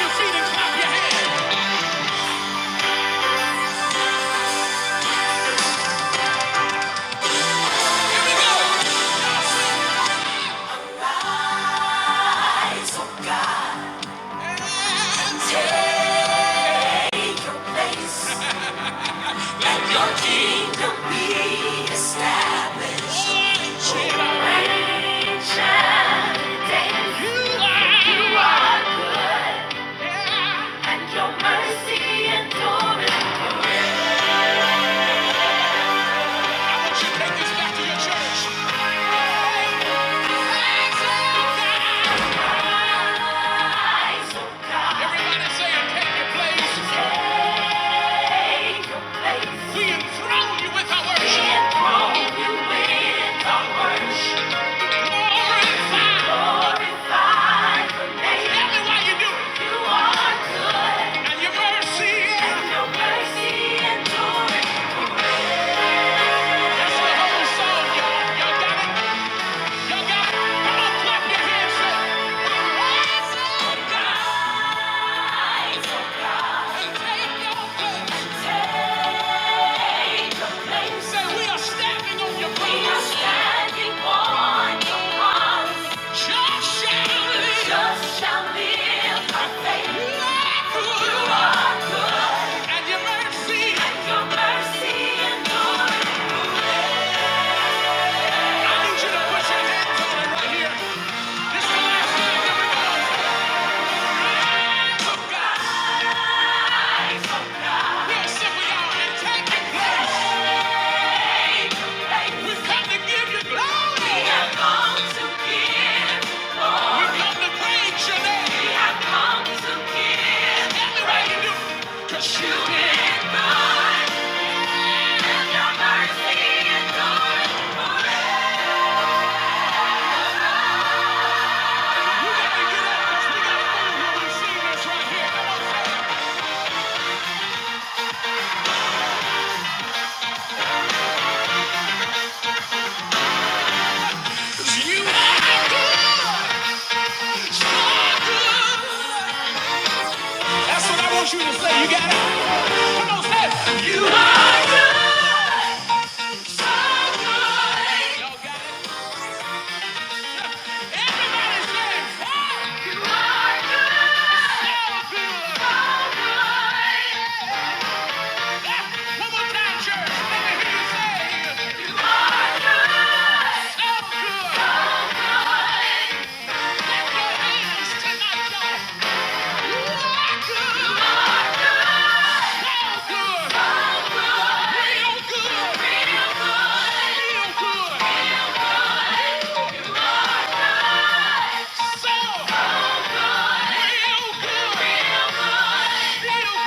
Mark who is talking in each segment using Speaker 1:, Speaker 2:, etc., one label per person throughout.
Speaker 1: your kingdom, be established. you are, and your mercy endures. I want you to take this back to your church. Everybody say, Take your place. We enthrone you with our worship. Glorify. the name. Tell me why you do it. You are And your mercy. And your mercy That's the whole song, y'all. got it? Y'all got it? Come on, clap your hands. Say we are standing on your promise. Just shall live. You are good. And your mercy. endures. I need you to put your hands on right here. This is the last time that we're going to God. We'll sit with our We come to give you glory. We have come to give glory. We come to praise your name. We have come to give. Tell do. 'Cause you did good. And your mercy endures You got to get up. We got to move. We're going right here. Come on, say you are So good. That's what I want you to say. You got it? Come on, say it. You are good. So good. Y'all got it? Everybody say it. Hey, You are good. So good. So good. That's- One more time, church. Let me hear you say it. You are so good. So good. Lift your hands tonight, y'all. You are good. You are so good. Real good. Real good. So real good. Somebody put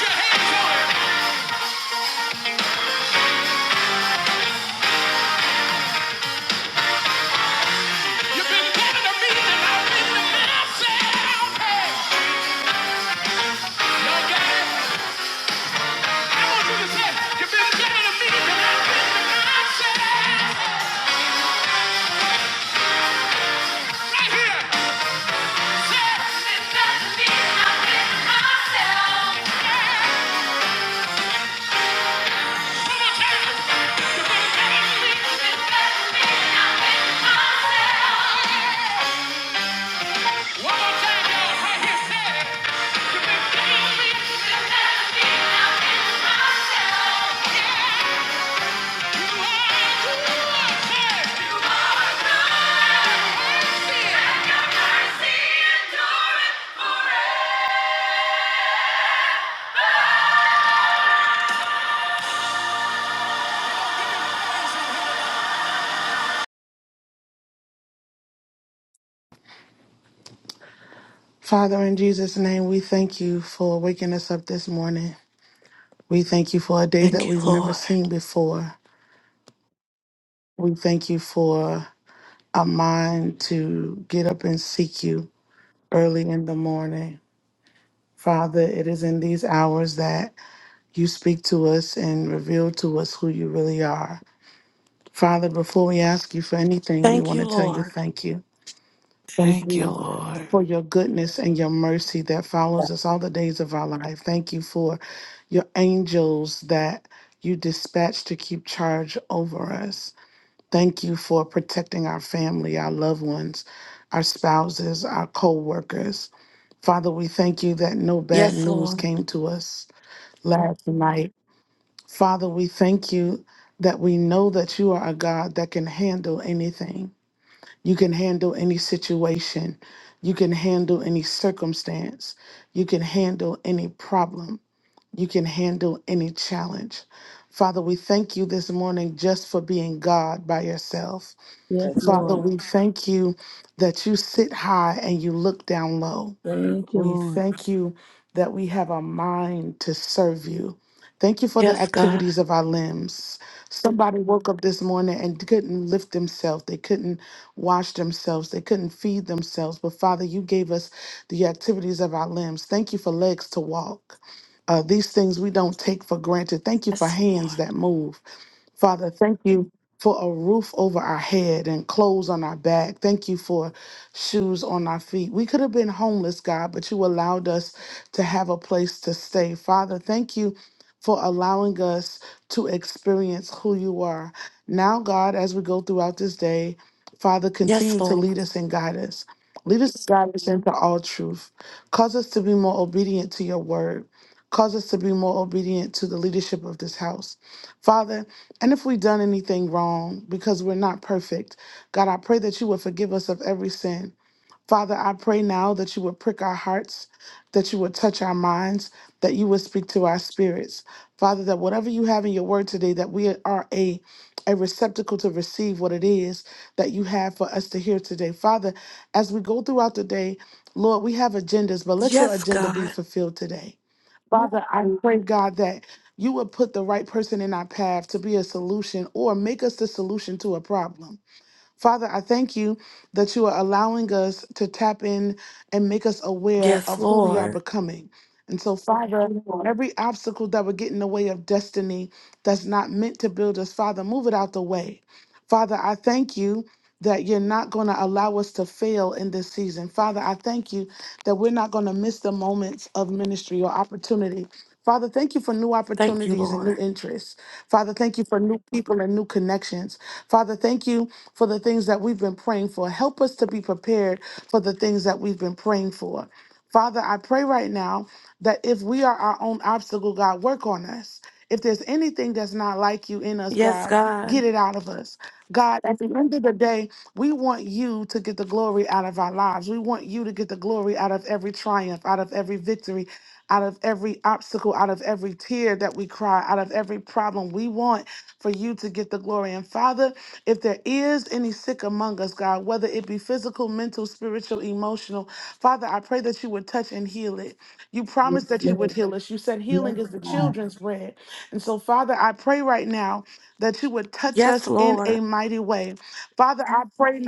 Speaker 1: your hands on it. You've been better to me than I've been to myself. Hey. Yeah.
Speaker 2: Father, in Jesus' name, we thank you for waking us up this morning. We thank you for a day that
Speaker 1: Thank you,
Speaker 2: we've never
Speaker 1: Lord.
Speaker 2: seen before. We thank you for a mind to get up and seek you early in the morning. Father, it is in these hours that you speak to us and reveal to us who you really are. Father, before we ask you for anything, we
Speaker 1: Thank
Speaker 2: want
Speaker 1: you,
Speaker 2: to tell you
Speaker 1: Lord.
Speaker 2: thank you. Thank
Speaker 3: Thank you,
Speaker 2: you
Speaker 3: Lord.
Speaker 2: for your goodness and your mercy that follows us all the days of our life. Thank you for your angels that you dispatch to keep charge over us. Thank you for protecting our family, our loved ones, our spouses, our co workers. Father, we thank you that no bad
Speaker 1: Yes,
Speaker 2: news
Speaker 1: Lord.
Speaker 2: came to us last night. Father, we thank you that we know that you are a God that can handle anything. You can handle any situation. You can handle any circumstance. You can handle any problem. You can handle any challenge. Father, we thank you this morning just for being God by yourself.
Speaker 4: Yes,
Speaker 2: Father,
Speaker 4: Lord.
Speaker 2: we thank you that you sit high and you look down low.
Speaker 4: Thank you,
Speaker 2: We
Speaker 4: Lord.
Speaker 2: thank you that we have a mind to serve you. Thank you for the
Speaker 1: Yes, God.
Speaker 2: activities of our limbs. Somebody woke up this morning and couldn't lift themselves. They couldn't wash themselves. They couldn't feed themselves. But Father, you gave us the activities of our limbs. Thank you for legs to walk. Uh, these things we don't take for granted. Thank you for
Speaker 1: Yes,
Speaker 2: hands that move. Father, thank you for a roof over our head and clothes on our back. Thank you for shoes on our feet. We could have been homeless, God, but you allowed us to have a place to stay. Father, thank you for allowing us to experience who you are. Now, God, as we go throughout this day, Father, continue
Speaker 1: yes
Speaker 2: to lead
Speaker 1: Lord.
Speaker 2: us and guide us. Lead us and guide us into all truth. Cause us to be more obedient to your word. Cause us to be more obedient to the leadership of this house. Father, and if we've done anything wrong, because we're not perfect, God, I pray that you would forgive us of every sin. Father, I pray now that you would prick our hearts, that you would touch our minds, that you would speak to our spirits. Father, that whatever you have in your word today, that we are a a receptacle to receive what it is that you have for us to hear today. Father, as we go throughout the day, Lord, we have agendas, but let your
Speaker 1: Yes,
Speaker 2: agenda be
Speaker 1: God.
Speaker 2: fulfilled today. Father, I pray, God, that you would put the right person in our path to be a solution or make us the solution to a problem. Father, I thank you that you are allowing us to tap in and make us aware
Speaker 1: Yes,
Speaker 2: of who we are
Speaker 1: Lord.
Speaker 2: becoming. And so, Father, every obstacle that would get in the way of destiny that's not meant to build us, Father, move it out the way. Father, I thank you that you're not going to allow us to fail in this season. Father, I thank you that we're not going to miss the moments of ministry or opportunity. Father, thank you for new
Speaker 1: Thank you,
Speaker 2: opportunities and
Speaker 1: Lord.
Speaker 2: new interests. Father, thank you for new people and new connections. Father, thank you for the things that we've been praying for. Help us to be prepared for the things that we've been praying for. Father, I pray right now that if we are our own obstacle, God, work on us. If there's anything that's not like you in us,
Speaker 1: Yes,
Speaker 2: God,
Speaker 1: God.
Speaker 2: get it out of us. God, at the end of the day, we want you to get the glory out of our lives. We want you to get the glory out of every triumph, out of every victory, out of every obstacle, out of every tear that we cry, out of every problem. We want for you to get the glory. And Father, if there is any sick among us, God, whether it be physical, mental, spiritual, emotional, Father, I pray that you would touch and heal it. You
Speaker 4: Yes,
Speaker 2: promised that you would
Speaker 4: Lord.
Speaker 2: heal us. You said
Speaker 4: Yes,
Speaker 2: healing is the
Speaker 4: God.
Speaker 2: children's bread. And so, Father, I pray right now that you would touch
Speaker 1: Yes,
Speaker 2: us in a
Speaker 1: Lord.
Speaker 2: mighty way. Father, I pray,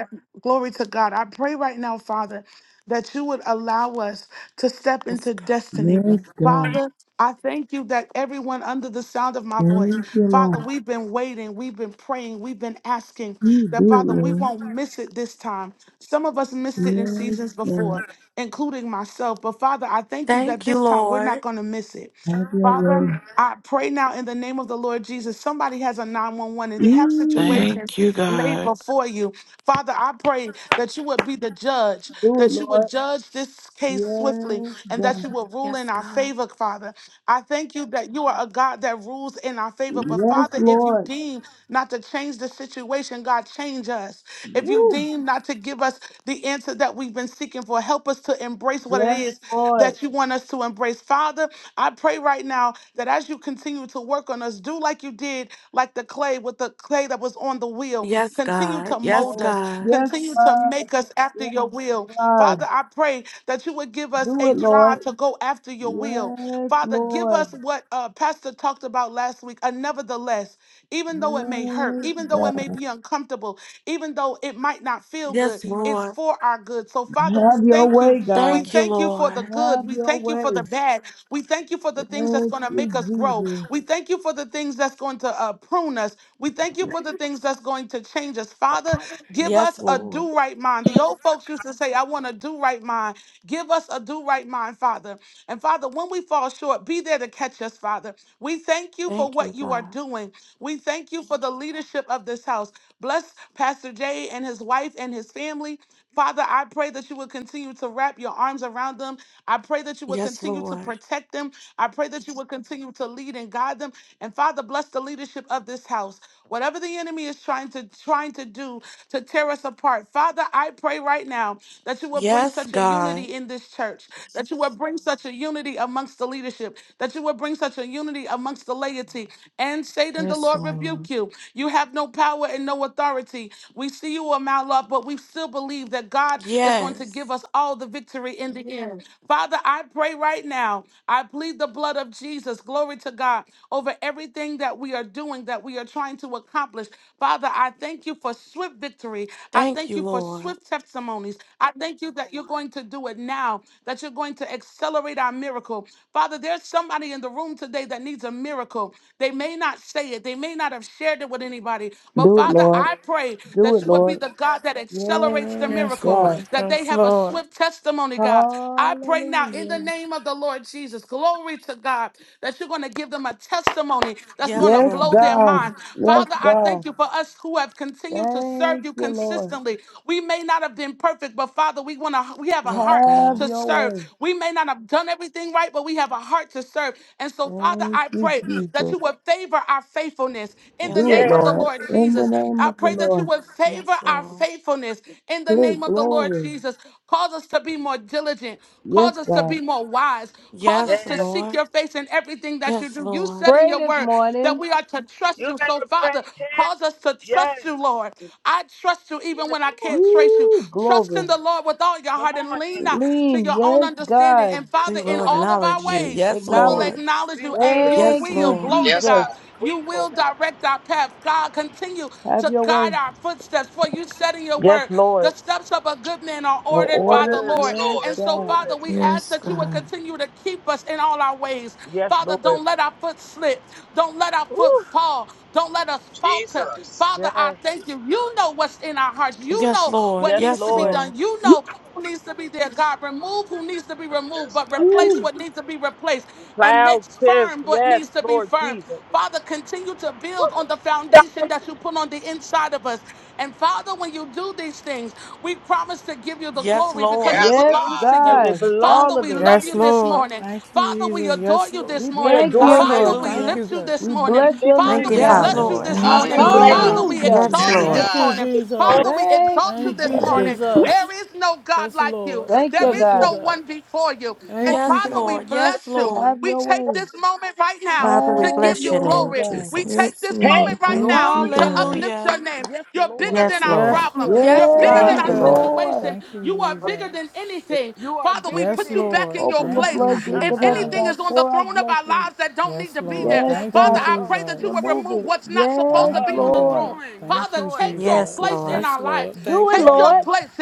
Speaker 2: glory to God. I pray right now, Father, that you would allow us to step
Speaker 1: Yes.
Speaker 2: into destiny.
Speaker 4: Yes, God.
Speaker 2: Father, I thank you that everyone under the sound of my voice,
Speaker 4: Thank you,
Speaker 2: Father,
Speaker 4: Lord.
Speaker 2: we've been waiting, we've been praying, we've been asking
Speaker 4: You
Speaker 2: that,
Speaker 4: do it,
Speaker 2: Father, we won't
Speaker 4: Lord.
Speaker 2: miss it this time. Some of us missed it in
Speaker 4: Yes,
Speaker 2: seasons
Speaker 4: God.
Speaker 2: before, including myself. But, Father, I thank you that
Speaker 1: Thank you,
Speaker 2: this time we're not
Speaker 1: Lord.
Speaker 2: going to miss it.
Speaker 4: Have your
Speaker 2: Father,
Speaker 4: way.
Speaker 2: I pray now in the name of the Lord Jesus. Somebody has a 911 and they have
Speaker 4: Mm,
Speaker 2: situations
Speaker 3: Thank you,
Speaker 2: laid
Speaker 3: God.
Speaker 2: before you. Father, I pray that you would be the judge,
Speaker 4: do it,
Speaker 2: that you would
Speaker 4: Lord.
Speaker 2: judge this case swiftly,
Speaker 4: Yes,
Speaker 2: and that you
Speaker 4: God.
Speaker 2: will rule
Speaker 1: Yes,
Speaker 2: in our
Speaker 1: God.
Speaker 2: favor, Father. I thank you that you are a God that rules in our favor. But
Speaker 4: Yes,
Speaker 2: Father, if you
Speaker 4: Lord.
Speaker 2: deem not to change the situation, God, change us. If you
Speaker 4: Woo.
Speaker 2: deem not to give us the answer that we've been seeking for, help us to embrace what it
Speaker 4: Yes,
Speaker 2: is
Speaker 4: Lord.
Speaker 2: that you want us to embrace. Father, I pray right now that as you continue to work on us, do like you did, like the clay with the clay that was on the wheel.
Speaker 1: Yes,
Speaker 2: Continue
Speaker 1: God.
Speaker 2: to
Speaker 1: Yes,
Speaker 2: mold
Speaker 4: Mold.
Speaker 2: us,
Speaker 1: God.
Speaker 4: Yes,
Speaker 2: continue to
Speaker 4: God.
Speaker 2: make us after
Speaker 4: Yes,
Speaker 2: your will. Father,
Speaker 4: God.
Speaker 2: I pray that you would give us
Speaker 4: Do
Speaker 2: a
Speaker 4: it, Lord.
Speaker 2: drive to go after your will.
Speaker 4: Yes,
Speaker 2: Father, give
Speaker 4: Lord.
Speaker 2: us what uh, Pastor talked about last week. A nevertheless, even though it may hurt,
Speaker 4: Yes,
Speaker 2: even though it may
Speaker 4: God.
Speaker 2: be uncomfortable, even though it might not feel good,
Speaker 1: Yes,
Speaker 2: it's
Speaker 1: Lord.
Speaker 2: for our good. So, Father, we
Speaker 4: Have your
Speaker 2: thank you.
Speaker 4: way,
Speaker 2: We
Speaker 4: God.
Speaker 1: Thank you,
Speaker 2: thank you for the
Speaker 1: Lord.
Speaker 4: Have
Speaker 2: good. We
Speaker 4: your
Speaker 2: thank you
Speaker 4: way.
Speaker 2: for the bad. We thank you for the things that's
Speaker 4: Thank
Speaker 2: going to
Speaker 4: you,
Speaker 2: make us grow.
Speaker 4: Jesus.
Speaker 2: We thank you for the things that's going to uh, prune us. We thank you for the things that's going to change us. Father, Give us
Speaker 1: Yes,
Speaker 2: a
Speaker 1: Lord.
Speaker 2: do right mind. The old folks used to say, I want a do right mind. Give us a do right mind, Father. And Father, when we fall short, be there to catch us, Father. We thank you for
Speaker 1: Thank you,
Speaker 2: what you are
Speaker 1: God.
Speaker 2: doing. We thank you for the leadership of this house. Bless Pastor Jay and his wife and his family. Father, I pray that you would continue to wrap your arms around them. I pray that you would
Speaker 1: Yes,
Speaker 2: continue to
Speaker 1: Lord.
Speaker 2: protect them. I pray that you would continue to lead and guide them. And Father, bless the leadership of this house. Whatever the enemy is trying to trying to do to tear us apart, Father, I pray right now that you would bring
Speaker 1: Yes,
Speaker 2: such a
Speaker 1: God.
Speaker 2: unity in this church, that you would bring such a unity amongst the leadership, that you would bring such a unity amongst the laity. And Satan, the
Speaker 3: Yes,
Speaker 2: Lord
Speaker 3: Lord.
Speaker 2: rebuke you. You have no power and no authority. We see you a mile up, but we still believe that God is going to give
Speaker 1: Yes.
Speaker 2: us all the victory in the end. Father, I pray right now. I plead the blood of Jesus, glory to God, over everything that we are doing, that we are trying to accomplish. Father, I thank you for swift victory. I
Speaker 1: Thank
Speaker 2: thank
Speaker 1: you,
Speaker 2: you for
Speaker 1: Lord.
Speaker 2: swift testimonies. I thank you that you're going to do it now, that you're going to accelerate our miracle. Father, there's somebody in the room today that needs a miracle. They may not say it, they may not have shared it with anybody, but
Speaker 4: Do it,
Speaker 2: Father,
Speaker 4: Lord.
Speaker 2: I pray
Speaker 4: Do
Speaker 2: that
Speaker 4: it,
Speaker 2: you would be
Speaker 4: Lord.
Speaker 2: the God that accelerates the
Speaker 4: Yes,
Speaker 5: Yes,
Speaker 2: miracle,
Speaker 5: Lord.
Speaker 4: God.
Speaker 2: that they
Speaker 5: Yes,
Speaker 2: have a
Speaker 5: Lord.
Speaker 2: swift of testimony, God. I pray now in the
Speaker 4: Hallelujah.
Speaker 2: name of the Lord Jesus, glory to God, that you're going to give them a testimony that's going
Speaker 1: Yes,
Speaker 2: to
Speaker 4: Yes,
Speaker 2: blow their
Speaker 1: Lord.
Speaker 4: God.
Speaker 2: mind.
Speaker 4: Yes,
Speaker 2: Father, I
Speaker 4: God.
Speaker 2: thank you for us who have continued to serve
Speaker 4: Thank
Speaker 2: you
Speaker 4: you, Lord.
Speaker 2: consistently. We may not have been perfect, but Father, we want to we have a
Speaker 1: Yes,
Speaker 2: heart
Speaker 4: Have
Speaker 2: to
Speaker 1: God.
Speaker 4: your
Speaker 2: serve.
Speaker 4: way.
Speaker 2: We may not have done everything right, but we have a heart to serve. And so, Father,
Speaker 4: Thank
Speaker 2: I
Speaker 4: you,
Speaker 2: pray that
Speaker 4: Jesus.
Speaker 2: you would favor our faithfulness in the
Speaker 1: Yes,
Speaker 4: Do it,
Speaker 2: name of
Speaker 6: Yes,
Speaker 1: Lord.
Speaker 2: the
Speaker 4: Lord.
Speaker 2: Lord
Speaker 4: In the
Speaker 2: Jesus.
Speaker 4: name
Speaker 2: I
Speaker 4: of the
Speaker 2: pray that you
Speaker 4: Lord.
Speaker 2: would favor
Speaker 1: Yes,
Speaker 2: our
Speaker 1: Lord.
Speaker 2: faithfulness in the name
Speaker 4: Take
Speaker 2: name of the Lord
Speaker 4: glory.
Speaker 2: Jesus. Cause us to be more diligent.
Speaker 4: Yes,
Speaker 2: Cause us to
Speaker 4: God.
Speaker 2: be more wise. Cause
Speaker 6: yes.
Speaker 2: us
Speaker 1: Yes,
Speaker 2: to seek
Speaker 1: Lord.
Speaker 2: your face in everything that you
Speaker 1: Yes,
Speaker 2: do. You
Speaker 1: Lord.
Speaker 2: said in
Speaker 4: Pray
Speaker 2: your
Speaker 4: this
Speaker 2: word that
Speaker 4: morning.
Speaker 2: we are to trust
Speaker 6: You
Speaker 2: you. So,
Speaker 6: better pray,
Speaker 2: Father,
Speaker 6: Tiff.
Speaker 2: cause us to
Speaker 6: Yes,
Speaker 2: trust you, Lord. I trust you even
Speaker 6: yes,
Speaker 2: when I
Speaker 6: Lord.
Speaker 2: can't trace you.
Speaker 4: Yee,
Speaker 2: Trust in
Speaker 4: glory.
Speaker 2: the Lord with all your
Speaker 6: Come
Speaker 2: heart
Speaker 6: on,
Speaker 2: and lean
Speaker 6: man.
Speaker 2: not to
Speaker 4: Lean.
Speaker 2: your own
Speaker 4: Yes,
Speaker 2: understanding.
Speaker 4: God.
Speaker 2: And,
Speaker 6: Yes,
Speaker 2: Father,
Speaker 1: We
Speaker 2: in
Speaker 1: will
Speaker 6: Lord.
Speaker 2: all of
Speaker 1: acknowledge
Speaker 2: our
Speaker 1: you.
Speaker 2: ways,
Speaker 1: Yes,
Speaker 2: we will
Speaker 4: Acknowledge.
Speaker 1: Lord.
Speaker 2: acknowledge
Speaker 6: We
Speaker 2: you
Speaker 6: will,
Speaker 2: and you
Speaker 1: Yes,
Speaker 4: Thank
Speaker 2: will.
Speaker 4: you,
Speaker 1: Lord.
Speaker 2: Glory to
Speaker 7: Yes,
Speaker 4: Jesus.
Speaker 2: God.
Speaker 7: God.
Speaker 6: we
Speaker 2: You
Speaker 6: will.
Speaker 2: will direct our path. God, continue
Speaker 4: Have
Speaker 2: to
Speaker 4: your
Speaker 2: guide
Speaker 4: way.
Speaker 2: our footsteps. For you you said in your
Speaker 6: Yes,
Speaker 2: word, the
Speaker 6: Lord.
Speaker 2: steps of a good man are
Speaker 4: The
Speaker 2: ordered by the
Speaker 4: order.
Speaker 6: Order.
Speaker 7: Yes,
Speaker 2: Lord.
Speaker 4: Yes,
Speaker 7: Lord.
Speaker 6: Yes,
Speaker 2: And so,
Speaker 4: God.
Speaker 2: Father,
Speaker 6: Lord.
Speaker 2: we ask
Speaker 3: Yes,
Speaker 2: that you would
Speaker 3: God.
Speaker 2: continue to keep us in all our ways.
Speaker 6: Yes,
Speaker 2: Father,
Speaker 6: Lord.
Speaker 2: don't let our foot slip. Don't let our foot
Speaker 6: Woo.
Speaker 2: fall. Don't let us falter.
Speaker 7: Jesus.
Speaker 2: Father, I
Speaker 6: Yes,
Speaker 2: thank you. You know what's in our hearts. You
Speaker 1: Yes,
Speaker 2: know
Speaker 1: Lord.
Speaker 2: what
Speaker 6: yes,
Speaker 2: needs
Speaker 1: Yes,
Speaker 2: to be
Speaker 6: Lord.
Speaker 1: Lord.
Speaker 2: done. You know who needs to be there. God, remove who needs to be removed,
Speaker 7: Yes,
Speaker 2: but
Speaker 7: God.
Speaker 2: replace
Speaker 4: Woo.
Speaker 2: what needs to be replaced and make
Speaker 6: Cloud Tiff.
Speaker 2: firm what
Speaker 6: Yes,
Speaker 2: needs to be
Speaker 6: Lord
Speaker 2: firm.
Speaker 6: Jesus.
Speaker 2: Father, continue to build on the foundation that you put on the inside of us. And Father, when you do these things, we promise to give you the
Speaker 1: Yes,
Speaker 2: glory because
Speaker 1: Lord.
Speaker 2: it
Speaker 7: Yes,
Speaker 4: Yes,
Speaker 2: belongs
Speaker 7: God.
Speaker 2: to
Speaker 6: Because
Speaker 2: you.
Speaker 6: it
Speaker 4: God.
Speaker 6: belongs
Speaker 2: Father,
Speaker 4: All of
Speaker 6: to
Speaker 2: we
Speaker 4: it.
Speaker 2: love
Speaker 5: Yes,
Speaker 2: you
Speaker 6: you.
Speaker 2: this
Speaker 5: Lord.
Speaker 2: morning.
Speaker 5: Thank you,
Speaker 2: Father, we
Speaker 5: Jesus.
Speaker 2: adore
Speaker 5: Yes,
Speaker 2: you
Speaker 5: Lord.
Speaker 2: this
Speaker 4: We
Speaker 6: We
Speaker 2: morning.
Speaker 4: thank
Speaker 6: adore
Speaker 5: Yes,
Speaker 4: you.
Speaker 2: Father,
Speaker 5: Lord.
Speaker 6: you.
Speaker 2: we
Speaker 5: Thank
Speaker 1: Hallelujah.
Speaker 5: you,
Speaker 2: lift you
Speaker 5: God.
Speaker 2: this
Speaker 4: We
Speaker 2: morning.
Speaker 6: We
Speaker 4: bless
Speaker 6: lift
Speaker 4: your
Speaker 2: Father,
Speaker 8: Thank
Speaker 4: name,
Speaker 8: you,
Speaker 6: you.
Speaker 2: we
Speaker 5: Thank
Speaker 1: Yes,
Speaker 5: you,
Speaker 4: God.
Speaker 2: bless
Speaker 8: Father.
Speaker 2: you
Speaker 5: Lord.
Speaker 1: Lord.
Speaker 2: this
Speaker 3: Thank
Speaker 5: Thank
Speaker 2: morning.
Speaker 6: We
Speaker 5: you,
Speaker 3: you,
Speaker 6: bless
Speaker 7: Hallelujah.
Speaker 2: Father,
Speaker 3: Lord.
Speaker 6: you.
Speaker 1: Hallelujah.
Speaker 5: Jesus.
Speaker 2: we
Speaker 3: Thank you,
Speaker 4: Hallelujah.
Speaker 8: Yes,
Speaker 2: extol
Speaker 7: Yes,
Speaker 2: you
Speaker 3: Lord.
Speaker 8: Lord.
Speaker 5: Thank
Speaker 2: this
Speaker 5: you,
Speaker 7: God.
Speaker 2: morning.
Speaker 6: It's all-
Speaker 2: Father,
Speaker 5: Jesus.
Speaker 2: we
Speaker 4: Thank
Speaker 2: exalt you
Speaker 4: you,
Speaker 5: Thank you,
Speaker 2: this
Speaker 4: Jesus.
Speaker 2: morning. There
Speaker 5: Jesus.
Speaker 2: is no God
Speaker 5: Yes,
Speaker 2: like you,
Speaker 5: Lord.
Speaker 4: Thank
Speaker 2: there
Speaker 4: you,
Speaker 5: Thank
Speaker 2: is
Speaker 5: you,
Speaker 4: God.
Speaker 2: no
Speaker 5: God.
Speaker 2: one before you. And
Speaker 5: Thank you,
Speaker 1: Yes,
Speaker 2: Father,
Speaker 5: God.
Speaker 2: we
Speaker 1: Lord.
Speaker 2: bless
Speaker 1: Yes,
Speaker 2: you.
Speaker 1: Lord.
Speaker 4: Have
Speaker 2: We
Speaker 4: your
Speaker 2: take
Speaker 4: way.
Speaker 2: this moment right now
Speaker 8: Father, we
Speaker 2: to
Speaker 4: Have
Speaker 2: give
Speaker 8: bless
Speaker 2: you
Speaker 8: your
Speaker 4: your way,
Speaker 8: name,
Speaker 2: glory.
Speaker 4: God.
Speaker 2: We
Speaker 8: Jesus.
Speaker 2: take
Speaker 3: Yes,
Speaker 2: this moment
Speaker 6: Hey,
Speaker 2: moment
Speaker 3: Lord.
Speaker 2: right
Speaker 3: Thank
Speaker 2: now
Speaker 3: you,
Speaker 6: glory.
Speaker 2: to
Speaker 3: God.
Speaker 2: uplift
Speaker 1: Hallelujah.
Speaker 2: your name.
Speaker 6: Yes,
Speaker 2: You're bigger
Speaker 6: Lord.
Speaker 8: Yes,
Speaker 2: than our
Speaker 8: Lord.
Speaker 5: Yes, you
Speaker 2: problem.
Speaker 5: are.
Speaker 2: You're
Speaker 1: Yes,
Speaker 5: Thank
Speaker 2: bigger
Speaker 4: Yes,
Speaker 2: than
Speaker 6: Yay.
Speaker 5: you,
Speaker 8: Thank
Speaker 2: our
Speaker 8: you,
Speaker 1: God.
Speaker 8: Lord.
Speaker 5: God.
Speaker 4: Lord.
Speaker 2: situation.
Speaker 5: Thank you,
Speaker 2: You are bigger than
Speaker 5: Jesus.
Speaker 2: anything.
Speaker 6: You are
Speaker 2: Father, we
Speaker 6: bigger
Speaker 5: Yes,
Speaker 2: put you back
Speaker 6: than.
Speaker 5: Lord.
Speaker 2: in your
Speaker 4: Open the
Speaker 5: Thank
Speaker 2: place.
Speaker 5: you,
Speaker 4: floodgates
Speaker 2: If
Speaker 4: of heaven,
Speaker 2: anything
Speaker 5: Jesus.
Speaker 4: God.
Speaker 2: is on the
Speaker 4: Pour out
Speaker 2: throne of our
Speaker 4: blessings.
Speaker 2: lives that don't need
Speaker 5: Yes,
Speaker 2: to be
Speaker 5: Lord.
Speaker 2: there,
Speaker 4: Yes,
Speaker 6: yes.
Speaker 5: Thank you,
Speaker 2: Father,
Speaker 4: God.
Speaker 6: Uh
Speaker 2: I
Speaker 6: oh.
Speaker 2: pray that you will
Speaker 5: Jesus.
Speaker 4: Remove
Speaker 2: remove
Speaker 4: it.
Speaker 2: what's not
Speaker 6: Uh
Speaker 2: supposed
Speaker 4: Yes,
Speaker 2: to
Speaker 5: Thank
Speaker 2: be
Speaker 6: oh.
Speaker 5: you,
Speaker 2: on the
Speaker 6: Come
Speaker 4: Lord.
Speaker 5: God.
Speaker 2: throne.
Speaker 6: on. Yes,
Speaker 5: Thank
Speaker 2: Father,
Speaker 5: you,
Speaker 6: Lord.
Speaker 2: take your
Speaker 8: Yes,
Speaker 5: Jesus.
Speaker 2: place
Speaker 8: Lord.
Speaker 2: in
Speaker 5: Yes,
Speaker 2: our life.
Speaker 5: Lord.
Speaker 4: Do
Speaker 6: Yes.
Speaker 5: Thank
Speaker 4: it,
Speaker 5: you,
Speaker 2: Take your
Speaker 4: Lord.
Speaker 5: Lord.
Speaker 2: place.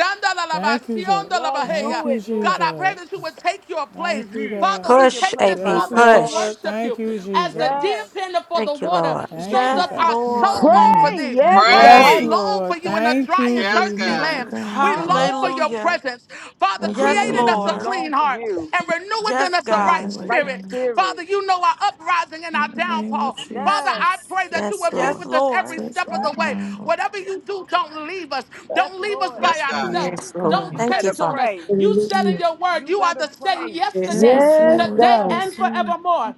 Speaker 5: Thank you, God.
Speaker 6: Yes.
Speaker 5: Thank
Speaker 6: Do
Speaker 5: you,
Speaker 6: it,
Speaker 2: God,
Speaker 6: Lord.
Speaker 2: I pray
Speaker 5: Jesus.
Speaker 2: that you would take your place.
Speaker 5: Thank you,
Speaker 6: Mhm.
Speaker 2: Father,
Speaker 5: God.
Speaker 6: Take
Speaker 2: we
Speaker 6: your
Speaker 8: Push,
Speaker 2: take
Speaker 6: place,
Speaker 2: this
Speaker 8: AP,
Speaker 5: Yes,
Speaker 6: Father.
Speaker 2: moment to
Speaker 8: push.
Speaker 5: Lord.
Speaker 2: worship
Speaker 5: Thank
Speaker 2: you.
Speaker 5: you,
Speaker 2: As the deer
Speaker 6: Yes.
Speaker 5: Jesus.
Speaker 2: panteth for the
Speaker 8: Thank you,
Speaker 2: water,
Speaker 8: Lord.
Speaker 5: Thank
Speaker 2: so
Speaker 1: Yes,
Speaker 5: you,
Speaker 2: doth
Speaker 6: Yes.
Speaker 2: our
Speaker 5: God.
Speaker 3: Yes,
Speaker 2: soul
Speaker 1: Lord.
Speaker 2: long for
Speaker 3: Lord.
Speaker 4: Pray.
Speaker 2: thee.
Speaker 6: Yes.
Speaker 3: Thank
Speaker 4: Yes,
Speaker 6: Come
Speaker 3: you,
Speaker 2: Father, we
Speaker 5: Yes,
Speaker 6: on.
Speaker 4: God.
Speaker 7: Pray.
Speaker 3: God.
Speaker 2: long for
Speaker 5: Lord.
Speaker 2: you in a
Speaker 5: Thank
Speaker 2: dry
Speaker 5: you,
Speaker 2: and
Speaker 7: Yes,
Speaker 2: thirsty
Speaker 3: Thank
Speaker 7: God.
Speaker 3: you,
Speaker 2: land.
Speaker 5: Jesus.
Speaker 3: God.
Speaker 2: We long for your
Speaker 1: Hallelujah.
Speaker 2: presence. Father,
Speaker 6: Yes,
Speaker 3: Have your
Speaker 6: we
Speaker 1: Yes,
Speaker 2: create in
Speaker 3: way,
Speaker 6: do.
Speaker 2: us a
Speaker 6: We
Speaker 3: Lord.
Speaker 1: Lord.
Speaker 2: clean
Speaker 6: long for
Speaker 2: heart
Speaker 6: you.
Speaker 2: and renew within
Speaker 1: Yes,
Speaker 2: us a
Speaker 3: Have your
Speaker 2: right
Speaker 1: God.
Speaker 3: way,
Speaker 6: Right
Speaker 2: spirit.
Speaker 3: God.
Speaker 2: Father,
Speaker 6: spirit.
Speaker 2: you know our uprising and
Speaker 3: In
Speaker 2: our
Speaker 3: the name of
Speaker 2: downfall.
Speaker 3: Jesus.
Speaker 2: Father,
Speaker 6: Yes.
Speaker 2: I pray that you
Speaker 8: Yes,
Speaker 2: would be
Speaker 1: Yes,
Speaker 2: with
Speaker 8: Lord.
Speaker 2: us every
Speaker 1: Lord.
Speaker 3: Touch
Speaker 2: step of the
Speaker 3: right
Speaker 2: way.
Speaker 3: now, Lord.
Speaker 2: Whatever you do, don't leave us.
Speaker 6: Yes,
Speaker 2: Don't leave us
Speaker 6: Lord.
Speaker 2: by
Speaker 7: Yes,
Speaker 3: Touch
Speaker 7: God.
Speaker 3: right now,
Speaker 2: ourselves.
Speaker 9: Yes,
Speaker 2: Don't
Speaker 6: You
Speaker 3: God.
Speaker 9: Lord.
Speaker 8: Thank you,
Speaker 6: better
Speaker 2: change on
Speaker 8: Father.
Speaker 2: us.
Speaker 6: pray.
Speaker 2: You said in
Speaker 10: Hallelujah,
Speaker 2: your word,
Speaker 6: You
Speaker 2: you are
Speaker 6: better
Speaker 2: the same
Speaker 6: pray.
Speaker 9: Yes,
Speaker 2: yesterday,
Speaker 3: Yes,
Speaker 4: Yes,
Speaker 9: God.
Speaker 3: Lord.
Speaker 2: today,
Speaker 6: Yes.
Speaker 4: God.
Speaker 3: Yes,
Speaker 2: and
Speaker 3: Lord.
Speaker 2: forevermore.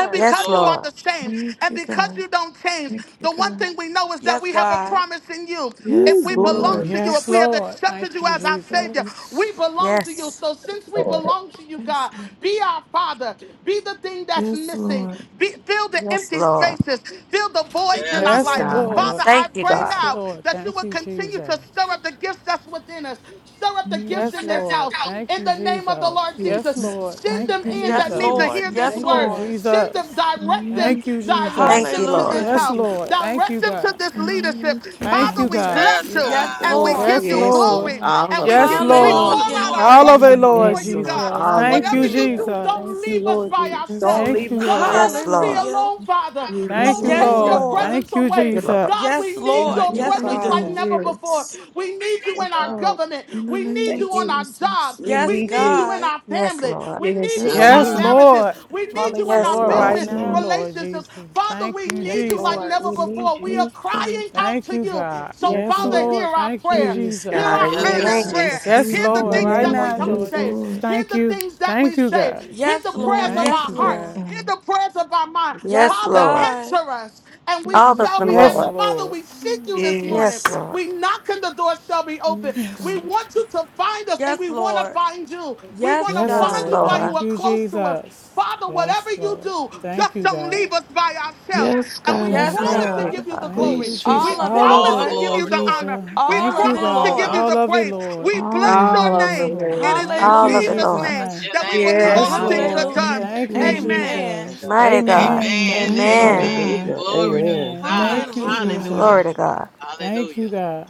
Speaker 2: And
Speaker 7: Yes,
Speaker 8: Yes,
Speaker 2: because you
Speaker 7: Lord.
Speaker 2: are
Speaker 8: Lord.
Speaker 2: the same,
Speaker 3: Thank
Speaker 2: and
Speaker 3: you,
Speaker 2: because
Speaker 3: God.
Speaker 2: you don't change,
Speaker 3: Thank you,
Speaker 2: the one
Speaker 3: God.
Speaker 2: thing we know is that
Speaker 1: Yes,
Speaker 2: we have a
Speaker 1: God.
Speaker 2: promise in you. If
Speaker 4: You
Speaker 3: Yes,
Speaker 2: we belong
Speaker 4: glory.
Speaker 2: to you,
Speaker 5: Yes,
Speaker 3: Lord.
Speaker 2: if we
Speaker 9: Yes,
Speaker 2: have
Speaker 5: Lord. Thank
Speaker 2: accepted you
Speaker 5: you,
Speaker 2: as
Speaker 3: Yes,
Speaker 2: our Savior,
Speaker 3: God.
Speaker 5: Jesus.
Speaker 2: we belong to you.
Speaker 8: Yes.
Speaker 2: So since we
Speaker 10: Lord.
Speaker 2: belong to you,
Speaker 3: Yes,
Speaker 2: God,
Speaker 3: Lord.
Speaker 2: be our Father, be the thing that's
Speaker 3: Yes,
Speaker 2: missing,
Speaker 3: Lord.
Speaker 2: be, fill the
Speaker 8: Yes,
Speaker 2: empty
Speaker 8: Lord.
Speaker 2: spaces, fill the voids in our
Speaker 7: Yes,
Speaker 3: Yes,
Speaker 9: yes
Speaker 5: Yes,
Speaker 2: life.
Speaker 7: Lord.
Speaker 3: God.
Speaker 9: God.
Speaker 2: Father,
Speaker 3: Yes,
Speaker 5: Lord.
Speaker 3: God.
Speaker 2: I
Speaker 8: Thank you,
Speaker 2: pray
Speaker 5: Yes,
Speaker 8: God.
Speaker 2: now
Speaker 5: Lord.
Speaker 2: that you
Speaker 5: Thank
Speaker 2: will
Speaker 5: you,
Speaker 2: continue to
Speaker 5: Jesus.
Speaker 2: stir up the gifts that's within us, stir up the gifts
Speaker 5: Yes,
Speaker 2: in this
Speaker 5: Lord.
Speaker 2: house.
Speaker 5: Thank
Speaker 2: In
Speaker 5: you,
Speaker 2: the name name of the
Speaker 5: Jesus.
Speaker 2: Lord
Speaker 3: Yes,
Speaker 5: Yes,
Speaker 2: Jesus.
Speaker 9: Yes.
Speaker 3: yes,
Speaker 5: Lord.
Speaker 2: Send
Speaker 3: God.
Speaker 2: them
Speaker 5: Thank you,
Speaker 3: Thank
Speaker 2: in
Speaker 3: you,
Speaker 2: that
Speaker 1: Yes,
Speaker 2: need
Speaker 5: Jesus.
Speaker 2: to
Speaker 1: Lord.
Speaker 2: hear this
Speaker 6: Yes,
Speaker 1: Yes,
Speaker 3: Jesus.
Speaker 5: Thank you,
Speaker 2: word.
Speaker 6: Lord.
Speaker 1: Lord.
Speaker 2: Send them,
Speaker 5: Jesus.
Speaker 2: direct them,
Speaker 3: Thank
Speaker 5: Thank you,
Speaker 3: you,
Speaker 2: direct
Speaker 8: Thank
Speaker 5: Jesus.
Speaker 8: you,
Speaker 2: them
Speaker 3: Jesus.
Speaker 2: to
Speaker 8: Lord.
Speaker 6: Thank
Speaker 2: this
Speaker 6: you,
Speaker 5: Yes,
Speaker 1: Hallelujah.
Speaker 2: house,
Speaker 6: Jesus.
Speaker 5: Lord. Thank
Speaker 2: direct
Speaker 5: you,
Speaker 2: them to
Speaker 5: God.
Speaker 2: this leadership.
Speaker 3: Thank you,
Speaker 5: Thank
Speaker 2: Father,
Speaker 5: you,
Speaker 3: God.
Speaker 2: we
Speaker 5: God.
Speaker 2: bless
Speaker 7: Yes,
Speaker 6: We
Speaker 2: you
Speaker 6: thank
Speaker 1: Yes,
Speaker 6: you,
Speaker 7: God.
Speaker 2: and we
Speaker 6: Lord.
Speaker 1: Lord.
Speaker 2: give
Speaker 5: Yes,
Speaker 2: you
Speaker 3: Thank
Speaker 9: Yes,
Speaker 3: you,
Speaker 5: Lord.
Speaker 9: Lord.
Speaker 2: glory
Speaker 3: Lord.
Speaker 9: All
Speaker 2: and
Speaker 9: of
Speaker 2: we
Speaker 9: it,
Speaker 5: Yes,
Speaker 2: give you, we pour
Speaker 7: All
Speaker 9: Lord.
Speaker 7: the
Speaker 5: Lord.
Speaker 2: out
Speaker 1: Hallelujah.
Speaker 3: Thank
Speaker 2: our
Speaker 7: glory.
Speaker 3: you,
Speaker 5: All of it,
Speaker 2: worship
Speaker 3: Lord
Speaker 5: Lord
Speaker 2: before
Speaker 9: Yes,
Speaker 3: God.
Speaker 2: you,
Speaker 9: Lord.
Speaker 2: God.
Speaker 5: Jesus.
Speaker 9: All of
Speaker 5: Thank
Speaker 2: Whatever
Speaker 5: you,
Speaker 9: it.
Speaker 2: you
Speaker 6: Hallelujah.
Speaker 2: do,
Speaker 6: Thank
Speaker 2: don't
Speaker 5: Jesus.
Speaker 6: you,
Speaker 2: leave us
Speaker 6: Lord.
Speaker 2: by
Speaker 6: You
Speaker 3: Yes,
Speaker 6: don't
Speaker 2: ourselves.
Speaker 5: Thank
Speaker 6: leave
Speaker 5: you,
Speaker 3: Lord.
Speaker 6: us by
Speaker 2: Don't
Speaker 5: Lord.
Speaker 2: let
Speaker 8: Yes,
Speaker 2: us be
Speaker 6: ourselves.
Speaker 8: Lord.
Speaker 1: Hallelujah.
Speaker 2: alone, Father.
Speaker 6: Yes,
Speaker 3: Have
Speaker 5: Thank
Speaker 9: Yes,
Speaker 2: Don't
Speaker 3: your
Speaker 5: you,
Speaker 9: Lord.
Speaker 1: Yes,
Speaker 2: take
Speaker 3: way,
Speaker 6: Lord.
Speaker 2: your
Speaker 5: Lord.
Speaker 3: God.
Speaker 1: Lord.
Speaker 2: presence
Speaker 5: Thank you,
Speaker 8: Thank
Speaker 2: away.
Speaker 8: you, Lord.
Speaker 2: God,
Speaker 1: Yes,
Speaker 2: we
Speaker 5: Jesus.
Speaker 2: need
Speaker 6: Thank
Speaker 3: Have
Speaker 1: Lord.
Speaker 2: your
Speaker 3: your
Speaker 6: you,
Speaker 1: Yes, we
Speaker 3: way,
Speaker 2: presence like
Speaker 3: God.
Speaker 1: do.
Speaker 6: Father.
Speaker 2: never before.
Speaker 9: Yes.
Speaker 2: We need you
Speaker 7: Yes,
Speaker 6: Yes,
Speaker 2: in our
Speaker 7: God.
Speaker 6: Lord.
Speaker 2: government.
Speaker 3: In the
Speaker 2: We
Speaker 3: name
Speaker 2: need
Speaker 6: Thank
Speaker 2: you
Speaker 3: of
Speaker 2: on
Speaker 6: you.
Speaker 2: our jobs.
Speaker 3: Jesus.
Speaker 6: We
Speaker 1: Yes,
Speaker 2: We
Speaker 6: need
Speaker 2: need you
Speaker 6: you.
Speaker 2: in
Speaker 1: God.
Speaker 2: our
Speaker 8: Yes,
Speaker 2: family.
Speaker 8: Lord.
Speaker 2: We
Speaker 9: Yes,
Speaker 2: need you
Speaker 7: Yes,
Speaker 3: Yes,
Speaker 2: in our
Speaker 9: Lord.
Speaker 5: Yes,
Speaker 7: God.
Speaker 3: Lord.
Speaker 2: marriages.
Speaker 5: Lord.
Speaker 2: We need you
Speaker 5: Yes,
Speaker 2: in
Speaker 8: Yes,
Speaker 6: Hallelujah.
Speaker 2: our
Speaker 5: Lord,
Speaker 6: We
Speaker 8: Lord.
Speaker 5: right
Speaker 3: Yes,
Speaker 2: business
Speaker 6: need
Speaker 5: now,
Speaker 6: you.
Speaker 3: Lord.
Speaker 5: Lord
Speaker 2: relationships.
Speaker 5: Jesus.
Speaker 2: Father,
Speaker 5: Thank
Speaker 2: we
Speaker 5: you,
Speaker 2: need
Speaker 6: Yes,
Speaker 2: need you like
Speaker 6: Lord.
Speaker 2: never
Speaker 6: We
Speaker 5: Jesus.
Speaker 6: need
Speaker 2: before. We are
Speaker 6: you.
Speaker 3: Yes, God.
Speaker 2: crying out
Speaker 5: Thank
Speaker 2: to
Speaker 5: you,
Speaker 2: you.
Speaker 5: God.
Speaker 2: So,
Speaker 6: Yes,
Speaker 5: Yes,
Speaker 2: Father,
Speaker 6: Lord.
Speaker 2: hear
Speaker 5: Lord.
Speaker 2: our
Speaker 5: Thank you,
Speaker 2: prayer.
Speaker 9: Yes,
Speaker 6: Hear
Speaker 2: Hear
Speaker 9: God.
Speaker 6: our
Speaker 5: Jesus.
Speaker 7: Yes,
Speaker 2: our
Speaker 6: prayer,
Speaker 2: earnest
Speaker 7: God.
Speaker 9: Yes,
Speaker 6: Father.
Speaker 8: Thank you.
Speaker 2: prayer.
Speaker 5: Yes,
Speaker 9: Jesus.
Speaker 3: Yes,
Speaker 2: Hear
Speaker 8: Lord.
Speaker 2: the
Speaker 6: In the
Speaker 5: Lord.
Speaker 2: things
Speaker 5: Right
Speaker 2: that
Speaker 6: name
Speaker 3: Jesus.
Speaker 2: we
Speaker 6: of
Speaker 5: now,
Speaker 2: don't
Speaker 3: Yes,
Speaker 5: George.
Speaker 6: Jesus.
Speaker 2: say.
Speaker 5: Jesus.
Speaker 3: Lord.
Speaker 2: Hear
Speaker 5: Thank
Speaker 2: the
Speaker 5: you.
Speaker 2: things that
Speaker 5: Thank
Speaker 2: we
Speaker 5: you,
Speaker 2: say.
Speaker 5: God.
Speaker 2: Hear
Speaker 1: Yes,
Speaker 2: the prayers
Speaker 1: Lord.
Speaker 3: Yes,
Speaker 2: of
Speaker 5: Thank
Speaker 1: Yes,
Speaker 2: our
Speaker 5: you,
Speaker 3: Lord
Speaker 2: heart.
Speaker 1: Lord.
Speaker 5: God.
Speaker 2: Hear
Speaker 3: God.
Speaker 2: the prayers of our mind.
Speaker 1: Yes,
Speaker 8: Yes,
Speaker 2: Father,
Speaker 8: Lord.
Speaker 1: God.
Speaker 2: answer us and
Speaker 3: Yes,
Speaker 2: we
Speaker 8: All of
Speaker 2: shall
Speaker 8: them,
Speaker 2: be
Speaker 5: Yes,
Speaker 2: answered.
Speaker 8: Lord.
Speaker 2: Father,
Speaker 5: Lord.
Speaker 2: we seek you this morning.
Speaker 8: Yes,
Speaker 9: Yes.
Speaker 8: Lord.
Speaker 2: We knock and the door shall be open.
Speaker 5: Yes.
Speaker 2: We
Speaker 3: God.
Speaker 2: want you to find us and
Speaker 1: Yes,
Speaker 2: we want to
Speaker 1: Lord.
Speaker 2: find you. We
Speaker 1: Yes,
Speaker 2: want to
Speaker 5: Yes,
Speaker 8: Yes,
Speaker 2: find
Speaker 1: God.
Speaker 5: Lord.
Speaker 2: you while you
Speaker 5: Thank
Speaker 8: Lord.
Speaker 2: are
Speaker 5: you,
Speaker 2: close to us.
Speaker 5: Jesus.
Speaker 2: Father,
Speaker 5: Yes,
Speaker 2: whatever you
Speaker 5: Lord.
Speaker 2: do,
Speaker 5: Thank
Speaker 2: just
Speaker 5: you,
Speaker 2: don't leave
Speaker 5: God.
Speaker 2: us by ourselves.
Speaker 3: Yes,
Speaker 2: And we
Speaker 5: Yes,
Speaker 3: God.
Speaker 1: Yes,
Speaker 7: Yes,
Speaker 2: promise
Speaker 8: Thank
Speaker 1: God.
Speaker 2: to
Speaker 7: God.
Speaker 8: you,
Speaker 5: Lord.
Speaker 2: give you the
Speaker 8: God.
Speaker 5: Thank you,
Speaker 3: Please,
Speaker 2: glory.
Speaker 5: Jesus.
Speaker 2: We
Speaker 1: All of
Speaker 3: Jesus.
Speaker 1: it,
Speaker 5: All of
Speaker 7: All
Speaker 2: promise
Speaker 7: the
Speaker 2: to
Speaker 5: it,
Speaker 1: Lord.
Speaker 2: give
Speaker 5: Lord
Speaker 2: you
Speaker 7: glory,
Speaker 2: the
Speaker 7: Lord.
Speaker 2: honor.
Speaker 5: Jesus.
Speaker 2: We
Speaker 1: All
Speaker 5: Thank
Speaker 9: All
Speaker 1: of
Speaker 5: you,
Speaker 9: of
Speaker 1: it,
Speaker 9: the
Speaker 2: promise to
Speaker 7: All
Speaker 5: God.
Speaker 7: the
Speaker 2: give
Speaker 9: Lord.
Speaker 2: you
Speaker 1: Lord.
Speaker 5: All
Speaker 2: the
Speaker 5: of it,
Speaker 2: praise.
Speaker 7: honor.
Speaker 5: Lord.
Speaker 2: We bless
Speaker 3: All of it,
Speaker 9: All
Speaker 2: your
Speaker 9: of
Speaker 5: Yes,
Speaker 9: the
Speaker 2: name.
Speaker 3: Lord.
Speaker 5: Lord.
Speaker 2: It
Speaker 9: Lord.
Speaker 2: is in
Speaker 5: Thank
Speaker 8: All
Speaker 5: you,
Speaker 8: of it,
Speaker 1: Hallelujah.
Speaker 2: Jesus'
Speaker 5: Jesus'
Speaker 8: Lord.
Speaker 2: name
Speaker 7: That's
Speaker 5: name.
Speaker 7: your
Speaker 2: that we
Speaker 7: name.
Speaker 2: believe
Speaker 5: Yes,
Speaker 2: all
Speaker 9: Yes,
Speaker 3: Thank
Speaker 2: things
Speaker 9: Lord.
Speaker 7: Hallelujah.
Speaker 2: are
Speaker 5: Lord.
Speaker 2: done.
Speaker 1: Hallelujah.
Speaker 3: thank
Speaker 5: Thank
Speaker 3: you,
Speaker 5: you,
Speaker 9: Thank
Speaker 3: Lord.
Speaker 9: you.
Speaker 2: Amen.
Speaker 7: Yes,
Speaker 1: Amen.
Speaker 5: Jesus.
Speaker 7: God.
Speaker 8: Mighty God.
Speaker 5: Amen.
Speaker 3: Amen.
Speaker 5: Thank
Speaker 7: Amen.
Speaker 5: you,
Speaker 3: Thank you,
Speaker 5: God.
Speaker 8: Amen.
Speaker 7: Amen.
Speaker 3: God.
Speaker 11: Hallelujah.
Speaker 7: Glory to
Speaker 11: Amen.
Speaker 5: Amen.
Speaker 7: God.
Speaker 5: Thank
Speaker 3: Thank
Speaker 5: you,
Speaker 3: you,
Speaker 1: Hallelujah.
Speaker 3: God.
Speaker 7: Hallelujah.
Speaker 5: Jesus.
Speaker 8: Glory to God.
Speaker 5: Thank
Speaker 7: Hallelujah.
Speaker 5: you, God.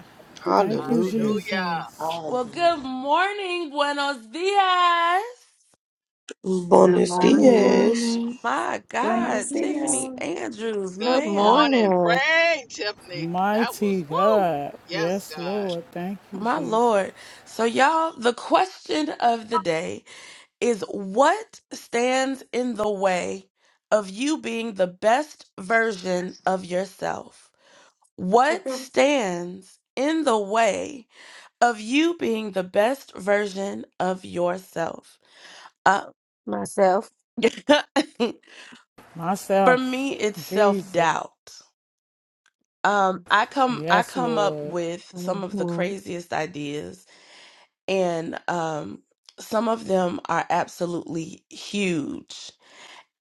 Speaker 5: Thank you,
Speaker 11: Hallelujah.
Speaker 7: Hallelujah.
Speaker 5: Jesus.
Speaker 1: Well,
Speaker 10: Hallelujah.
Speaker 1: good morning, buenos dias.
Speaker 9: Good
Speaker 11: Buenos
Speaker 3: Good
Speaker 9: morning.
Speaker 11: dias.
Speaker 3: morning.
Speaker 1: My
Speaker 6: Buenos
Speaker 1: God, Tiffany
Speaker 6: dias.
Speaker 1: Andrews,
Speaker 7: Good
Speaker 8: Good
Speaker 1: ma'am.
Speaker 7: morning.
Speaker 8: morning,
Speaker 7: Pray, Tiffany. That
Speaker 5: Mighty
Speaker 7: was woo.
Speaker 5: God.
Speaker 7: Yes,
Speaker 5: Yes,
Speaker 7: God.
Speaker 5: Lord. Thank you,
Speaker 1: My
Speaker 5: Jesus.
Speaker 1: Lord. So, y'all, the question of the day is what stands in the way of you being the best version of yourself? What stands in the way of you being the best version of yourself? Uh,
Speaker 8: myself.
Speaker 1: for
Speaker 5: Myself,
Speaker 1: me, it's self
Speaker 5: Jesus.
Speaker 1: doubt Um, I come I
Speaker 5: Yes,
Speaker 1: come up
Speaker 5: Lord.
Speaker 1: with some of the
Speaker 8: hmm
Speaker 1: craziest ideas, and um, some of them are absolutely huge.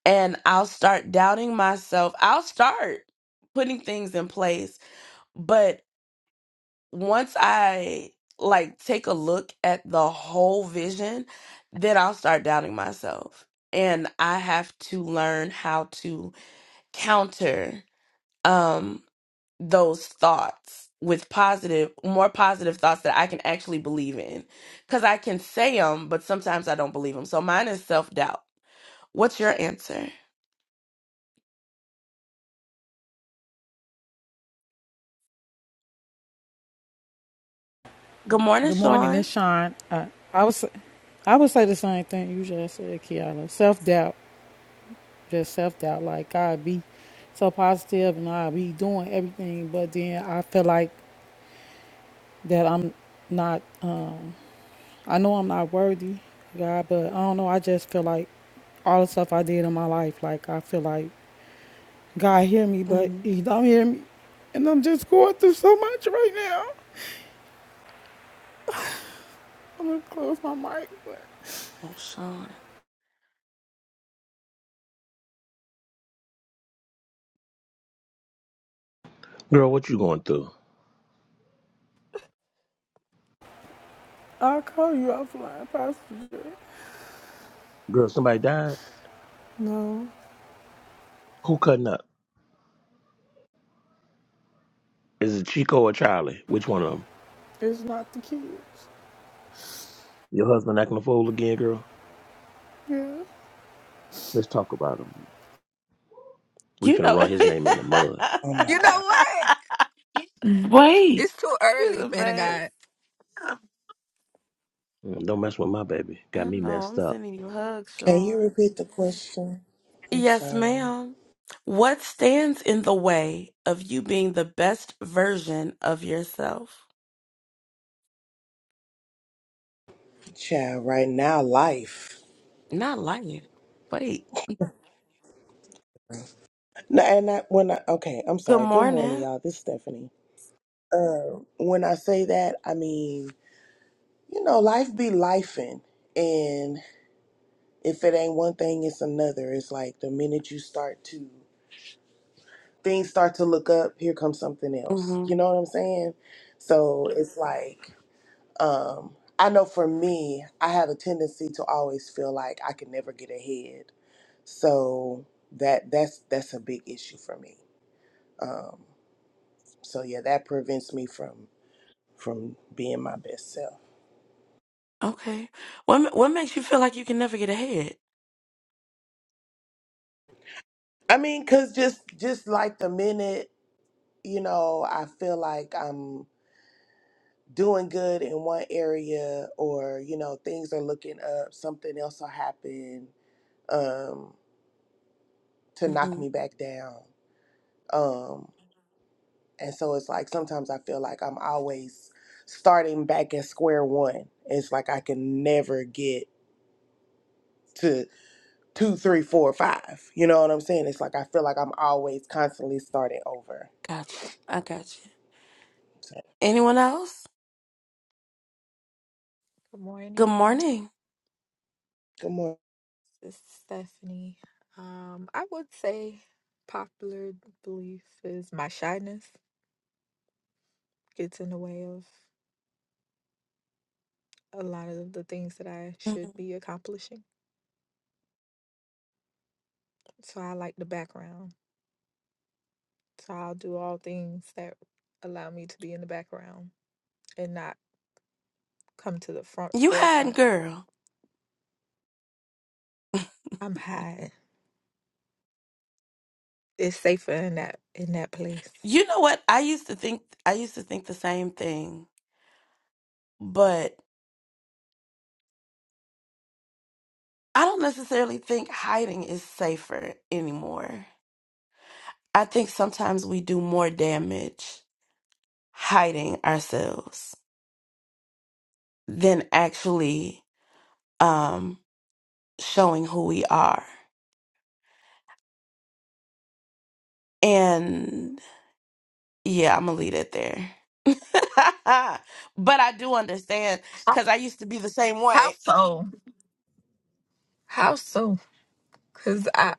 Speaker 1: And I'll start doubting myself. I'll start putting things in place, but once I like take a look at the whole vision, then I'll start doubting myself. And I have to learn how to counter. Um, those thoughts with positive, more positive thoughts that I can actually believe in. Because I can say them, but sometimes I don't believe them. So mine is self doubt. What's your answer? Good morning,
Speaker 5: Good morning.
Speaker 1: Sean.
Speaker 5: It's Sean. I, I was. I would say the same thing you just said, Kiana. Self doubt, just self doubt. Like God be so positive, and I be doing everything, but then I feel like that I'm not. Um, I know I'm not worthy, God, but I don't know. I just feel like all the stuff I did in my life, like I feel like God hear me, but
Speaker 1: Mhm.
Speaker 5: He don't hear me, and I'm just going through so much right now. I'm gonna close my mic, but
Speaker 1: Oh, Sean.
Speaker 12: Girl, what you going through?
Speaker 5: I'll call you offline, Pastor. Jay.
Speaker 12: Girl, somebody died?
Speaker 5: No,
Speaker 12: Who cutting up? Is it Chico or Charlie? Which one of them?
Speaker 5: it's not the kids.
Speaker 12: Your husband acting a fool again, girl?
Speaker 5: Yeah.
Speaker 12: Let's talk about him. We
Speaker 1: You
Speaker 12: finna
Speaker 1: know,
Speaker 12: run his name in the mud.
Speaker 10: Oh my
Speaker 13: You know
Speaker 10: God.
Speaker 13: what?
Speaker 3: Wait.
Speaker 13: It's too
Speaker 1: he's
Speaker 13: early,
Speaker 1: the
Speaker 13: man of
Speaker 1: best.
Speaker 13: God. Good
Speaker 12: Mm, Don't mess with my baby.
Speaker 1: I
Speaker 12: Got me
Speaker 1: know.
Speaker 12: messed
Speaker 1: I'm
Speaker 12: up.
Speaker 1: sending you hugs,
Speaker 10: Can you
Speaker 1: Sean.
Speaker 10: repeat the question? I'm
Speaker 1: Yes,
Speaker 10: sorry.
Speaker 1: ma'am. What stands in the way of you being the best version of yourself?
Speaker 10: Child, right now, life.
Speaker 1: Not lying. Wait.
Speaker 10: No, and I, when I, okay, I'm
Speaker 1: Good
Speaker 10: sorry. Good morning,
Speaker 1: morning.
Speaker 10: y'all. This is Stephanie. Uh, when I say that, I mean, you know, life be lifing. And if it ain't one thing, it's another. It's like the minute you start to, things start to look up, here comes something else. You
Speaker 1: hmm
Speaker 10: know what I'm saying? So it's like, Um, I know for me, I have a tendency to always feel like I can never get ahead. So that that's that's a big issue for me. So yeah, that prevents me from from being my best self.
Speaker 1: Okay. What ma- what makes you feel like you can never get ahead?
Speaker 10: I mean, cause just just like the minute you know I feel like I'm doing good in one area, or you know things are looking up, something else will happen um, to knock
Speaker 1: hmm
Speaker 10: me back down. Um, And so it's like sometimes I feel like I'm always starting back at square one. It's like I can never get to two, three, four, five. You know what I'm saying? It's like I feel like I'm always constantly starting over.
Speaker 1: Gotcha. I gotcha.
Speaker 10: So,
Speaker 1: Anyone else? Good
Speaker 13: morning.
Speaker 1: morning.
Speaker 10: good morning.
Speaker 13: This is Stephanie. Um, I would say popular belief is my shyness gets in the way of a lot of the things that I
Speaker 1: hmm
Speaker 13: should be accomplishing. So I like the background. So I'll do all things that allow me to be in the background and not come to the front
Speaker 1: You had
Speaker 13: forefront.
Speaker 1: girl.
Speaker 13: I'm high. It's safer in that in that place.
Speaker 1: You know what? I used to think I used to think the same thing, but I don't necessarily think hiding is safer anymore. I think sometimes we do more damage hiding ourselves than actually um showing who we are. And Yeah, I'm gonna leave it there. but I do understand
Speaker 13: How,
Speaker 1: because I used to be the same
Speaker 13: how
Speaker 1: way.
Speaker 13: so? How so? Cause I,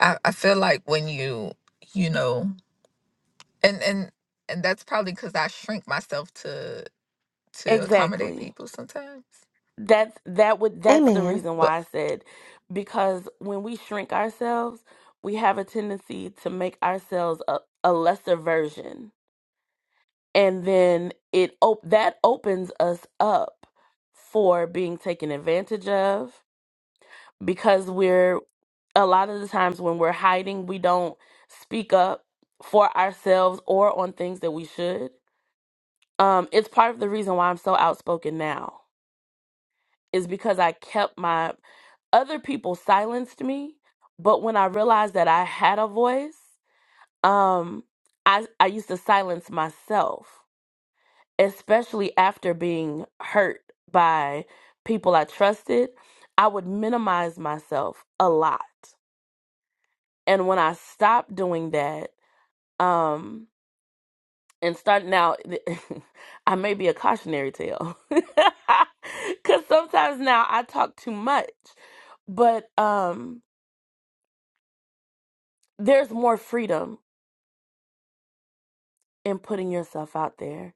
Speaker 13: I I feel like when you you know and and and that's probably because I shrink myself to to accommodate
Speaker 1: Exactly.
Speaker 13: people sometimes.
Speaker 1: That's that would that's the
Speaker 8: Amen.
Speaker 1: reason
Speaker 13: But
Speaker 1: why I said because when we shrink ourselves, we have a tendency to make ourselves a, a lesser version. And then it op- that opens us up for being taken advantage of, because we're a lot of the times when we're hiding, we don't speak up for ourselves or on things that we should. Um, it's part of the reason why I'm so outspoken now is because I kept my other people silenced me, but when I realized that I had a voice, um, I I used to silence myself, especially after being hurt by people I trusted. I would minimize myself a lot And when I stopped doing that, um, and start now, I may be a cautionary tale because sometimes now I talk too much, but um, there's more freedom in putting yourself out there.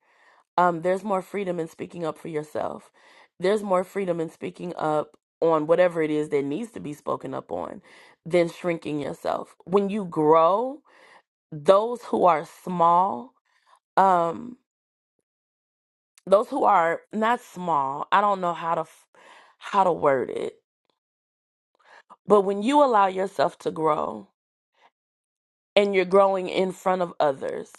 Speaker 1: Um, there's more freedom in speaking up for yourself. There's more freedom in speaking up on whatever it is that needs to be spoken up on than shrinking yourself. When you grow, those who are small, um, those who are not small i don't know how to f- how to word it but when you allow yourself to grow and you're growing in front of others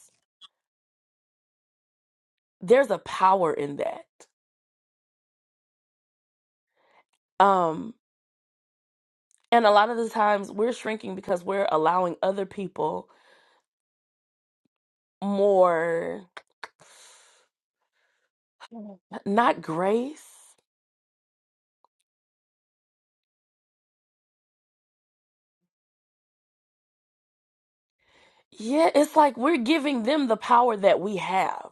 Speaker 1: there's a power in that um and a lot of the times we're shrinking because we're allowing other people more not grace yeah it's like we're giving them the power that we have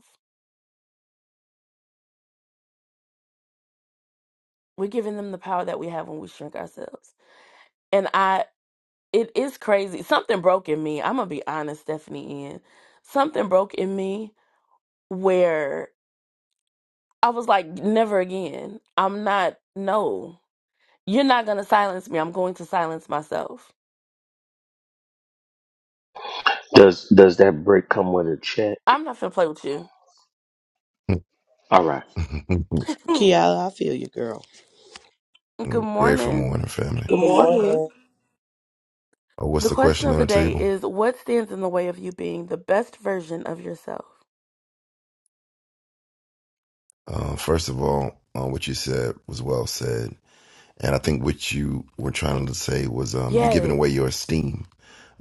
Speaker 1: we're giving them the power that we have when we shrink ourselves and i It is crazy. Something broke in me. I'm gonna be honest, Stephanie. Ann. something broke in me where I was like, never again. I'm not. No, you're not gonna silence me. I'm going to silence myself.
Speaker 12: Does does that break come with a check?
Speaker 1: I'm not gonna play with you.
Speaker 12: All right.
Speaker 11: Kiala, I feel you, girl.
Speaker 1: Good
Speaker 14: Grateful
Speaker 1: morning.
Speaker 14: morning, family.
Speaker 11: Good
Speaker 10: Good
Speaker 11: morning.
Speaker 10: morning.
Speaker 14: Uh, what's
Speaker 1: The
Speaker 14: the
Speaker 1: question
Speaker 14: question
Speaker 1: of
Speaker 14: on
Speaker 1: the
Speaker 14: the
Speaker 1: day
Speaker 14: table?
Speaker 1: is: What stands in the way of you being the best version of yourself?
Speaker 14: Uh, first of all, uh, what you said was well said, and I think what you were trying to say was um, you're giving
Speaker 1: Yes.
Speaker 14: away your esteem.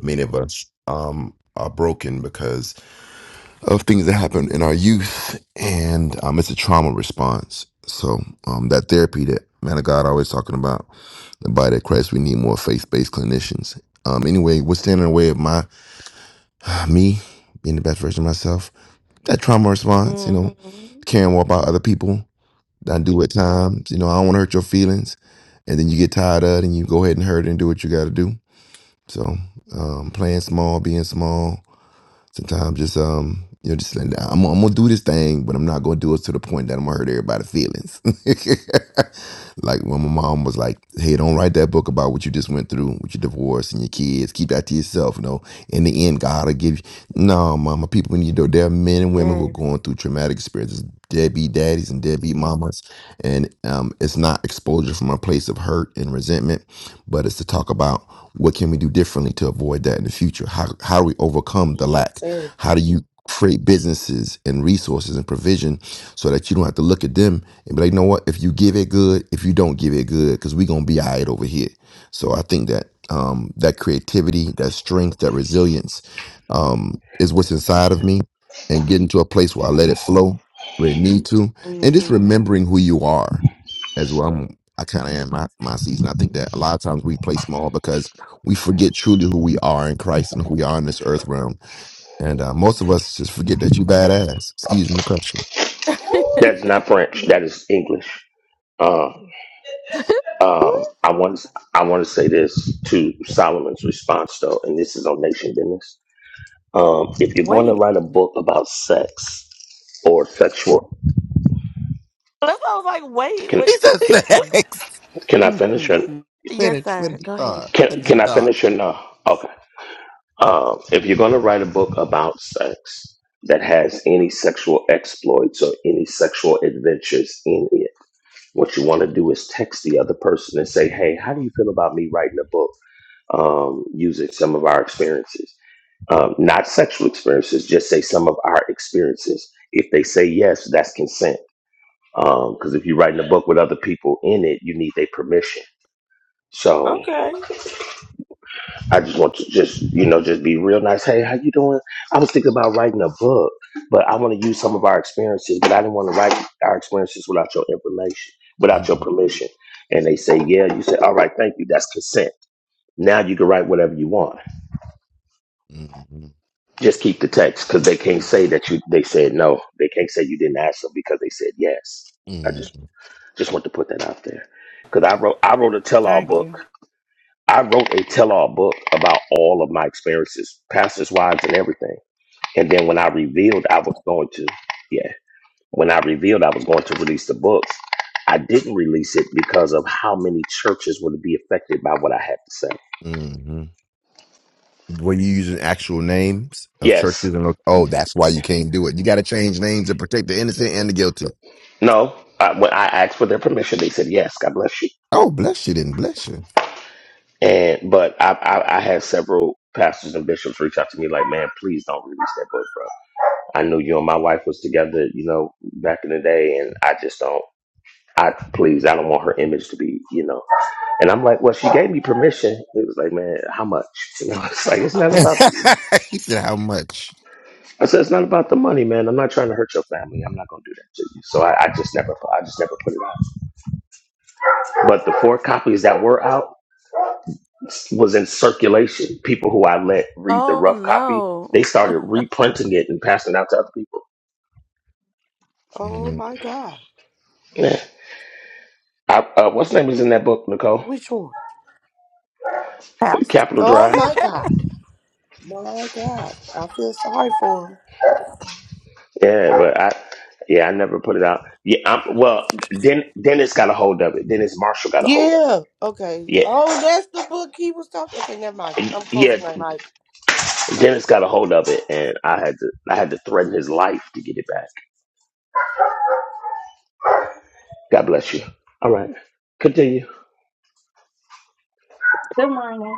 Speaker 14: Many of us um, are broken because of things that happened in our youth, and um, it's a trauma response. So um, that therapy that man of God always talking about, the body of Christ, we need more faith based clinicians. Um, anyway, what's standing in the way of my me being the best version of myself? that trauma response, you know,
Speaker 1: Mm-hmm.
Speaker 14: caring more about other people than I do at times. You know, I don't want to hurt your feelings. And then you get tired of it and you go ahead and hurt it and do what you got to do. So um, playing small, being small, sometimes just, um, you know, just like, I'm, I'm going to do this thing, but I'm not going to do it to the point that I'm going to hurt everybody's feelings. Like when my mom was like, "Hey, don't write that book about what you just went through with your divorce and your kids. Keep that to yourself. You know, in the end, God will give you." No, mama, people need to. know There are men and women who are
Speaker 1: Yes.
Speaker 14: going through traumatic experiences, deadbeat daddies and deadbeat mamas, and um, it's not exposure from a place of hurt and resentment, but it's to talk about what can we do differently to avoid that in the future. How how do we overcome the
Speaker 11: Yes,
Speaker 14: lack?
Speaker 11: sir.
Speaker 14: How do you? create businesses and resources and provision so that you don't have to look at them and be like, you know what, if you give it good, if you don't give it good, because we're gonna be all right over here. So I think that um that creativity, that strength, that resilience um is what's inside of me and getting to a place where I let it flow where it need to. And just
Speaker 1: Mm-hmm.
Speaker 14: remembering who you are as well. I'm, I kind of am my, my season. I think that a lot of times we play small because we forget truly who we are in Christ and who we are in this earth realm and uh, most of us just forget that you badass. Excuse my question.
Speaker 12: That's not French. That
Speaker 1: no.
Speaker 12: is English. Uh, um, I want I want to say this to Solomon's response though, and this is on Nation Business. Um, if you're going to
Speaker 1: Wait.
Speaker 12: write a book about sex or sexual,
Speaker 1: That's why I was like, wait.
Speaker 12: can
Speaker 14: He
Speaker 1: What?
Speaker 14: said sex.
Speaker 12: Can I finish it?
Speaker 1: Yes,
Speaker 14: Finish. Finish
Speaker 1: sir.
Speaker 14: the
Speaker 1: Go
Speaker 14: thought.
Speaker 1: ahead.
Speaker 12: can
Speaker 14: Finish the
Speaker 12: can I
Speaker 14: thought.
Speaker 12: finish it? no? Okay. Um, if you're going to write a book about sex that has any sexual exploits or any sexual adventures in it, what you want to do is text the other person and say, "Hey, how do you feel about me writing a book um, using some of our experiences? Um, not sexual experiences, just say some of our experiences." If they say yes, that's consent. Because if you're writing a book with other people in it, you need their permission. So
Speaker 11: Okay.
Speaker 12: I just want to just you know just be real nice. Hey, how you doing? I was thinking about writing a book, but I want to use some of our experiences. But I didn't want to write our experiences without your information, without your permission. And they say, yeah. You say, all right, thank you. That's consent. Now you can write whatever you want.
Speaker 14: Mm-hmm.
Speaker 12: Just keep the text because they can't say that you. They said no. They can't say you didn't ask them because they said yes. I just just want to put that out there because I wrote I wrote a tell-all
Speaker 5: Thank
Speaker 12: book.
Speaker 5: you.
Speaker 12: I wrote a tell-all book about all of my experiences, pastors' wives, and everything And then when I revealed I was going to, yeah, when I revealed I was going to release the books, I didn't release it because of how many churches would be affected by what I had to say.
Speaker 14: Mm-hmm. When you using actual names of
Speaker 12: Yes.
Speaker 14: churches and look, oh, that's why you can't do it. You got to change names to protect the innocent and the guilty.
Speaker 12: No. I, when I asked for their permission, they said yes. God bless you.
Speaker 14: Oh, bless you, then bless you.
Speaker 12: And but I, I I had several pastors and bishops reach out to me like, man, please don't release that book, bro. I knew you and my wife was together, you know, back in the day, and I just don't. I please, I don't want her image to be, you know. And I'm like, well, she gave me permission. It was like, man, how much? You know, it's like, it's not about, the,
Speaker 14: he said, how much?
Speaker 12: I said, it's not about the money, man. I'm not trying to hurt your family. I'm not going to do that to you. So I, I just never, I just never put it out. But the four copies that were out was in circulation. People who I let read the
Speaker 1: Oh,
Speaker 12: rough copy, they
Speaker 1: no.
Speaker 12: started reprinting it and passing it out to other people.
Speaker 11: Oh
Speaker 14: Mm-hmm.
Speaker 11: my God.
Speaker 12: Yeah. I, uh, what's the name is in that book, Nicole?
Speaker 11: Which one?
Speaker 13: Pass.
Speaker 12: Capital
Speaker 11: Oh
Speaker 12: Drive.
Speaker 11: my God. My God. I feel sorry for him.
Speaker 12: Yeah, but I, yeah, I never put it out. Yeah, I'm, well, Den, Dennis got a hold of it. Dennis Marshall got a hold of it.
Speaker 11: Yeah. Okay.
Speaker 12: Yeah,
Speaker 11: Oh, that's the book he was talking. Okay, never mind. I'm
Speaker 12: Yeah,
Speaker 11: closing my mic.
Speaker 12: Dennis got a hold of it, and I had to I had to threaten his life to get it back. God bless you. All right, continue.
Speaker 15: Good morning.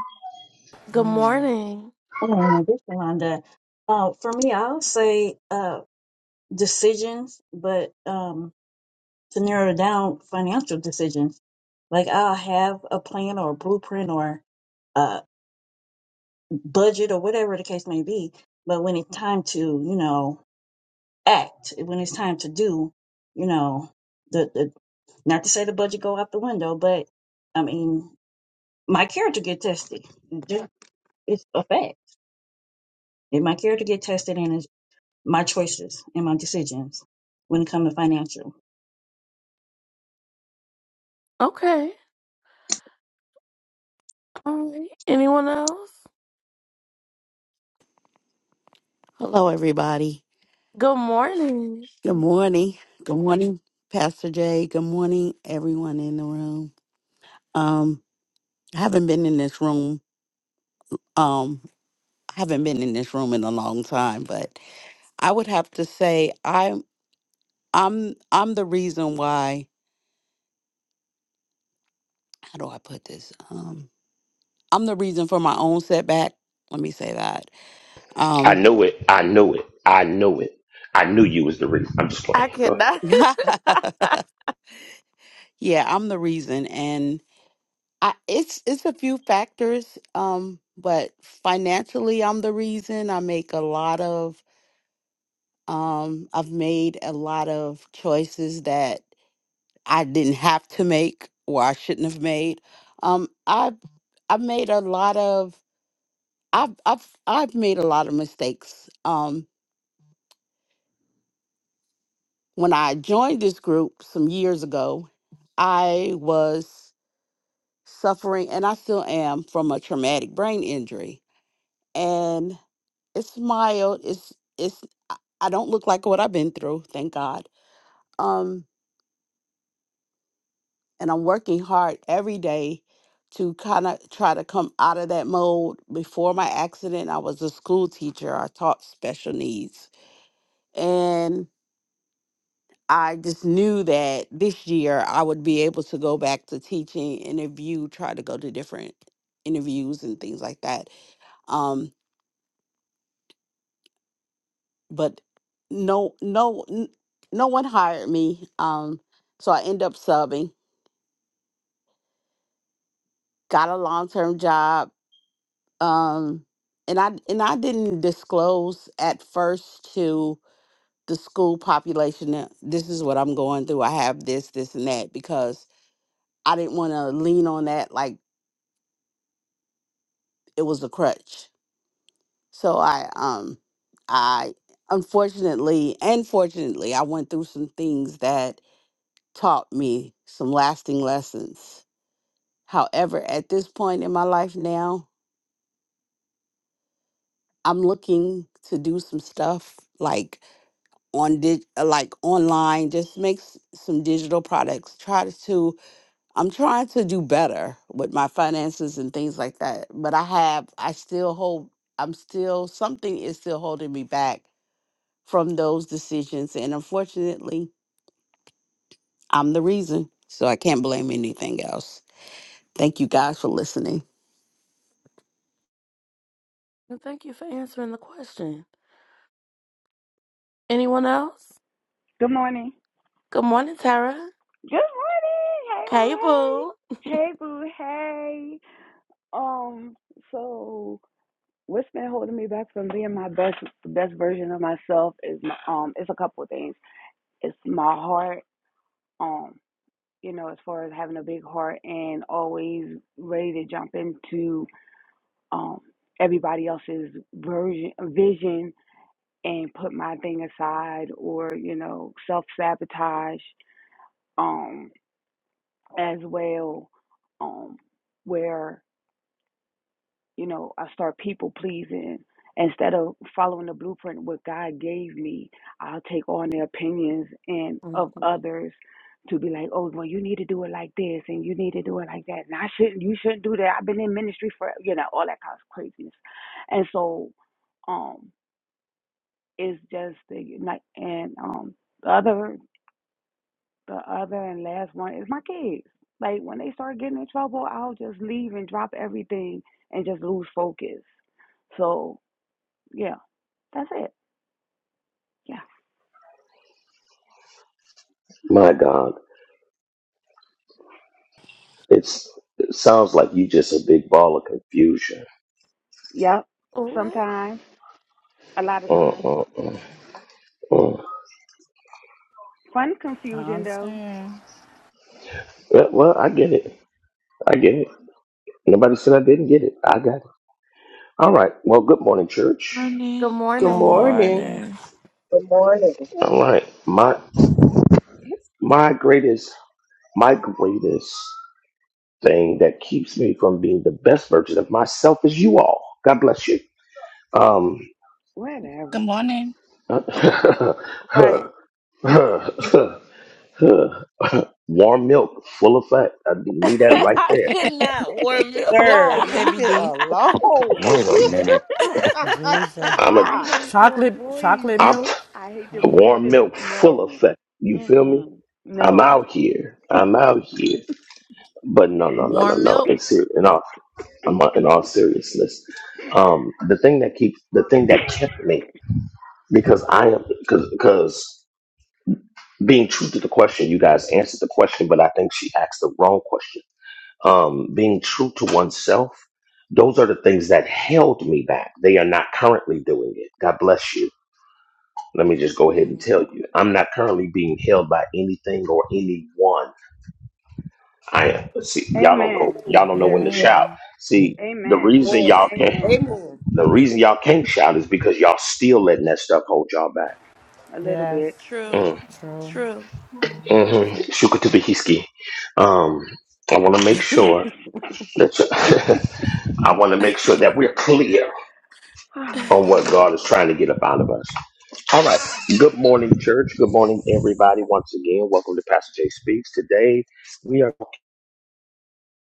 Speaker 1: Good morning.
Speaker 15: Good morning. This is Yolanda. Uh, for me, I'll say uh, decisions, but um, to narrow down, financial decisions. Like I'll have a plan or a blueprint or a budget or whatever the case may be. But when it's time to, you know, act, when it's time to do, you know, the, the not to say the budget go out the window, but I mean, my character get tested. It just- It's a fact. And my character get tested, and it's my choices and my decisions when it comes to financial.
Speaker 1: Okay. All right. Anyone else?
Speaker 16: Hello, everybody.
Speaker 1: Good morning.
Speaker 16: Good morning. Good morning, Pastor Jay. Good morning, everyone in the room. Um, I haven't been in this room. Um, I haven't been in this room in a long time, but I would have to say I'm I'm I'm the reason why. How do I put this? Um, I'm the reason for my own setback. Let me say that.
Speaker 12: I
Speaker 16: Um,
Speaker 12: knew it. I knew it. I knew it. I knew you was the reason. I'm just
Speaker 1: I
Speaker 12: playing. Go ahead.
Speaker 1: cannot.
Speaker 16: yeah, I'm the reason, I, it's it's a few factors, um, but financially, I'm the reason. I make a lot of, um, I've made a lot of choices that I didn't have to make or I shouldn't have made. Um, I've I've made a lot of I've I've I've made a lot of mistakes. Um, when I joined this group some years ago, I was suffering, and I still am, from a traumatic brain injury, It's mild. It's it's I I don't look like what I've been through, thank God. Um and I'm working hard every day to kind of try to come out of that mode. Before my accident, I was a school teacher. I taught special needs. And I just knew that this year I would be able to go back to teaching, interview, try to go to different interviews and things like that. Um. but no no n- no one hired me um so i end up subbing got a long-term job um and i and i didn't disclose at first to the school population that this is what i'm going through i have this this and that because i didn't want to lean on that like it was a crutch so i um i unfortunately and fortunately i went through some things that taught me some lasting lessons However, at this point in my life now, I'm looking to do some stuff like on di- uh, like online, just make s- some digital products. Try to I'm trying to do better with my finances and things like that. But I have I still hold I'm still something is still holding me back from those decisions and unfortunately, I'm the reason. So I can't blame anything else. Thank you guys for listening.
Speaker 1: And Thank you for answering the question. Anyone else?
Speaker 6: Good morning.
Speaker 1: Good morning, Tara.
Speaker 6: Good morning.
Speaker 1: Hey, boo.
Speaker 6: Hey, boo. Hey. Hey, boo. Hey. Um. So. what's been holding me back from being my best best version of myself is my, um it's a couple of things. It's my heart, um, you know, as far as having a big heart and always ready to jump into um everybody else's version vision and put my thing aside or, you know, self sabotage um as well. Um where you know, I start people pleasing. Instead of following the blueprint what God gave me, I'll take on the opinions and of
Speaker 1: Mhm.
Speaker 6: others to be like, oh, well, you need to do it like this, and you need to do it like that, and I shouldn't, you shouldn't do that. I've been in ministry for, you know, all that kind of craziness, and so, um, it's just the like, and um, the other, the other and last one is my kids. Like when they start getting in trouble, I'll just leave and drop everything and just lose focus. So yeah, that's it. Yeah.
Speaker 12: My God, it's it sounds like you just a big ball of confusion.
Speaker 6: Yep.
Speaker 1: What?
Speaker 6: Sometimes, a lot of
Speaker 12: Uh,
Speaker 6: times.
Speaker 12: uh, uh, uh.
Speaker 6: Fun
Speaker 5: I
Speaker 6: confusion though.
Speaker 5: understand.
Speaker 12: Yeah, Well, I get it. I get it. Nobody said I didn't get it. I got it. All right. Well, good morning, church.
Speaker 3: Morning.
Speaker 1: Good
Speaker 11: Good
Speaker 3: Good
Speaker 1: morning.
Speaker 5: Good
Speaker 11: morning.
Speaker 5: morning.
Speaker 3: morning.
Speaker 17: Good morning.
Speaker 12: All right. My my greatest my greatest thing that keeps me from being the best version of myself is you all. God bless you. Um,
Speaker 18: Good
Speaker 6: Whatever.
Speaker 18: morning.
Speaker 1: Right.
Speaker 12: warm milk, full effect. I leave that right
Speaker 1: I
Speaker 12: there.
Speaker 1: cannot warm you.
Speaker 13: Come
Speaker 11: Sir,
Speaker 13: on,
Speaker 11: leave
Speaker 13: heavy
Speaker 11: it
Speaker 13: D.
Speaker 11: alone.
Speaker 19: Wait a minute.
Speaker 11: I
Speaker 5: Jesus.
Speaker 12: I'm a,
Speaker 6: I
Speaker 11: cannot.
Speaker 6: hate your
Speaker 5: Chocolate
Speaker 6: voice.
Speaker 5: chocolate
Speaker 12: I'm t-
Speaker 5: milk.
Speaker 6: I hate your voice.
Speaker 12: warm
Speaker 6: This
Speaker 12: milk, full
Speaker 6: no.
Speaker 12: effect. You feel me?
Speaker 6: Mm-mm.
Speaker 12: I'm
Speaker 6: No.
Speaker 12: out here. I'm out here. But no, no, no, no,
Speaker 13: warm
Speaker 12: no.
Speaker 13: milk,
Speaker 12: In, ser- in all, I'm in all seriousness. Um, the thing that keeps, the thing that kept me because I am because being true to the question, you guys answered the question, but I think she asked the wrong question. Um, being true to oneself, those are the things that held me back. They are not currently doing it. God bless you. Let me just go ahead and
Speaker 1: Mm.
Speaker 12: tell you, I'm not currently being held by anything or anyone. I am. See, y'all don't know.
Speaker 6: Amen.
Speaker 12: Y'all don't know when to
Speaker 6: Yeah.
Speaker 12: Yeah. shout.
Speaker 5: Amen.
Speaker 12: See, the
Speaker 6: Amen.
Speaker 12: reason
Speaker 11: Yes.
Speaker 12: y'all can't,
Speaker 6: Amen.
Speaker 11: Amen.
Speaker 12: the reason y'all can't shout is because y'all still letting that stuff hold y'all back.
Speaker 6: A little
Speaker 5: Yes.
Speaker 6: bit.
Speaker 1: True.
Speaker 12: Mm,
Speaker 5: True.
Speaker 1: True.
Speaker 12: mm-hmm.
Speaker 5: True.
Speaker 12: Shuka Tabihiski. Um, I want to make
Speaker 1: I
Speaker 12: sure. Let's, I want to make sure that
Speaker 1: can't.
Speaker 12: we're clear on what God is trying to get up out of us. All right. Good morning, church. Good morning, everybody. Once again, welcome to Pastor Jay Speaks. Today, we are talking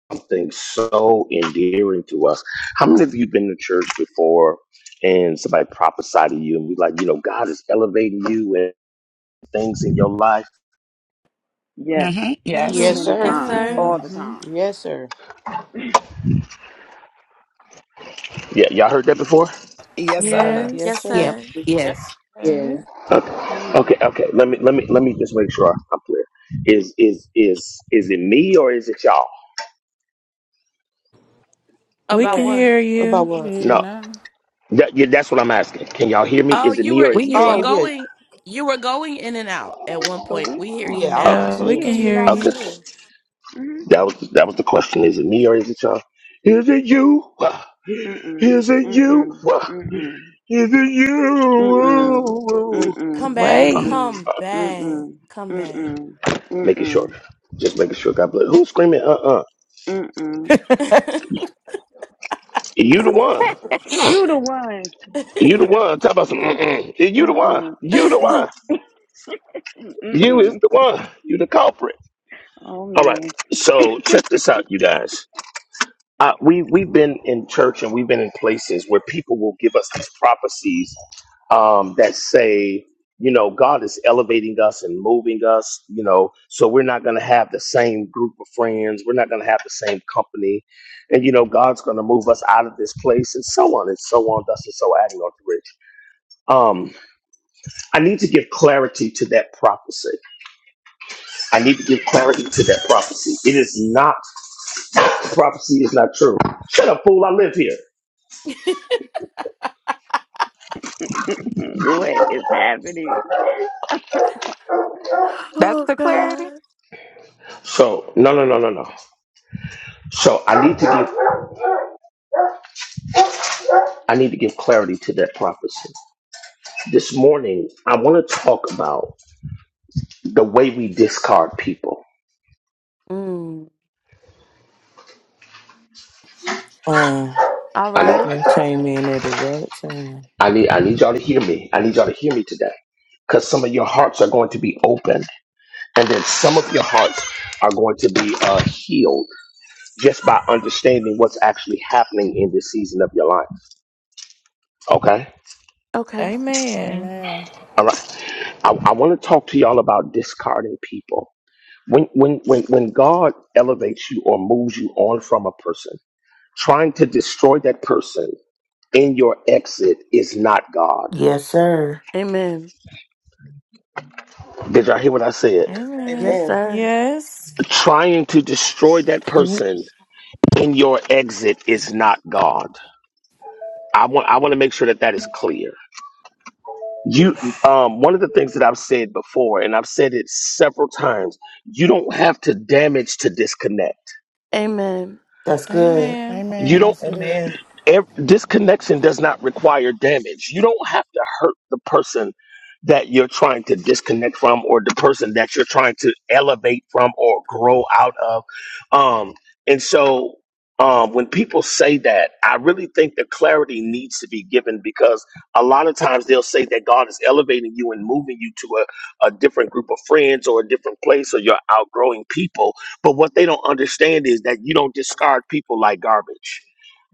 Speaker 12: about something so endearing to us. How many of you been to church before and somebody prophesied to you and we like, you know, God is elevating you and things in your life?
Speaker 6: yes.
Speaker 18: Mm-hmm.
Speaker 6: Too
Speaker 18: Yes.
Speaker 11: Yes,
Speaker 1: hmm
Speaker 6: many
Speaker 3: I
Speaker 11: sir.
Speaker 1: Yes,
Speaker 6: times.
Speaker 1: sir.
Speaker 3: have.
Speaker 6: All the time.
Speaker 11: Yes, sir.
Speaker 12: Yeah, y'all heard that before?
Speaker 18: Yes, sir.
Speaker 5: Yes.
Speaker 11: Yes,
Speaker 1: Yes,
Speaker 3: Yes.
Speaker 11: sir.
Speaker 16: Yep.
Speaker 1: sir.
Speaker 20: Yep.
Speaker 16: Yes.
Speaker 20: hmm
Speaker 10: Yeah.
Speaker 6: All
Speaker 12: Okay,
Speaker 6: the
Speaker 12: okay,
Speaker 6: time.
Speaker 12: okay. Let me let me let me just make sure I'm clear. Is is is is it me or is it y'all?
Speaker 3: We
Speaker 1: About
Speaker 3: can
Speaker 6: What?
Speaker 3: hear
Speaker 1: what?
Speaker 11: About
Speaker 3: you.
Speaker 5: You can
Speaker 11: what?
Speaker 5: hear you
Speaker 12: No,
Speaker 5: now.
Speaker 12: that, yeah, that's what I'm asking. Can y'all hear me?
Speaker 1: Oh,
Speaker 12: Is it
Speaker 1: you
Speaker 12: me
Speaker 1: were
Speaker 12: or
Speaker 16: We
Speaker 12: is it
Speaker 1: you
Speaker 16: hear
Speaker 12: y'all?
Speaker 1: were
Speaker 11: Oh,
Speaker 16: you.
Speaker 11: yeah.
Speaker 1: going you were going in and out at one
Speaker 6: But
Speaker 1: point.
Speaker 6: we
Speaker 1: We hear you
Speaker 11: Yeah, I was
Speaker 12: Oh,
Speaker 11: about to
Speaker 3: Uh,
Speaker 1: now.
Speaker 6: we
Speaker 11: say
Speaker 3: we can
Speaker 11: that
Speaker 6: hear you
Speaker 11: too.
Speaker 3: hear
Speaker 6: loud and
Speaker 12: okay.
Speaker 3: you.
Speaker 6: clear. Mhm.
Speaker 12: That was that was the question. Is it me or is it y'all? Is it you?
Speaker 6: Mm-mm.
Speaker 12: Is it you?
Speaker 6: Mm-mm. Mm-mm.
Speaker 12: Is it
Speaker 6: Mm-mm.
Speaker 12: you?
Speaker 1: Come
Speaker 6: Mm-mm.
Speaker 1: back,
Speaker 12: Oh,
Speaker 3: Wait.
Speaker 6: Mm-mm.
Speaker 1: come back,
Speaker 6: Mm-mm.
Speaker 1: come back.
Speaker 6: Mm-mm.
Speaker 12: making
Speaker 6: Mm-mm.
Speaker 12: sure. Just making sure. God bless. Who's screaming? Uh uh
Speaker 6: Mm-mm.
Speaker 12: You the one.
Speaker 6: You the one.
Speaker 12: You the one. Talk about some.
Speaker 6: You
Speaker 12: Mm-mm. You the one.
Speaker 6: mm-mm.
Speaker 12: You the
Speaker 6: Mm-
Speaker 12: one. You is
Speaker 6: Mm-mm.
Speaker 12: the one. You the culprit.
Speaker 6: Oh
Speaker 12: All right.
Speaker 6: man.
Speaker 12: So check this out, you guys. Uh, we we've been in church and we've been in places where people will give us these prophecies um, that say, you know, God is elevating us and moving us, you know, so we're not going to have the same group of friends, we're not going to have the same company, and you know, God's going to move us out of this place, and so on and so on, thus and so adding on to rich. Um, I need to give clarity to that prophecy. I need to
Speaker 1: Mm.
Speaker 12: give clarity to that prophecy. It is not prophecy is not true. Shut up, fool! I live here.
Speaker 6: what is happening?
Speaker 13: That's
Speaker 1: Oh
Speaker 13: the clarity.
Speaker 1: God.
Speaker 12: So no, no, no, no, no. So I need to give I need to give clarity to that prophecy. This morning, I want to talk about the way we discard people.
Speaker 1: Mm.
Speaker 21: Um,
Speaker 1: All
Speaker 12: I need
Speaker 1: right.
Speaker 21: I came in at the right time.
Speaker 12: I need I need y'all to hear me. I need y'all to hear me today, because some of your hearts are going to be open, and then some of your hearts are going to be uh, healed just by understanding what's actually happening in this season of your life. Okay.
Speaker 1: Okay.
Speaker 3: Amen.
Speaker 5: Amen.
Speaker 12: All right. I, I want to talk to y'all about discarding people. when when when when God elevates you or moves you on from a person, trying to destroy that person in your exit is not God.
Speaker 22: Yes, sir.
Speaker 1: Amen.
Speaker 12: Did y'all hear what I said?
Speaker 1: Yes,
Speaker 3: Amen.
Speaker 11: Amen.
Speaker 1: sir.
Speaker 3: Yes.
Speaker 12: Trying to destroy that
Speaker 21: Yep.
Speaker 12: person in your exit is not God. I want I want to make sure that that is clear. You um one of the things that I've said before and I've said it several times, you don't have to damage to disconnect.
Speaker 1: Amen.
Speaker 22: That's good.
Speaker 3: Amen.
Speaker 12: You
Speaker 5: Amen.
Speaker 12: don't
Speaker 5: That's good.
Speaker 11: Amen.
Speaker 12: ev- this connection does not require damage. You don't have to hurt the person that you're trying to disconnect from or the person that you're trying to elevate from or grow out of. Um, and so um, when people say that, I really think the clarity needs to be given because a lot of times they'll say that God is elevating you and moving you to a, a different group of friends or a different place or you're outgrowing people. But what they don't understand is that you don't discard people like garbage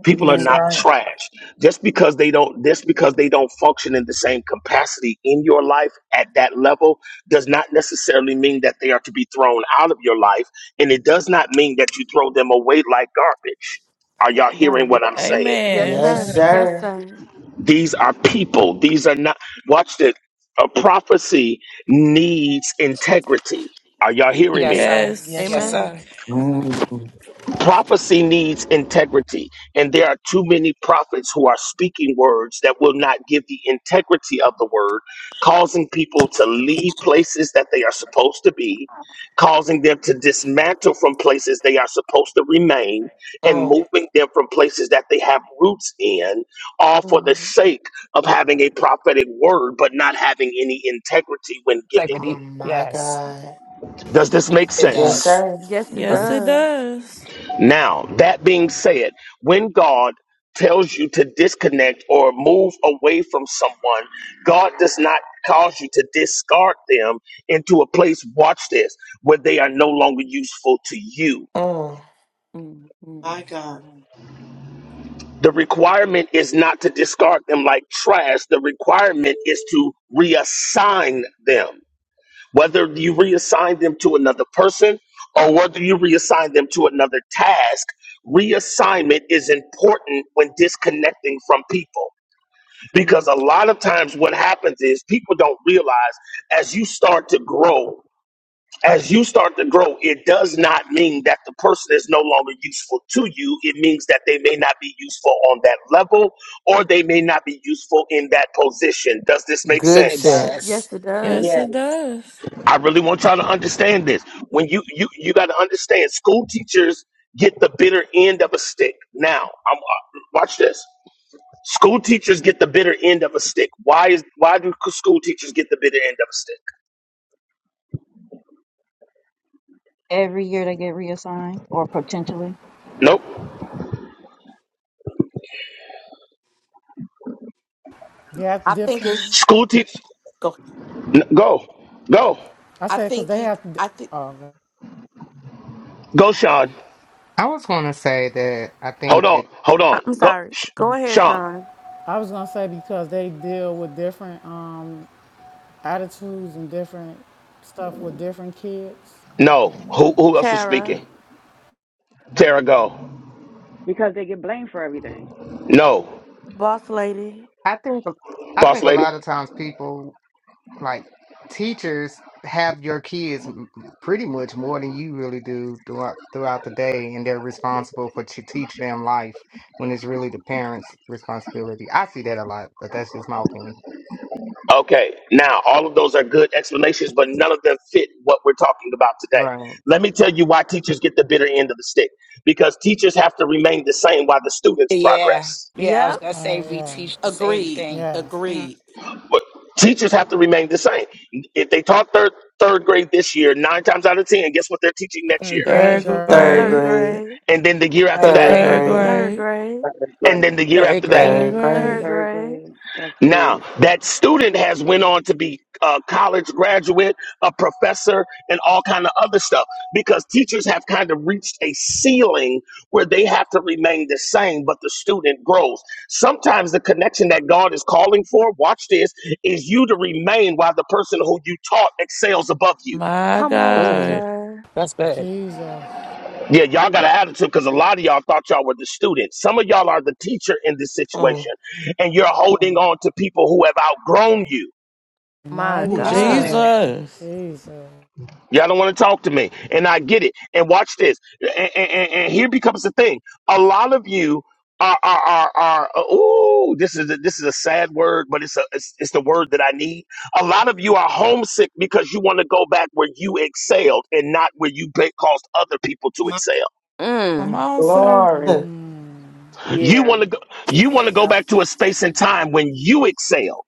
Speaker 12: people are
Speaker 11: That's
Speaker 1: Amen.
Speaker 12: not
Speaker 11: right.
Speaker 12: trash just because they don't just because they don't function in the same capacity in your life at that level does not necessarily mean that they are to be thrown out of your life and it does not mean that you throw them away like garbage are y'all hearing
Speaker 1: Right.
Speaker 12: what i'm saying
Speaker 1: Yes,
Speaker 11: Yes,
Speaker 3: Amen.
Speaker 22: Yes,
Speaker 1: sir.
Speaker 11: sir.
Speaker 1: Yes,
Speaker 22: sir.
Speaker 1: sir.
Speaker 12: these are people these are not watch this a prophecy needs integrity are y'all hearing
Speaker 18: Yes,
Speaker 12: me
Speaker 18: sir.
Speaker 11: Yes,
Speaker 3: Yes.
Speaker 18: Yes,
Speaker 11: sir.
Speaker 1: Amen.
Speaker 18: sir.
Speaker 21: Mm,
Speaker 12: prophecy needs integrity and there are too many prophets who are speaking words that will not give the integrity of the word causing people to leave places that they are supposed to be causing them to dismantle from places they are supposed to remain and
Speaker 22: Mm.
Speaker 12: moving them from places that they have roots in all for the
Speaker 1: Mhm.
Speaker 12: sake of having a prophetic word but not having any integrity when giving
Speaker 22: Oh
Speaker 18: Integrity.
Speaker 12: it
Speaker 22: my
Speaker 18: Yes,
Speaker 22: God.
Speaker 12: does this make
Speaker 18: it
Speaker 21: so,
Speaker 22: Yes,
Speaker 12: sense
Speaker 18: does.
Speaker 22: sir.
Speaker 1: Yes, it
Speaker 21: uh,
Speaker 3: Yes, it
Speaker 1: does.
Speaker 3: does.
Speaker 12: Now, that being said, when God tells you to disconnect or move away from someone, God does not cause you to discard them into a place, watch this, where they are no longer useful to you.
Speaker 22: Mm.
Speaker 1: hmm
Speaker 11: My God.
Speaker 12: The requirement is not to discard them like trash, the requirement is to reassign them. whether you reassign them to another person or whether you reassign them to another task, reassignment is important when disconnecting from people. Because
Speaker 1: Amen.
Speaker 12: a lot of times what happens is people don't realize as you start to grow, as you start to grow, it does not mean that the person is no longer useful to you. It means that they may not be useful on that level or they may not be useful in that position. Does this make
Speaker 22: Good
Speaker 18: It
Speaker 12: sense?
Speaker 22: sense.
Speaker 18: does.
Speaker 1: Yes, it does.
Speaker 3: Yes,
Speaker 17: Yes,
Speaker 3: it does.
Speaker 12: I really want y'all to understand this. When you you you got to understand, school teachers get the bitter end of a stick. Now, I'm, uh, watch this. School teachers get the bitter end of a stick. Why is why do school teachers get the bitter end of a stick?
Speaker 15: Every year they get reassigned or potentially.
Speaker 12: Nope.
Speaker 5: They have
Speaker 16: I think
Speaker 5: different.
Speaker 16: it's
Speaker 12: School teach.
Speaker 16: go
Speaker 12: N- go, go,
Speaker 5: I
Speaker 16: I
Speaker 5: said because
Speaker 16: think
Speaker 5: they
Speaker 16: you.
Speaker 5: have. Oh,
Speaker 16: I think
Speaker 5: okay.
Speaker 12: go, Sean.
Speaker 23: I was going to say that I
Speaker 12: Hold
Speaker 23: think that
Speaker 12: on, hold
Speaker 1: I-
Speaker 12: on.
Speaker 1: I'm
Speaker 12: Go,
Speaker 1: sorry.
Speaker 12: Sh-
Speaker 1: Go
Speaker 23: mm,
Speaker 1: ahead,
Speaker 12: Sean.
Speaker 1: Sean.
Speaker 5: I was gonna say because they deal with different um, attitudes and different stuff with different kids.
Speaker 12: No. Who who else was
Speaker 1: Tara,
Speaker 12: speaking? Tara, go.
Speaker 6: because they get blamed for everything.
Speaker 12: No.
Speaker 1: boss lady.
Speaker 23: I think I think
Speaker 12: Boss
Speaker 23: a
Speaker 12: lady.
Speaker 23: lot of times people like teachers have your kids m- m- pretty much more than you really do throughout throughout the day, and they're responsible for to teach them life when it's really the parents' responsibility. I see that a lot, but that's just my opinion.
Speaker 12: Okay, now all of those are good explanations, but none of them fit what we're talking about today.
Speaker 23: Right.
Speaker 12: Let me tell you why teachers get the bitter end of the stick because teachers have to remain the same while the students
Speaker 18: Yeah.
Speaker 12: progress.
Speaker 18: Yeah, I was
Speaker 1: Yep.
Speaker 18: going to say
Speaker 5: Oh
Speaker 18: we
Speaker 5: yeah,
Speaker 18: teach the same
Speaker 16: agreed.
Speaker 18: thing.
Speaker 5: yes.
Speaker 18: Mm.
Speaker 16: Agreed.
Speaker 12: But teachers have to remain the same. If they taught third, third grade this year, nine times out of 10, guess what they're teaching next
Speaker 18: Third
Speaker 12: year?
Speaker 18: grade.
Speaker 5: Third
Speaker 3: Third
Speaker 5: grade,
Speaker 22: Third
Speaker 1: Third
Speaker 3: grade.
Speaker 22: grade.
Speaker 1: grade.
Speaker 12: And then the year after
Speaker 18: Third
Speaker 12: that,
Speaker 22: Third
Speaker 3: Third
Speaker 5: third
Speaker 18: grade.
Speaker 22: grade.
Speaker 5: grade.
Speaker 1: Third
Speaker 3: grade.
Speaker 1: grade.
Speaker 17: that is great.
Speaker 12: and then the year
Speaker 18: Third
Speaker 12: after that.
Speaker 18: grade.
Speaker 3: Third
Speaker 22: Third
Speaker 3: grade.
Speaker 1: Third
Speaker 22: grade.
Speaker 6: Third
Speaker 1: grade.
Speaker 6: grade. That's
Speaker 12: Now,
Speaker 6: good.
Speaker 12: that student has went on to be a college graduate, a professor, and all kind of other stuff because teachers have kind of reached a ceiling where they have to remain the same, but the student grows. Sometimes the connection that God is calling for, watch this, is you to remain while the person who you taught excels above you.
Speaker 3: My
Speaker 1: Come on,
Speaker 18: Ooh,
Speaker 3: God.
Speaker 1: sir.
Speaker 18: that's good.
Speaker 5: Jesus,
Speaker 12: Yeah, y'all got an attitude because a lot of y'all thought y'all were the student. Some of y'all are the teacher in this situation,
Speaker 22: Mm.
Speaker 12: and you're holding on to people who have outgrown you.
Speaker 1: My
Speaker 18: Ooh,
Speaker 5: mighty
Speaker 18: that's good.
Speaker 1: God.
Speaker 5: God.
Speaker 3: Jesus.
Speaker 5: Jesus,
Speaker 12: Y'all don't want to talk to me. And I get it. And watch this. And, and, and- and here becomes the thing. A lot of you are are are, are uh, ooh, this is a, this is a sad word, but it's a it's, it's the word that I need. A lot of you are homesick because you want to go back where you excelled and not where you ba- caused other people to
Speaker 11: My
Speaker 12: excel.
Speaker 3: Come
Speaker 1: Mm.
Speaker 3: on, sir.
Speaker 17: Glory.
Speaker 5: mm,
Speaker 12: You
Speaker 6: Yeah.
Speaker 12: want to go you want to go
Speaker 6: Yep.
Speaker 12: back to a space and time when you excelled.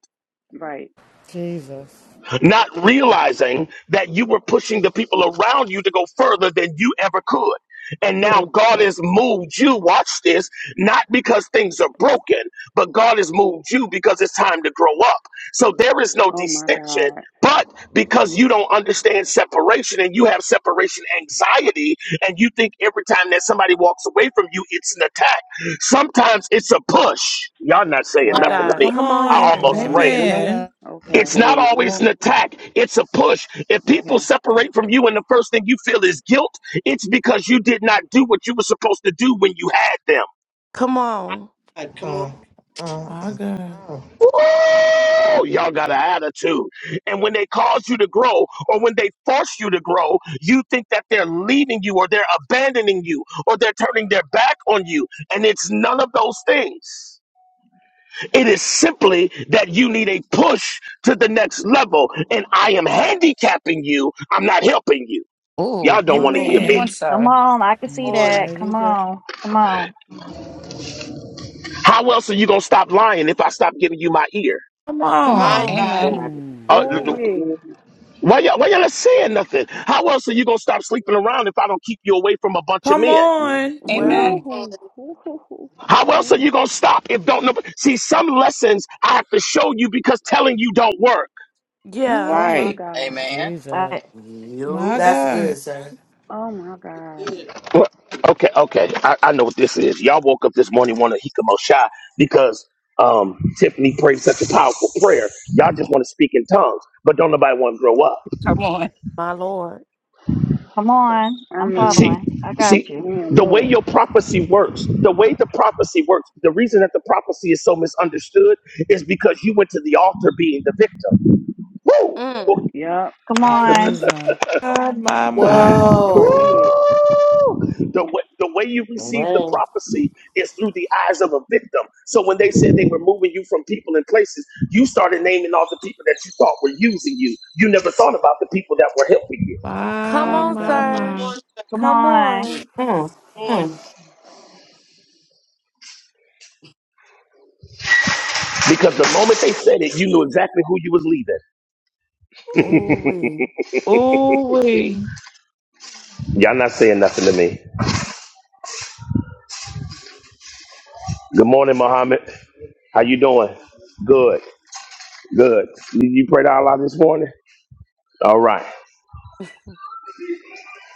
Speaker 6: Right.
Speaker 5: Jesus,
Speaker 12: not realizing that you were pushing the people around you to go further than you ever could. And now
Speaker 1: Yeah.
Speaker 12: God has moved you, watch this, not because things are broken, but God has moved you because it's time to grow up. So there is no
Speaker 6: Oh my
Speaker 12: distinction,
Speaker 6: God.
Speaker 12: but because you don't understand separation and you have separation anxiety, and you think every time that somebody walks away from you, it's an attack. Sometimes it's a push. Y'all not saying
Speaker 1: My
Speaker 12: nothing to
Speaker 1: God.
Speaker 6: Wow.
Speaker 12: me.
Speaker 3: Come
Speaker 1: Come on
Speaker 12: I
Speaker 3: on.
Speaker 1: here.
Speaker 12: almost
Speaker 6: Okay.
Speaker 12: ran.
Speaker 5: mighty
Speaker 17: Mhm,
Speaker 3: Amen.
Speaker 5: God,
Speaker 6: Okay.
Speaker 12: It's not always
Speaker 17: mhm,
Speaker 12: an attack, it's a push. If
Speaker 6: Okay.
Speaker 12: people separate from you and the first thing you feel is guilt, it's because you did not do what you were supposed to do when you had them.
Speaker 1: Come on,
Speaker 11: God. Come on.
Speaker 22: Mm. Mm.
Speaker 3: My
Speaker 22: Mm.
Speaker 3: God.
Speaker 22: Mm.
Speaker 12: Ooh, y'all got an attitude. And when they cause you to grow or when they force you to grow, you think that they're leaving you or they're abandoning you or they're turning their back on you. And it's none of those things. It is simply that you need a push to the next level. And I am handicapping you, I'm not helping you. Y'all
Speaker 18: Ooh.
Speaker 12: don't
Speaker 1: my
Speaker 12: want to hear
Speaker 18: Come
Speaker 12: me.
Speaker 18: on,
Speaker 1: Lord.
Speaker 3: Amen.
Speaker 15: Come
Speaker 18: sir.
Speaker 15: on, I can see
Speaker 11: Lord.
Speaker 15: that.
Speaker 5: mighty
Speaker 15: Come
Speaker 5: God.
Speaker 15: on, come on,
Speaker 12: How else are you gonna stop lying if I stop giving you my ear?
Speaker 3: Come
Speaker 1: Come
Speaker 11: My
Speaker 1: on.
Speaker 3: on.
Speaker 11: God.
Speaker 18: Amen.
Speaker 17: God.
Speaker 5: Mm,
Speaker 12: Uh,
Speaker 6: Oh Ooh
Speaker 17: Mhm,
Speaker 12: why y'all, why y'all not saying nothing? How else are you gonna stop sleeping around if I don't keep you away from a bunch of
Speaker 3: Come
Speaker 12: men?
Speaker 3: on.
Speaker 17: mhm.
Speaker 6: Ooh,
Speaker 18: Amen.
Speaker 1: Well,
Speaker 11: Come on.
Speaker 6: ooh, ooh, ooh,
Speaker 12: How else are
Speaker 6: ooh.
Speaker 12: you gonna stop if don't know? See, some lessons I have to show you because telling you don't work.
Speaker 3: You
Speaker 1: yeah,
Speaker 6: Oh my
Speaker 3: right.
Speaker 6: God.
Speaker 7: Amen.
Speaker 5: Jesus,
Speaker 15: I,
Speaker 3: My
Speaker 21: Yup.
Speaker 22: That's good,
Speaker 3: God.
Speaker 22: sir.
Speaker 6: Oh my
Speaker 11: This
Speaker 6: God.
Speaker 11: is Good.
Speaker 12: Well, okay, okay, I, I know what this is. Y'all woke up this morning wanting to hikamo shy because um, Tiffany prayed such a powerful prayer. Y'all just want to speak in tongues, but don't nobody want to grow up.
Speaker 18: Come on.
Speaker 1: my Lord.
Speaker 15: come on.
Speaker 6: I
Speaker 15: I'm
Speaker 6: mean,
Speaker 15: following.
Speaker 12: See,
Speaker 15: I got
Speaker 12: see,
Speaker 15: you.
Speaker 6: man,
Speaker 12: the way
Speaker 6: look.
Speaker 12: your prophecy works,
Speaker 6: Jesus
Speaker 12: the way
Speaker 6: Christ.
Speaker 12: the prophecy works, the reason that the prophecy is so misunderstood is because you went to the altar being the victim. Woo!
Speaker 1: Mm.
Speaker 12: Woo!
Speaker 6: Yup,
Speaker 15: Come
Speaker 11: My God.
Speaker 15: on,
Speaker 5: Jesus.
Speaker 3: My, my, my.
Speaker 6: sure
Speaker 22: Whoa.
Speaker 6: did.
Speaker 12: The way, the way you
Speaker 21: All
Speaker 12: receive the
Speaker 21: right.
Speaker 12: prophecy is through the eyes of a victim. So when they said they were moving you from people and places, you started naming all the people that you thought were using you. You never thought about the people that were helping you
Speaker 6: Oh
Speaker 1: Come
Speaker 3: My,
Speaker 6: my
Speaker 1: on,
Speaker 3: my,
Speaker 11: Come
Speaker 6: God.
Speaker 1: sir.
Speaker 3: my.
Speaker 11: on, sir.
Speaker 15: come
Speaker 1: Come
Speaker 15: on.
Speaker 11: Come
Speaker 1: on.
Speaker 21: Mm,
Speaker 11: on.
Speaker 12: because the moment they said it, you knew exactly who you was leaving.
Speaker 1: Ooh, we.
Speaker 3: Ooh, wee.
Speaker 12: Y'all not saying nothing to me. Good morning, Mohammed. How you doing? Good, good. Did you pray to Allah this morning? All right.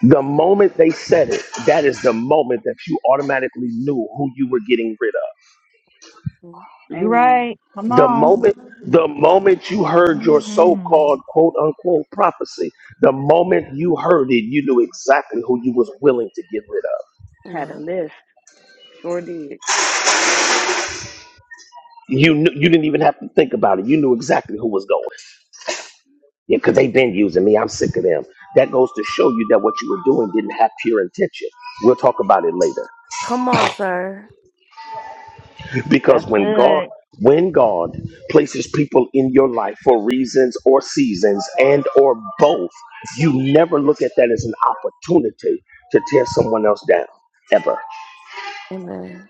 Speaker 12: The moment they said it, that is the moment that you automatically knew who you were getting rid of.
Speaker 1: Mm-hmm.
Speaker 15: You
Speaker 6: Amen.
Speaker 15: right. Come
Speaker 12: The
Speaker 15: on.
Speaker 12: moment, the moment you heard your
Speaker 3: hmm.
Speaker 12: so-called quote unquote prophecy, the moment you heard it, you knew exactly who you was willing to get rid of.
Speaker 6: Had a
Speaker 1: Yeah.
Speaker 6: list. Sure did.
Speaker 12: You knew, you didn't even have to think about it. You knew exactly who was going. Yeah, because they've been using me. I'm sick of them. That goes to show you that what you were doing didn't have pure intention. We'll talk about it later.
Speaker 1: Come on, sir.
Speaker 12: Because
Speaker 15: That's
Speaker 12: when God
Speaker 15: good.
Speaker 12: when God places people in your life for reasons or seasons and or both, you never look at that as an opportunity to tear someone else down. Ever.
Speaker 1: Amen.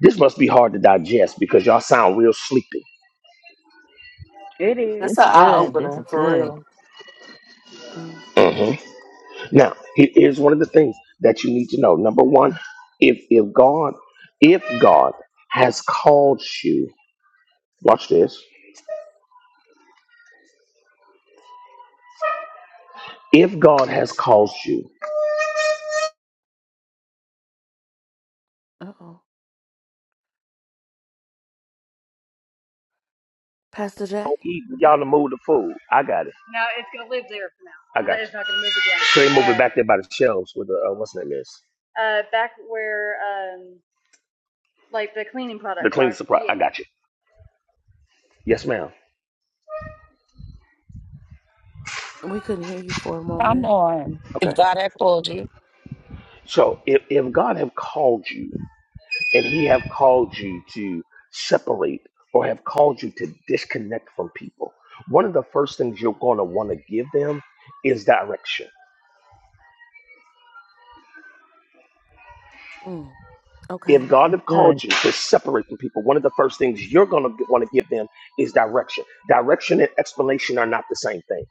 Speaker 12: This must be hard to digest because y'all sound real sleepy.
Speaker 6: It is.
Speaker 22: That's
Speaker 15: It's
Speaker 22: an eye
Speaker 15: good. This is
Speaker 22: opener for
Speaker 15: good.
Speaker 22: real.
Speaker 1: Mm-hmm.
Speaker 12: Now, he- here's one of the things that you need to know. Number one, if if God, if God has called you, watch this. If God has called you,
Speaker 1: Uh oh. Pastor Jay,
Speaker 12: Oh, Eden, y'all to move the food. I got it. No, it's gonna live there for now. I got That you. not gonna move again. So They ain't moving Uh, back there by the shelves with the uh, what's the name uh, back where um, like the cleaning products The cleaning supply. Yeah. I got you. Yes, ma'am.
Speaker 1: we couldn't hear you for a
Speaker 18: Come
Speaker 1: moment.
Speaker 18: on. If
Speaker 12: Okay.
Speaker 18: God had called you,
Speaker 12: So if if God have called you. and he have called you to separate or have called you to disconnect from people one of the first things you're going to want to give them is direction
Speaker 1: Mm. Okay.
Speaker 12: if god
Speaker 15: That's
Speaker 12: have
Speaker 15: good.
Speaker 12: called you to separate from people one of the first things you're going to want to give them is direction direction and explanation are not the same thing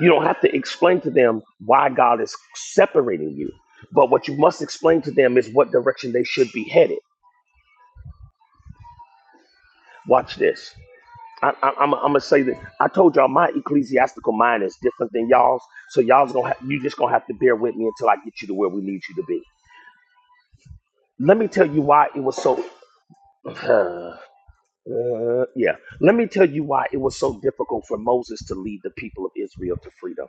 Speaker 12: you don't have to explain to them why god is separating you but what you must explain to them is what direction they should be headed watch this I, I, I'm, I'm gonna say that I told y'all my ecclesiastical mind is different than y'all's, so y'all's gonna ha- you just gonna have to bear with me until I get you to where we need you to be. Let me tell you why it was so. uh, yeah, let me tell you why it was so difficult for Moses to lead the people of Israel to freedom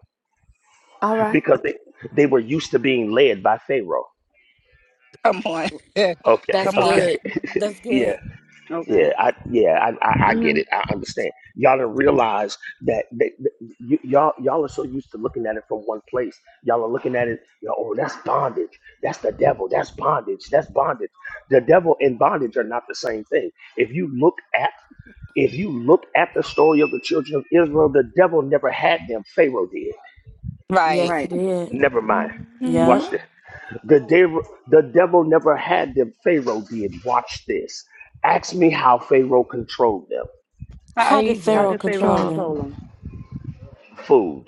Speaker 1: All right.
Speaker 12: because they they were used to being led by Pharaoh.
Speaker 18: come on.
Speaker 12: Okay,
Speaker 1: That's
Speaker 18: Come on.
Speaker 12: okay,
Speaker 1: good. That's
Speaker 12: yeah.
Speaker 1: good.
Speaker 3: Mm-hmm.
Speaker 6: Okay.
Speaker 12: Yeah, I yeah, I I, I get
Speaker 6: Mhm.
Speaker 12: it. I understand. Y'all don't realize that, that, that y- y'all y'all are so used to looking at it from one place. Y'all are looking at it. You know, oh, that's bondage. That's the devil. That's bondage. That's bondage. The devil and bondage are not the same thing. If you look at if you look at the story of the children of Israel, the devil never had them. Pharaoh did.
Speaker 18: Right.
Speaker 1: Yes, he
Speaker 6: Right.
Speaker 1: did.
Speaker 12: Never mind.
Speaker 1: Yeah.
Speaker 12: Watch this. The devil the devil never had them. Pharaoh did. Watch this. Ask me how Pharaoh controlled them.
Speaker 18: How are
Speaker 1: How did
Speaker 18: you do
Speaker 6: How
Speaker 1: Pharaoh
Speaker 6: did Pharaoh
Speaker 1: control
Speaker 6: control
Speaker 1: them?
Speaker 3: Charlie.
Speaker 6: them?
Speaker 12: food.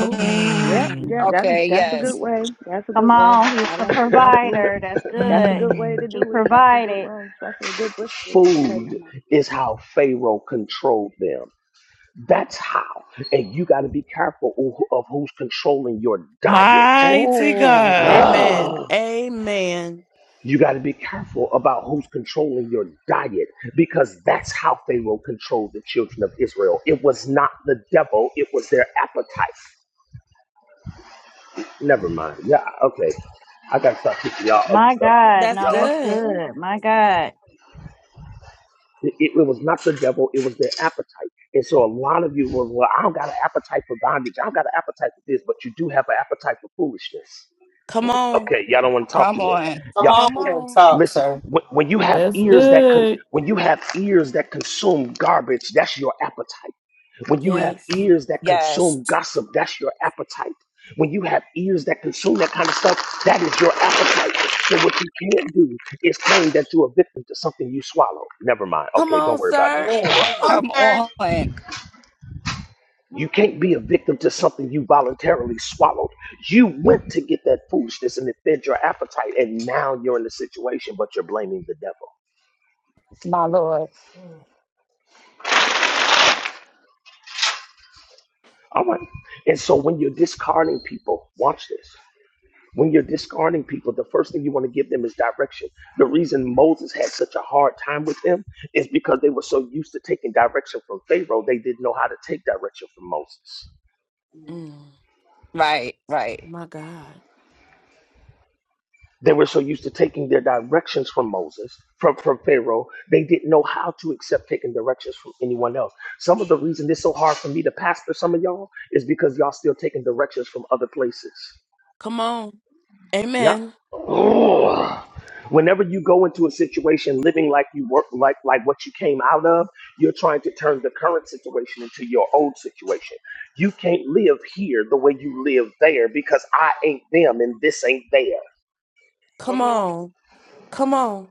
Speaker 1: Oh.
Speaker 6: Yep. Yeah. That's
Speaker 18: okay,
Speaker 6: that's a good
Speaker 18: yes.
Speaker 6: way. That's a good
Speaker 15: Come
Speaker 6: way.
Speaker 15: on. He
Speaker 6: I
Speaker 15: was a
Speaker 6: like their food.
Speaker 15: provider. That's
Speaker 6: That's a
Speaker 15: good.
Speaker 6: good way to
Speaker 3: Mm.
Speaker 15: He
Speaker 6: do it. That's a good
Speaker 15: provided.
Speaker 6: way. That's a good brisket. Okay, never
Speaker 12: Food
Speaker 6: mind.
Speaker 12: is how Pharaoh controlled them. That's how. And you got to be careful of of who's controlling your diet.
Speaker 3: Mighty
Speaker 18: Ooh,
Speaker 3: God.
Speaker 1: Amen.
Speaker 12: Ah,
Speaker 18: ooh,
Speaker 1: Amen.
Speaker 12: you got to be careful about who's controlling your diet because that's how Pharaoh controlled the children of Israel. It was not the devil, it was their appetite. Never mind. Yeah, okay. I got to stop teaching y'all other
Speaker 15: My
Speaker 12: stuff.
Speaker 15: God.
Speaker 1: That's
Speaker 15: No,
Speaker 12: Y'all.
Speaker 15: that's
Speaker 1: good.
Speaker 15: good. My God.
Speaker 12: It, it was not the devil, it was their appetite. And so a lot of you was, well, I don't got an appetite for bondage. I don't got an appetite for this, but you do have an appetite for foolishness.
Speaker 1: Come on.
Speaker 12: Okay, y'all don't want to talk
Speaker 18: come
Speaker 12: to me.
Speaker 18: on.
Speaker 11: Come
Speaker 12: Y'all,
Speaker 1: Come
Speaker 11: on.
Speaker 22: Real
Speaker 1: on.
Speaker 22: Talk,
Speaker 12: listen,
Speaker 22: sir.
Speaker 12: when, when you have
Speaker 3: That's
Speaker 12: ears that con-
Speaker 3: good.
Speaker 12: when you have ears that consume garbage, that's your appetite. When you have
Speaker 1: Yes.
Speaker 12: ears that
Speaker 18: Yes,
Speaker 12: consume gossip, that's your appetite. When you have ears that consume that kind of stuff, that is your appetite. So what you can't do is claim that you're a victim to something you swallow. Never mind.
Speaker 1: Come
Speaker 12: Okay, don't
Speaker 1: on,
Speaker 12: worry about it.
Speaker 1: sir.
Speaker 22: Mm.
Speaker 11: Come on,
Speaker 1: Woo.
Speaker 18: come
Speaker 11: sir.
Speaker 18: on,
Speaker 12: You can't be a victim to something you voluntarily swallowed. You went to get that foolishness and it fed your appetite, and now you're in the situation, but you're blaming the devil.
Speaker 18: my Lord.
Speaker 11: Mm.
Speaker 12: All right. And so when you're discarding people, watch this. When you're discarding people, the first thing you want to give them is direction. The reason Moses had such a hard time with them is because they were so used to taking direction from Pharaoh, they didn't know how to take direction from Moses.
Speaker 1: Mm,
Speaker 18: Right, right,
Speaker 1: my God.
Speaker 12: They were so used to taking their directions from Moses, from, from Pharaoh, they didn't know how to accept taking directions from anyone else. Some of the reason it's so hard for me to pastor some of y'all is because y'all still taking directions from other places.
Speaker 1: Come on.
Speaker 12: Yeah.
Speaker 1: Amen.
Speaker 12: Ugh. Whenever you go into a situation living like you work like like what you came out of, you're trying to turn the current situation into your old situation. You can't live here the way you live there because I ain't them and this ain't there.
Speaker 1: Come
Speaker 11: Come on.
Speaker 1: on. Come on.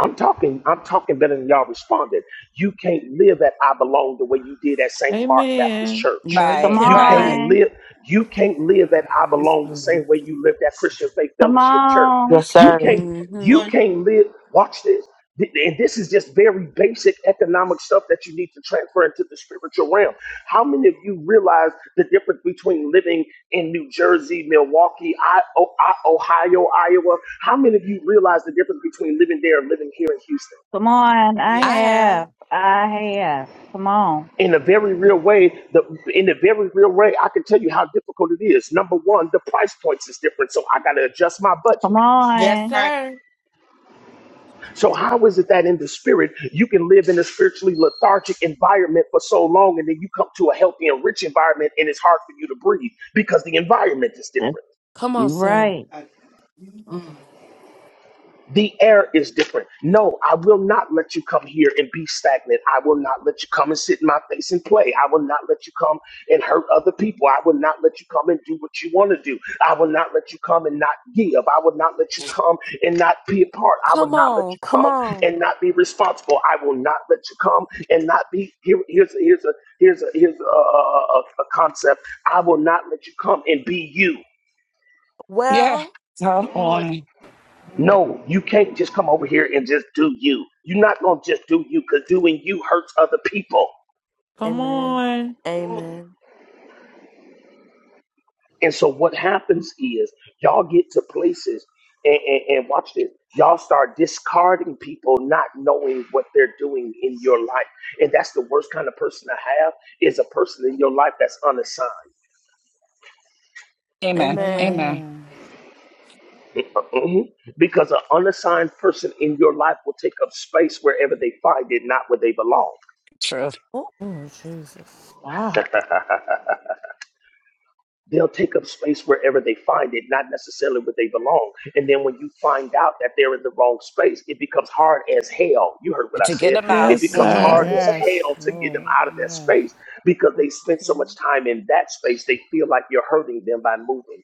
Speaker 12: I'm talking, I'm talking better than y'all responded. You can't live at I belong the way you did at St. Mark Baptist
Speaker 3: Amen.
Speaker 12: Church.
Speaker 1: No, you
Speaker 15: Come
Speaker 18: right,
Speaker 12: You can't
Speaker 1: cannot.
Speaker 18: right.
Speaker 15: on.
Speaker 12: live, you can't live at I belong the same way you lived at Christian Faith
Speaker 15: Come
Speaker 12: Fellowship Church.
Speaker 15: on.
Speaker 22: Yes,
Speaker 12: You
Speaker 22: sir.
Speaker 12: can't
Speaker 11: Come
Speaker 12: you
Speaker 11: on.
Speaker 1: hmm
Speaker 12: can't live. Watch this. Th- And this is just very basic economic stuff that you need to transfer into the spiritual realm. How many of you realize the difference between living in New Jersey, Milwaukee, I- O- I- Ohio, Iowa? How many of you realize the difference between living there and living here in Houston?
Speaker 15: Come on, I
Speaker 11: Yes,
Speaker 1: I
Speaker 11: sir.
Speaker 1: have.
Speaker 15: have. I have. Come on.
Speaker 12: In a very real way, the, in a very real way, I can tell you how difficult it is. Number one, the price points is different, so I got to adjust my budget.
Speaker 15: Come
Speaker 11: That's
Speaker 1: Yes,
Speaker 15: on.
Speaker 11: right.
Speaker 1: sir.
Speaker 12: So how is it that in the spirit you can live in a spiritually lethargic environment for so long and then you come to a healthy and rich environment and it's hard for you to breathe because the environment is
Speaker 15: That's-
Speaker 12: different?
Speaker 1: Come on,
Speaker 15: You
Speaker 1: sir.
Speaker 15: right.
Speaker 11: God.
Speaker 21: mm,
Speaker 12: The air is different. No, I will not let you come here and be stagnant. I will not let you come and sit in my face and play. I will not let you come and hurt other people. I will not let you come and do what you want to do. I will not let you come and not give. I will not let you come and not be a part. I will
Speaker 1: Come
Speaker 12: not let
Speaker 1: on.
Speaker 12: you
Speaker 1: Come
Speaker 12: come and
Speaker 1: on.
Speaker 12: not be responsible. I will not let you come and not be here. Here's here's a here's a here's a, a, a a concept. I will not let you come and be you.
Speaker 18: Yeah,
Speaker 1: Well,
Speaker 18: come
Speaker 11: Come on.
Speaker 18: on.
Speaker 12: No, you can't just come over here and just do you. You're not going to just do you because doing you hurts other people.
Speaker 3: Come
Speaker 1: Amen.
Speaker 3: on.
Speaker 11: Come on.
Speaker 1: Amen.
Speaker 12: And so what happens is y'all get to places and, and, and watch this. Y'all start discarding people not knowing what they're doing in your life. And that's the worst kind of person to have is a person in your life that's unassigned.
Speaker 18: Amen,
Speaker 1: Amen.
Speaker 18: amen.
Speaker 5: Amen.
Speaker 12: Mhm. Because an unassigned person in your life will take up space wherever they find it, not where they belong.
Speaker 18: True.
Speaker 1: Oh,
Speaker 5: Oh, Jesus.
Speaker 3: Wow.
Speaker 12: they'll take up space wherever they find it, not necessarily where they belong. And then when you find out that they're in the wrong space, it becomes hard as hell. You heard what I
Speaker 18: To get
Speaker 12: said.
Speaker 18: them
Speaker 12: It
Speaker 18: out.
Speaker 3: Yes,
Speaker 1: yes,
Speaker 12: becomes
Speaker 18: Mm-hmm.
Speaker 1: sir.
Speaker 3: sir.
Speaker 12: hard as
Speaker 5: Yes,
Speaker 12: hell to get
Speaker 5: Lord.
Speaker 12: them out of that
Speaker 5: Yes.
Speaker 12: space because they spent so much
Speaker 1: Mhm.
Speaker 12: time in that space, they feel like you're hurting them by moving them.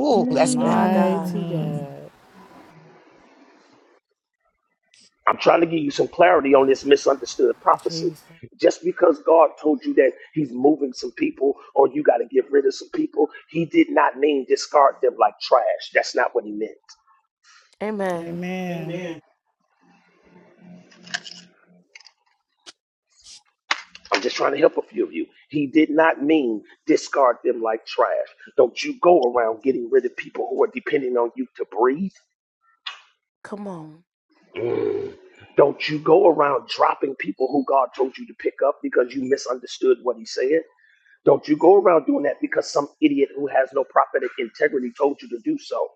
Speaker 18: Ooh, that's good.
Speaker 1: My
Speaker 5: Mighty
Speaker 1: God.
Speaker 3: Mm.
Speaker 5: God.
Speaker 12: I'm trying to give you some clarity on this misunderstood prophecy.
Speaker 5: Jesus.
Speaker 12: Just because God told you that He's moving some people or you got to get rid of some people, He did not mean discard them like trash. That's not what He meant.
Speaker 1: Amen.
Speaker 5: Amen.
Speaker 11: Amen.
Speaker 12: I'm just trying to help a few of you. He did not mean discard them like trash. Don't you go around getting rid of people who are depending on you to breathe.
Speaker 1: Come on.
Speaker 12: Don't you go around dropping people who God told you to pick up because you misunderstood what He said. Don't you go around doing that because some idiot who has no prophetic integrity told you to do so.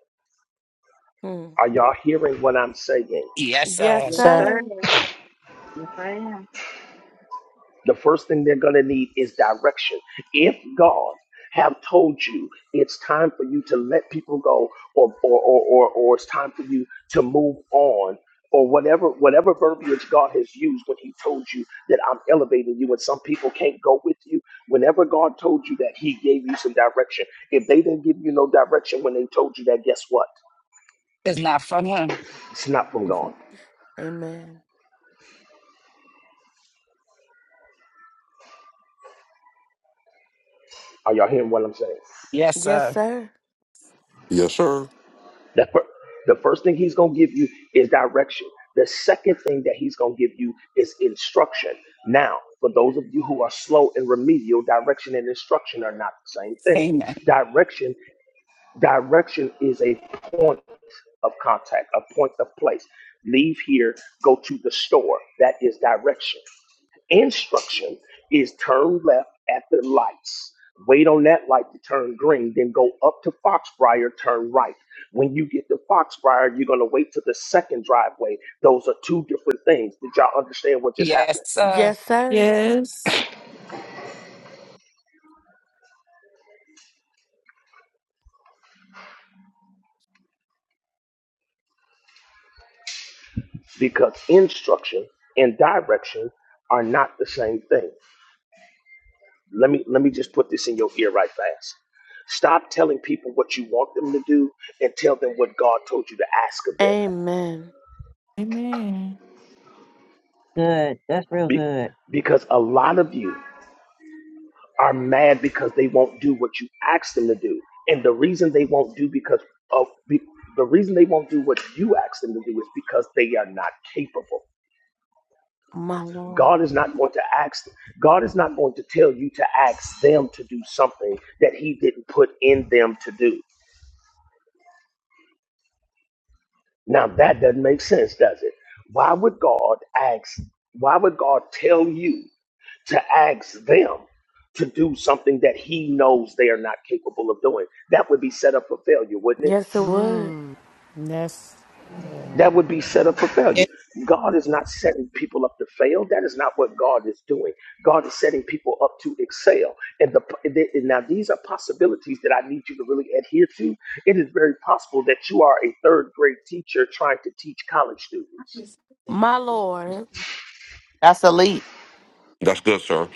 Speaker 1: Hmm.
Speaker 12: Are y'all hearing what I'm saying?
Speaker 18: Yes,
Speaker 1: Yes,
Speaker 18: sir.
Speaker 22: Yes,
Speaker 15: Yes,
Speaker 22: Sir.
Speaker 15: sir.
Speaker 1: sir.
Speaker 15: Yes, I am.
Speaker 12: the first thing they're going to need is direction. If God have told you it's time for you to let people go or or or or, or it's time for you to move on or whatever whatever verbiage God has used when he told you that I'm elevating you and some people can't go with you whenever God told you that he gave you some direction if they didn't give you no direction when they told you that guess what
Speaker 18: It's not from him.
Speaker 12: it's not from God
Speaker 1: Mhm. Amen.
Speaker 12: are y'all hearing what I'm saying
Speaker 18: Yes,
Speaker 1: Yes,
Speaker 18: sir.
Speaker 1: sir.
Speaker 19: Yes, sir.
Speaker 12: The, fir- the first thing he's going to give you is direction. The second thing that he's going to give you is instruction. Now, for those of you who are slow and remedial, direction and instruction are not the same thing.
Speaker 18: Amen.
Speaker 12: Direction, direction is a point of contact, a point of place. Leave here, go to the store. That is direction. Instruction is turn left at the lights. Wait on that light to turn green, then go up to Foxbriar, turn right. When you get to Foxbriar, you're going to wait to the second driveway. Those are two different things. Did y'all understand what just
Speaker 18: Yes,
Speaker 12: happened?
Speaker 18: sir.
Speaker 1: Yes, sir.
Speaker 3: Yes.
Speaker 12: Because instruction and direction are not the same thing. Let me let me just put this in your ear right fast. Stop telling people what you want them to do and tell them what God told you to ask of them.
Speaker 1: Amen.
Speaker 3: Amen.
Speaker 15: Good. That's real
Speaker 12: Be-
Speaker 15: good.
Speaker 12: because a lot of you are mad because they won't do what you ask them to do. And the reason they won't do because of be, the reason they won't do what you ask them to do is because they are not capable.
Speaker 1: My Lord.
Speaker 12: God is not going to ask them. God is not going to tell you to ask them to do something that he didn't put in them to do. Now that doesn't make sense, does it? Why would God ask why would God tell you to ask them to do something that he knows they are not capable of doing? That would be set up for failure, wouldn't it?
Speaker 1: Yes, it would.
Speaker 5: Mm. Yes. Yeah.
Speaker 12: that would be set up for
Speaker 11: Yes.
Speaker 12: failure. God is not setting people up to fail. That is not what God is doing. God is setting people up to excel. And the and now these are possibilities that I need you to really adhere to. It is very possible that you are a third grade teacher trying to teach college students.
Speaker 1: My
Speaker 11: Yes.
Speaker 1: Lord.
Speaker 22: That's elite.
Speaker 19: That's good, sir.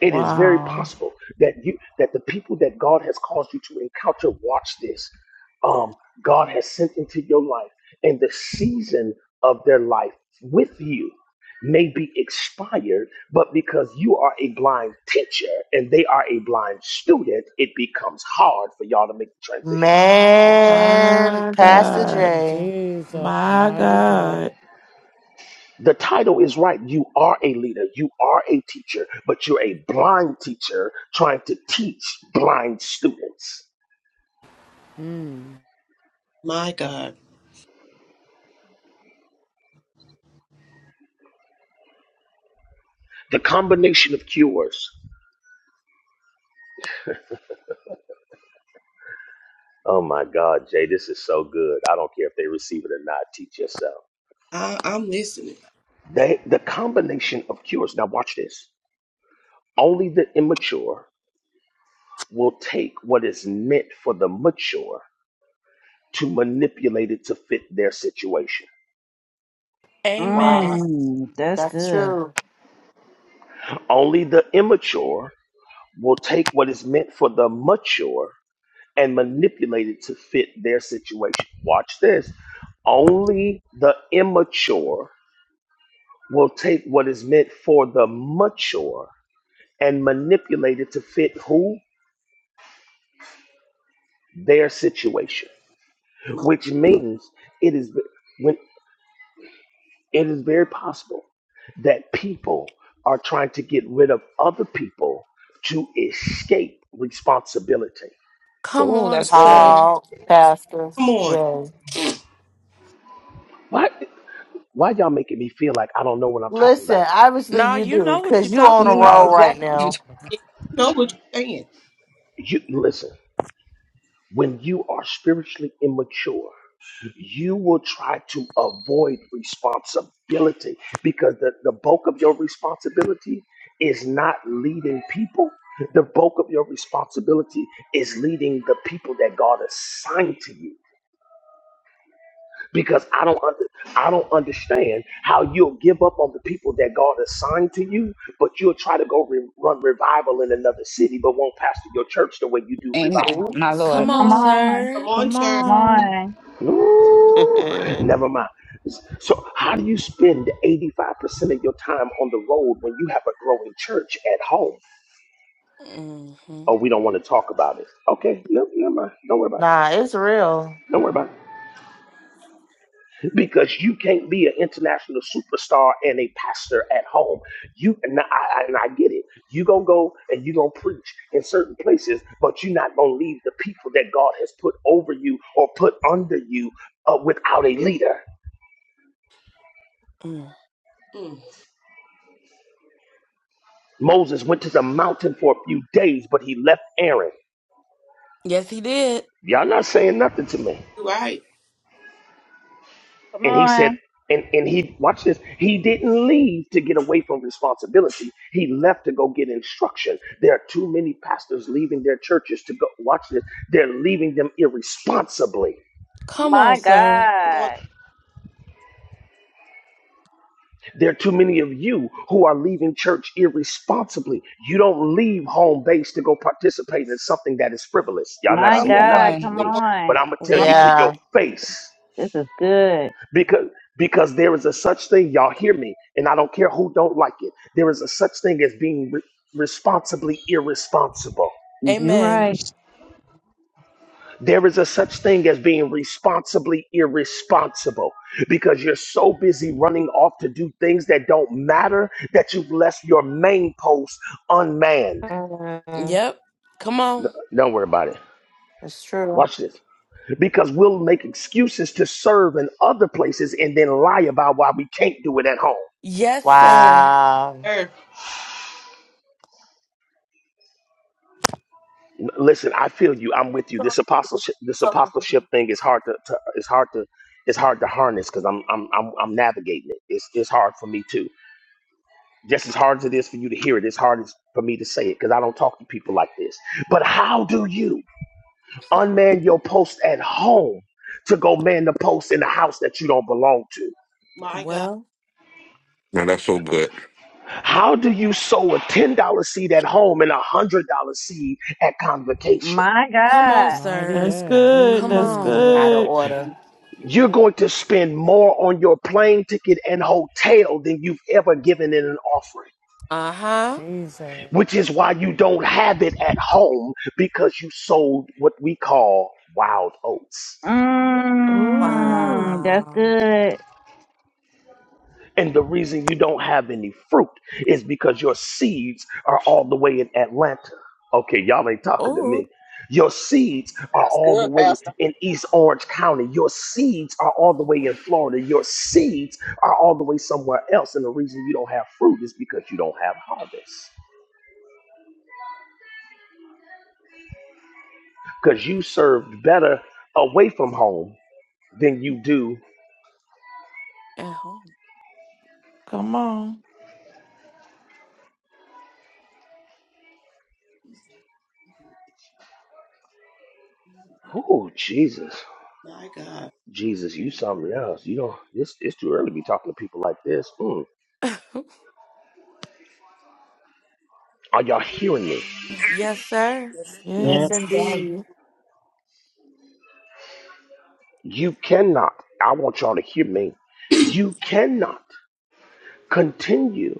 Speaker 12: It is very
Speaker 3: Wow.
Speaker 12: possible that you that the people that God has caused you to encounter, watch this. Um, God has sent into your life, and the season of their life with you may be expired, but because you are a blind teacher and they are a blind student, it becomes hard for y'all to make the transition.
Speaker 22: Man,
Speaker 3: My
Speaker 22: Pastor
Speaker 3: God.
Speaker 22: J.
Speaker 5: Jesus.
Speaker 3: My
Speaker 5: Mighty God.
Speaker 3: God.
Speaker 12: The title is right. You are a leader, you are a teacher, but you're a blind teacher trying to teach blind students.
Speaker 11: My God.
Speaker 12: The combination of cures. Oh my God, Jay, this is so good. I don't care if they receive it or not. Teach yourself.
Speaker 11: I, I'm listening.
Speaker 12: They, the combination of cures. Now, watch this. Only the immature will take what is meant for the mature to manipulate it to fit their situation.
Speaker 22: Wow.
Speaker 1: Amen.
Speaker 15: Mmm, that's
Speaker 22: That's
Speaker 15: good.
Speaker 22: true.
Speaker 12: Only the immature will take what is meant for the mature and manipulate it to fit their situation. Watch this. Only the immature will take what is meant for the mature and manipulate it to fit who their situation
Speaker 11: My-
Speaker 12: which means it is when it is very possible that people are trying to get rid of other people to escape responsibility
Speaker 1: Come
Speaker 18: Ooh,
Speaker 1: on,
Speaker 18: that's good.
Speaker 1: sir.
Speaker 22: Tall Pastor
Speaker 11: Come on.
Speaker 22: Jay.
Speaker 12: why why y'all making me feel like i don't know what i'm talking about
Speaker 22: Listen, obviously
Speaker 1: Now
Speaker 22: you
Speaker 1: you
Speaker 22: do,
Speaker 1: know what
Speaker 22: because
Speaker 1: you're
Speaker 22: you on
Speaker 1: talking
Speaker 22: a
Speaker 18: You know
Speaker 22: roll
Speaker 1: about.
Speaker 22: right
Speaker 18: exactly. what you're
Speaker 22: now.
Speaker 18: talking about.
Speaker 11: Yeah, you know what you're saying.
Speaker 12: you listen When you are spiritually immature, you will try to avoid responsibility because the, the bulk of your responsibility is not leading people. The bulk of your responsibility is leading the people that God assigned to you. Because I don't under, I don't understand how you'll give up on the people that God assigned to you, but you'll try to go re- run revival in another city, but won't pastor your church the way you do
Speaker 18: Amen,
Speaker 12: revival.
Speaker 18: my
Speaker 22: Oops.
Speaker 18: Lord.
Speaker 1: Come
Speaker 3: Come
Speaker 1: on,
Speaker 15: Come
Speaker 3: on.
Speaker 15: on.
Speaker 11: Come
Speaker 1: sir.
Speaker 11: on,
Speaker 3: Come
Speaker 11: sir.
Speaker 15: Come
Speaker 3: on.
Speaker 15: on.
Speaker 12: Ooh, never mind. So, how do you spend 85% of your time on the road when you have a growing church at home?
Speaker 1: hmm
Speaker 12: Oh, we don't want to talk about it. Okay, no, never mind. Don't worry about
Speaker 22: nah,
Speaker 12: it.
Speaker 22: it's real.
Speaker 12: Don't worry about it. Because you can't be an international superstar and a pastor at home. You and I, I- and I get it. You gonna go and you gonna preach in certain places, but you're not gonna leave the people that God has put over you or put under you uh, without a leader.
Speaker 1: Mm.
Speaker 11: Mm,
Speaker 12: Moses went to the mountain for a few days, but he left Aaron.
Speaker 1: Yes, he did.
Speaker 12: Y'all not saying nothing to me.
Speaker 11: you're right.
Speaker 15: Come
Speaker 12: And he said,
Speaker 15: on.
Speaker 12: and, and he, watch this, he didn't leave to get away from responsibility. He left to go get instruction. There are too many pastors leaving their churches to go, watch this, they're leaving them irresponsibly.
Speaker 1: Come on,
Speaker 15: My
Speaker 1: sir.
Speaker 11: Come on.
Speaker 15: God.
Speaker 12: There are too many of you who are leaving church irresponsibly. You don't leave home base to go participate in something that is frivolous. Y'all not
Speaker 15: My
Speaker 18: Come
Speaker 12: saying
Speaker 15: God.
Speaker 12: nothing to
Speaker 18: on.
Speaker 15: Come
Speaker 11: Come
Speaker 12: me,
Speaker 11: on.
Speaker 12: but I'm
Speaker 15: on.
Speaker 12: going to tell
Speaker 11: Right,
Speaker 12: you to
Speaker 1: Well,
Speaker 12: your
Speaker 22: Yeah.
Speaker 12: face.
Speaker 15: This is good.
Speaker 12: because because there is a such thing y'all hear me and i don't care who don't like it there is a such thing as being re- responsibly irresponsible
Speaker 15: You
Speaker 1: amen.
Speaker 15: right.
Speaker 12: there is a such thing as being responsibly irresponsible because you're so busy running off to do things that don't matter that you've left your main post unmanned
Speaker 22: Mhm.
Speaker 1: Yep. Come
Speaker 12: N-
Speaker 1: on.
Speaker 12: don't worry about it
Speaker 22: It's true.
Speaker 12: watch this because we'll make excuses to serve in other places and then lie about why we can't do it at home
Speaker 1: Yes,
Speaker 11: right
Speaker 1: sir.
Speaker 22: Wow.
Speaker 11: there.
Speaker 12: listen i feel you i'm with you this apostleship this apostleship thing is hard to, to it's hard to it's hard to harness because I'm, I'm i'm i'm navigating it it's it's hard for me too just as hard as it is for you to hear it it's hard as for me to say it because i don't talk to people like this but how do you unman your post at home to go man the post in the house that you don't belong to
Speaker 11: My God.
Speaker 1: Well,
Speaker 19: Now that's so good.
Speaker 12: how do you sow a $10 seed at home and a $100 seed at convocation
Speaker 15: My
Speaker 1: come on,
Speaker 15: God.
Speaker 5: Mighty
Speaker 1: sir.
Speaker 3: That's
Speaker 5: God.
Speaker 3: good.
Speaker 1: Come
Speaker 3: That's
Speaker 5: Mm.
Speaker 1: on.
Speaker 22: Out of
Speaker 3: good.
Speaker 22: order.
Speaker 21: mm. Yeah,
Speaker 12: You're
Speaker 21: yeah,
Speaker 12: going to spend more on your plane ticket and hotel than you've ever given in an offering,
Speaker 1: Uh huh.
Speaker 5: Jesus.
Speaker 12: which is why you don't have it at home because you sold what we call wild oats.
Speaker 3: Oh,
Speaker 15: Mmm, that's
Speaker 1: Wow.
Speaker 15: good.
Speaker 12: And the reason you don't have any fruit is because your seeds are all the way in Atlanta. Okay, y'all ain't talking to
Speaker 1: Oh,
Speaker 12: me. Your seeds are
Speaker 7: That's
Speaker 12: all the
Speaker 7: good,
Speaker 12: way
Speaker 7: Pastor.
Speaker 12: in East Orange County. Your seeds are all the way in Florida. Your seeds are all the way somewhere else. And the reason you don't have fruit is because you don't have harvest. Because you served better away from home than you do.
Speaker 1: at home.
Speaker 3: come on.
Speaker 12: Oh, Jesus.
Speaker 11: My God.
Speaker 12: Jesus, you something else. You don't, it's, it's too early to be talking to people like this. Mm. Are y'all hearing me?
Speaker 1: yes, sir.
Speaker 10: Yes.
Speaker 22: Yes,
Speaker 17: Yes,
Speaker 3: Yes.
Speaker 17: sir.
Speaker 22: indeed.
Speaker 12: You cannot, I want y'all to hear me. You cannot continue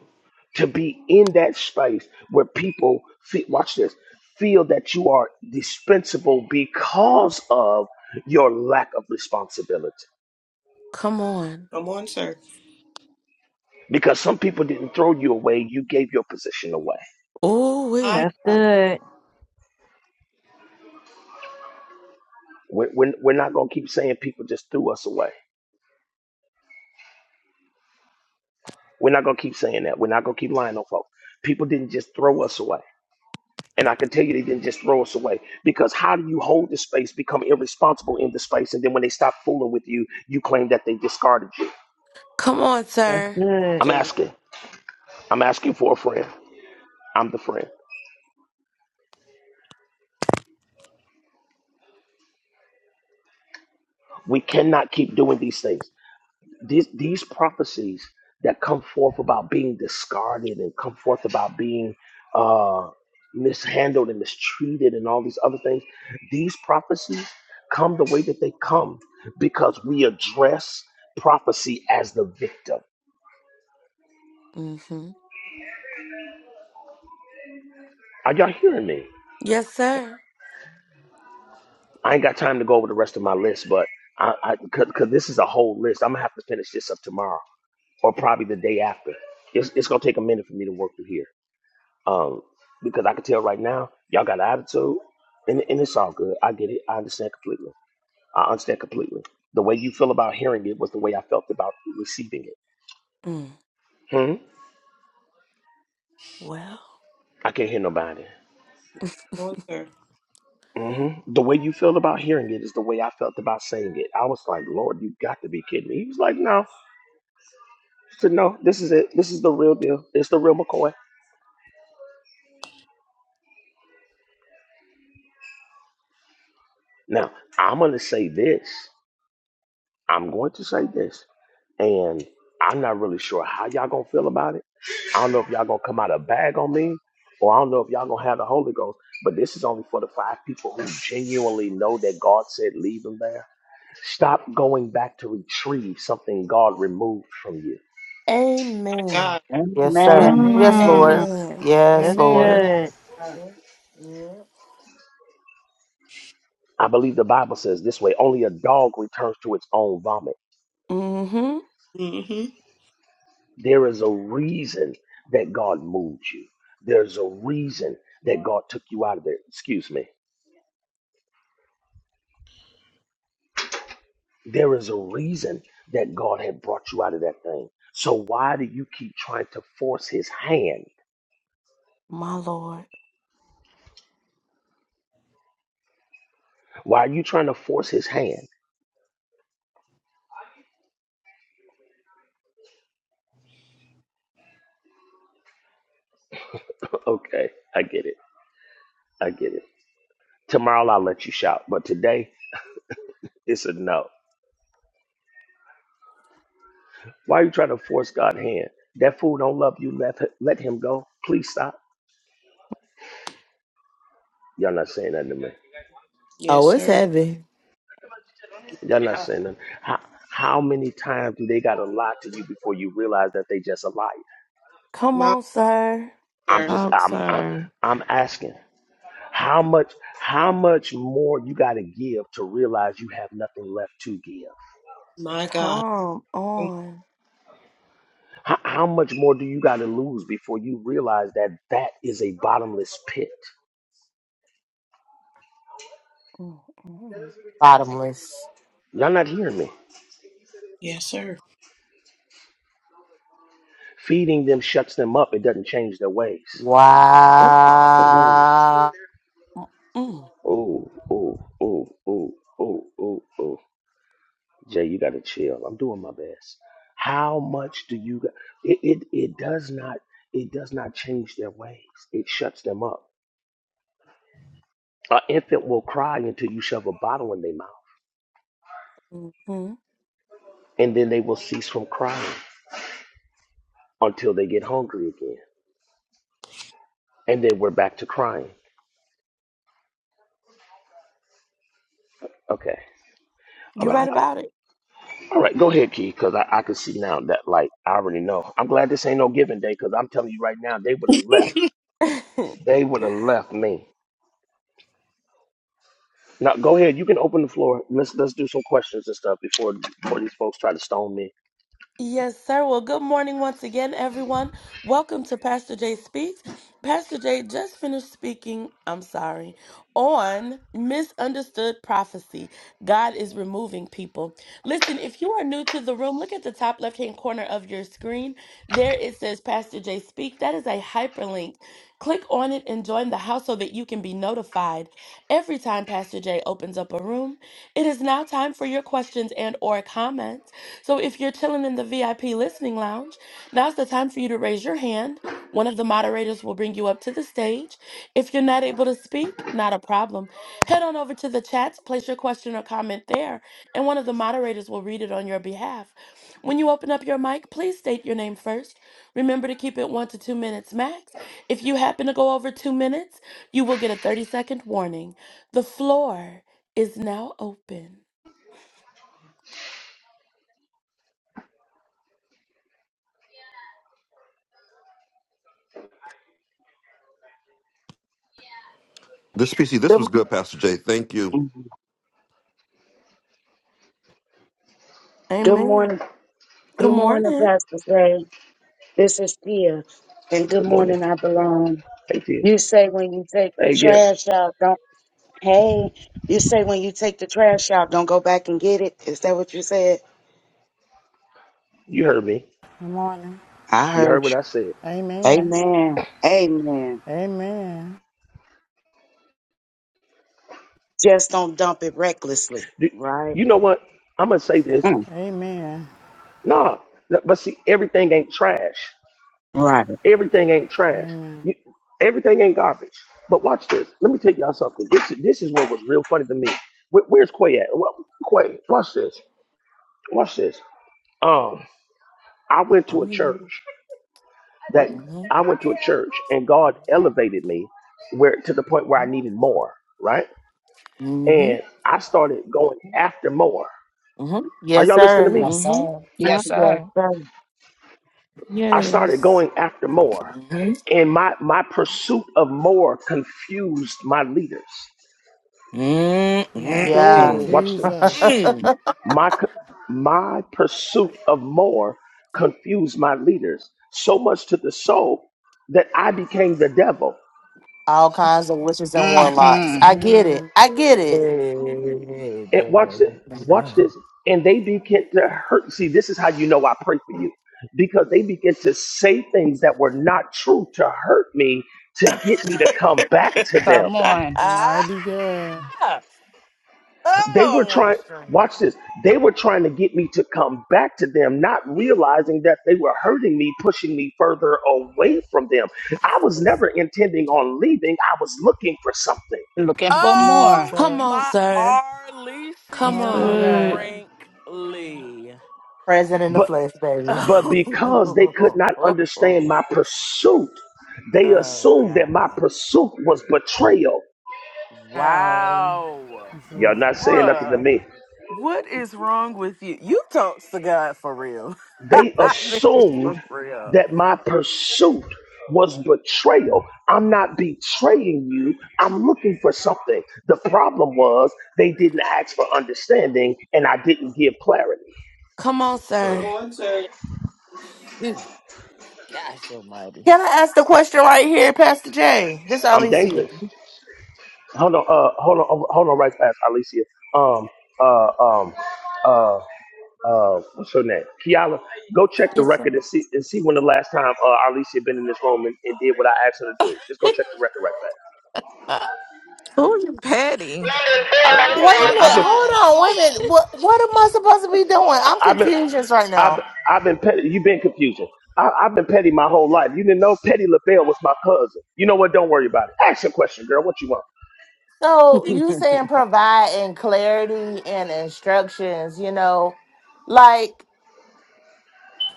Speaker 12: to be in that space where people feel, watch this, feel that you are dispensable because of your lack of responsibility.
Speaker 1: Come on.
Speaker 11: Come on, sir.
Speaker 12: Because some people didn't throw you away, you gave your position away.
Speaker 1: Oh, we.
Speaker 11: My
Speaker 15: That's
Speaker 11: God,
Speaker 15: good.
Speaker 12: We're, we're, we're not going to keep saying people just threw us away. We're not going to keep saying that. We're not going to keep lying on folks. People didn't just throw us away. And I can tell you they didn't just throw us away because how do you hold the space, become irresponsible in the space, and then when they stop fooling with you, you claim that they discarded you?
Speaker 1: Come on,
Speaker 15: That's
Speaker 1: sir.
Speaker 15: good.
Speaker 12: I'm
Speaker 11: sir.
Speaker 12: asking. I'm asking for a friend. I'm the friend. We cannot keep doing these things. These, these prophecies that come forth about being discarded and come forth about being uh, mishandled and mistreated and all these other things, these prophecies come the way that they come because we address prophecy as the victim.
Speaker 1: hmm
Speaker 12: Are y'all hearing me?
Speaker 1: Yes, sir.
Speaker 12: I ain't got time to go over the rest of my list, but I, I cause, cause this is a whole list. I'm gonna have to finish this up tomorrow or probably the day after. It's, it's gonna take a minute for me to work through here. Um, because I can tell right now, y'all got attitude and, and it's all good. I get it. I understand completely. I understand completely. The way you feel about hearing it was the way I felt about receiving it.
Speaker 1: Mm.
Speaker 12: Hmm?
Speaker 1: Well.
Speaker 12: I can't hear nobody.
Speaker 11: Come on, sir.
Speaker 12: hmm The way you feel about hearing it is the way I felt about saying it. I was like, Lord, you got to be kidding me. He was like, no. So no, this is it. This is the real deal. It's the real McCoy. Now, I'm gonna say this. I'm going to say this, and I'm not really sure how y'all gonna feel about it. I don't know if y'all gonna come out a bag on me, or I don't know if y'all gonna have the Holy Ghost. But this is only for the five people who genuinely know that God said leave them there. Stop going back to retrieve something God removed from you.
Speaker 11: My
Speaker 1: Amen.
Speaker 11: God.
Speaker 22: Yes, sir.
Speaker 17: Amen.
Speaker 22: Yes,
Speaker 15: Mmm.
Speaker 22: Lord.
Speaker 5: Amen.
Speaker 1: Amen.
Speaker 22: Yes,
Speaker 15: That's
Speaker 22: Lord.
Speaker 5: Amen.
Speaker 15: good.
Speaker 21: yeah, yeah.
Speaker 12: I believe the Bible says this way: only a dog returns to its own vomit.
Speaker 1: hmm
Speaker 11: Mm-hmm.
Speaker 12: There is a reason that God moved you. There's a reason that God took you out of there. Excuse me. There is a reason that God had brought you out of that thing. So why do you keep trying to force his hand?
Speaker 1: My Lord.
Speaker 12: Why are you trying to force his hand? Okay, I get it. I get it. Tomorrow I'll let you shout, but today it's a no. Why are you trying to force God's hand? That fool don't love you. Let, let him go. Please stop. Y'all not saying nothing to me.
Speaker 11: Yes,
Speaker 22: Oh, it's
Speaker 11: sir.
Speaker 22: heavy.
Speaker 12: Y'all not saying nothing. How, how many times do they got to lie to you before you realize that they just a liar?
Speaker 1: Come
Speaker 11: My
Speaker 1: on, sir.
Speaker 12: I'm
Speaker 11: sir.
Speaker 12: just
Speaker 3: Talk,
Speaker 12: I'm I'm,
Speaker 3: sir.
Speaker 12: I'm asking how much how much more you got to give to realize you have nothing left to give?
Speaker 11: My God.
Speaker 1: Come
Speaker 11: Come on.
Speaker 1: on.
Speaker 12: How, how much more do you got to lose before you realize that that is a bottomless pit?
Speaker 1: Mm-hmm.
Speaker 22: Bottomless.
Speaker 12: Y'all not hearing me?
Speaker 11: Yes, sir.
Speaker 12: Feeding them shuts them up. It doesn't change their ways.
Speaker 1: Oh.
Speaker 12: Ooh,
Speaker 22: Wow.
Speaker 1: Mm-hmm.
Speaker 12: ooh, ooh, ooh, ooh, ooh, ooh, ooh. Jay, you got to chill. I'm doing my best. How much do you? It, it it does not it does not change their ways. It shuts them up. An infant will cry until you shove a bottle in their mouth,
Speaker 1: Mm-hmm.
Speaker 12: and then they will cease from crying until they get hungry again, and then we're back to crying. Okay. All
Speaker 1: You
Speaker 12: right.
Speaker 11: My.
Speaker 1: right about
Speaker 12: All right. Go ahead, Key, because I, I can see now that like I already know. I'm glad this ain't no giving day, because I'm telling you right now, they would have left.
Speaker 11: Come
Speaker 1: it.
Speaker 12: They would have left me. Now go ahead. You can open the floor. Let's let's do some questions and stuff before before these folks try to stone me.
Speaker 1: Yes, sir. Well, good morning once again, everyone. Welcome to Pastor Jay Speaks. Pastor Jay just finished speaking, I'm sorry, on misunderstood prophecy. God is removing people. Listen, if you are new to the room, look at the top left hand corner of your screen. There it says Pastor Jay Speak. That is a hyperlink. Click on it and join the house so that you can be notified every time Pastor Jay opens up a room. It is now time for your questions and or comments. So if you're chilling in the VIP listening lounge, now's the time for you to raise your hand. One of the moderators will bring you up to the stage. If you're not able to speak, not a problem. Head on over to the chats, place your question or comment there, and one of the moderators will read it on your behalf. When you open up your mic, please state your name first. Remember to keep it one to two minutes max. If you happen to go over two minutes, you will get a 30 second warning. The floor is now open.
Speaker 19: This PC, this
Speaker 17: Good,
Speaker 19: was good, Pastor Jay. Thank you.
Speaker 17: mhm. good
Speaker 1: Amen.
Speaker 17: morning.
Speaker 1: Good
Speaker 17: Good morning,
Speaker 1: morning.
Speaker 17: Pastor Say. This is Tia. And good
Speaker 12: Good morning.
Speaker 17: morning, I belong.
Speaker 12: Hey Tia.
Speaker 17: You say when you take the
Speaker 12: Hey yeah.
Speaker 17: trash out, don't, hey, you say when you take the trash out, don't go back and get it. Is that what you said?
Speaker 12: You heard me.
Speaker 5: Good morning.
Speaker 17: I
Speaker 12: You heard
Speaker 17: heard
Speaker 12: what
Speaker 17: you.
Speaker 12: I said.
Speaker 5: Amen.
Speaker 17: Amen. Amen.
Speaker 5: Amen.
Speaker 17: Just don't dump it recklessly,
Speaker 12: Do,
Speaker 17: right?
Speaker 12: you know what? I'm gonna say this.
Speaker 17: Mm,
Speaker 5: Amen.
Speaker 12: Nah. no, But see, everything ain't trash.
Speaker 17: Right.
Speaker 12: Everything ain't trash.
Speaker 5: Amen.
Speaker 12: You, everything ain't garbage. But watch this. Let me tell y'all something. This this is what was real funny to me. Where, where's Quay at? Wh- Quay, watch this. Watch this. Um, I went to a
Speaker 21: I'm here.
Speaker 12: church. that
Speaker 21: Mm-hmm.
Speaker 12: I went to a church and God elevated me where to the point where I needed more, right?
Speaker 21: Mm-hmm.
Speaker 12: And I started going after more.
Speaker 21: Mm-hmm.
Speaker 12: Are
Speaker 22: Yes,
Speaker 12: y'all listening to
Speaker 22: sir.
Speaker 12: me?
Speaker 18: Yes,
Speaker 21: Mm-hmm.
Speaker 18: sir.
Speaker 17: Mm,
Speaker 18: Yes,
Speaker 17: Yes,
Speaker 18: sir.
Speaker 17: sir.
Speaker 12: I started
Speaker 3: Yes.
Speaker 12: going after more. And my my pursuit of more confused my leaders.
Speaker 5: Yeah.
Speaker 22: Yeah.
Speaker 21: Mm-hmm.
Speaker 18: Ooh.
Speaker 12: Watch
Speaker 5: Jesus.
Speaker 12: this.
Speaker 21: Mm-hmm.
Speaker 12: My co- my pursuit of more confused my leaders so much to the soul that I became the devil.
Speaker 22: all kinds of witches and warlocks.
Speaker 18: Mm-hmm.
Speaker 22: I get it.
Speaker 5: Mm.
Speaker 22: I get it.
Speaker 21: Hey,
Speaker 12: And watch this. Watch this.
Speaker 21: girl.
Speaker 12: And they begin to hurt. See, this is how you know I pray for you. Because they begin to say things that were not true to hurt me, to get me to come back to them.
Speaker 18: Come on.
Speaker 5: Mighty God.
Speaker 12: They were
Speaker 21: Oh, I want to
Speaker 12: trying,
Speaker 21: scream.
Speaker 12: watch this. They were trying to get me to come back to them, not realizing that they were hurting me, pushing me further away from them. I was never intending on leaving, I was looking for something.
Speaker 18: Looking for more,
Speaker 21: Oh,
Speaker 1: Come
Speaker 5: Jesus.
Speaker 1: on,
Speaker 21: my
Speaker 1: sir. Come
Speaker 3: That's
Speaker 5: Oh my
Speaker 21: Arlicia
Speaker 1: on.
Speaker 3: good.
Speaker 5: God.
Speaker 21: Brinkley.
Speaker 22: Present in the
Speaker 12: but.
Speaker 22: flesh, baby.
Speaker 12: But because they could
Speaker 21: oh,
Speaker 12: not understand my pursuit, they assumed that
Speaker 21: God.
Speaker 12: my pursuit was betrayal.
Speaker 5: Ow.
Speaker 21: Wow.
Speaker 12: Y'all
Speaker 5: Jesus.
Speaker 12: not saying nothing to
Speaker 21: Bruh,
Speaker 12: me.
Speaker 21: what is wrong with you? You talk to God for real.
Speaker 12: They
Speaker 21: This is for
Speaker 12: assumed
Speaker 21: real.
Speaker 12: that my pursuit was betrayal. I'm not betraying you. I'm looking for something. The problem was they didn't ask for understanding and I didn't give clarity.
Speaker 1: Come on, sir.
Speaker 21: Oh,
Speaker 11: on, sir.
Speaker 21: phew. Gosh almighty.
Speaker 22: Can I ask the question right here, Pastor J? This
Speaker 12: I'm
Speaker 22: Alicia.
Speaker 12: dangerous. hold on, uh, hold on, uh, hold on, right fast, Alicia. Um, uh, um, uh, uh, what's her name? Kiala. Go check the
Speaker 1: Yes, sir.
Speaker 12: record and see and see when the last time uh, Alicia been in this room and, and did what I asked her to do. Just go check the record right
Speaker 1: Uh,
Speaker 13: Oh, you petty.
Speaker 1: uh,
Speaker 12: back.
Speaker 22: Wait a
Speaker 12: I've
Speaker 22: minute.
Speaker 12: been,
Speaker 22: Hold on. Wait a minute. What, what am I supposed to be doing? I'm
Speaker 12: I've been,
Speaker 22: confused right
Speaker 12: I've,
Speaker 22: now.
Speaker 12: I've been petty. You've been confusing. I, I've been petty my whole life. You didn't know Petty LaBelle was my cousin. You know what? Don't worry about it. Ask your question, girl. What you want?
Speaker 22: So you saying providing clarity and instructions, you know, like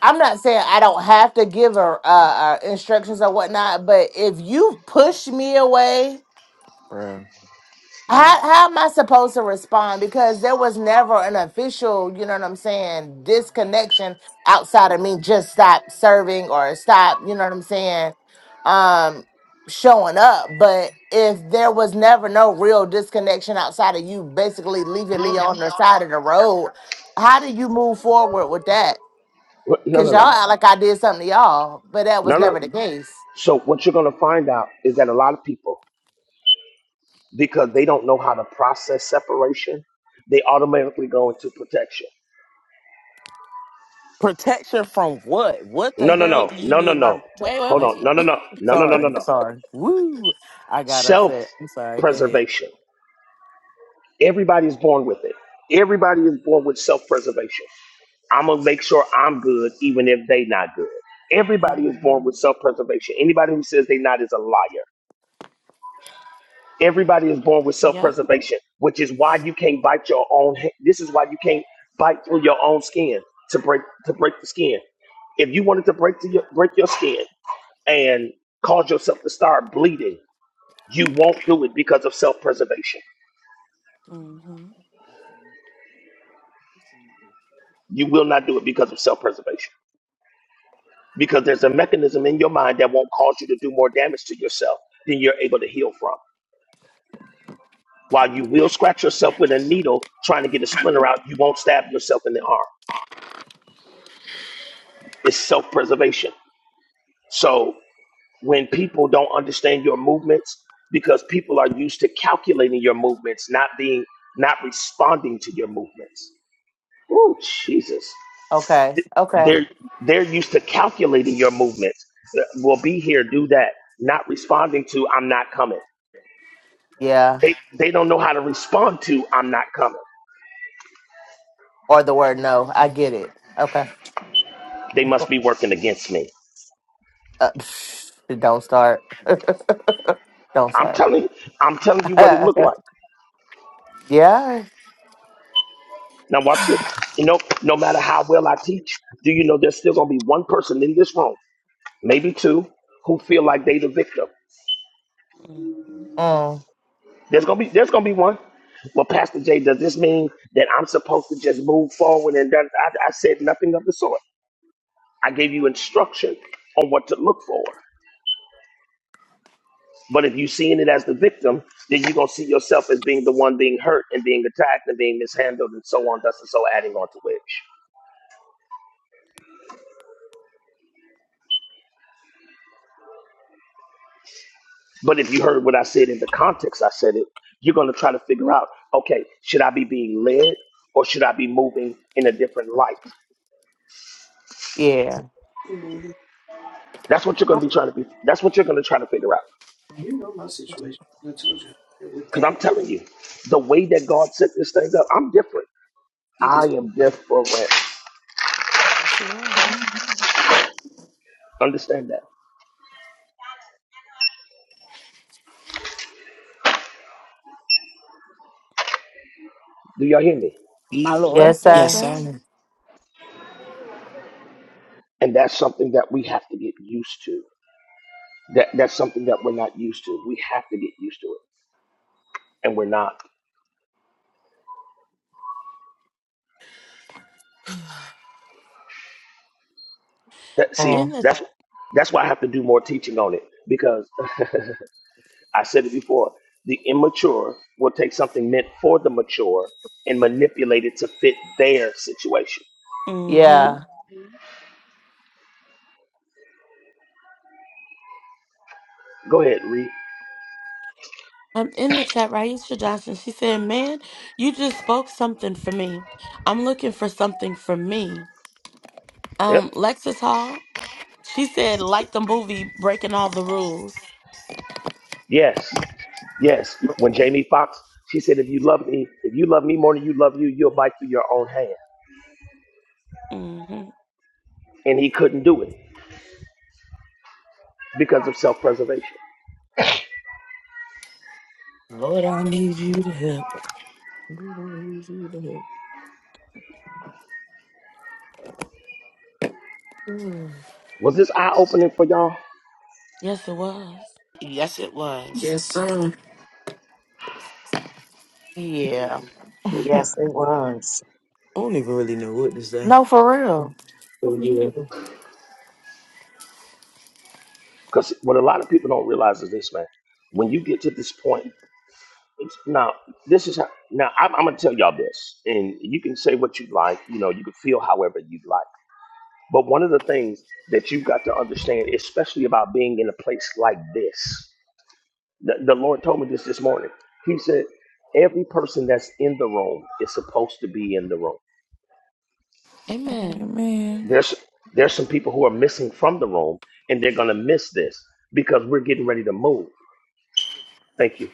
Speaker 22: I'm not saying I don't have to give her uh, uh, instructions or whatnot, but if you push me away
Speaker 21: Bruh.
Speaker 1: mm.
Speaker 22: how how am I supposed to respond? Because there was never an official, you know what I'm saying, disconnection outside of me just stop serving or stop, you know what I'm saying, um, showing up. But if there was never no real disconnection outside of you basically leaving me on the side of the road, how do you move forward with that?
Speaker 12: What? No,
Speaker 22: Cause
Speaker 12: no,
Speaker 22: y'all
Speaker 12: no,
Speaker 22: act like I did something to y'all, but that was
Speaker 12: no, no.
Speaker 22: never the case.
Speaker 12: So what you're gonna find out is that a lot of people because they don't know how to process separation, they automatically go into protection.
Speaker 21: Protection from what? What the
Speaker 12: No, no,
Speaker 21: hell
Speaker 12: no,
Speaker 21: do you
Speaker 12: no, no,
Speaker 21: need my
Speaker 12: no.
Speaker 21: protection?
Speaker 1: Wait, wait,
Speaker 12: Hold
Speaker 21: I'm
Speaker 12: on.
Speaker 1: wait.
Speaker 12: No,
Speaker 21: sorry.
Speaker 12: no, no, no, no, no, no,
Speaker 21: Sorry,
Speaker 12: no.
Speaker 21: sorry. Woo! I got
Speaker 12: Self
Speaker 21: upset. I'm sorry. Go ahead.
Speaker 12: preservation. Everybody is born with it. Everybody is born with self preservation. I'm going to make sure I'm good, even if they not good. Everybody is born
Speaker 1: hmm
Speaker 12: with self preservation. Anybody who says they not is a liar. Everybody is born with
Speaker 1: Yep.
Speaker 12: self-preservation, which is why you can't bite your own. ha- This is why you can't bite through your own skin to break to break the skin. If you wanted to break to your, break your skin and cause yourself to start bleeding, you won't do it because of self-preservation.
Speaker 1: Mm-hmm.
Speaker 12: You will not do it because of self-preservation because there's a mechanism in your mind that won't cause you to do more damage to yourself than you're able to heal from. While you will scratch yourself with a needle trying to get a splinter out, you won't stab yourself in the arm. It's self preservation. So when people don't understand your movements, because people are used to calculating your movements, not being not responding to your movements. Oh Jesus.
Speaker 22: Okay.
Speaker 12: Th-
Speaker 22: Okay.
Speaker 12: They're they're used to calculating your movements. Uh, Well be here, do that. Not responding to I'm not coming.
Speaker 22: Yeah.
Speaker 12: They they don't know how to respond to I'm not coming.
Speaker 22: Or the word no. I get
Speaker 1: Mm-hmm.
Speaker 22: it. Okay.
Speaker 12: They must be working against me.
Speaker 22: Uh, don't start. don't
Speaker 12: I'm
Speaker 22: start.
Speaker 12: telling you, I'm telling you what it looked like.
Speaker 22: yeah.
Speaker 12: Now watch this. You know, no matter how well I teach, do you know there's still gonna be one person in this room? maybe two, who feel like they the victim.
Speaker 22: Mm,
Speaker 12: There's gonna be there's gonna be one. Well, Pastor Jay, does this mean that I'm supposed to just move forward and done? I, I said nothing of the sort. I gave you instruction on what to look for. But if you're seeing it as the victim, then you're gonna see yourself as being the one being hurt and being attacked and being mishandled and so on, thus and so adding on to which. But if you heard what I said in the context I said it, you're gonna try to figure out, okay, should I be being led or should I be moving in a different light?
Speaker 22: yeah.
Speaker 11: Mm-hmm.
Speaker 12: That's what you're going to be trying to be. That's what you're going to try to figure out.
Speaker 11: You know my situation. I told you. With
Speaker 12: Because I'm
Speaker 11: that,
Speaker 12: telling you, the way that God set this thing up, I'm different.
Speaker 11: see
Speaker 12: I
Speaker 11: this.
Speaker 12: am different.
Speaker 1: Yes, you are.
Speaker 12: Understand that. Do y'all hear me?
Speaker 18: my Lord.
Speaker 22: Yes,
Speaker 1: Yes,
Speaker 18: Yes,
Speaker 22: sir.
Speaker 1: sir.
Speaker 18: sir.
Speaker 12: And that's something that we have to get used to. That that's something that we're not used to. We have to get used to it, and we're not. That, see,
Speaker 1: In
Speaker 22: Mm,
Speaker 1: the
Speaker 12: that's that's why I have to do more teaching on it because I said it before. The immature will take something meant for the mature and manipulate it to fit their situation.
Speaker 1: mm-hmm.
Speaker 22: yeah.
Speaker 12: Go ahead, read.
Speaker 1: I'm in the chat, Raisha Johnson. She said, Man, you just spoke something for me. I'm looking for something for me. Um,
Speaker 12: Yep.
Speaker 1: Lexus Hall. She said, like the movie, breaking all the rules.
Speaker 12: Yes, yes. When Jamie Foxx, she said, if you love me, if you love me more than you love you, you'll bite through your own hand.
Speaker 1: hmm
Speaker 12: And he couldn't do it because of self preservation.
Speaker 21: Lord, I need you to help. Lord, I need you to help. Mm.
Speaker 12: Was this eye opening for y'all?
Speaker 1: Yes, it was.
Speaker 18: Yes, it was.
Speaker 24: Yes, sir.
Speaker 22: Yeah.
Speaker 17: Yes, it was.
Speaker 21: I don't even really know what to say.
Speaker 22: No, for real.
Speaker 21: So, yeah.
Speaker 12: Because what a lot of people don't realize is this, man. When you get to this point, it's, now this is how, now I'm, I'm gonna tell y'all this, and you can say what you like. You know, you can feel however you like. But one of the things that you've got to understand, especially about being in a place like this. The, the Lord told me this this morning. He said, every person that's in the room is supposed to be in the room.
Speaker 1: Amen.
Speaker 3: Amen.
Speaker 12: There's there's some people who are missing from the room, and they're gonna miss this because we're getting ready to move. Thank you.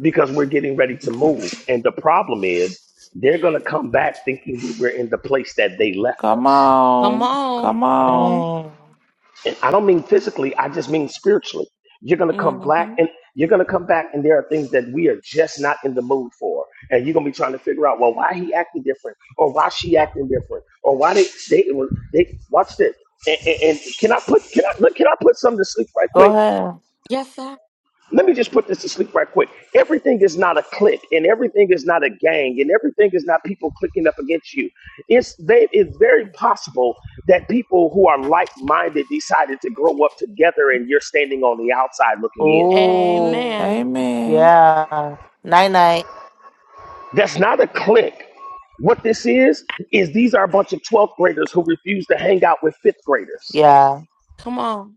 Speaker 12: Because we're getting ready to move, and the problem is they're gonna come back thinking we we're in the place that they left
Speaker 3: Come
Speaker 12: us.
Speaker 1: Come
Speaker 3: on.
Speaker 1: on.
Speaker 3: Come on.
Speaker 22: Mm,
Speaker 12: and I don't mean physically, I just mean spiritually. You're gonna come black
Speaker 1: hmm
Speaker 12: and you're gonna come back and there are things that we are just not in the mood for. And you're gonna be trying to figure out, well, why he acting different or why she acting different or why they they, it was- they watch this. And, and, and can I put can I look, can I put something to sleep right
Speaker 22: go
Speaker 12: quick?
Speaker 22: ahead.
Speaker 1: Yes, sir.
Speaker 12: Let me just put this to sleep right quick. Everything is not a clique, and everything is not a gang, and everything is not people clicking up against you. It's they, it's very possible that people who are like-minded decided to grow up together, and you're standing on the outside looking in.
Speaker 1: Amen.
Speaker 22: Ooh.
Speaker 3: Amen.
Speaker 22: Yeah. Night night.
Speaker 12: That's not a clique. What this is is these are a bunch of 12th graders who refuse to hang out with fifth graders.
Speaker 22: Yeah.
Speaker 1: Come on.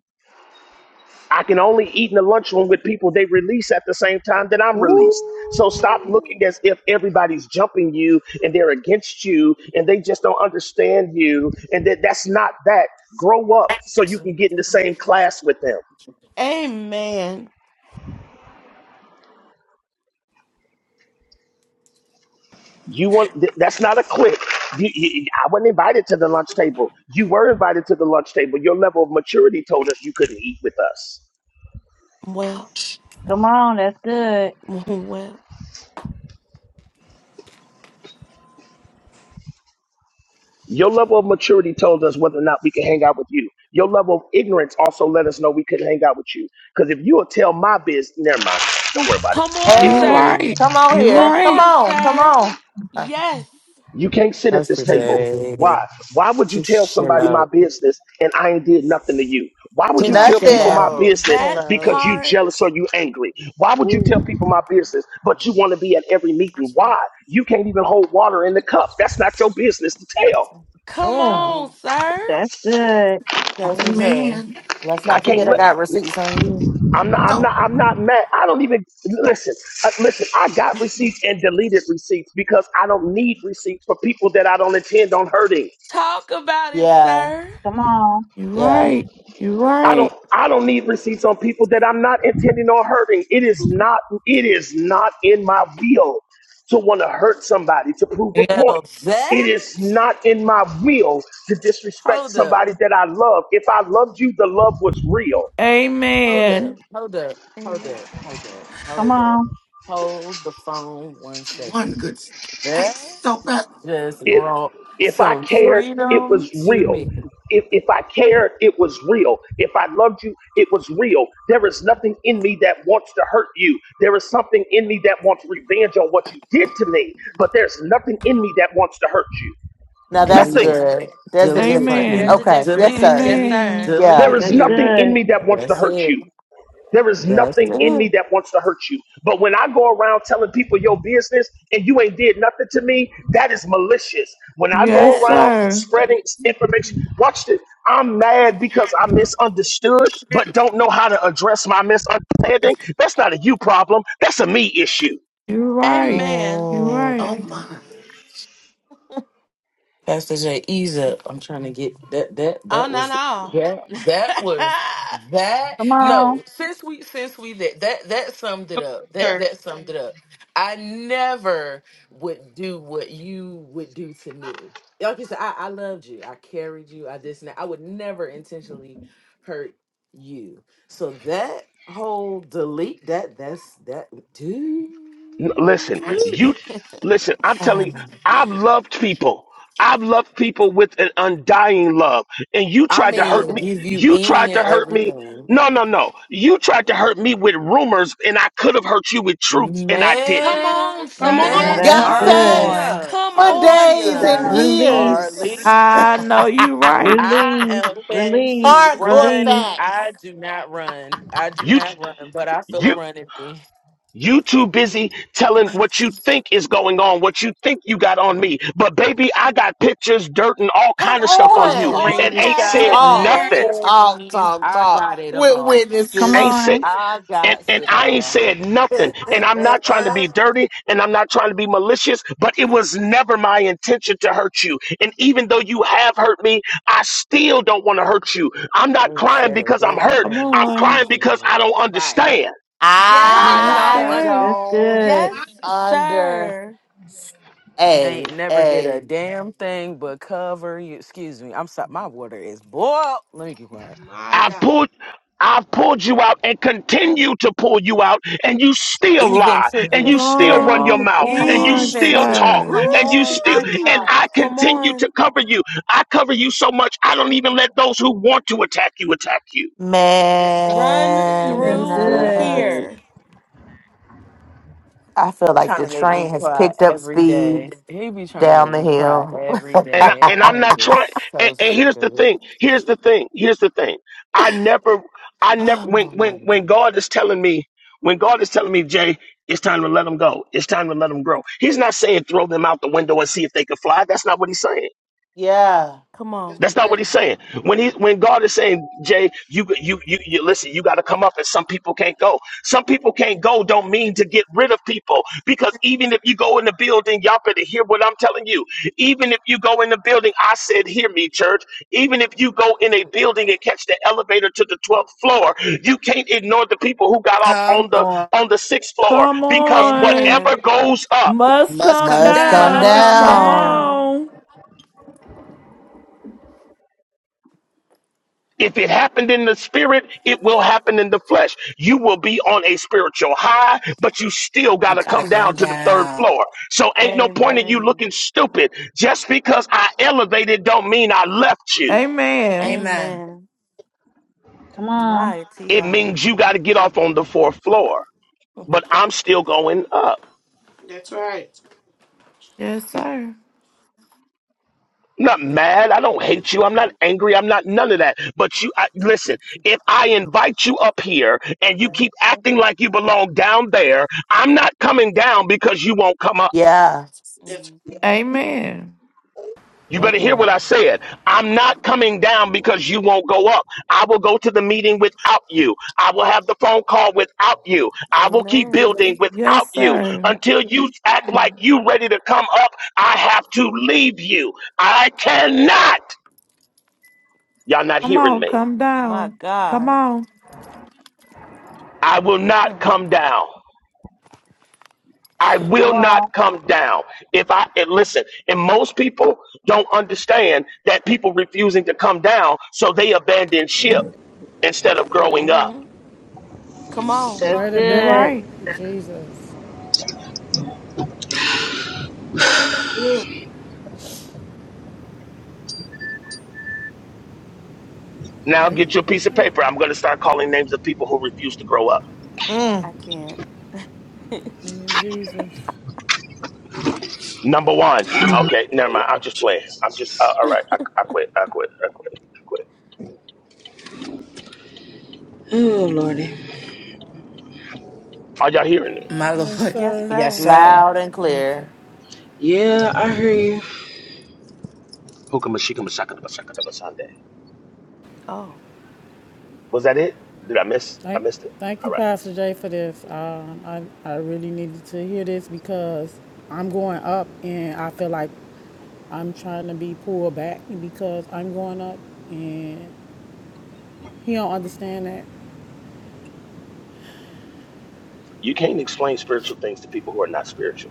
Speaker 12: I can only eat in the lunchroom with people they release at the same time that I'm released. So stop
Speaker 22: Ooh.
Speaker 12: looking as if everybody's jumping you and they're against you and they just don't understand you and that that's not that. Grow up so you can get in the same class with them.
Speaker 1: Amen.
Speaker 12: You want th- that's not a clique. You, you, I wasn't invited to the lunch table. You were invited to the lunch table. Your level of maturity told us you couldn't eat with us.
Speaker 1: Well,
Speaker 15: Come on, that's good.
Speaker 1: well.
Speaker 12: Your level of maturity told us whether or not we could hang out with you. Your level of ignorance also let us know we couldn't hang out with you. Because if you will tell my biz, never mind. Don't worry about it.
Speaker 1: Come on,
Speaker 3: You
Speaker 1: sir.
Speaker 22: Hey,
Speaker 3: right.
Speaker 22: come on
Speaker 3: You
Speaker 1: Come
Speaker 22: here. Come
Speaker 3: right.
Speaker 1: on,
Speaker 22: on. Come
Speaker 1: sir.
Speaker 22: on. Huh.
Speaker 1: Yes,
Speaker 12: You can't sit at
Speaker 21: That's
Speaker 12: this
Speaker 21: for
Speaker 12: table.
Speaker 21: day.
Speaker 12: Why? Why would you tell
Speaker 21: Just chill
Speaker 12: somebody my
Speaker 21: out.
Speaker 12: business and I ain't did nothing to you? Why would you
Speaker 21: Just
Speaker 6: Right.
Speaker 12: tell
Speaker 21: chill
Speaker 12: people my
Speaker 22: Nothing.
Speaker 21: out.
Speaker 12: business
Speaker 21: Chill
Speaker 1: that
Speaker 12: because
Speaker 21: out.
Speaker 12: you
Speaker 1: part.
Speaker 12: jealous or you angry? Why would you tell
Speaker 6: Ooh.
Speaker 12: people my business but you want to be at every meeting?
Speaker 21: That's
Speaker 12: Why? You can't even hold water in the cup. That's not your business to tell.
Speaker 1: Come
Speaker 6: Uh
Speaker 22: Mm.
Speaker 1: on,
Speaker 6: oh.
Speaker 1: sir.
Speaker 15: That's good.
Speaker 21: for day.
Speaker 24: Amen.
Speaker 22: Let's
Speaker 21: That's
Speaker 12: I
Speaker 22: not
Speaker 12: can't
Speaker 22: forget I
Speaker 21: for
Speaker 12: let.
Speaker 22: got receipts on you.
Speaker 12: I'm not. I'm
Speaker 24: So
Speaker 12: not. I'm not mad. I don't even listen. Uh, listen. I got receipts and deleted receipts because I don't need receipts for people that I don't intend on hurting.
Speaker 1: Talk about it,
Speaker 22: Yeah.
Speaker 1: sir.
Speaker 15: Come on.
Speaker 3: You
Speaker 22: Yeah.
Speaker 3: right. You
Speaker 12: I don't.
Speaker 3: right.
Speaker 12: I don't need receipts on people that I'm not intending on hurting. It is not. It is not in my will to want to hurt somebody to prove a
Speaker 21: day.
Speaker 12: point.
Speaker 21: Now that,
Speaker 12: It is not in my will to disrespect
Speaker 21: hold up.
Speaker 12: somebody that I love. If I loved you, the love was real.
Speaker 21: Hold up,
Speaker 3: Amen.
Speaker 1: Amen.
Speaker 21: hold up, hold
Speaker 1: Amen.
Speaker 21: up, hold up,
Speaker 15: Come
Speaker 21: hold up.
Speaker 15: on.
Speaker 21: Hold the phone one
Speaker 24: one
Speaker 21: second.
Speaker 24: good
Speaker 21: That
Speaker 24: steak, so bad.
Speaker 21: just
Speaker 12: if
Speaker 21: brought
Speaker 12: if I
Speaker 21: some
Speaker 12: cared, it
Speaker 21: freedom
Speaker 12: was
Speaker 21: to
Speaker 12: real.
Speaker 21: me.
Speaker 12: If, if I cared, it was real. If I loved you, it was real. There is nothing in me that wants to hurt you. There is something in me that wants revenge on what you did to me, but there's nothing in me that wants to hurt you.
Speaker 22: Now that's
Speaker 21: Delete
Speaker 12: Nothing.
Speaker 21: it,
Speaker 1: Amen.
Speaker 22: good. There's the
Speaker 21: delete it,
Speaker 1: And
Speaker 22: difference.
Speaker 1: there's
Speaker 3: Amen.
Speaker 21: Q.
Speaker 1: a
Speaker 22: Okay. Yes,
Speaker 21: Delete
Speaker 1: difference.
Speaker 21: it,
Speaker 22: sir.
Speaker 1: Yes,
Speaker 21: Q.
Speaker 3: Amen.
Speaker 1: sir.
Speaker 21: Delete
Speaker 12: There
Speaker 22: Yeah.
Speaker 12: is
Speaker 21: it,
Speaker 15: That's
Speaker 21: Q.
Speaker 12: nothing in
Speaker 15: good.
Speaker 12: me that wants to
Speaker 21: That's
Speaker 12: hurt
Speaker 21: it.
Speaker 12: you. There is
Speaker 21: That's
Speaker 12: nothing in
Speaker 21: it.
Speaker 12: me that wants to hurt you. But when I go around telling people your business and you ain't did nothing to me, that is malicious. When I go
Speaker 3: Yes,
Speaker 1: Yes.
Speaker 12: around
Speaker 3: sir.
Speaker 12: spreading information, watch this. I'm mad because I misunderstood, but don't know how to address my misunderstanding. That's not a you problem. That's a me issue.
Speaker 3: You right.
Speaker 1: Amen.
Speaker 3: You
Speaker 22: Mm.
Speaker 3: right.
Speaker 24: Oh my
Speaker 21: Pastor J, ease up. I'm trying to get that. That
Speaker 1: All,
Speaker 21: that
Speaker 1: not
Speaker 21: was
Speaker 1: all.
Speaker 21: that that was that.
Speaker 15: Come
Speaker 21: No,
Speaker 15: on.
Speaker 21: since we since we that that that summed it
Speaker 11: Come
Speaker 21: up.
Speaker 11: on,
Speaker 21: That
Speaker 11: sir.
Speaker 21: that summed it up. I never would do what you would do to me. Like you said, I, I loved you. I carried you. I this and that. I would never intentionally hurt you. So that whole delete that that's that dude.
Speaker 12: N- Listen, you listen. I'm telling you, I've loved people. I've loved people with an undying love, and you
Speaker 21: I
Speaker 12: tried to hurt
Speaker 21: mean,
Speaker 12: me.
Speaker 21: give
Speaker 1: Mhm.
Speaker 21: you
Speaker 12: You tried
Speaker 21: any
Speaker 12: to
Speaker 21: and
Speaker 12: hurt me.
Speaker 21: everything.
Speaker 12: No, no, no. You tried to hurt me with rumors, and I could have hurt you with truth, and I
Speaker 1: Come
Speaker 12: didn't.
Speaker 21: Man,
Speaker 1: on,
Speaker 11: Come on.
Speaker 15: Now
Speaker 21: man,
Speaker 6: Oh
Speaker 1: sir.
Speaker 15: that's
Speaker 22: Got
Speaker 6: my
Speaker 18: Come
Speaker 6: God.
Speaker 15: good.
Speaker 22: facts
Speaker 18: on.
Speaker 21: Arlesia,
Speaker 1: Come
Speaker 22: for
Speaker 1: on,
Speaker 10: Good
Speaker 22: days
Speaker 21: Arlesia,
Speaker 22: and
Speaker 10: job.
Speaker 1: sir.
Speaker 6: Yeah.
Speaker 15: Release,
Speaker 22: years.
Speaker 3: I know
Speaker 21: Arlesia.
Speaker 3: you right.
Speaker 21: I
Speaker 15: release,
Speaker 21: am going
Speaker 15: release,
Speaker 21: to
Speaker 22: Hardcore
Speaker 21: run.
Speaker 15: release.
Speaker 21: and
Speaker 22: facts.
Speaker 21: I do not run. I do
Speaker 12: You, t-
Speaker 21: not run, but I feel a
Speaker 12: you.
Speaker 21: run in me.
Speaker 12: You too busy telling what you think is going on, what you think you got on me. But baby, I got pictures, dirt, and all
Speaker 22: Come
Speaker 12: kind of stuff on
Speaker 1: Come
Speaker 12: you,
Speaker 22: on.
Speaker 12: and
Speaker 1: on,
Speaker 12: ain't
Speaker 11: Come
Speaker 12: said
Speaker 1: Pastor
Speaker 11: on,
Speaker 21: Screenshots,
Speaker 11: sir.
Speaker 22: Talk,
Speaker 12: nothing.
Speaker 1: Jay.
Speaker 22: talk,
Speaker 21: recordings.
Speaker 22: talk,
Speaker 21: I
Speaker 22: talk
Speaker 21: got it
Speaker 22: with
Speaker 21: all.
Speaker 15: Come
Speaker 12: Ain't
Speaker 22: witnesses.
Speaker 12: say
Speaker 15: on.
Speaker 21: I
Speaker 12: and,
Speaker 21: got
Speaker 12: and
Speaker 21: it
Speaker 12: I ain't
Speaker 21: all.
Speaker 12: said nothing. And I'm not trying to be dirty and I'm not trying to be malicious, but it was never my intention to hurt you. And even though you have hurt me, I still don't want to hurt you. I'm not
Speaker 21: Ain't
Speaker 12: crying
Speaker 21: said a
Speaker 12: because I'm
Speaker 21: damn
Speaker 12: hurt.
Speaker 3: Come
Speaker 21: thing.
Speaker 12: I'm
Speaker 3: on.
Speaker 12: crying
Speaker 21: Excuse me.
Speaker 12: because
Speaker 21: man.
Speaker 12: I don't
Speaker 18: Right.
Speaker 12: understand.
Speaker 11: Come
Speaker 1: Yes,
Speaker 21: I
Speaker 11: on, sir.
Speaker 3: Yes,
Speaker 22: I
Speaker 21: don't.
Speaker 1: sir.
Speaker 3: sir.
Speaker 15: That's
Speaker 22: don't
Speaker 15: good.
Speaker 11: I-
Speaker 1: Yes,
Speaker 22: under
Speaker 1: sir.
Speaker 21: Ain't
Speaker 22: a
Speaker 21: never did a
Speaker 22: a
Speaker 21: damn thing but cover you. Excuse me. I'm sorry. My water is boiled. Let me get quiet.
Speaker 11: my
Speaker 12: I've
Speaker 11: God.
Speaker 12: pulled I've pulled you out and continue to pull you out, and you still
Speaker 21: Even
Speaker 12: lie,
Speaker 21: to
Speaker 12: and
Speaker 21: this
Speaker 12: you still
Speaker 21: day.
Speaker 12: run your
Speaker 3: Come
Speaker 12: mouth,
Speaker 1: Come
Speaker 12: and you
Speaker 3: on,
Speaker 1: on.
Speaker 21: Even
Speaker 12: still
Speaker 21: to.
Speaker 12: talk,
Speaker 3: sir.
Speaker 1: Come
Speaker 12: and you
Speaker 1: on.
Speaker 12: still,
Speaker 11: My
Speaker 12: and
Speaker 21: Woo!
Speaker 11: God.
Speaker 12: I
Speaker 1: Come
Speaker 12: continue
Speaker 1: on.
Speaker 12: to cover you. I cover you so much, I don't even let those who want to attack you attack you.
Speaker 11: That's right.
Speaker 1: Run
Speaker 3: Wait,
Speaker 15: That's
Speaker 3: that's
Speaker 1: through
Speaker 15: good.
Speaker 22: man.
Speaker 3: good.
Speaker 1: here.
Speaker 22: I feel like
Speaker 21: Trying
Speaker 22: the
Speaker 21: to make
Speaker 22: train
Speaker 21: me
Speaker 22: has
Speaker 21: cry
Speaker 22: picked up
Speaker 21: every day.
Speaker 22: speed
Speaker 21: He be trying to
Speaker 22: down
Speaker 21: make
Speaker 22: the
Speaker 21: me cry
Speaker 22: hill.
Speaker 21: every
Speaker 12: and I,
Speaker 21: day.
Speaker 12: and
Speaker 21: I
Speaker 12: I'm
Speaker 21: am
Speaker 12: not trying.
Speaker 21: just
Speaker 12: And,
Speaker 21: so
Speaker 12: and
Speaker 21: sick
Speaker 12: here's
Speaker 21: of
Speaker 12: the
Speaker 21: it.
Speaker 12: thing. Here's the thing. Here's the thing. I never, I never. When
Speaker 21: Oh my
Speaker 12: when when
Speaker 21: God.
Speaker 12: God is telling me, when God is telling me, Jay, it's time to let them go. It's time to let them grow. He's not saying throw them out the window and see if they can fly. That's not what he's saying.
Speaker 22: Yeah.
Speaker 1: Come
Speaker 11: That's
Speaker 1: on.
Speaker 12: That's not what
Speaker 11: right.
Speaker 12: he's saying. When he when God is saying, Jay, you you you, you listen, you got to come up, and some people can't go. Some people can't go. Don't mean to get rid of people because even if you go in the building, y'all better hear what I'm telling you. Even if you go in the building, I said, hear me, church. Even if you go in a building and catch the elevator to the 12th floor, you can't ignore the people who got off
Speaker 18: Come
Speaker 12: on the
Speaker 18: on.
Speaker 12: on the sixth floor
Speaker 3: Come
Speaker 11: Come on,
Speaker 12: because
Speaker 11: sir.
Speaker 3: on.
Speaker 12: whatever
Speaker 1: Amen.
Speaker 12: goes up.
Speaker 3: Must
Speaker 18: Must
Speaker 3: come
Speaker 18: come
Speaker 22: Must come
Speaker 1: Must
Speaker 18: down.
Speaker 3: down.
Speaker 11: Must.
Speaker 5: Must
Speaker 1: come
Speaker 3: Come
Speaker 5: come
Speaker 22: down.
Speaker 5: down.
Speaker 1: down.
Speaker 3: on.
Speaker 12: If it happened in the spirit, it will happen in the flesh. You will be on a spiritual high, but you still got to
Speaker 18: Gotta
Speaker 12: come
Speaker 18: come
Speaker 12: down to the third
Speaker 18: down.
Speaker 12: floor. So ain't
Speaker 11: That's
Speaker 12: no point
Speaker 11: right.
Speaker 12: in you
Speaker 1: Amen.
Speaker 12: looking stupid. Just because I elevated don't mean I left you.
Speaker 3: Amen.
Speaker 18: Amen.
Speaker 1: Amen.
Speaker 15: Come on.
Speaker 1: Mighty
Speaker 12: It
Speaker 1: God.
Speaker 12: means you got to get off on the fourth floor. But I'm still going up.
Speaker 11: That's right.
Speaker 3: Yes, sir.
Speaker 12: I'm not mad. I don't hate you. I'm not angry. I'm not none of that. But you I, listen. If I invite you up here and you keep acting like you belong down there, I'm not coming down because you won't come up.
Speaker 22: Yeah.
Speaker 11: That's
Speaker 1: Mhm.
Speaker 3: Amen.
Speaker 12: You better
Speaker 5: That
Speaker 12: hear what
Speaker 5: part.
Speaker 12: I said. I'm not coming down because you won't go up. I will go to the meeting without you. I will have the phone call without you. I will keep
Speaker 1: Amen.
Speaker 12: building without
Speaker 3: Yes,
Speaker 12: you
Speaker 3: sir.
Speaker 12: until you act like you ready to come up. I have to leave you. I cannot. Y'all not
Speaker 3: Come
Speaker 12: hearing
Speaker 3: on,
Speaker 12: me.
Speaker 3: come
Speaker 1: My
Speaker 3: down. Come
Speaker 1: God.
Speaker 3: on.
Speaker 12: I will not
Speaker 1: hmm
Speaker 12: come down. I will
Speaker 15: Come
Speaker 12: not
Speaker 15: on.
Speaker 12: come down. If I and listen, and most people don't understand that people refusing to come down, so they abandon ship instead of growing up.
Speaker 1: Mm-hmm. Come on.
Speaker 15: That's
Speaker 5: Right
Speaker 3: You
Speaker 5: about
Speaker 3: are
Speaker 15: good.
Speaker 5: it.
Speaker 3: right.
Speaker 5: Jesus.
Speaker 11: right. Ugh.
Speaker 12: Now
Speaker 5: Thank you.
Speaker 12: get you a piece of paper. I'm going to start calling names of people who refuse to grow up.
Speaker 22: Mm.
Speaker 1: I can't.
Speaker 5: Mm, Jesus.
Speaker 12: Number one. Okay, never mind. I'm just playing. I'm just uh, all right. I, I quit. I quit. I quit. I quit.
Speaker 21: Oh lordy.
Speaker 12: Are y'all hearing me?
Speaker 18: My
Speaker 5: Yes,
Speaker 18: Lord.
Speaker 1: yes,
Speaker 5: sir.
Speaker 18: Yes,
Speaker 1: sir.
Speaker 18: sir.
Speaker 22: Loud and
Speaker 5: Yes.
Speaker 22: clear.
Speaker 21: Yeah, I hear you.
Speaker 12: Hukamashikamashakadabashakadabasande.
Speaker 1: Oh.
Speaker 12: Was that it? Did I miss? I
Speaker 5: Thank
Speaker 12: missed it.
Speaker 5: thank
Speaker 12: All
Speaker 5: you,
Speaker 12: right.
Speaker 5: Pastor Jay, for this. Um I, I really needed to hear this because I'm going up and I feel like I'm trying to be pulled back because I'm going up and he don't understand that.
Speaker 12: You can't explain spiritual things to people who are not spiritual.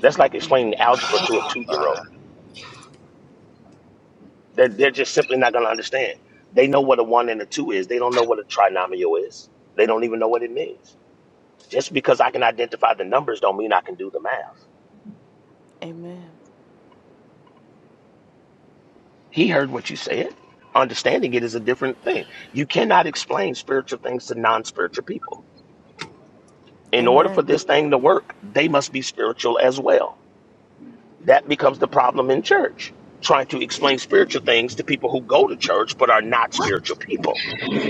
Speaker 12: That's like
Speaker 1: mhm.
Speaker 12: explaining algebra to a two year old. They're, they're just simply not going to understand. They know what a one and a two is, they don't know what a trinomial is, they don't even know what it means. Just because I can identify the numbers don't mean I can do the math.
Speaker 1: Amen.
Speaker 12: He heard what you said. Understanding it is a different thing. You cannot explain spiritual things to non spiritual people. In order for
Speaker 1: Amen.
Speaker 12: this thing to work, they must be spiritual as well. That becomes the problem in church, trying to explain spiritual things to people who go to church but are not spiritual people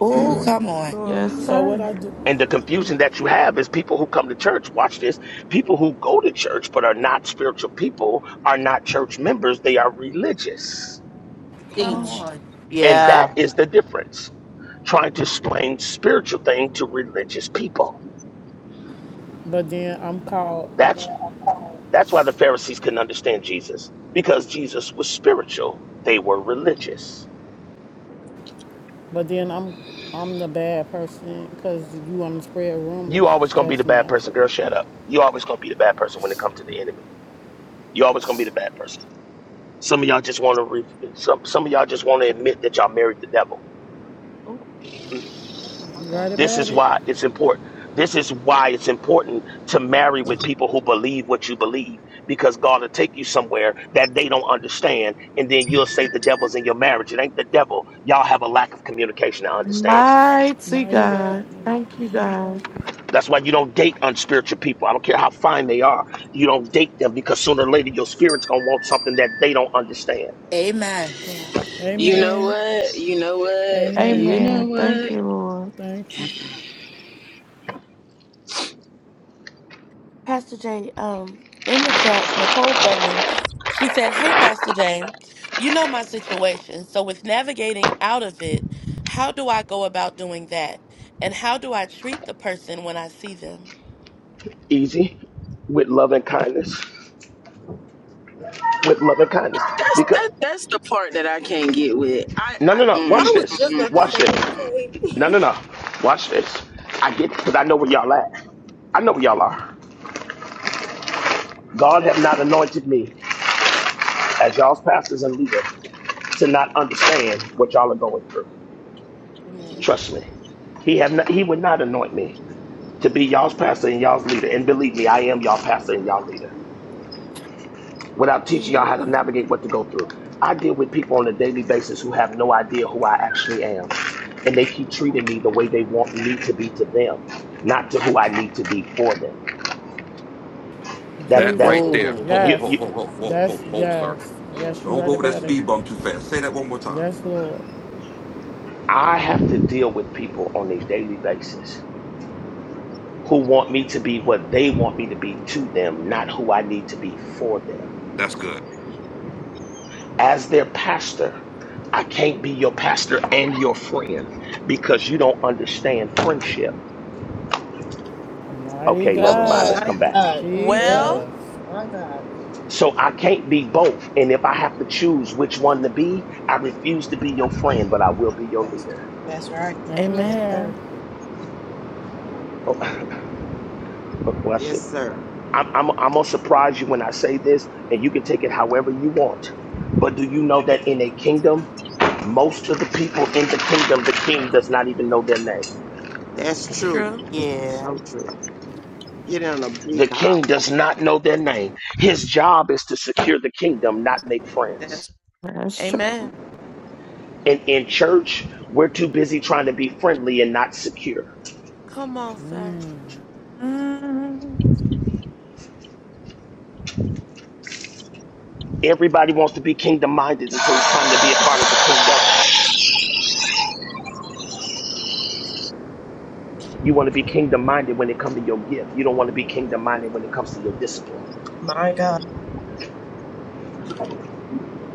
Speaker 18: Oh, come on.
Speaker 3: Yes,
Speaker 1: Uh-huh.
Speaker 5: So what
Speaker 3: sir.
Speaker 5: I do
Speaker 12: And the confusion that you have is people who come to church, watch this, people who go to church but are not spiritual people are not church members, they are religious.
Speaker 1: Come
Speaker 18: Come
Speaker 1: on.
Speaker 22: Teach.
Speaker 18: on.
Speaker 12: And
Speaker 22: Yeah.
Speaker 12: that is the difference. Trying to explain spiritual thing to religious people.
Speaker 5: but then I'm called
Speaker 12: That's that's why the Pharisees couldn't understand Jesus. Because Jesus was spiritual. They were religious.
Speaker 5: But then I'm I'm the bad person because you want to spread
Speaker 12: You
Speaker 5: rumors.
Speaker 12: always gonna be the
Speaker 5: That's
Speaker 12: bad
Speaker 5: not
Speaker 12: person,
Speaker 5: true.
Speaker 12: girl. Shut up. You always gonna be the bad person when it comes to the enemy. You always gonna be the bad person. Some of y'all just want to re- some some of y'all just want to admit that y'all married the devil.
Speaker 1: Oh, my
Speaker 5: You right
Speaker 1: God.
Speaker 12: This
Speaker 5: about
Speaker 12: is
Speaker 5: it.
Speaker 12: why it's important. This is why it's important to marry with people who believe what you believe because God will take you somewhere that they don't understand and then you'll say the devil's in your marriage. It ain't the devil. Y'all have a lack of communication and understanding.
Speaker 3: Mighty
Speaker 5: Mighty
Speaker 1: hmm
Speaker 5: God.
Speaker 3: God. Thank you, God.
Speaker 12: That's why you don't date unspiritual people. I don't care how fine they are. You don't date them because sooner or later your spirit's going to want something that they don't understand.
Speaker 18: Amen.
Speaker 1: Yeah.
Speaker 21: You know
Speaker 5: Amen.
Speaker 21: what? You know what?
Speaker 1: Yeah.
Speaker 5: Amen.
Speaker 21: You know
Speaker 3: Amen.
Speaker 21: what?
Speaker 3: Thank you, Lord.
Speaker 5: Thank you,
Speaker 1: Pastor Jay, um, in the chat, Nicole Thurman, she said, Hey, Pastor Jay, you know my situation. So, with navigating out of it, how do I go about doing that? And how do I treat the person when I see them?
Speaker 12: Easy with love and kindness. With love and kindness.
Speaker 21: That's
Speaker 12: because.
Speaker 21: that. That's the part that I can't get with. I.
Speaker 12: No,
Speaker 21: I
Speaker 12: no, no. Watch
Speaker 11: I
Speaker 21: mm,
Speaker 11: was
Speaker 12: this.
Speaker 11: just
Speaker 21: mm,
Speaker 11: about to
Speaker 12: Watch
Speaker 11: say that,
Speaker 12: this. No, no,
Speaker 11: Clay.
Speaker 12: no. Watch this. I get it because I know where y'all at. I know where y'all are. God have not anointed me as y'all's pastors and leader to not understand what y'all are going through.
Speaker 1: Amen.
Speaker 12: Trust me. He have not, he would not anoint me to be y'all's pastor and y'all's leader. And believe me, I am y'all pastor and y'all leader. without teaching y'all
Speaker 1: is.
Speaker 12: how to navigate what to go through. I deal with people on a daily basis who have no idea who I actually am. And they keep treating me the way they want me to be to them, not to who I need to be for them. That
Speaker 19: That
Speaker 12: that
Speaker 19: right
Speaker 5: Jesus.
Speaker 1: Mm,
Speaker 19: there.
Speaker 1: mm,
Speaker 18: Oh.
Speaker 19: Ho,
Speaker 1: mm,
Speaker 19: ho,
Speaker 12: you,
Speaker 19: ho,
Speaker 5: Yes.
Speaker 12: you
Speaker 1: mm,
Speaker 19: ho, ho, ho,
Speaker 5: That's
Speaker 19: ho, ho, sir.
Speaker 5: yes.
Speaker 1: mm,
Speaker 5: Yes, you
Speaker 19: Don't go
Speaker 5: right
Speaker 1: mm,
Speaker 19: over that
Speaker 5: about
Speaker 1: mm.
Speaker 5: it.
Speaker 19: speed bump too fast. Say that one more time.
Speaker 5: Yes, Lord.
Speaker 12: I have to deal with people on a daily basis who want me to be what they want me to be to them, not who I need to be for them.
Speaker 19: That's good.
Speaker 12: As their pastor, I can't be your pastor and your friend because you don't understand friendship.
Speaker 5: Mighty
Speaker 12: Okay,
Speaker 18: Oh,
Speaker 12: never mind.
Speaker 1: Well,
Speaker 12: Let's
Speaker 18: oh.
Speaker 5: God.
Speaker 11: my
Speaker 12: come back.
Speaker 11: God. Well,
Speaker 1: Well,
Speaker 5: Jesus.
Speaker 11: my God,
Speaker 12: So I can't be both. And if I have to choose which one to be, I refuse to be your friend, but I will be your leader.
Speaker 11: Pastor. That's right. Yes,
Speaker 1: amen.
Speaker 11: sir.
Speaker 5: Amen.
Speaker 12: Oh, well, I
Speaker 25: Yes,
Speaker 12: should-
Speaker 25: sir.
Speaker 12: I'm, I'm, I'm going to surprise you when I say this, and you can take it however you want. But do you know that in a kingdom, most of the people in the kingdom, the king does not even know their name.
Speaker 25: That's true.
Speaker 1: True.
Speaker 22: Yeah.
Speaker 25: So true. Get in a
Speaker 12: The
Speaker 25: big
Speaker 12: king
Speaker 25: house.
Speaker 12: does not know their name. His job is to secure the kingdom, not make
Speaker 11: That's
Speaker 12: friends.
Speaker 3: That's true.
Speaker 1: Amen.
Speaker 12: And in church, we're too busy trying to be friendly and not secure.
Speaker 1: Come on, sir.
Speaker 3: Mm.
Speaker 12: Everybody wants to be kingdom minded until it's time to be a part of the kingdom. You want to be kingdom minded when it comes to your gift. You don't want to be kingdom minded when it comes to your discipline.
Speaker 11: right. my God.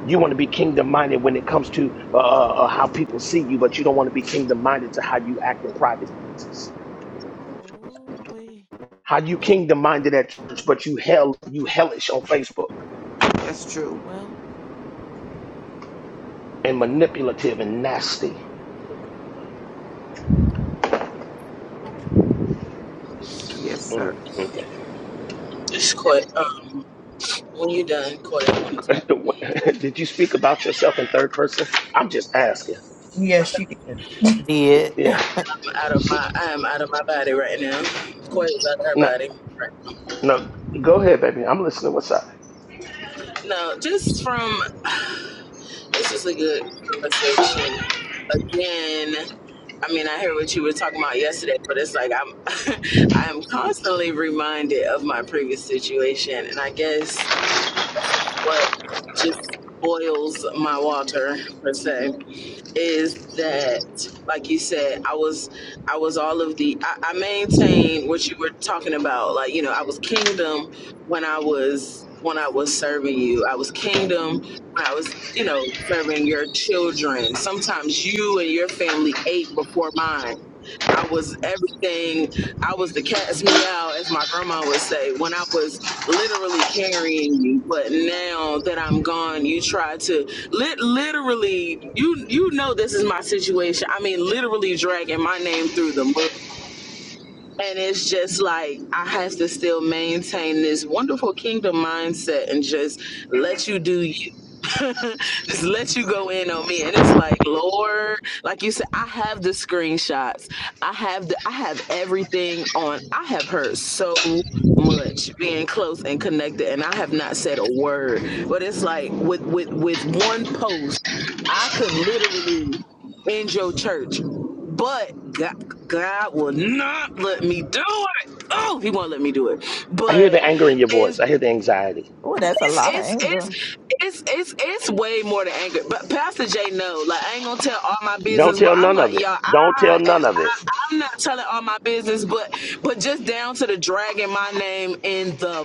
Speaker 12: You want to be kingdom minded when it comes to uh, uh, uh, how people see you, but you don't want to be kingdom minded to how you act in private.
Speaker 1: Ooh, we.
Speaker 12: How you kingdom minded at church, but you hell you hellish on Facebook
Speaker 25: That's true.
Speaker 1: Well,
Speaker 12: and manipulative and nasty.
Speaker 25: Yes, sir.
Speaker 12: Mm, okay.
Speaker 21: just quit. Um, when you done, Corey want to talk.
Speaker 12: Did you speak about yourself in third person? I'm just asking.
Speaker 11: Yes, you did.
Speaker 22: Did.
Speaker 12: Yeah.
Speaker 21: I, I'm out of my. I am out of my body right now. Corey's out of her
Speaker 12: No.
Speaker 21: body.
Speaker 12: No, go ahead, baby. I'm listening. What's up?
Speaker 21: No, just from. This is a good conversation. Again, I mean, I hear what you were talking about yesterday, but it's like I'm. I'm constantly reminded of my previous situation, and I guess what just boils my water per se is that like you said i was i was all of the I, I maintained what you were talking about like you know i was kingdom when i was when i was serving you i was kingdom when i was you know serving your children sometimes you and your family ate before mine I was everything. I was the cat's meow, as my grandma would say, when I was literally carrying you. But now that I'm gone, you try to lit literally. You you know this is my situation. I mean, literally dragging my name through the mud. And it's just like I have to still maintain this wonderful kingdom mindset and just let you do you. just let you go in on me. And it's like, Lord, like you said, I have the screenshots. I have the I have everything on. I have heard so much being close and connected and I have not said a word. But it's like with with with one post, I could literally end your church but God, God will not let me do it. Oh, He won't let me do it.
Speaker 12: I hear the
Speaker 21: But
Speaker 12: anger in your voice.
Speaker 21: it's
Speaker 12: I hear the anxiety.
Speaker 13: Oh, that's a
Speaker 21: it's
Speaker 13: lot of
Speaker 21: it's it's
Speaker 13: anger.
Speaker 21: it's it's, it's way more than anger. But Pastor J, no, like I ain't gonna tell all my
Speaker 12: Don't
Speaker 21: business. But
Speaker 12: tell
Speaker 21: I'm
Speaker 12: none of
Speaker 21: like,
Speaker 12: it.
Speaker 21: y'all,
Speaker 12: Don't tell
Speaker 21: I
Speaker 12: none of it.
Speaker 21: I'm not telling all my business, but but just down to the dragging my name in the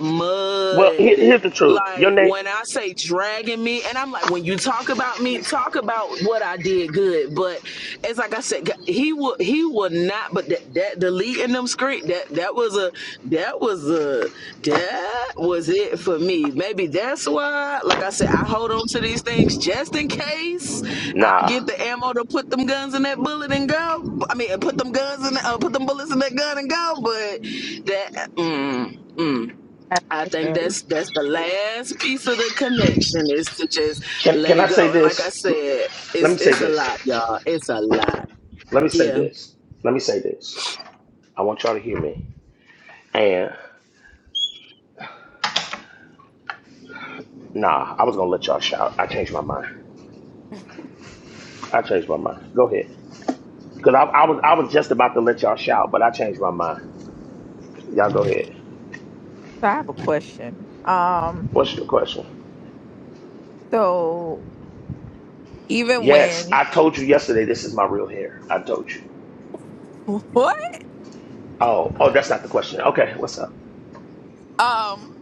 Speaker 12: Well, here,
Speaker 21: mud.
Speaker 12: here's the truth. Your
Speaker 21: Like
Speaker 12: name,
Speaker 21: when I say dragging me, and I'm like, when you talk about me, talk about what I did good. But it's like I said, he would he would not. But that that deleting them screen that that was a that was a that was it for me. Maybe that's why. Like I said, I hold on to these things just in case I
Speaker 12: nah.
Speaker 21: get the ammo to put them guns in that bullet and go. I mean, put them guns in, uh, put them bullets in that gun and go. But that, uh, mm, mm, I think that's that's the last piece of the connection is to just
Speaker 12: Can
Speaker 21: let
Speaker 12: can
Speaker 21: it
Speaker 12: I say
Speaker 21: go. And like I
Speaker 12: this?
Speaker 21: said,
Speaker 12: Let me
Speaker 21: it's
Speaker 12: say
Speaker 21: it's a
Speaker 12: this.
Speaker 21: lot, y'all. It's a lot.
Speaker 12: Let me say
Speaker 21: Yeah,
Speaker 12: this. Let me say this. I want y'all to hear me. And nah, I was gonna let y'all shout. I changed my mind. I changed my mind. Go ahead. Cause I, I was I was just about to let y'all shout, but I changed my mind. Y'all go ahead.
Speaker 13: So I have a question. Um,
Speaker 12: What's your question?
Speaker 13: so even
Speaker 12: Yes,
Speaker 13: when
Speaker 12: I told you yesterday. This is my real hair. I told you.
Speaker 13: what?
Speaker 12: Oh, oh, that's not the question. Okay, what's up?
Speaker 13: Um,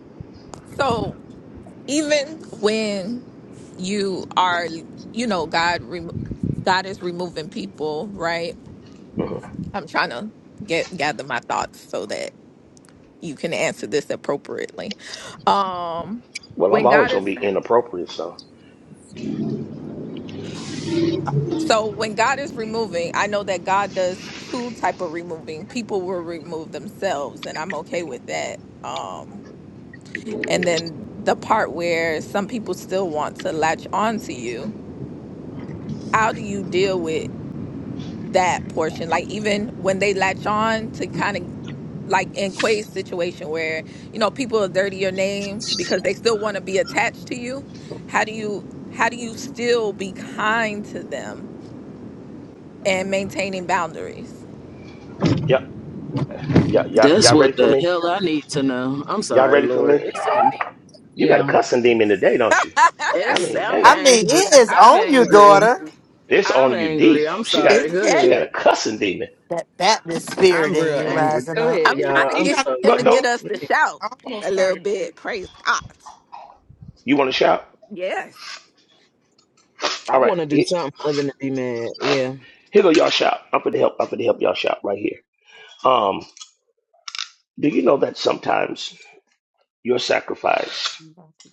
Speaker 13: so even when you are, you know, God, remo God is removing people, right?
Speaker 12: hmm
Speaker 13: I'm trying to get gather my thoughts so that you can answer this appropriately. Um,
Speaker 12: Well, I'm
Speaker 13: when God
Speaker 12: always gonna
Speaker 13: is
Speaker 12: be inappropriate, so
Speaker 13: so when God is removing, I know that God does two type of removing. People will remove themselves, and I'm okay with that. Um And then the part where some people still want to latch on to you, how do you deal with that portion? Like even when they latch on to kind of like in Quay's situation where, you know, people are dirty your name because they still want to be attached to you. How do you how do you still be kind to them and maintaining boundaries?
Speaker 12: yep, yeah, you
Speaker 21: that's
Speaker 12: y'all ready
Speaker 21: what
Speaker 12: for
Speaker 21: the
Speaker 12: me?
Speaker 21: hell I need to know. I'm
Speaker 12: Y'all
Speaker 21: sorry,
Speaker 12: ready for
Speaker 21: Lord.
Speaker 12: me?
Speaker 21: It's on me.
Speaker 12: You got a
Speaker 21: Yeah,
Speaker 12: cussing demon today, don't you? I
Speaker 21: it's
Speaker 12: mean,
Speaker 1: dude.
Speaker 21: I'm
Speaker 12: damn,
Speaker 22: I mean,
Speaker 21: angry.
Speaker 22: it is
Speaker 21: I'm
Speaker 22: on you,
Speaker 21: angry.
Speaker 22: daughter.
Speaker 12: this
Speaker 21: I'm
Speaker 12: on you
Speaker 21: angry.
Speaker 12: deep.
Speaker 21: I'm
Speaker 12: She got,
Speaker 21: sorry.
Speaker 13: it's
Speaker 21: Go
Speaker 12: she got
Speaker 21: ahead.
Speaker 12: a
Speaker 13: heavy.
Speaker 12: cussing demon.
Speaker 22: That Baptist
Speaker 21: I'm
Speaker 22: spirit in
Speaker 21: real
Speaker 22: you
Speaker 21: angry.
Speaker 22: rising
Speaker 21: Go ahead,
Speaker 13: I'm
Speaker 22: up.
Speaker 21: y'all.
Speaker 13: trying to
Speaker 21: I'm
Speaker 11: You
Speaker 13: get
Speaker 11: got
Speaker 21: sorry.
Speaker 13: him to
Speaker 12: But no,
Speaker 11: I
Speaker 13: get us to shout a
Speaker 11: almost
Speaker 13: little
Speaker 11: started.
Speaker 13: bit. Praise God.
Speaker 12: you want to shout?
Speaker 13: Yes.
Speaker 21: I
Speaker 12: All right,
Speaker 21: want to do
Speaker 12: here,
Speaker 21: something other than be mad. Yeah.
Speaker 12: here go y'all shout. I'm for the help. I'm for the help y'all shout right here. Um, do you know that sometimes your sacrifice
Speaker 1: I'm about to-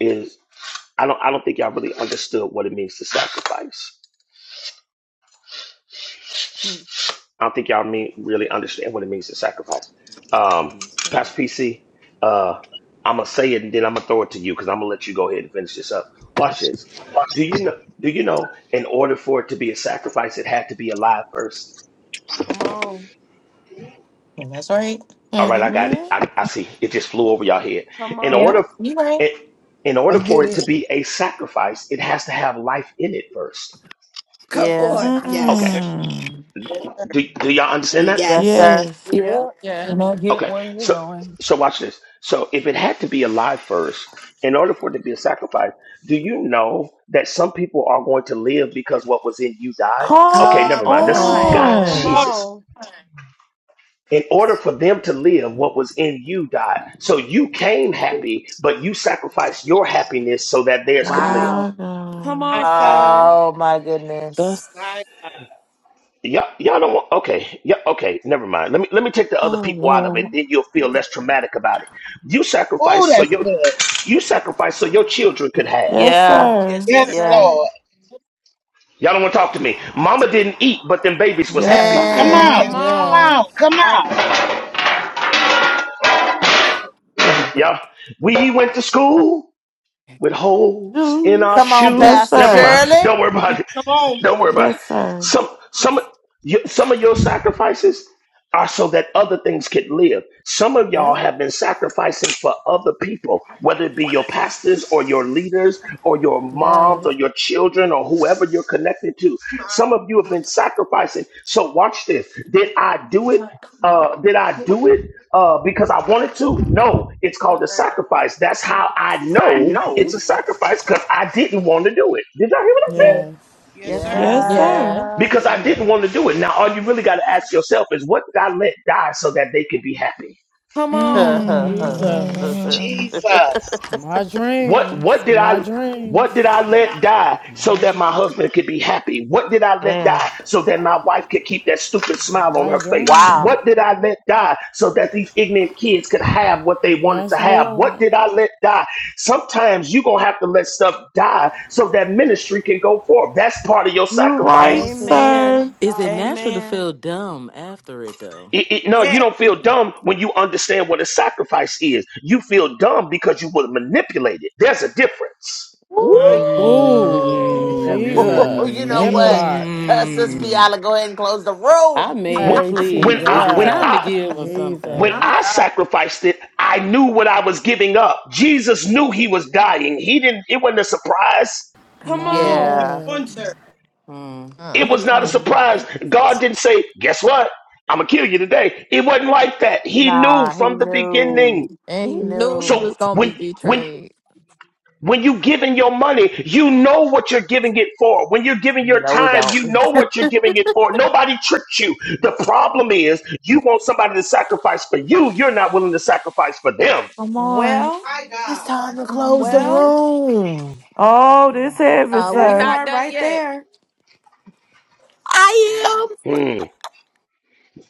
Speaker 12: is? I don't. I don't think y'all really understood what it means to sacrifice.
Speaker 1: mm,
Speaker 12: I don't think y'all mean really understand what it means to sacrifice. Um,
Speaker 1: I'm sorry.
Speaker 12: Pastor PC, uh, I'm gonna say it and then I'm gonna throw it to you because I'm gonna let you go ahead and finish this up. Watch this. Do you know? Do you know? In order for it to be a sacrifice, it had to be alive first.
Speaker 1: Come on.
Speaker 20: That's right.
Speaker 12: All right,
Speaker 20: hmm
Speaker 12: I got it.
Speaker 3: What?
Speaker 12: I, I see. It just flew over y'all head.
Speaker 1: Come
Speaker 12: In
Speaker 20: Yep.
Speaker 12: order,
Speaker 1: on.
Speaker 20: You right.
Speaker 12: it, in order for it to be a sacrifice, it has to have life in it first.
Speaker 18: Come
Speaker 22: Yeah.
Speaker 18: on.
Speaker 11: Yes,
Speaker 12: Okay.
Speaker 18: Yes.
Speaker 11: sir.
Speaker 1: Mm-hmm.
Speaker 3: Mm,
Speaker 11: Yes, sir.
Speaker 12: Do do y'all understand
Speaker 18: Mm,
Speaker 12: that?
Speaker 22: Yes,
Speaker 18: Yes.
Speaker 22: sir.
Speaker 3: yes.
Speaker 11: Yes,
Speaker 1: Yep.
Speaker 21: Yeah.
Speaker 13: Yes.
Speaker 21: And I get
Speaker 12: Okay,
Speaker 21: where you're
Speaker 12: so
Speaker 21: going.
Speaker 12: so watch this. So if it had to be alive first, in order for it to be a sacrifice, do you know that some people are going to live because what was in you died? Okay,
Speaker 3: Come
Speaker 12: never
Speaker 18: Come
Speaker 12: mind. This is
Speaker 18: on.
Speaker 12: God,
Speaker 1: Come
Speaker 3: on.
Speaker 11: Lord.
Speaker 13: Oh,
Speaker 12: Jesus.
Speaker 1: on.
Speaker 12: In order for them to live, what was in you died. So you came happy, but you sacrificed your happiness so that theirs could live.
Speaker 18: Wow.
Speaker 3: My
Speaker 1: Come
Speaker 3: God.
Speaker 11: My
Speaker 1: on,
Speaker 11: God.
Speaker 1: sir.
Speaker 22: Oh, my
Speaker 21: That's
Speaker 22: goodness.
Speaker 11: My God.
Speaker 12: Y'all, y'all don't want. Okay, yeah, okay, never mind. Let me let me take the other
Speaker 21: oh
Speaker 12: people out of it.
Speaker 21: Lord.
Speaker 12: Then you'll feel less traumatic about it. You
Speaker 17: Oh,
Speaker 12: sacrificed so
Speaker 17: that's
Speaker 12: your
Speaker 17: good.
Speaker 12: you sacrificed so your children could have.
Speaker 3: Yes,
Speaker 22: Yeah.
Speaker 11: Yes,
Speaker 3: sir.
Speaker 11: sir.
Speaker 1: Yes,
Speaker 17: Yes,
Speaker 22: Yeah.
Speaker 1: sir.
Speaker 17: Lord.
Speaker 12: Y'all don't want to talk to me. Mama didn't eat, but them babies was
Speaker 3: Yes,
Speaker 12: happy.
Speaker 5: Yes.
Speaker 13: come
Speaker 17: Come
Speaker 3: sir.
Speaker 17: on.
Speaker 22: Man.
Speaker 1: Come
Speaker 11: Yes,
Speaker 13: on.
Speaker 11: sir.
Speaker 5: Yes.
Speaker 17: Come on.
Speaker 1: on.
Speaker 17: Come
Speaker 11: All
Speaker 17: on.
Speaker 11: right.
Speaker 12: Yeah. We went to school with holes in our
Speaker 3: Juice.
Speaker 22: Come on,
Speaker 1: And I
Speaker 3: Yes,
Speaker 12: shoes.
Speaker 22: Pastor
Speaker 12: Never
Speaker 1: see.
Speaker 3: sir.
Speaker 12: mind.
Speaker 22: Shirley.
Speaker 12: Don't worry about it.
Speaker 11: Come on.
Speaker 12: Don't worry about it.
Speaker 3: Yes, sir.
Speaker 12: Some some you- some of your sacrifices. are so that other things could live. Some of y'all
Speaker 1: Yep.
Speaker 12: have been sacrificing for other people, whether it be your pastors or your leaders or your moms or
Speaker 5: Yes.
Speaker 12: your children or whoever you're connected to.
Speaker 11: My,
Speaker 12: Some of you have been sacrificing. So watch this. Did I do it? Uh, did I do it uh, because I wanted to? No, it's called a sacrifice. That's how I know it's a sacrifice because I didn't want to do it. Did y'all hear what I
Speaker 1: Yeah.
Speaker 12: said?
Speaker 5: Yes.
Speaker 11: yes,
Speaker 5: Yes.
Speaker 1: Yes,
Speaker 11: sir.
Speaker 1: sir.
Speaker 3: Yes,
Speaker 5: Yes.
Speaker 3: sir.
Speaker 13: Yeah.
Speaker 22: Yeah.
Speaker 12: because I
Speaker 22: yeah.
Speaker 12: didn't want to do it. Now, all you really got to ask yourself is, what did I let die so that they could be happy?
Speaker 1: Come
Speaker 11: My
Speaker 1: on.
Speaker 3: Mm.
Speaker 5: Jesus.
Speaker 13: Mm.
Speaker 17: Jesus.
Speaker 5: My
Speaker 12: What what
Speaker 5: dreams,
Speaker 12: did
Speaker 5: my
Speaker 12: I what did
Speaker 5: dreams,
Speaker 12: I let die so
Speaker 5: my
Speaker 12: that
Speaker 5: dr-
Speaker 12: my husband could be happy? What did I let
Speaker 22: Mm,
Speaker 12: die so that my wife could keep that stupid smile on
Speaker 5: my
Speaker 12: her face?
Speaker 22: wow.
Speaker 5: dreams.
Speaker 12: What did I let die so that these ignorant kids could have what they wanted to
Speaker 5: Yes,
Speaker 12: have? What
Speaker 5: Lord.
Speaker 12: did I let die? Sometimes you're going to have to let stuff die so that ministry can go forward. That's part of your
Speaker 3: You're right,
Speaker 12: sacrifice.
Speaker 5: Yes, Lord.
Speaker 1: Amen.
Speaker 3: sir.
Speaker 21: Is it
Speaker 11: God.
Speaker 21: natural to
Speaker 1: Amen.
Speaker 21: feel dumb after it though?
Speaker 12: It, it- no, you
Speaker 11: Yes.
Speaker 12: don't feel dumb when you understand what a sacrifice is. You feel dumb because you were manipulated. There's a difference.
Speaker 22: Woo!
Speaker 11: My,
Speaker 13: Woo.
Speaker 5: Ooh,
Speaker 7: Ooh, that's good.
Speaker 5: Jesus,
Speaker 22: you know
Speaker 5: that
Speaker 11: Woo.
Speaker 22: what?
Speaker 5: part.
Speaker 22: Uh, Sis
Speaker 21: Mm.
Speaker 22: Kiala, go ahead and close the
Speaker 21: I
Speaker 22: room.
Speaker 21: mean,
Speaker 12: Wh-
Speaker 5: Mighty
Speaker 12: When
Speaker 21: please, is
Speaker 12: I
Speaker 21: it
Speaker 12: when
Speaker 21: time
Speaker 5: God,
Speaker 21: to
Speaker 12: I
Speaker 21: give or something?
Speaker 12: when
Speaker 5: Jesus,
Speaker 11: my
Speaker 12: I
Speaker 11: God.
Speaker 12: sacrificed it, I knew what I was giving up. Jesus knew he was dying. He didn't. It wasn't a surprise.
Speaker 1: Come
Speaker 5: mighty
Speaker 11: Come
Speaker 1: on.
Speaker 22: Yeah.
Speaker 5: God.
Speaker 11: on, sir.
Speaker 21: Mm.
Speaker 12: It
Speaker 13: Uh,
Speaker 12: was not a
Speaker 21: Um,
Speaker 12: surprise. God didn't say, "Guess what? I'm gonna kill you today." It wasn't like that. He knew
Speaker 22: Nah, he
Speaker 12: from the
Speaker 22: knew.
Speaker 12: beginning.
Speaker 13: and he
Speaker 22: He
Speaker 13: knew he
Speaker 22: knew.
Speaker 13: was
Speaker 12: So
Speaker 13: going to
Speaker 12: when
Speaker 13: be
Speaker 12: when
Speaker 13: betrayed.
Speaker 12: When you giving your money, you know what you're giving it for. When you're giving your
Speaker 22: No, we
Speaker 12: time,
Speaker 22: don't.
Speaker 12: you know what you're giving it for. Nobody tricked you. The problem is you want somebody to sacrifice for you. You're not willing to sacrifice for them.
Speaker 3: Come on.
Speaker 1: Well,
Speaker 11: My
Speaker 22: It's
Speaker 11: God.
Speaker 22: time to close the
Speaker 3: Mhm.
Speaker 1: well,
Speaker 22: room.
Speaker 3: Oh, this heavy,
Speaker 13: Uh, we
Speaker 1: that
Speaker 3: sir.
Speaker 13: not
Speaker 1: part
Speaker 13: done
Speaker 1: right
Speaker 13: yet.
Speaker 1: there.
Speaker 22: I
Speaker 12: Hmm.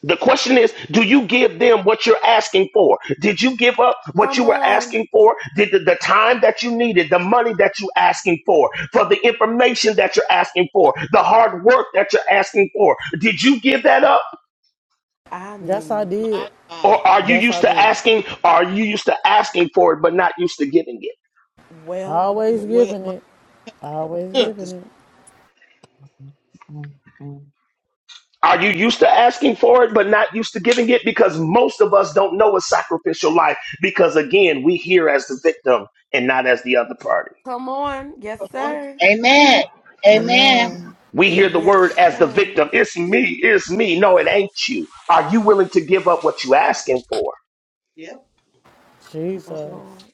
Speaker 12: The question is, do you give them what you're asking for? Did you give up what you
Speaker 1: Come
Speaker 12: were
Speaker 1: on.
Speaker 12: asking for? Did the, the time that you needed, the money that you asking for, for the information that you're asking for, the hard work that you're asking for, did you give that up?
Speaker 1: I
Speaker 5: That's I
Speaker 1: mean,
Speaker 5: did.
Speaker 11: My God.
Speaker 12: Or are you
Speaker 5: That's
Speaker 12: used
Speaker 5: I
Speaker 12: to
Speaker 5: did.
Speaker 12: asking? Are you used to asking for it but not used to giving it?
Speaker 1: well,
Speaker 5: Always
Speaker 11: What,
Speaker 5: giving
Speaker 11: my,
Speaker 5: it. Always
Speaker 11: huh, this-
Speaker 5: giving it.
Speaker 21: mm, mm.
Speaker 12: Are you used to asking for it but not used to giving it? Because most of us don't know a sacrificial life because, again, we hear as the victim and not as the other party.
Speaker 1: come on. Yes,
Speaker 11: come on.
Speaker 1: sir.
Speaker 17: Amen. Amen.
Speaker 5: Amen.
Speaker 12: We hear the word
Speaker 1: Yes,
Speaker 12: as the
Speaker 1: sir.
Speaker 12: victim. It's me, it's me. No, it ain't you. Are you willing to give up what you asking for?
Speaker 11: Yep.
Speaker 1: My
Speaker 5: Jesus,
Speaker 1: Lord.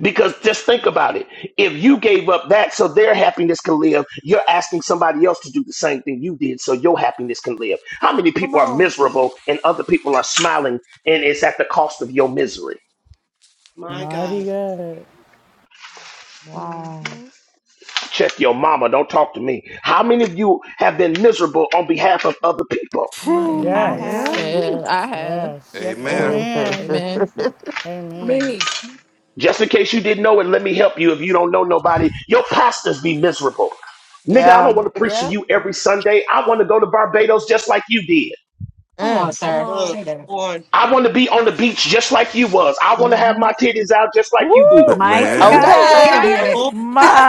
Speaker 12: Because just think about it. If you gave up that so their happiness can live, you're asking somebody else to do the same thing you did so your happiness can live. How many
Speaker 1: Come
Speaker 12: people are
Speaker 1: on.
Speaker 12: miserable and other people are smiling and it's at the cost of your misery?
Speaker 11: My
Speaker 5: mighty
Speaker 11: God.
Speaker 5: God.
Speaker 3: Wow.
Speaker 1: hmm
Speaker 12: Check your mama. Don't talk to me. How many of you have been miserable on behalf of other people?
Speaker 13: My
Speaker 1: I
Speaker 13: God.
Speaker 1: have.
Speaker 3: Yep.
Speaker 5: Yes,
Speaker 22: am.
Speaker 13: Yeah,
Speaker 11: Woo.
Speaker 13: I have.
Speaker 5: yes.
Speaker 1: Yes,
Speaker 19: Amen.
Speaker 1: sir.
Speaker 5: Amen.
Speaker 13: Amen.
Speaker 5: Amen.
Speaker 24: me.
Speaker 12: Just in case you didn't know it, let me help you. If you don't know nobody, your pastors be miserable. Nigga, I don't
Speaker 22: yeah.
Speaker 12: want to preach to
Speaker 1: Yep.
Speaker 12: you every Sunday. I want to go to Barbados just like you did.
Speaker 20: Come on,
Speaker 22: Mm.
Speaker 1: Come
Speaker 20: sir.
Speaker 11: Uh,
Speaker 1: on.
Speaker 20: Say that.
Speaker 11: come on.
Speaker 12: I want to be on the beach just like you was. I want to have
Speaker 20: hmm
Speaker 12: my titties out just like you did.
Speaker 3: Woo!
Speaker 15: Mighty
Speaker 1: Wait,
Speaker 13: You got
Speaker 19: Man.
Speaker 13: to
Speaker 1: wait,
Speaker 13: cut
Speaker 20: Wait
Speaker 22: Okay.
Speaker 20: a
Speaker 15: God.
Speaker 1: sir.
Speaker 13: these.
Speaker 11: Come
Speaker 20: minute.
Speaker 1: Wait.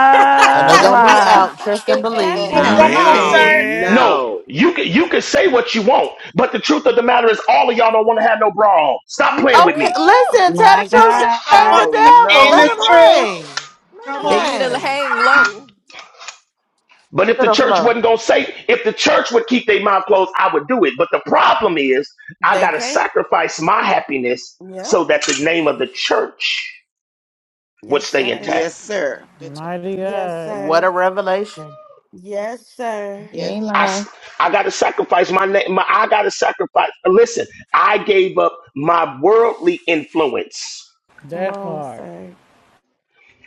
Speaker 22: And they
Speaker 5: What?
Speaker 22: gonna be
Speaker 3: my.
Speaker 22: out, trust and believe.
Speaker 20: Wait
Speaker 1: Pastor
Speaker 17: Oh,
Speaker 20: a
Speaker 25: Oh,
Speaker 17: come on,
Speaker 20: minute.
Speaker 1: J.
Speaker 25: oh
Speaker 17: sir.
Speaker 19: Man.
Speaker 12: No,
Speaker 25: no.
Speaker 12: you can you can say what you want, but the truth of the matter is all of y'all don't want to have no bra on. Stop
Speaker 3: Woo!
Speaker 12: playing with
Speaker 22: Okay,
Speaker 12: me.
Speaker 22: listen, tell the
Speaker 15: My
Speaker 22: truth,
Speaker 25: Oh,
Speaker 11: on. Come
Speaker 22: shame
Speaker 15: God.
Speaker 11: on,
Speaker 22: the
Speaker 25: oh no,
Speaker 11: sir.
Speaker 22: devil.
Speaker 17: And
Speaker 25: no.
Speaker 17: the
Speaker 22: Let him
Speaker 25: no.
Speaker 17: truth.
Speaker 22: hang. Let
Speaker 11: Come
Speaker 22: him
Speaker 1: I
Speaker 13: they
Speaker 11: on,
Speaker 13: need to
Speaker 11: sir.
Speaker 22: hang.
Speaker 1: can't.
Speaker 13: hang low.
Speaker 12: But if
Speaker 22: To
Speaker 12: the
Speaker 22: the
Speaker 12: church
Speaker 22: flow.
Speaker 12: wasn't gonna say, if the church would keep their mouth closed, I would do it. But the problem is I
Speaker 1: They
Speaker 12: gotta
Speaker 1: can't.
Speaker 12: sacrifice my happiness
Speaker 1: Yep.
Speaker 12: so that the name of the church would
Speaker 1: Yes,
Speaker 12: stay
Speaker 1: sir.
Speaker 12: intact.
Speaker 25: Yes, sir.
Speaker 11: That's,
Speaker 5: Mighty
Speaker 1: Yes,
Speaker 5: God,
Speaker 1: sir.
Speaker 22: What a revelation.
Speaker 1: Yes, sir.
Speaker 20: You
Speaker 11: yes.
Speaker 20: ain't
Speaker 12: I, s-
Speaker 20: lying,
Speaker 12: I gotta sacrifice my name. My, I gotta sacrifice. Listen, I gave up my worldly influence
Speaker 1: Come
Speaker 5: that
Speaker 1: on,
Speaker 5: part.
Speaker 1: sir.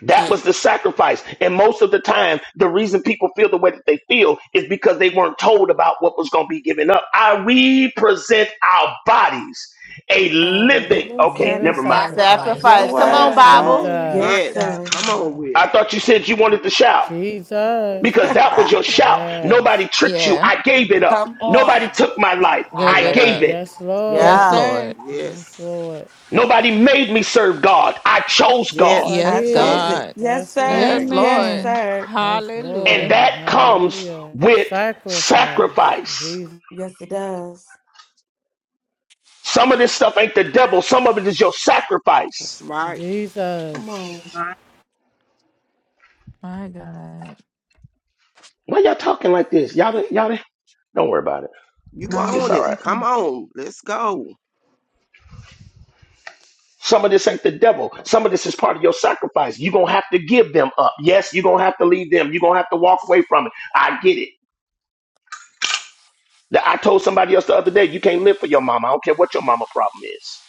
Speaker 12: That
Speaker 11: sir.
Speaker 12: was the sacrifice. And most of the time, the reason people feel the way that they feel is because they weren't told about what was going to be given up. I we present our bodies a
Speaker 1: A
Speaker 12: living.
Speaker 1: living
Speaker 12: Okay,
Speaker 5: Living
Speaker 12: never mind.
Speaker 1: sacrifice.
Speaker 18: Sacrifice.
Speaker 3: What
Speaker 5: sacrifice.
Speaker 3: the
Speaker 22: Sacrifice.
Speaker 1: Yes,
Speaker 18: Yes,
Speaker 22: Come on,
Speaker 3: word
Speaker 18: sir.
Speaker 1: sir.
Speaker 22: Bible.
Speaker 3: say?
Speaker 5: Jesus.
Speaker 11: My
Speaker 1: Yes,
Speaker 25: Yes.
Speaker 11: God.
Speaker 1: sir.
Speaker 25: Come on with
Speaker 12: I
Speaker 25: it.
Speaker 12: thought you said you wanted to shout
Speaker 5: Jesus.
Speaker 12: because that was your shout.
Speaker 5: Yes.
Speaker 12: Nobody tricked you.
Speaker 13: Yeah.
Speaker 12: I gave it up.
Speaker 18: Come
Speaker 12: Nobody
Speaker 18: on.
Speaker 12: took my life.
Speaker 22: I
Speaker 13: Gave
Speaker 12: I
Speaker 13: it
Speaker 22: lay
Speaker 12: gave
Speaker 13: up.
Speaker 12: it.
Speaker 22: with
Speaker 5: Yes,
Speaker 1: yes,
Speaker 13: Yes,
Speaker 5: Lord.
Speaker 22: yeah.
Speaker 13: Lord.
Speaker 1: sir.
Speaker 5: Yes,
Speaker 25: Yes.
Speaker 5: Lord.
Speaker 12: Nobody made me serve God. I chose God.
Speaker 5: Yes, I
Speaker 25: Yes.
Speaker 1: I
Speaker 13: Yes,
Speaker 1: chose
Speaker 5: did.
Speaker 25: Yes.
Speaker 1: it.
Speaker 13: God.
Speaker 1: Yes,
Speaker 5: Yes, Lord.
Speaker 1: sir.
Speaker 13: Yes,
Speaker 1: Yes,
Speaker 13: Lord.
Speaker 3: Amen.
Speaker 1: sir.
Speaker 5: Yes,
Speaker 12: And
Speaker 13: Hallelujah.
Speaker 5: Lord.
Speaker 12: that comes
Speaker 5: Hallelujah.
Speaker 12: with
Speaker 5: Sacrifice.
Speaker 12: sacrifice.
Speaker 5: Jesus.
Speaker 1: Yes, it does.
Speaker 12: Some of this stuff ain't the devil. Some of it is your
Speaker 25: That's
Speaker 12: sacrifice.
Speaker 25: right.
Speaker 5: Jesus.
Speaker 1: Come on.
Speaker 11: My,
Speaker 13: My God.
Speaker 12: Why y'all talking like this? Y'all, y'all, don't worry about it.
Speaker 25: You
Speaker 12: It's
Speaker 25: own
Speaker 13: Nah,
Speaker 12: all
Speaker 25: it.
Speaker 12: right.
Speaker 13: keep
Speaker 25: Come
Speaker 13: going.
Speaker 25: on. Let's go.
Speaker 12: Some of this ain't the devil. Some of this is part of your sacrifice. You're going to have to give them up. Yes, you're going to have to leave them. You're going to have to walk away from it. I get it. That- I told somebody else the other day, you can't live for your mama. I don't care what your mama problem is.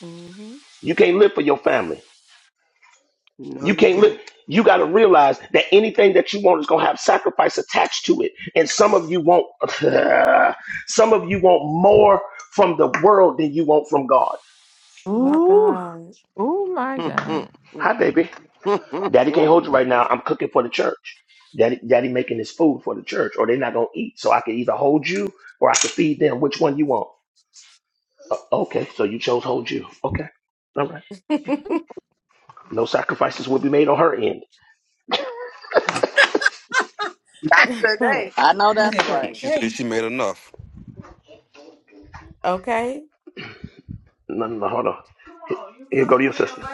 Speaker 1: hmm
Speaker 12: You can't live for your family.
Speaker 25: No,
Speaker 12: You
Speaker 25: you
Speaker 12: can't look.
Speaker 25: can't.
Speaker 12: You got to realize that anything that you want is going to have sacrifice attached to it. And some of you want, some of you want more from the world than you want from God.
Speaker 1: My
Speaker 3: Ooh.
Speaker 1: God.
Speaker 13: Oh, my God.
Speaker 12: Hi, baby. Daddy can't hold you right now. I'm cooking for the church. Daddy, daddy making this food for the church, or they're not going to eat. So I can either hold you or I can feed them. Which one you want? Uh, okay. So you chose hold you. Okay. All right. No sacrifices will be made on her end.
Speaker 10: Not today.
Speaker 7: I know
Speaker 11: he
Speaker 7: that's
Speaker 11: said,
Speaker 7: right.
Speaker 19: She said
Speaker 11: hey.
Speaker 19: she made enough.
Speaker 1: okay.
Speaker 12: No, no, no. Hold on. Here go to your sister.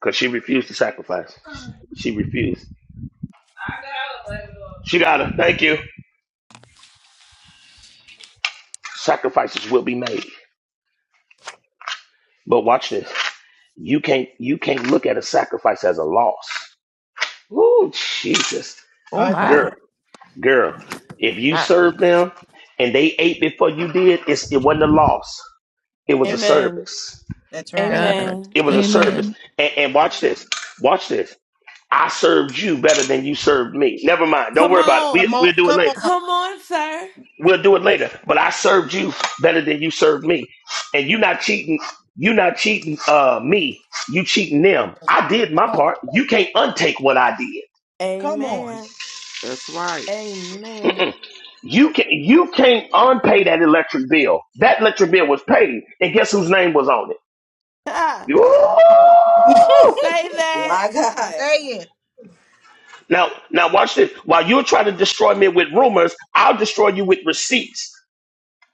Speaker 12: Because she refused to sacrifice. She refused. She got it. Thank you. Sacrifices will be made. But watch this. You can't you can't look at a sacrifice as a loss. Ooh, Jesus.
Speaker 13: Oh,
Speaker 11: My
Speaker 13: my.
Speaker 12: Girl,
Speaker 11: God.
Speaker 12: girl, if you
Speaker 13: Not
Speaker 12: served them and they ate before you did, it's, it wasn't a loss. It was a
Speaker 11: That's right.
Speaker 1: Amen.
Speaker 12: service.
Speaker 11: That's right.
Speaker 13: God.
Speaker 1: Amen.
Speaker 12: It was a service.
Speaker 13: Amen.
Speaker 12: And, and watch this. Watch this. I served you better than you served me. Never mind. Don't
Speaker 1: Come
Speaker 12: worry about it. We,
Speaker 1: on.
Speaker 11: Come
Speaker 12: we'll
Speaker 11: on.
Speaker 12: do it
Speaker 11: Come
Speaker 12: later.
Speaker 11: on,
Speaker 1: Come on, sir.
Speaker 12: We'll do it
Speaker 11: sir.
Speaker 12: later. But I served you better than you served me. And you not cheating. You not cheating uh, me. You cheating them. I did
Speaker 11: Come
Speaker 12: my
Speaker 11: on.
Speaker 12: part. You can't untake what I did.
Speaker 11: Come on.
Speaker 1: Amen.
Speaker 25: That's right.
Speaker 1: Amen.
Speaker 12: You can you can't unpay that electric bill. That electric bill was paid, and guess whose name was on it?
Speaker 1: Say
Speaker 11: on.
Speaker 12: Ooh!
Speaker 1: that.
Speaker 18: My God.
Speaker 11: Say it.
Speaker 12: Now now watch this. While you're trying to destroy me with rumors, I'll destroy you with receipts.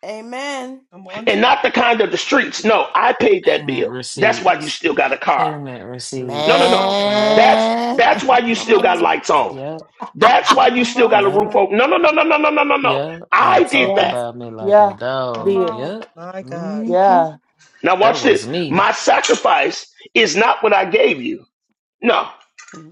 Speaker 1: Amen.
Speaker 11: Come on,
Speaker 12: And
Speaker 11: Sam.
Speaker 12: not the kind of the streets. No, I paid that
Speaker 21: Payment
Speaker 12: bill. That's why you
Speaker 21: receipts.
Speaker 12: still got a car.
Speaker 21: Payment
Speaker 12: No, no,
Speaker 1: Come
Speaker 21: receipts.
Speaker 1: on,
Speaker 12: no.
Speaker 1: sir.
Speaker 21: Yep,
Speaker 12: That's
Speaker 22: Man.
Speaker 12: that's why you
Speaker 1: Come
Speaker 12: still got
Speaker 1: on.
Speaker 12: lights on.
Speaker 21: yep,
Speaker 12: That's why you
Speaker 1: Come
Speaker 12: still got
Speaker 1: on,
Speaker 12: a
Speaker 21: yep.
Speaker 12: roof over.
Speaker 1: sir.
Speaker 12: No, no, no, no, no, no, no, no, no.
Speaker 21: Yeah,
Speaker 12: I
Speaker 21: and
Speaker 12: did
Speaker 21: talk
Speaker 22: Yeah.
Speaker 12: that.
Speaker 21: about me like a
Speaker 22: Yeah.
Speaker 1: Come
Speaker 22: Be
Speaker 21: dog.
Speaker 22: it.
Speaker 1: on.
Speaker 21: Yep.
Speaker 11: My God.
Speaker 21: hmm
Speaker 22: Yeah.
Speaker 12: Now
Speaker 21: That
Speaker 12: watch this.
Speaker 21: was me.
Speaker 12: My sacrifice is not what I gave you. No,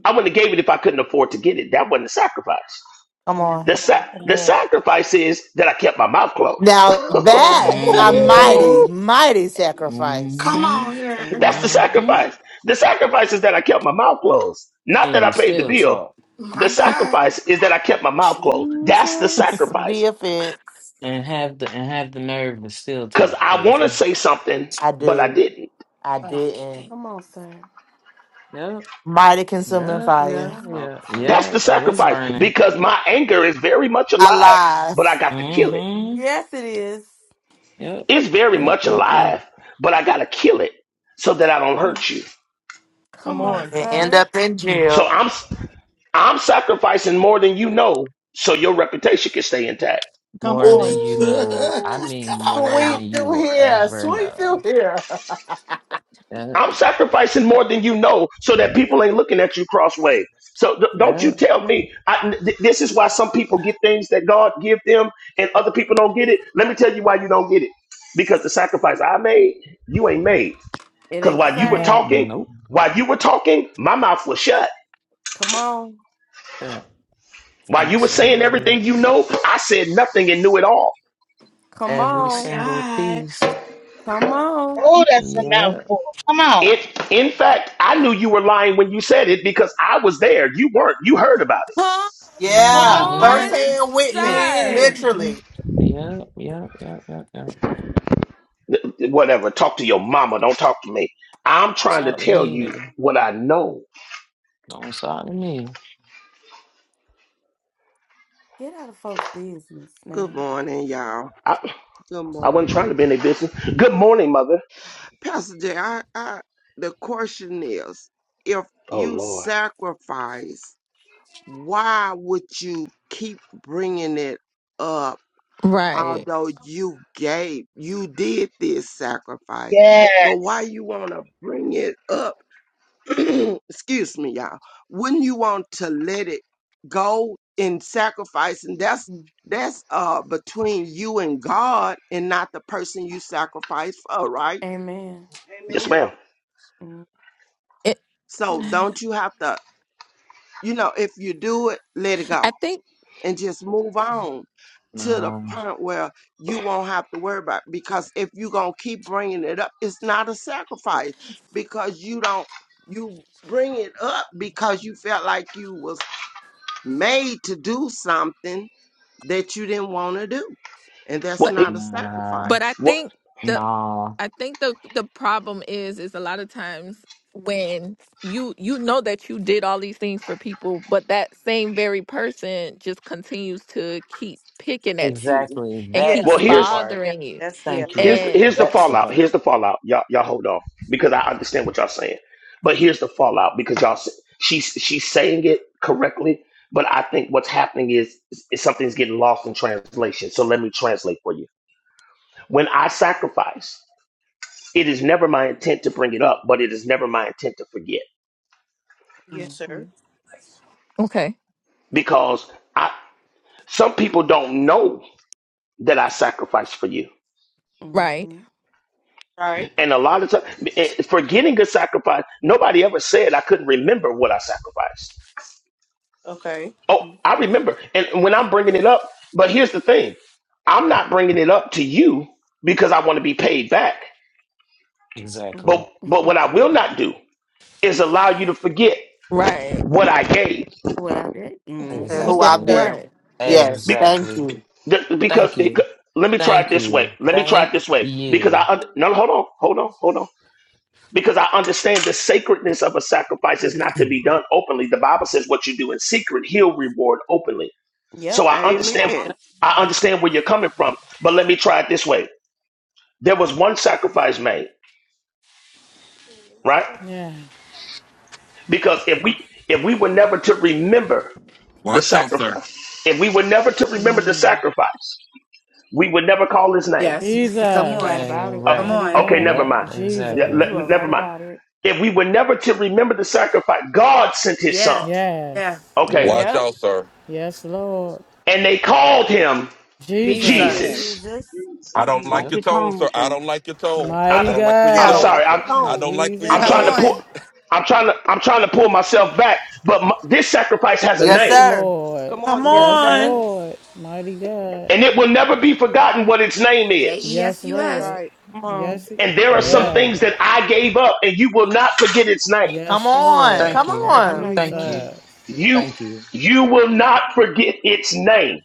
Speaker 12: I wouldn't have gave it if I couldn't afford to get it. That wasn't a sacrifice.
Speaker 22: Come
Speaker 1: Mm-mm.
Speaker 22: on.
Speaker 12: The sa-
Speaker 11: Come
Speaker 12: the
Speaker 11: on.
Speaker 12: sacrifice is that I kept my mouth closed.
Speaker 22: Now that's a
Speaker 1: Amen.
Speaker 21: hmm
Speaker 11: Come on.
Speaker 22: mighty, mighty sacrifice.
Speaker 24: Come
Speaker 21: hmm
Speaker 24: on here.
Speaker 12: That's the
Speaker 1: Amen.
Speaker 21: hmm
Speaker 12: sacrifice. The sacrifice is that I kept my mouth closed. Not that
Speaker 21: And
Speaker 12: I
Speaker 21: you
Speaker 12: paid the
Speaker 21: still
Speaker 12: bill.
Speaker 21: talk.
Speaker 12: The
Speaker 24: My God.
Speaker 12: sacrifice is that I kept my mouth closed. That's the
Speaker 22: Jesus
Speaker 12: sacrifice.
Speaker 22: be offense.
Speaker 21: And have the and have the nerve to still
Speaker 12: because
Speaker 21: talk
Speaker 12: I want to
Speaker 21: crazy.
Speaker 12: say something,
Speaker 22: I
Speaker 12: but I
Speaker 22: do.
Speaker 12: didn't.
Speaker 22: I
Speaker 24: But I
Speaker 22: didn't.
Speaker 24: can't.
Speaker 1: Come on, sir.
Speaker 21: Yep,
Speaker 22: Mighty consuming
Speaker 21: yep,
Speaker 22: fire.
Speaker 21: yeah,
Speaker 1: Come on,
Speaker 21: yeah,
Speaker 12: That's
Speaker 1: sir.
Speaker 21: yeah.
Speaker 12: the
Speaker 21: Oh, it's
Speaker 12: sacrifice
Speaker 21: burning.
Speaker 12: because my anger is very much
Speaker 22: I
Speaker 12: alive,
Speaker 22: lied
Speaker 12: but I got to
Speaker 21: mm
Speaker 12: kill it.
Speaker 21: hmm
Speaker 1: Yes, it is.
Speaker 21: Yep,
Speaker 12: It's very
Speaker 21: yep,
Speaker 12: much
Speaker 21: yep, yep.
Speaker 12: alive, but I got to kill it so that I don't
Speaker 1: Mm.
Speaker 12: hurt you.
Speaker 11: Come
Speaker 1: Come on,
Speaker 11: on.
Speaker 22: and end
Speaker 1: sir.
Speaker 22: up in
Speaker 12: So
Speaker 22: jail.
Speaker 12: I'm I'm sacrificing more than you know, so your reputation can stay intact.
Speaker 11: Come
Speaker 21: More than
Speaker 11: on.
Speaker 21: you know. I
Speaker 22: Ooh,
Speaker 21: mean
Speaker 24: Come on
Speaker 21: more
Speaker 24: now.
Speaker 21: than
Speaker 22: sweep
Speaker 21: you
Speaker 22: through
Speaker 21: will
Speaker 22: here.
Speaker 21: ever
Speaker 22: Sweep through
Speaker 21: know.
Speaker 22: here.
Speaker 21: Yeah,
Speaker 12: I'm sacrificing more than you know so that people ain't looking at you crossway. So th- don't you
Speaker 21: yeah.
Speaker 1: Mm.
Speaker 12: tell me. I, th- this is why some people get things that God give them and other people don't get it. Let me tell you why you don't get it. Because the sacrifice I made, you ain't made.
Speaker 1: It
Speaker 12: Because
Speaker 1: ain't the
Speaker 12: while you were
Speaker 1: same.
Speaker 5: Yeah.
Speaker 12: talking,
Speaker 21: Nope.
Speaker 12: while you were talking, my mouth was shut.
Speaker 1: Come on.
Speaker 21: Uh,
Speaker 12: While you
Speaker 21: Ain't
Speaker 12: were
Speaker 21: said a
Speaker 12: saying
Speaker 21: word.
Speaker 12: everything you know, I said nothing and knew it all.
Speaker 1: Come
Speaker 21: Every
Speaker 24: My
Speaker 1: on.
Speaker 21: single
Speaker 24: God.
Speaker 21: piece.
Speaker 1: Come on.
Speaker 17: Oh, that's a
Speaker 21: Yep,
Speaker 17: mouthful. Come on.
Speaker 12: It, in fact, I knew you were lying when you said it because I was there. You weren't. You heard about it.
Speaker 1: Come
Speaker 11: Come on,
Speaker 22: Yeah.
Speaker 5: Mm.
Speaker 11: sir.
Speaker 22: First
Speaker 1: on,
Speaker 21: yep,
Speaker 22: hand witness,
Speaker 24: Hey.
Speaker 1: sir.
Speaker 22: literally,
Speaker 21: yep, yep, yep, yep, yep, yep. Don't
Speaker 12: whatever. Talk to your mama. Don't talk to me. I'm trying to
Speaker 21: talk to
Speaker 12: tell
Speaker 21: me,
Speaker 12: you
Speaker 21: nigga.
Speaker 12: what I know.
Speaker 21: Don't talk to me.
Speaker 1: Get out of folks' business
Speaker 25: Good
Speaker 1: now.
Speaker 25: morning, y'all.
Speaker 12: I,
Speaker 25: Good
Speaker 12: I wasn't
Speaker 25: morning.
Speaker 12: trying to be in their business. Good morning, mother.
Speaker 25: Pastor Jay, I, I, the question is, if
Speaker 12: Oh
Speaker 25: you
Speaker 12: Lord.
Speaker 25: sacrifice, why would you keep bringing it up?
Speaker 13: Right.
Speaker 25: Although you gave, you did this sacrifice, but why
Speaker 17: Yes.
Speaker 25: you want to bring it up? excuse me, y'all. Wouldn't you want to let it go in sacrifice? And that's
Speaker 1: Mm.
Speaker 25: that's uh between you and God, and not the person you sacrifice for, right?
Speaker 1: Amen.
Speaker 12: Yes,
Speaker 11: Amen.
Speaker 12: ma'am.
Speaker 13: It,
Speaker 25: So
Speaker 13: I
Speaker 25: don't you have to? you know, if you do it, let it go
Speaker 13: think,
Speaker 25: and just move on to the
Speaker 21: No,
Speaker 25: point where you won't have to worry about it. because if you're going to keep bringing it up, it's not a sacrifice because you don't, you bring it up because you felt like you was made to do something that you didn't want to do. And that's
Speaker 12: Well,
Speaker 13: but
Speaker 12: it,
Speaker 25: not a
Speaker 21: nah,
Speaker 13: but I
Speaker 25: sacrifice.
Speaker 12: well,
Speaker 13: think the
Speaker 21: nah.
Speaker 13: I think the the problem is is a lot of times when you you know that you did all these things for people, but that same very person just continues to keep picking at you
Speaker 21: Exactly.
Speaker 13: and keep
Speaker 11: Yeah.
Speaker 12: well.
Speaker 21: That's
Speaker 11: Yeah.
Speaker 21: the
Speaker 12: Here's
Speaker 21: part.
Speaker 11: Yeah.
Speaker 13: bothering you.
Speaker 11: That's yeah.
Speaker 21: Thank
Speaker 12: here's
Speaker 21: you.
Speaker 13: And
Speaker 12: here's the
Speaker 21: That's the
Speaker 12: fallout.
Speaker 21: part.
Speaker 12: Here's the fallout. Y'all y'all hold on because I understand what y'all saying. But here's the fallout because y'all s- she's she's saying it correctly. But I think what's happening is, is something's getting lost in translation. So let me translate for you. When I sacrifice. it is never my intent to bring it up, but it is never my intent to forget
Speaker 11: Yes, sir.
Speaker 1: Mm-mm-mm.
Speaker 13: okay,
Speaker 12: because I some people don't know that I sacrificed for you,
Speaker 13: right,
Speaker 1: Mm-mm-mm.
Speaker 11: All right.
Speaker 12: and a lot of times forgetting a sacrifice, nobody ever said I couldn't remember what I sacrificed.
Speaker 11: Okay.
Speaker 12: Oh, I remember, and when I'm bringing it up, but here's the thing, I'm not bringing it up to you because I want to be paid back.
Speaker 21: Exactly.
Speaker 12: But but what I will not do is allow you to forget
Speaker 13: right,
Speaker 12: what I gave.
Speaker 1: What I did?
Speaker 22: to
Speaker 1: Mm-hmm.
Speaker 22: who
Speaker 11: Yes,
Speaker 22: I've
Speaker 21: Exactly.
Speaker 11: sir.
Speaker 22: been.
Speaker 13: right.
Speaker 11: Yes.
Speaker 22: Yes. Thank
Speaker 21: Exactly.
Speaker 22: you.
Speaker 12: Th- because
Speaker 21: Thank
Speaker 12: it-
Speaker 21: you.
Speaker 12: let me try it
Speaker 21: Thank
Speaker 12: this way.
Speaker 21: you.
Speaker 12: Let me try it
Speaker 21: Thank
Speaker 12: this way. Because I
Speaker 21: you.
Speaker 12: un- no hold on, hold on, hold on. Because I understand the sacredness of a sacrifice is not to be done openly. The Bible says what you do in secret, He'll reward openly. So
Speaker 1: Yep.
Speaker 12: I understand.
Speaker 11: Yeah.
Speaker 25: Amen.
Speaker 12: I understand where you're coming from. But let me try it this way. There was one sacrifice made, right?
Speaker 5: Yeah.
Speaker 12: Because if we if we were never to remember the
Speaker 19: Watch out, sir.
Speaker 12: sacrifice, if we were never to remember the
Speaker 5: Mm.
Speaker 12: sacrifice, we would never call His name.
Speaker 18: Yes. Come
Speaker 1: You right
Speaker 18: on.
Speaker 5: Jesus.
Speaker 21: Dang
Speaker 1: about it.
Speaker 12: Uh,
Speaker 18: Come
Speaker 21: right.
Speaker 5: Mighty
Speaker 18: on.
Speaker 12: okay, never
Speaker 5: God.
Speaker 21: Yep,
Speaker 12: mind. Yeah,
Speaker 21: exactly.
Speaker 5: Jesus.
Speaker 12: le-
Speaker 1: You are
Speaker 12: never
Speaker 1: right
Speaker 12: mind.
Speaker 1: about it.
Speaker 12: If we were never to remember the sacrifice, God sent His
Speaker 18: Yeah.
Speaker 12: Son.
Speaker 18: Yeah.
Speaker 5: Yes.
Speaker 21: Yeah.
Speaker 12: Okay,
Speaker 19: Watch
Speaker 1: Yep.
Speaker 19: out, sir.
Speaker 5: Yes, Lord.
Speaker 12: and they called him
Speaker 18: Jesus.
Speaker 5: Jesus.
Speaker 26: Yes,
Speaker 12: Jesus.
Speaker 1: Jesus.
Speaker 19: I
Speaker 26: Jesus.
Speaker 19: don't
Speaker 6: Watch
Speaker 11: Jesus.
Speaker 19: like
Speaker 21: Yep.
Speaker 19: your
Speaker 6: your
Speaker 19: tone, sir.
Speaker 6: tongue,
Speaker 19: I
Speaker 6: sir.
Speaker 19: don't like your tone.
Speaker 11: I,
Speaker 19: I
Speaker 5: Mighty
Speaker 12: I,
Speaker 19: don't like where you're
Speaker 11: say
Speaker 12: I'm
Speaker 11: I
Speaker 5: God.
Speaker 11: don't
Speaker 19: going.
Speaker 12: sorry.
Speaker 11: like your
Speaker 12: I'm
Speaker 19: I
Speaker 11: tone.
Speaker 19: don't like where you're
Speaker 12: I'm
Speaker 18: Come
Speaker 12: trying to
Speaker 19: going.
Speaker 5: Jesus.
Speaker 12: pull.
Speaker 18: on.
Speaker 12: I'm trying to I'm trying to pull myself back. But my, this sacrifice has a
Speaker 22: Yes,
Speaker 5: Yes,
Speaker 12: name,
Speaker 22: sir.
Speaker 5: Lord.
Speaker 11: Come on,
Speaker 3: Come
Speaker 11: sir.
Speaker 1: Yes, it
Speaker 5: Yes,
Speaker 3: on.
Speaker 1: does.
Speaker 5: Lord. Mighty God.
Speaker 12: and it will never be forgotten what its name
Speaker 18: J
Speaker 12: is.
Speaker 18: E S
Speaker 5: Yes,
Speaker 18: U
Speaker 11: That's
Speaker 18: S.
Speaker 5: Lord.
Speaker 11: right.
Speaker 1: Come on.
Speaker 5: Yes.
Speaker 12: And there are some
Speaker 21: Yep.
Speaker 5: Yeah.
Speaker 12: things that I gave up, and you will not forget its name.
Speaker 22: Come
Speaker 5: Yes,
Speaker 22: on.
Speaker 5: Lord.
Speaker 22: Come
Speaker 21: Thank
Speaker 11: Yes,
Speaker 21: you.
Speaker 11: sir.
Speaker 1: I know
Speaker 22: on.
Speaker 1: you're
Speaker 21: Thank
Speaker 1: right.
Speaker 21: you.
Speaker 5: Jesus.
Speaker 12: You
Speaker 21: Thank you.
Speaker 12: you will not forget its name.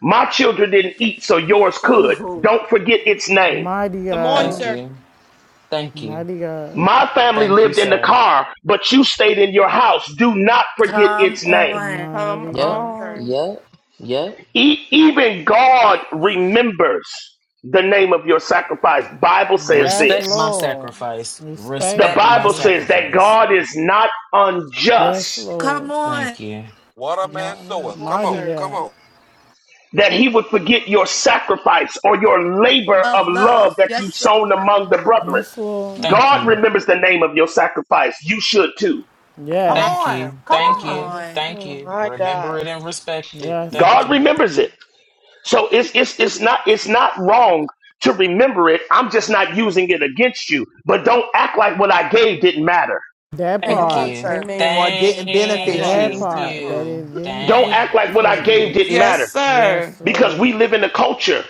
Speaker 12: My children didn't eat, so yours could.
Speaker 18: Ooh.
Speaker 12: Don't forget its name.
Speaker 5: Mighty
Speaker 11: Come
Speaker 1: Come
Speaker 11: on,
Speaker 5: God.
Speaker 21: Thank
Speaker 11: sir.
Speaker 1: on.
Speaker 21: you. Thank you.
Speaker 5: Mighty God.
Speaker 12: My family
Speaker 21: Thank you,
Speaker 12: lived in the
Speaker 21: sir.
Speaker 12: car, but you stayed in your house. Do not forget
Speaker 18: Come
Speaker 12: its name.
Speaker 18: on.
Speaker 1: Come
Speaker 5: Mighty
Speaker 11: Come
Speaker 21: Yep.
Speaker 11: on,
Speaker 5: God.
Speaker 11: sir.
Speaker 1: on.
Speaker 21: Yep. Yep.
Speaker 12: E- even God remembers the name of your sacrifice. Bible says
Speaker 5: Yes,
Speaker 21: Respect my
Speaker 12: this.
Speaker 5: Lord.
Speaker 21: sacrifice.
Speaker 12: The
Speaker 5: Respect
Speaker 21: Respect
Speaker 5: Respecting
Speaker 21: my
Speaker 12: Bible
Speaker 5: Jesus.
Speaker 12: says that
Speaker 21: sacrifice.
Speaker 12: God is not
Speaker 5: Yes,
Speaker 12: unjust,
Speaker 18: Come
Speaker 5: Lord.
Speaker 18: on.
Speaker 21: Thank you.
Speaker 19: What a man
Speaker 5: Mi-
Speaker 11: Come
Speaker 19: soweth.
Speaker 11: on,
Speaker 19: Come
Speaker 5: Mighty
Speaker 19: on,
Speaker 11: sir.
Speaker 19: come
Speaker 5: God.
Speaker 19: on.
Speaker 12: that he would forget your sacrifice or your labor
Speaker 18: Of
Speaker 12: of love
Speaker 18: love.
Speaker 12: that you
Speaker 18: Yes, sir.
Speaker 12: sown among the brethren.
Speaker 5: Yes, Lord.
Speaker 21: Thank
Speaker 12: God
Speaker 21: you.
Speaker 12: remembers the name of your sacrifice. You should too.
Speaker 22: Come
Speaker 11: My
Speaker 21: Thank
Speaker 5: Yes.
Speaker 22: on.
Speaker 21: you.
Speaker 22: Come
Speaker 18: Come
Speaker 21: Thank you.
Speaker 22: on.
Speaker 5: Yes,
Speaker 18: on.
Speaker 21: Thank
Speaker 5: Lord.
Speaker 21: you.
Speaker 11: my
Speaker 21: Remember
Speaker 11: God.
Speaker 21: it and respect it.
Speaker 5: Yes,
Speaker 21: Thank
Speaker 12: God
Speaker 21: you.
Speaker 12: remembers it. So it's it's it's not it's not wrong to remember it. I'm just not using it against you. But don't act like what I gave didn't matter.
Speaker 5: that
Speaker 11: Come
Speaker 21: Thank
Speaker 1: Thank
Speaker 5: part,
Speaker 11: on,
Speaker 1: you.
Speaker 21: you.
Speaker 11: sir.
Speaker 1: Amen.
Speaker 22: Or didn't
Speaker 11: That
Speaker 22: benefit
Speaker 11: part.
Speaker 5: that
Speaker 26: Yes,
Speaker 22: you.
Speaker 21: Thank
Speaker 26: that
Speaker 5: part,
Speaker 26: part.
Speaker 5: that
Speaker 21: you.
Speaker 5: it didn't
Speaker 12: Don't
Speaker 5: de-
Speaker 12: act
Speaker 21: Thank
Speaker 12: like what I gave
Speaker 5: benefit.
Speaker 21: you.
Speaker 12: didn't
Speaker 3: Yes,
Speaker 12: matter
Speaker 3: sir.
Speaker 5: Yes,
Speaker 12: because
Speaker 5: Lord.
Speaker 12: we live in a culture.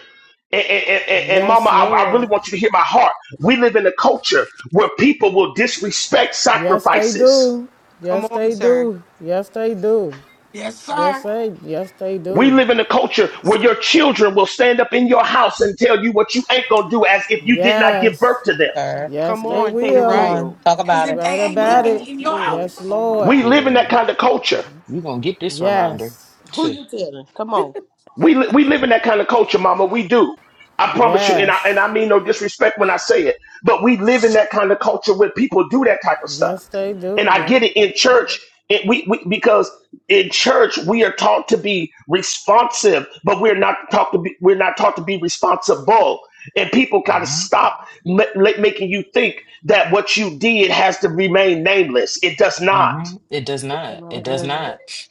Speaker 12: And, and, and, and- mama,
Speaker 5: Yes,
Speaker 12: I, I really
Speaker 5: Lord.
Speaker 12: want you to hear my heart. We live in a culture where people will disrespect
Speaker 5: Yes, they
Speaker 12: sacrifices.
Speaker 5: do.
Speaker 11: Come
Speaker 5: Yes,
Speaker 11: on,
Speaker 5: they
Speaker 11: sir.
Speaker 5: do. Yes, they do.
Speaker 24: Yes,
Speaker 5: Yes,
Speaker 24: sir.
Speaker 5: they. Yes, they
Speaker 12: We
Speaker 5: do.
Speaker 12: live in a culture where your children will stand up in your house and tell you what you ain't gonna do as if you did not give birth
Speaker 5: Yes.
Speaker 12: to them.
Speaker 20: sir.
Speaker 5: Yes,
Speaker 11: Come
Speaker 5: they
Speaker 6: Yes,
Speaker 11: on,
Speaker 6: they
Speaker 11: you're
Speaker 20: Come
Speaker 5: will.
Speaker 11: right.
Speaker 20: on,
Speaker 6: will.
Speaker 20: talk
Speaker 24: As
Speaker 5: You
Speaker 20: about it.
Speaker 24: if they
Speaker 5: Right
Speaker 24: ain't
Speaker 1: Mm.
Speaker 5: about
Speaker 24: living
Speaker 5: it.
Speaker 6: Yes,
Speaker 24: in your
Speaker 6: Lord.
Speaker 5: Yes,
Speaker 24: house.
Speaker 6: Oh my
Speaker 5: Lord.
Speaker 12: We
Speaker 6: God.
Speaker 12: live in
Speaker 21: Yeah.
Speaker 12: that kind of culture.
Speaker 21: You're going to get this reminder
Speaker 5: Yes.
Speaker 11: Who
Speaker 21: too.
Speaker 11: you telling? Come on.
Speaker 12: We li- we live in that kind of culture, Mama. We do. I promise you, and I and
Speaker 5: Yes.
Speaker 12: I mean no disrespect when I say it, but we live in that kind of culture where people do that type of stuff.
Speaker 5: Yes, they
Speaker 12: And
Speaker 5: do.
Speaker 12: I
Speaker 1: Yep.
Speaker 12: get it in church. It, we, we because in church we are taught to be responsive, but we're not taught to be we're not taught to be responsible. And people gotta
Speaker 21: hmm
Speaker 12: stop ma- ma- making you think that what you did has to remain nameless. It does not.
Speaker 21: hmm It does not.
Speaker 1: My
Speaker 21: It
Speaker 11: It
Speaker 21: does
Speaker 11: doesn't.
Speaker 1: God.
Speaker 21: not.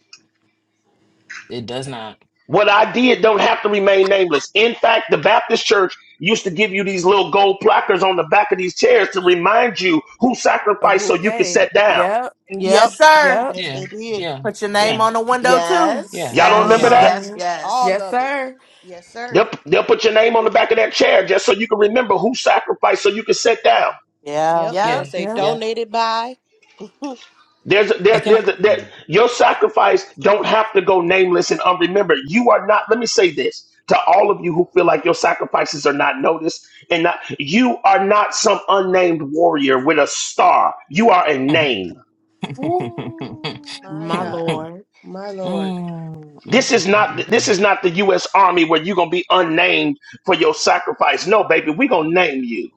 Speaker 21: It does not.
Speaker 12: What I did don't have to remain nameless. In fact, the Baptist church used to give you these little gold placards on the back of these chairs to remind you who
Speaker 1: A
Speaker 12: sacrificed so
Speaker 1: who
Speaker 12: you could
Speaker 1: gave?
Speaker 12: sit down.
Speaker 1: Yep.
Speaker 11: Yep.
Speaker 22: Yes, sir.
Speaker 1: Yep.
Speaker 11: Yes,
Speaker 21: Yeah,
Speaker 11: they did.
Speaker 21: yeah,
Speaker 22: Put your
Speaker 12: Y-
Speaker 22: name
Speaker 21: yeah,
Speaker 22: on the window, too.
Speaker 18: Yes.
Speaker 21: yeah,
Speaker 12: y'all don't
Speaker 11: Uh
Speaker 12: remember
Speaker 18: Yes.
Speaker 21: yeah,
Speaker 11: huh.
Speaker 12: that?
Speaker 18: Yes.
Speaker 1: hmm
Speaker 18: Yes.
Speaker 11: All
Speaker 1: Yes,
Speaker 11: of it.
Speaker 1: sir.
Speaker 11: Yes, sir.
Speaker 12: They'll, they'll put your name on the back of that chair just so you can remember who sacrificed so you can sit down.
Speaker 22: Yeah.
Speaker 11: Yep. It'll
Speaker 21: yeah,
Speaker 18: Yep.
Speaker 11: say
Speaker 1: Yep.
Speaker 21: yeah.
Speaker 11: donated by.
Speaker 12: There's a,
Speaker 21: And
Speaker 12: there,
Speaker 21: can
Speaker 12: there's a, there, your sacrifice don't have to go nameless and unremembered. You are not. Let me say this to all of you who feel like your sacrifices are not noticed and not. You are not some unnamed warrior with a star. You are a
Speaker 21: I? Mm.
Speaker 12: name.
Speaker 11: My
Speaker 1: My
Speaker 22: Ooh.
Speaker 11: God.
Speaker 1: Lord.
Speaker 11: My Lord.
Speaker 12: This is not this is not the U.S. Army where you're gonna be unnamed for your sacrifice. No, baby, we are gonna name you.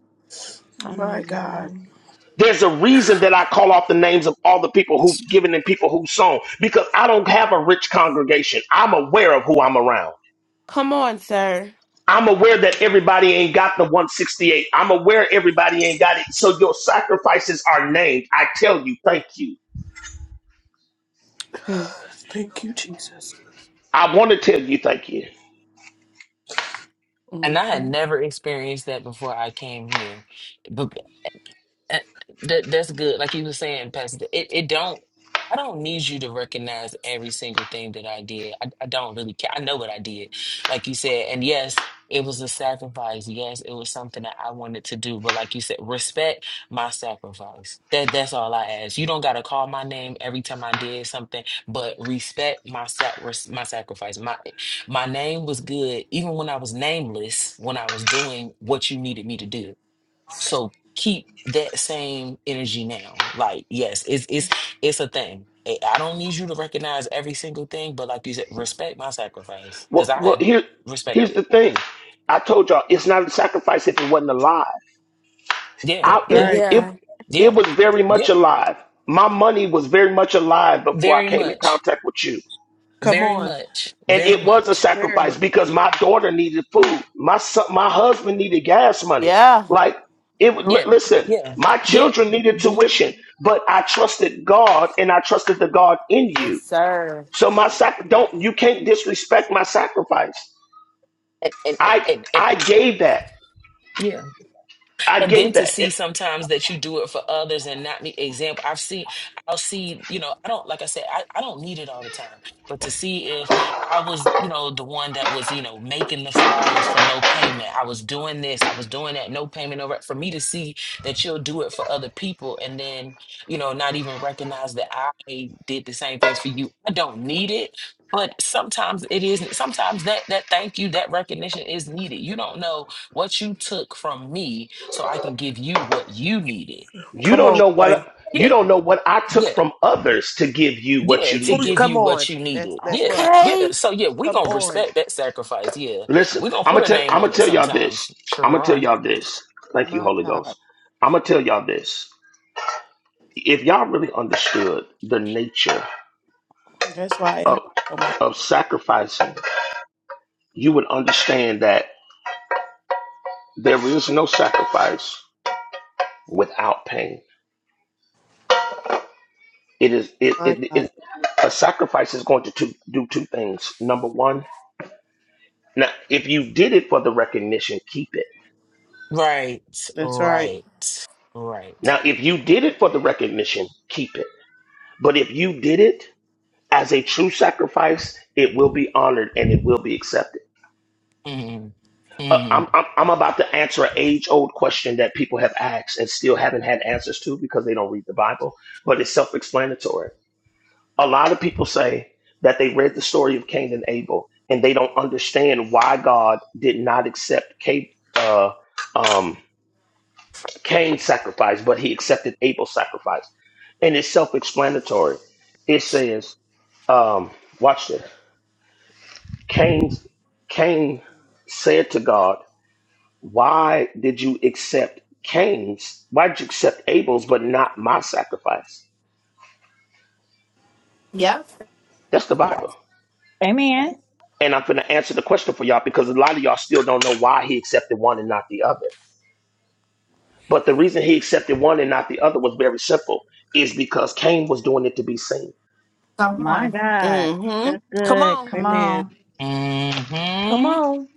Speaker 1: I
Speaker 11: My
Speaker 1: know you're
Speaker 11: God.
Speaker 1: right.
Speaker 12: There's a reason that I call off the names of all the people who've given and people who've sown because I don't have a rich congregation. I'm aware of who I'm around.
Speaker 1: Come on, sir.
Speaker 12: I'm aware that everybody ain't got the 168. I'm aware everybody ain't got it. So your sacrifices are named. I tell you, thank you.
Speaker 1: Hmm.
Speaker 11: Thank you, Jesus.
Speaker 12: I want to tell you, thank you.
Speaker 21: And I had
Speaker 1: Mm-hmm.
Speaker 21: never experienced that before I came here. Uh, That that's good. Like you were saying, Pastor, it, it don't I don't need you to recognize every single thing that I did. I, I don't really care. I know what I did. Like you said, and yes, it was a sacrifice. Yes, it was something that I wanted to do. But like you said, respect my sacrifice. That that's all I ask. You don't gotta call my name every time I did something, but respect my sac res- my sacrifice. My my name was good even when I was nameless, when I was doing what you needed me to do so keep that same energy now. Like, yes, it's it's it's a thing. I I don't need you to recognize every single thing, but like you said, respect my sacrifice because
Speaker 12: Well,
Speaker 21: I
Speaker 12: well, here,
Speaker 21: respect
Speaker 12: here's
Speaker 21: it.
Speaker 12: the thing. I told y'all it's not a sacrifice if it wasn't alive.
Speaker 21: Yeah,
Speaker 12: I,
Speaker 11: That's
Speaker 12: it,
Speaker 21: yeah,
Speaker 11: right.
Speaker 1: Yeah.
Speaker 12: it,
Speaker 21: yeah,
Speaker 12: it was very much
Speaker 21: yeah.
Speaker 12: alive. My money was very much alive before I
Speaker 21: Very
Speaker 12: came in
Speaker 21: much,
Speaker 12: contact with you.
Speaker 11: Come
Speaker 21: very
Speaker 11: on.
Speaker 21: much,
Speaker 12: and
Speaker 21: very
Speaker 12: it was a
Speaker 21: much.
Speaker 11: Very
Speaker 12: sacrifice
Speaker 11: much.
Speaker 12: because my daughter needed food my son, my husband needed gas money
Speaker 22: Yeah.
Speaker 12: like it would li-
Speaker 21: Yeah,
Speaker 12: listen
Speaker 21: yeah,
Speaker 12: my
Speaker 21: yeah.
Speaker 12: children needed
Speaker 21: hmm
Speaker 12: tuition but i trusted god and i trusted the god in
Speaker 22: Yes,
Speaker 12: you
Speaker 22: sir.
Speaker 12: so my sac- don't you can't disrespect my sacrifice
Speaker 21: And, and
Speaker 12: i
Speaker 21: and and
Speaker 12: i gave that
Speaker 21: yeah.
Speaker 12: i
Speaker 21: and then
Speaker 12: gave
Speaker 21: to
Speaker 12: that
Speaker 21: see sometimes that you do it for others and not me example i've seen i'll see you know i don't like i said I, I don't need it all the time but to see if i was you know the one that was you know making the flyers for no payment i was doing this i was doing that no payment no rec- for me to see that you'll do it for other people and then you know not even recognize that i did the same things for you i don't need it but sometimes it is sometimes that that thank you that recognition is needed you don't know what you took from me so I can give you what you needed.
Speaker 12: you
Speaker 11: Come
Speaker 12: don't
Speaker 11: on,
Speaker 12: know
Speaker 11: boy.
Speaker 12: what you
Speaker 21: Yeah,
Speaker 12: don't know what i took
Speaker 21: yeah,
Speaker 12: from others to give you what
Speaker 21: yeah,
Speaker 12: you
Speaker 21: to
Speaker 11: Who-
Speaker 12: needed
Speaker 21: give
Speaker 11: Come
Speaker 21: you
Speaker 11: on.
Speaker 21: what you
Speaker 11: That's
Speaker 21: needed.
Speaker 11: that's
Speaker 21: Yeah,
Speaker 11: what.
Speaker 21: yeah.
Speaker 22: Okay.
Speaker 21: So, yeah, we
Speaker 11: Come
Speaker 21: going to
Speaker 11: on.
Speaker 21: respect that sacrifice. Yeah,
Speaker 12: Listen,
Speaker 21: we going to
Speaker 12: I'm
Speaker 21: put
Speaker 12: gonna
Speaker 21: a
Speaker 12: tell
Speaker 21: name
Speaker 12: I'm gonna
Speaker 21: on it
Speaker 12: tell y'all this.
Speaker 21: sometimes. Sure
Speaker 12: I'm gonna tell
Speaker 21: are.
Speaker 12: y'all this. Thank you,
Speaker 11: My
Speaker 12: Holy Ghost.
Speaker 11: God.
Speaker 12: I'm gonna tell y'all this. If y'all really understood the nature
Speaker 11: That's why it
Speaker 12: of
Speaker 11: hurts so much.
Speaker 12: of sacrificing, you would understand that there is no sacrifice without pain. It is it
Speaker 11: My
Speaker 12: it,
Speaker 11: God.
Speaker 12: it a sacrifice is going to two, do two things. Number one, now if you did it for the recognition, keep it.
Speaker 21: Right,
Speaker 11: That's right.
Speaker 21: right, right.
Speaker 12: Now if you did it for the recognition, keep it. But if you did it as a true sacrifice, it will be honored and it will be accepted.
Speaker 21: Mm,
Speaker 12: Uh, I'm,
Speaker 21: mm,
Speaker 12: I'm, I'm about to answer an age old question that people have asked and still haven't had answers to because they don't read the Bible, but it's self explanatory. A lot of people say that they read the story of Cain and Abel and they don't understand why God did not accept Cain, uh, um, Cain's sacrifice, but he accepted Abel's sacrifice. And it's self explanatory. It says, um, watch this. Cain, Cain said to God, Why did you accept Cain's? Why did you accept Abel's but not my sacrifice?
Speaker 18: Yep.
Speaker 12: That's the Bible.
Speaker 15: Amen.
Speaker 12: And I'm going to answer the question for y'all because a lot of y'all still don't know why he accepted one and not the other. But the reason he accepted one and not the other was very simple is because Cain was doing it to be seen.
Speaker 18: Come
Speaker 15: My
Speaker 18: on.
Speaker 15: God.
Speaker 1: Mm-hmm.
Speaker 15: That's
Speaker 1: Come
Speaker 15: good.
Speaker 1: on.
Speaker 15: Come
Speaker 11: Amen.
Speaker 15: on.
Speaker 1: Come
Speaker 21: mm-hmm.
Speaker 1: on.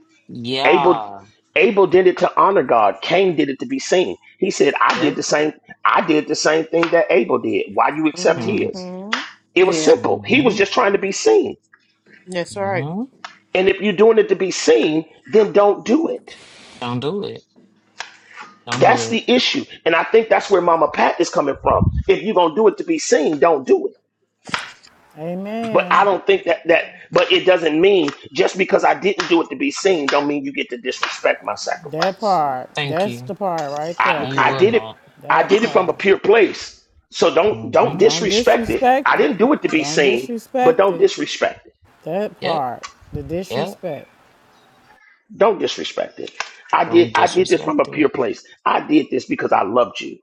Speaker 12: Abel
Speaker 21: Yeah,
Speaker 12: Abel did it to honor God. Cain did it to be seen. He said, I
Speaker 21: yeah.
Speaker 12: did the same I did the same thing that Abel did. Why you accept
Speaker 21: Mm,
Speaker 12: his?
Speaker 1: Mm-hmm.
Speaker 12: It was
Speaker 11: Yeah.
Speaker 12: simple. He was
Speaker 21: mm-hmm,
Speaker 12: just trying to be seen.
Speaker 11: That's right.
Speaker 21: mm-hmm.
Speaker 12: And if you're doing it to be seen, then don't do it.
Speaker 21: Don't do it. Don't
Speaker 12: That's
Speaker 21: do it.
Speaker 12: the issue. And I think that's where Mama Pat is coming from. If you're going to do it to be seen, don't do it. But I
Speaker 5: Amen.
Speaker 12: don't think that that but it doesn't mean just because I didn't do it to be seen don't mean you get to disrespect my
Speaker 5: That
Speaker 12: sacrifice.
Speaker 5: part.
Speaker 21: Thank
Speaker 5: That's
Speaker 21: you.
Speaker 5: the part right
Speaker 12: I
Speaker 5: there.
Speaker 21: You
Speaker 12: I
Speaker 25: Okay.
Speaker 21: will
Speaker 12: did it
Speaker 21: not.
Speaker 12: I
Speaker 5: That
Speaker 12: did it from a
Speaker 5: part.
Speaker 12: pure place. So don't don't
Speaker 21: Mm-hmm.
Speaker 5: Don't
Speaker 12: disrespect it.
Speaker 5: disrespect
Speaker 12: I
Speaker 5: it.
Speaker 12: didn't do it to be
Speaker 5: Don't
Speaker 12: seen, but
Speaker 5: disrespect
Speaker 12: don't
Speaker 5: it.
Speaker 12: disrespect it.
Speaker 5: That
Speaker 21: Yep.
Speaker 5: part, the
Speaker 21: Yep.
Speaker 5: disrespect.
Speaker 12: Don't disrespect it. I did
Speaker 21: Don't
Speaker 12: I did this from a
Speaker 21: disrespect
Speaker 12: pure place. I did this because I loved you.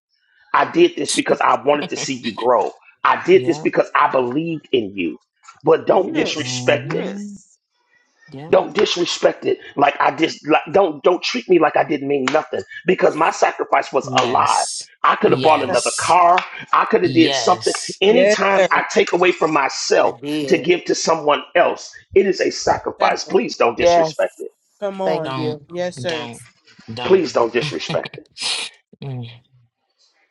Speaker 12: I did this because I wanted to
Speaker 21: it.
Speaker 12: see you grow. I did this
Speaker 21: Yeah.
Speaker 12: because I believed in you. But don't
Speaker 25: yes.
Speaker 12: disrespect it.
Speaker 21: hmm
Speaker 25: Yes.
Speaker 21: Yeah.
Speaker 12: Don't disrespect it like I just like, don't don't treat me like I didn't mean nothing because my sacrifice was alive.
Speaker 21: Yes.
Speaker 12: I could
Speaker 11: Yes,
Speaker 12: have bought
Speaker 11: sir.
Speaker 12: another
Speaker 21: Yes.
Speaker 12: car. I could have did something.
Speaker 21: Yes.
Speaker 11: Yes,
Speaker 12: Anytime
Speaker 11: sir.
Speaker 12: I take away from
Speaker 22: I
Speaker 12: myself to
Speaker 22: did.
Speaker 12: give to someone else, it is a sacrifice.
Speaker 11: Sacrifice.
Speaker 12: Please don't disrespect
Speaker 22: Yes.
Speaker 12: it.
Speaker 11: Come
Speaker 22: Thank
Speaker 11: on.
Speaker 21: Don't.
Speaker 22: you.
Speaker 11: Yes, sir.
Speaker 21: Don't. Don't.
Speaker 12: Please don't disrespect it.
Speaker 21: Mm.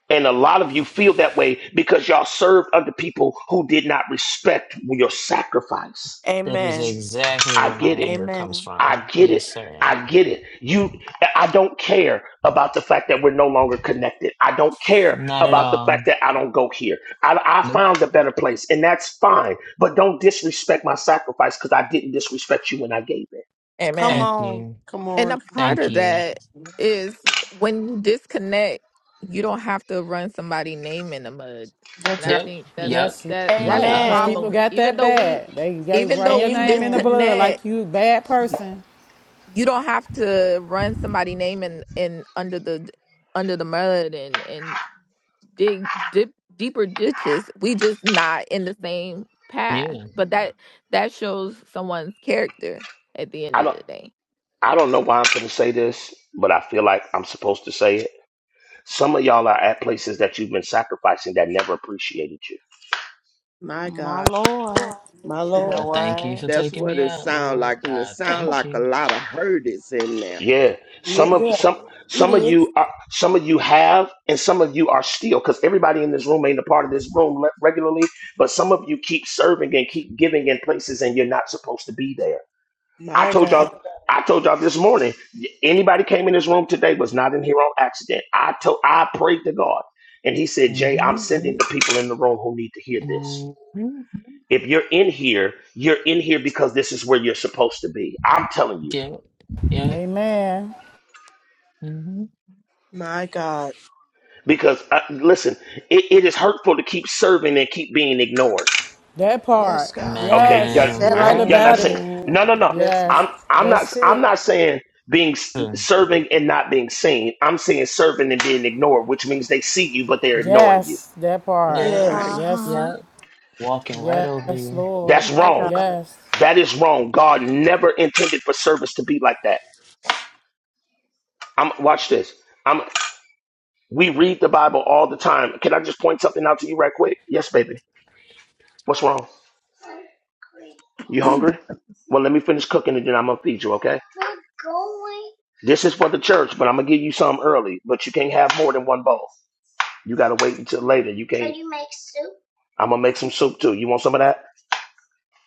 Speaker 12: And a lot of you feel that way because y'all served under people who did not respect your sacrifice.
Speaker 21: That is
Speaker 1: Amen.
Speaker 21: exactly
Speaker 12: I
Speaker 21: where my
Speaker 12: get it.
Speaker 21: anger comes
Speaker 1: Amen.
Speaker 21: from.
Speaker 12: I get it.
Speaker 21: Yes, sir.
Speaker 12: I get it. You I don't care about the fact that we're no longer connected. I don't care
Speaker 21: Not at
Speaker 12: about the fact
Speaker 21: all.
Speaker 12: that I don't go here. I, I
Speaker 21: Nope.
Speaker 12: found a better place, and that's fine. But don't disrespect my sacrifice because I didn't disrespect you when I gave it.
Speaker 13: Amen.
Speaker 1: Come
Speaker 21: Thank
Speaker 1: on.
Speaker 21: you.
Speaker 11: Come
Speaker 13: And a
Speaker 11: on.
Speaker 13: part
Speaker 21: Thank
Speaker 13: of
Speaker 21: you.
Speaker 13: that is when you disconnect, you don't have to run somebody' name in the mud. And
Speaker 11: That's
Speaker 13: I
Speaker 11: right.
Speaker 21: Yep.
Speaker 13: think that's Mhm.
Speaker 21: Yep.
Speaker 5: Yes,
Speaker 13: that that's the
Speaker 5: right. Because
Speaker 21: Yep.
Speaker 5: people
Speaker 13: problem.
Speaker 1: Amen.
Speaker 5: got
Speaker 13: Even
Speaker 5: that
Speaker 13: though we
Speaker 5: bad. They, they
Speaker 13: even
Speaker 5: run
Speaker 13: though
Speaker 5: your
Speaker 13: we
Speaker 5: name in the
Speaker 1: Amen.
Speaker 5: blood like
Speaker 13: disconnect,
Speaker 5: you bad
Speaker 13: you,
Speaker 5: person.
Speaker 13: you don't have to run somebody' name in, in under the under the mud and and dig dip, deeper ditches. We just not in the same path.
Speaker 21: Yeah.
Speaker 13: But that that shows someone's character at the end
Speaker 12: I
Speaker 13: of
Speaker 12: don't
Speaker 13: the day.
Speaker 12: I don't know why I'm gonna say this, but I feel like I'm supposed to say it Some of y'all are at places that you've been sacrificing that never appreciated you.
Speaker 11: My
Speaker 1: My
Speaker 11: God.
Speaker 1: Lord.
Speaker 11: My
Speaker 22: You
Speaker 24: Yeah.
Speaker 21: I
Speaker 11: Lord.
Speaker 22: know
Speaker 21: thank you
Speaker 22: what?
Speaker 21: for
Speaker 25: That's
Speaker 21: taking
Speaker 25: what
Speaker 21: me
Speaker 25: it
Speaker 21: out,
Speaker 25: sound
Speaker 21: Lord.
Speaker 25: like, and it
Speaker 21: I
Speaker 25: sound
Speaker 21: thank
Speaker 25: like a
Speaker 21: you.
Speaker 25: lot of hurt is in there.
Speaker 12: Yeah,
Speaker 11: Yeah,
Speaker 12: some of
Speaker 11: yeah.
Speaker 12: some
Speaker 11: It
Speaker 12: some of
Speaker 11: is.
Speaker 12: you are some of you have, and some of you are still. Because everybody in this room ain't a part of this room le- regularly, but some of you keep serving and keep giving in places, and you're not supposed to be there. I
Speaker 11: My
Speaker 12: told
Speaker 11: God.
Speaker 12: y'all. I told y'all this morning. y- Anybody came in this room today was not in here on accident. I told. I prayed to God, and He said, "Jay, I'm
Speaker 21: Mm-hmm.
Speaker 12: sending the people in the room who need to hear this."
Speaker 21: Mm-hmm.
Speaker 12: If you're in here, you're in here because this is where you're supposed to be. I'm telling you.
Speaker 21: Yeah. Yeah.
Speaker 5: Amen.
Speaker 21: hmm
Speaker 11: My God.
Speaker 12: Because, uh, listen, it, it is hurtful to keep serving and keep being ignored.
Speaker 5: That
Speaker 11: Yes,
Speaker 5: part.
Speaker 11: God.
Speaker 12: Okay, y'all,
Speaker 5: Yes,
Speaker 25: That's
Speaker 21: Man,
Speaker 5: you
Speaker 11: That part.
Speaker 5: right
Speaker 25: right.
Speaker 12: y'all not
Speaker 5: about
Speaker 12: saying,
Speaker 5: it.
Speaker 21: what?
Speaker 12: no, no, no.
Speaker 25: That's
Speaker 12: I'm,
Speaker 5: Yes,
Speaker 25: right.
Speaker 12: I'm not,
Speaker 5: that's
Speaker 12: I'm
Speaker 5: it.
Speaker 12: not saying being s- serving and not being seen. I'm saying serving and being ignored, which means they see you, but they're ignoring you.
Speaker 5: Yes, that
Speaker 25: That's
Speaker 5: part.
Speaker 21: Yeah,
Speaker 25: right.
Speaker 11: Yes.
Speaker 5: Yes,
Speaker 21: yeah. Walking right
Speaker 5: yes,
Speaker 21: over you.
Speaker 5: Lord.
Speaker 12: That's
Speaker 11: My
Speaker 12: wrong.
Speaker 11: God.
Speaker 5: Yes,
Speaker 12: That is wrong. God never intended for service to be like that. I'm, watch this. We read the Bible all the time. Can I just point something out to you right quick? Yes, baby. What's wrong? You hungry? Well, let me finish cooking and then I'm gonna feed you, okay? This is for the church, but I'm gonna give you some early. But you can't have more than one bowl. You gotta wait until later. You can't. Can you make soup? I'm gonna make some soup too. You want some of that?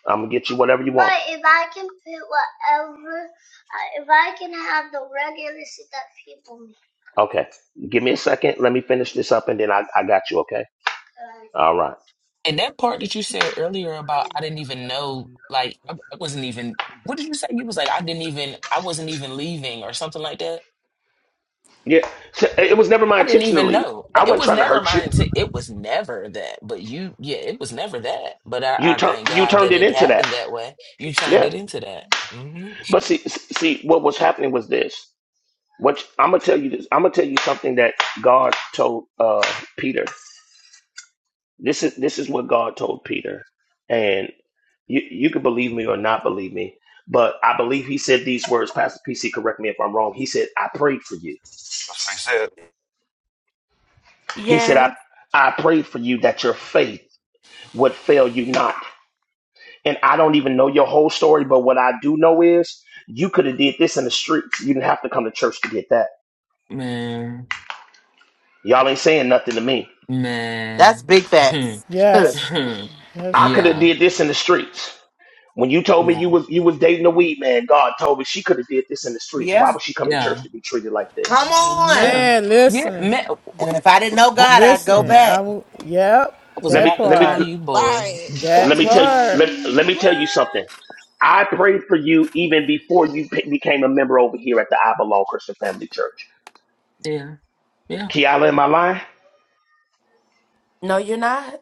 Speaker 12: I'm gonna get you whatever you want. But if I can put whatever. Okay. Give me a second. Let me finish this up and then I, I got you, okay? All right.
Speaker 21: And that about I didn't even know, like I I wasn't even what did you say? You was like, I didn't even I wasn't even leaving or something like that.
Speaker 12: Yeah. It was never my
Speaker 21: I didn't
Speaker 12: intention to
Speaker 21: even
Speaker 12: leave.
Speaker 21: know.
Speaker 12: I
Speaker 21: It
Speaker 12: wasn't
Speaker 21: was
Speaker 12: trying to
Speaker 21: never
Speaker 12: hurt you.
Speaker 21: my intent. It was never that. But you, yeah, it was never that. But
Speaker 12: You
Speaker 21: I, I
Speaker 12: turned
Speaker 21: thank
Speaker 12: you
Speaker 21: God
Speaker 12: turned
Speaker 21: that
Speaker 12: it
Speaker 21: it
Speaker 12: into that.
Speaker 21: happened that way. You turned
Speaker 12: Yeah,
Speaker 21: it into that. hmm
Speaker 12: but see, see, what was happening was this. What I'm gonna tell you this. I'm gonna tell you something that God told uh, Peter. This is this is what God told Peter, and you you can believe me or not believe me, but I believe he said these words. Pastor PC, correct me if I'm wrong. He said, "I prayed for you."
Speaker 19: That's what he said.
Speaker 12: He said, "I
Speaker 1: Yes.
Speaker 12: I prayed for you that your faith would fail you not." And I don't even know your whole story, but what I do know is you could have did this in the streets. You didn't have to come to church to get that
Speaker 21: Man,
Speaker 12: Y'all ain't saying nothing to me.
Speaker 22: That's
Speaker 21: man.
Speaker 22: big facts.
Speaker 5: yes,
Speaker 12: I
Speaker 5: yes,
Speaker 12: could have
Speaker 21: Yeah,
Speaker 5: Lord.
Speaker 12: did this in the streets. When you told me you
Speaker 21: yeah,
Speaker 12: was you was dating a weed man, God told me she could have did this in the streets. Why
Speaker 22: Yeah.
Speaker 12: would she come to
Speaker 21: yeah.
Speaker 12: church to be treated like
Speaker 22: Come Yeah.
Speaker 12: this?
Speaker 22: on.
Speaker 21: Yeah.
Speaker 5: Amen.
Speaker 21: Yeah.
Speaker 5: Listen.
Speaker 21: Matt,
Speaker 22: And if I didn't know
Speaker 21: bo-
Speaker 22: God, I'd go
Speaker 21: I
Speaker 5: Listen, I
Speaker 22: back.
Speaker 5: will. Yep,
Speaker 21: was
Speaker 12: Let me
Speaker 5: that
Speaker 21: about to
Speaker 12: let me
Speaker 21: call
Speaker 5: part.
Speaker 21: you, boy.
Speaker 13: Right.
Speaker 12: let
Speaker 5: That
Speaker 12: me
Speaker 21: Pastor
Speaker 12: tell
Speaker 21: J.
Speaker 12: you
Speaker 5: part.
Speaker 12: let, let me tell you something.
Speaker 21: What?
Speaker 12: I prayed for you even before you pe- became a member over here at the I Belong Christian Family Church.
Speaker 21: Yeah. Yeah.
Speaker 12: Kiala, am I lying?
Speaker 1: No, you're not.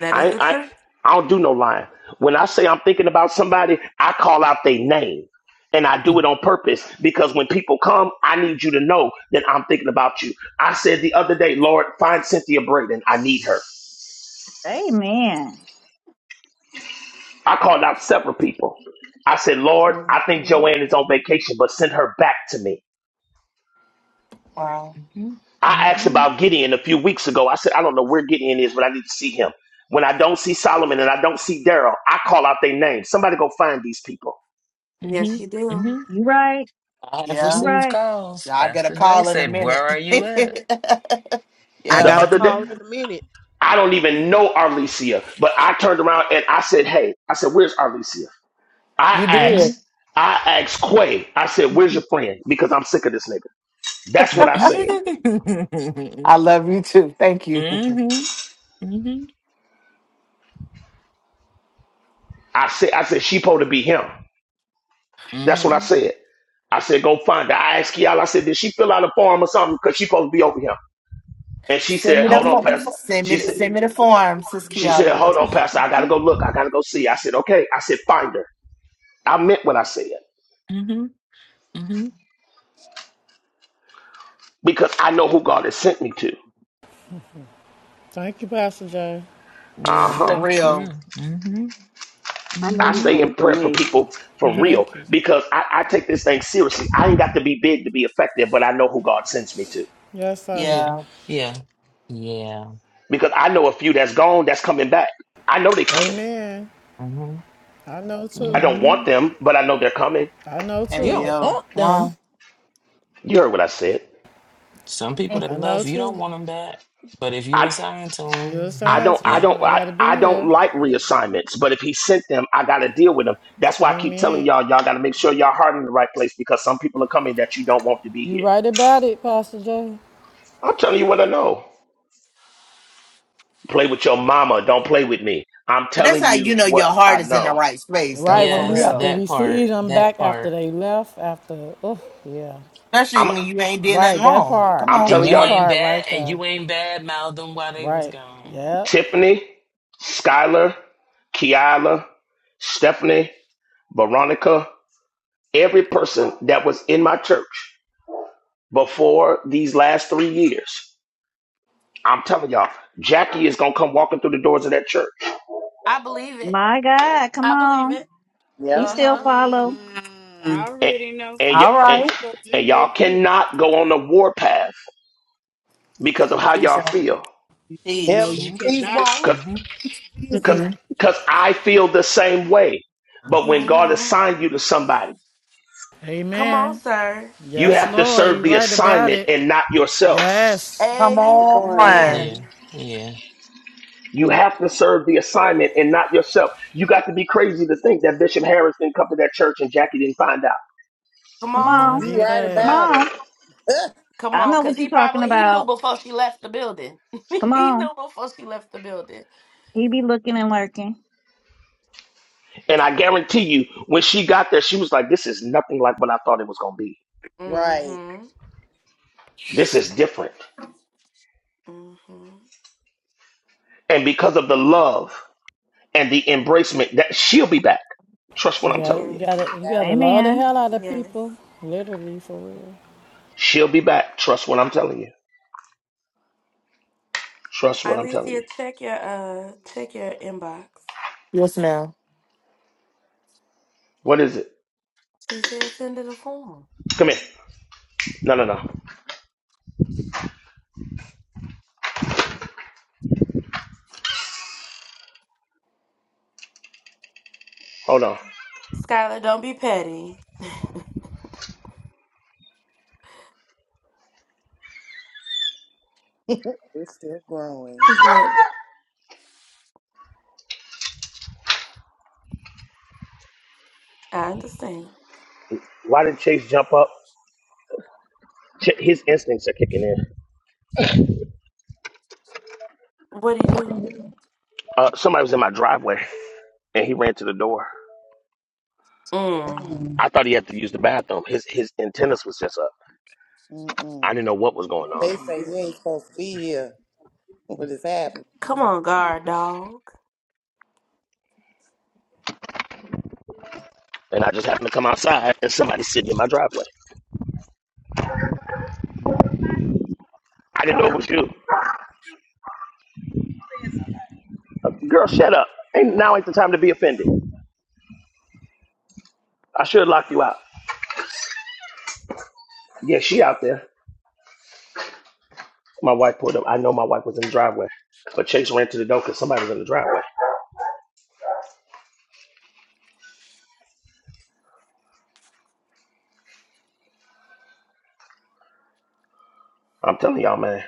Speaker 1: That is
Speaker 12: I,
Speaker 1: the
Speaker 12: I,
Speaker 1: truth.
Speaker 12: I don't do no lying. When I say I'm thinking about somebody, I call out their name. And I do it
Speaker 21: Mm-hmm.
Speaker 12: on purpose because when people come, I need you to know that I'm thinking about you. I said the other day, Lord, find Cynthia Braden. I need her.
Speaker 15: Amen.
Speaker 12: I called out several people. I said, Lord, I think
Speaker 1: hmm
Speaker 12: Joanne is on vacation, but send her back to me.
Speaker 22: Wow.
Speaker 21: Mm-hmm.
Speaker 12: I asked
Speaker 21: Mm-hmm.
Speaker 12: about Gideon a few weeks ago. I said, I don't know where Gideon is, but I need to see him. When I don't see Solomon and I don't see Daryl, I call out their name. Somebody go find these people.
Speaker 21: Mm-hmm.
Speaker 1: Yes, you do.
Speaker 21: Mm-hmm.
Speaker 15: You right.
Speaker 21: I have
Speaker 15: You
Speaker 22: Yeah.
Speaker 21: received
Speaker 15: right.
Speaker 21: calls.
Speaker 22: I'll get a
Speaker 21: Pastor J
Speaker 22: call in a
Speaker 21: said, Where
Speaker 22: minute.
Speaker 21: are you at?
Speaker 11: I
Speaker 22: yeah.
Speaker 12: The
Speaker 11: got a
Speaker 12: other day.
Speaker 11: call
Speaker 21: Mm-hmm.
Speaker 11: in a minute.
Speaker 12: I don't even know Arlesia, but I turned around and I said, "Hey," I said, "Where's Arlesia?" I
Speaker 22: You
Speaker 21: Mm-hmm.
Speaker 22: did.
Speaker 12: asked, I asked Quay. I said, "Where's your friend?" Because I'm sick of this nigga. That's what I said.
Speaker 21: Mm-hmm.
Speaker 22: I love you too. Thank you.
Speaker 21: Mm-hmm.
Speaker 12: I said, I said she supposed to be him. That's what I
Speaker 21: Mm-hmm.
Speaker 12: said. I said, "Go find her." I asked Kiala. I said, "Did she fill out a form or something?" Because she supposed to be over him. And she
Speaker 22: Send
Speaker 12: said,
Speaker 22: me the
Speaker 12: "Hold
Speaker 21: Mm-hmm.
Speaker 12: on,
Speaker 22: form.
Speaker 12: Pastor."
Speaker 22: Send me
Speaker 12: She
Speaker 22: the,
Speaker 12: said,
Speaker 22: send me the form, Sis
Speaker 12: "She said,
Speaker 22: Kiala.
Speaker 12: hold on, Pastor. I gotta
Speaker 1: Mhm.
Speaker 12: go look. I gotta go see." I said, "Okay." I said, "Find her." I meant what I said
Speaker 21: Mm-hmm. Mm-hmm.
Speaker 12: because I know who God has sent me to.
Speaker 5: Thank you, Pastor Jay.
Speaker 12: Uh
Speaker 21: Yeah,
Speaker 12: huh.
Speaker 22: For
Speaker 21: thank
Speaker 22: real.
Speaker 21: you. Mm-hmm.
Speaker 6: I know
Speaker 12: I
Speaker 6: he
Speaker 21: Mm-hmm.
Speaker 12: stay in
Speaker 6: prayed for
Speaker 12: prayer for
Speaker 6: me.
Speaker 12: people for real
Speaker 5: Thank you.
Speaker 12: because I, I take this thing seriously. I ain't got to be big to be effective, but I know who God sends me to
Speaker 5: Yes, sir.
Speaker 21: Yeah.
Speaker 22: Yeah.
Speaker 21: Yeah. Yeah.
Speaker 12: because I know a few that's gone that's coming back. I know they coming.
Speaker 5: Amen.
Speaker 21: Mm-hmm.
Speaker 5: I know
Speaker 12: I
Speaker 5: too.
Speaker 12: don't
Speaker 21: Mm-hmm.
Speaker 12: want them, but I know they're coming.
Speaker 5: I know
Speaker 13: You
Speaker 22: Hey
Speaker 5: too.
Speaker 13: don't
Speaker 22: yo.
Speaker 13: want them.
Speaker 22: Wow.
Speaker 12: You heard what I said.
Speaker 21: Some people that
Speaker 5: I know
Speaker 21: love you don't
Speaker 5: too.
Speaker 21: want them back, but if you
Speaker 12: I
Speaker 21: assign
Speaker 5: You're
Speaker 21: to
Speaker 12: I
Speaker 21: them,
Speaker 5: assigned
Speaker 12: don't
Speaker 5: to
Speaker 12: I
Speaker 21: yeah,
Speaker 5: them.
Speaker 12: don't
Speaker 5: They got
Speaker 12: I,
Speaker 5: to be
Speaker 12: I don't
Speaker 5: here.
Speaker 12: like reassignments, but if he sent them, I gotta deal with them. That's why I keep telling
Speaker 5: Amen.
Speaker 12: y'all, y'all gotta make sure y'all heart in the right place because some people are coming that you don't want to be
Speaker 5: You
Speaker 12: here.
Speaker 5: right about it, Pastor Jay.
Speaker 12: I'm telling you what I know. Play with your mama, don't play with me. I'm
Speaker 22: But that's
Speaker 12: telling
Speaker 22: how you
Speaker 12: you
Speaker 22: know your
Speaker 12: what I
Speaker 22: heart is in the
Speaker 12: know.
Speaker 22: right space,
Speaker 5: Right
Speaker 22: though,
Speaker 5: when
Speaker 22: for
Speaker 5: you
Speaker 21: yes,
Speaker 5: have to
Speaker 22: real.
Speaker 21: that
Speaker 5: receive
Speaker 21: part,
Speaker 5: them
Speaker 21: that
Speaker 5: back after
Speaker 21: part,
Speaker 5: they left. After, oh yeah.
Speaker 22: Especially
Speaker 12: I'm
Speaker 22: when you ain't did
Speaker 5: Right,
Speaker 22: nothing
Speaker 5: that
Speaker 22: wrong.
Speaker 5: part.
Speaker 22: Come
Speaker 12: I'm
Speaker 22: on,
Speaker 21: and
Speaker 12: telling
Speaker 21: you
Speaker 5: That
Speaker 12: y'all,
Speaker 21: ain't
Speaker 5: part
Speaker 21: bad,
Speaker 5: right
Speaker 21: and
Speaker 5: there.
Speaker 21: you ain't bad mouth them while they was
Speaker 5: Right.
Speaker 21: gone.
Speaker 5: Yep.
Speaker 12: Tiffany, Skylar, Kiala, Stephanie, Veronica, every person that was in my church before these last three years, I'm telling y'all, Jackie is gonna come walking through the doors of that church,
Speaker 1: I believe it.
Speaker 15: My God, come
Speaker 1: I believe
Speaker 15: on.
Speaker 1: it.
Speaker 15: She
Speaker 10: Yep.
Speaker 15: still
Speaker 1: Uh-huh.
Speaker 15: follow.
Speaker 27: I
Speaker 9: Mm.
Speaker 12: and
Speaker 27: already know.
Speaker 12: and y-
Speaker 9: All
Speaker 12: and,
Speaker 27: I
Speaker 9: right.
Speaker 27: thought
Speaker 12: and
Speaker 27: you
Speaker 12: y'all
Speaker 27: did too.
Speaker 12: cannot go on the warpath because of how
Speaker 22: teach
Speaker 12: y'all
Speaker 22: her.
Speaker 12: feel,
Speaker 27: You can,
Speaker 10: Help
Speaker 27: no,
Speaker 10: me,
Speaker 27: you
Speaker 22: Teach.
Speaker 21: hmm
Speaker 10: Jesus.
Speaker 27: cannot.
Speaker 1: Won't.
Speaker 12: cause
Speaker 21: hmm
Speaker 12: cause
Speaker 10: Jesus.
Speaker 9: Mm-mm.
Speaker 12: cause I feel the same way. But when God
Speaker 1: hmm
Speaker 12: assigned you to somebody.
Speaker 1: Come on,
Speaker 5: Amen.
Speaker 1: sir.
Speaker 12: You
Speaker 5: Yes,
Speaker 12: have to
Speaker 5: Lord,
Speaker 12: serve
Speaker 5: you
Speaker 12: the
Speaker 5: right about
Speaker 12: assignment
Speaker 5: it.
Speaker 12: and not yourself.
Speaker 5: Yes.
Speaker 22: Come
Speaker 10: Good morning.
Speaker 22: on.
Speaker 21: Yeah,
Speaker 1: Amen.
Speaker 21: yeah,
Speaker 12: You have to serve the assignment and not yourself. You got to be crazy to think that Bishop Harris didn't come to that church and Jackie didn't find out.
Speaker 1: Come
Speaker 15: Come
Speaker 1: on.
Speaker 5: Not
Speaker 15: on.
Speaker 10: You right
Speaker 15: Come
Speaker 5: yet.
Speaker 10: about
Speaker 15: on.
Speaker 10: it.
Speaker 1: Come
Speaker 15: I
Speaker 1: on,
Speaker 15: know
Speaker 1: cause
Speaker 15: what you're
Speaker 1: he
Speaker 15: talking
Speaker 1: probably he knew
Speaker 15: about.
Speaker 1: before she left the building.
Speaker 15: Come
Speaker 1: he
Speaker 15: on.
Speaker 1: knew before she left the building.
Speaker 15: He be looking and lurking.
Speaker 12: And I guarantee you, when she got there, she was like, This is nothing like what I thought it was going to be.
Speaker 10: right.
Speaker 1: Mm-hmm.
Speaker 12: This is different.
Speaker 1: Mm-hmm.
Speaker 12: And because of the love and the embracement, that she'll be back. Trust what
Speaker 5: You
Speaker 12: I'm
Speaker 5: got
Speaker 12: telling
Speaker 5: you
Speaker 12: you.
Speaker 1: Yes.
Speaker 5: gotta you gotta
Speaker 10: Ab-
Speaker 5: love the
Speaker 15: Amen.
Speaker 5: hell out of
Speaker 1: Yes.
Speaker 5: people. Literally for real.
Speaker 12: She'll be back. Trust what I'm telling you. Trust what I'm telling you.
Speaker 1: Alicia, check your uh check your inbox.
Speaker 22: Yes, ma'am.
Speaker 12: What is it?
Speaker 1: She said send it a form.
Speaker 12: Come here. No, no, no. Hold on.
Speaker 1: Skylar, don't be petty.
Speaker 10: We're still growing.
Speaker 1: Girl, I understand.
Speaker 12: Why did Chase jump up? Ch- His instincts are kicking in.
Speaker 1: What'd he do?
Speaker 12: Uh, somebody was in my driveway and he ran to the door.
Speaker 1: Mm.
Speaker 12: I thought he had to use the bathroom. His his antennas was just up. I
Speaker 10: Mm-mm.
Speaker 12: didn't know what was going
Speaker 10: They
Speaker 12: on,
Speaker 10: say you ain't supposed to be here. What is happening?
Speaker 1: Come on, guard dog.
Speaker 12: and I just happened to come outside and somebody sitting in my driveway. I didn't know it was you. Uh, Girl, shut up. Ain't now ain't the time to be offended. I should have locked you out. Yeah, she out there. My wife pulled up. I know my wife was in the driveway, but Chase ran to the door because somebody was in the driveway. I'm telling y'all, man,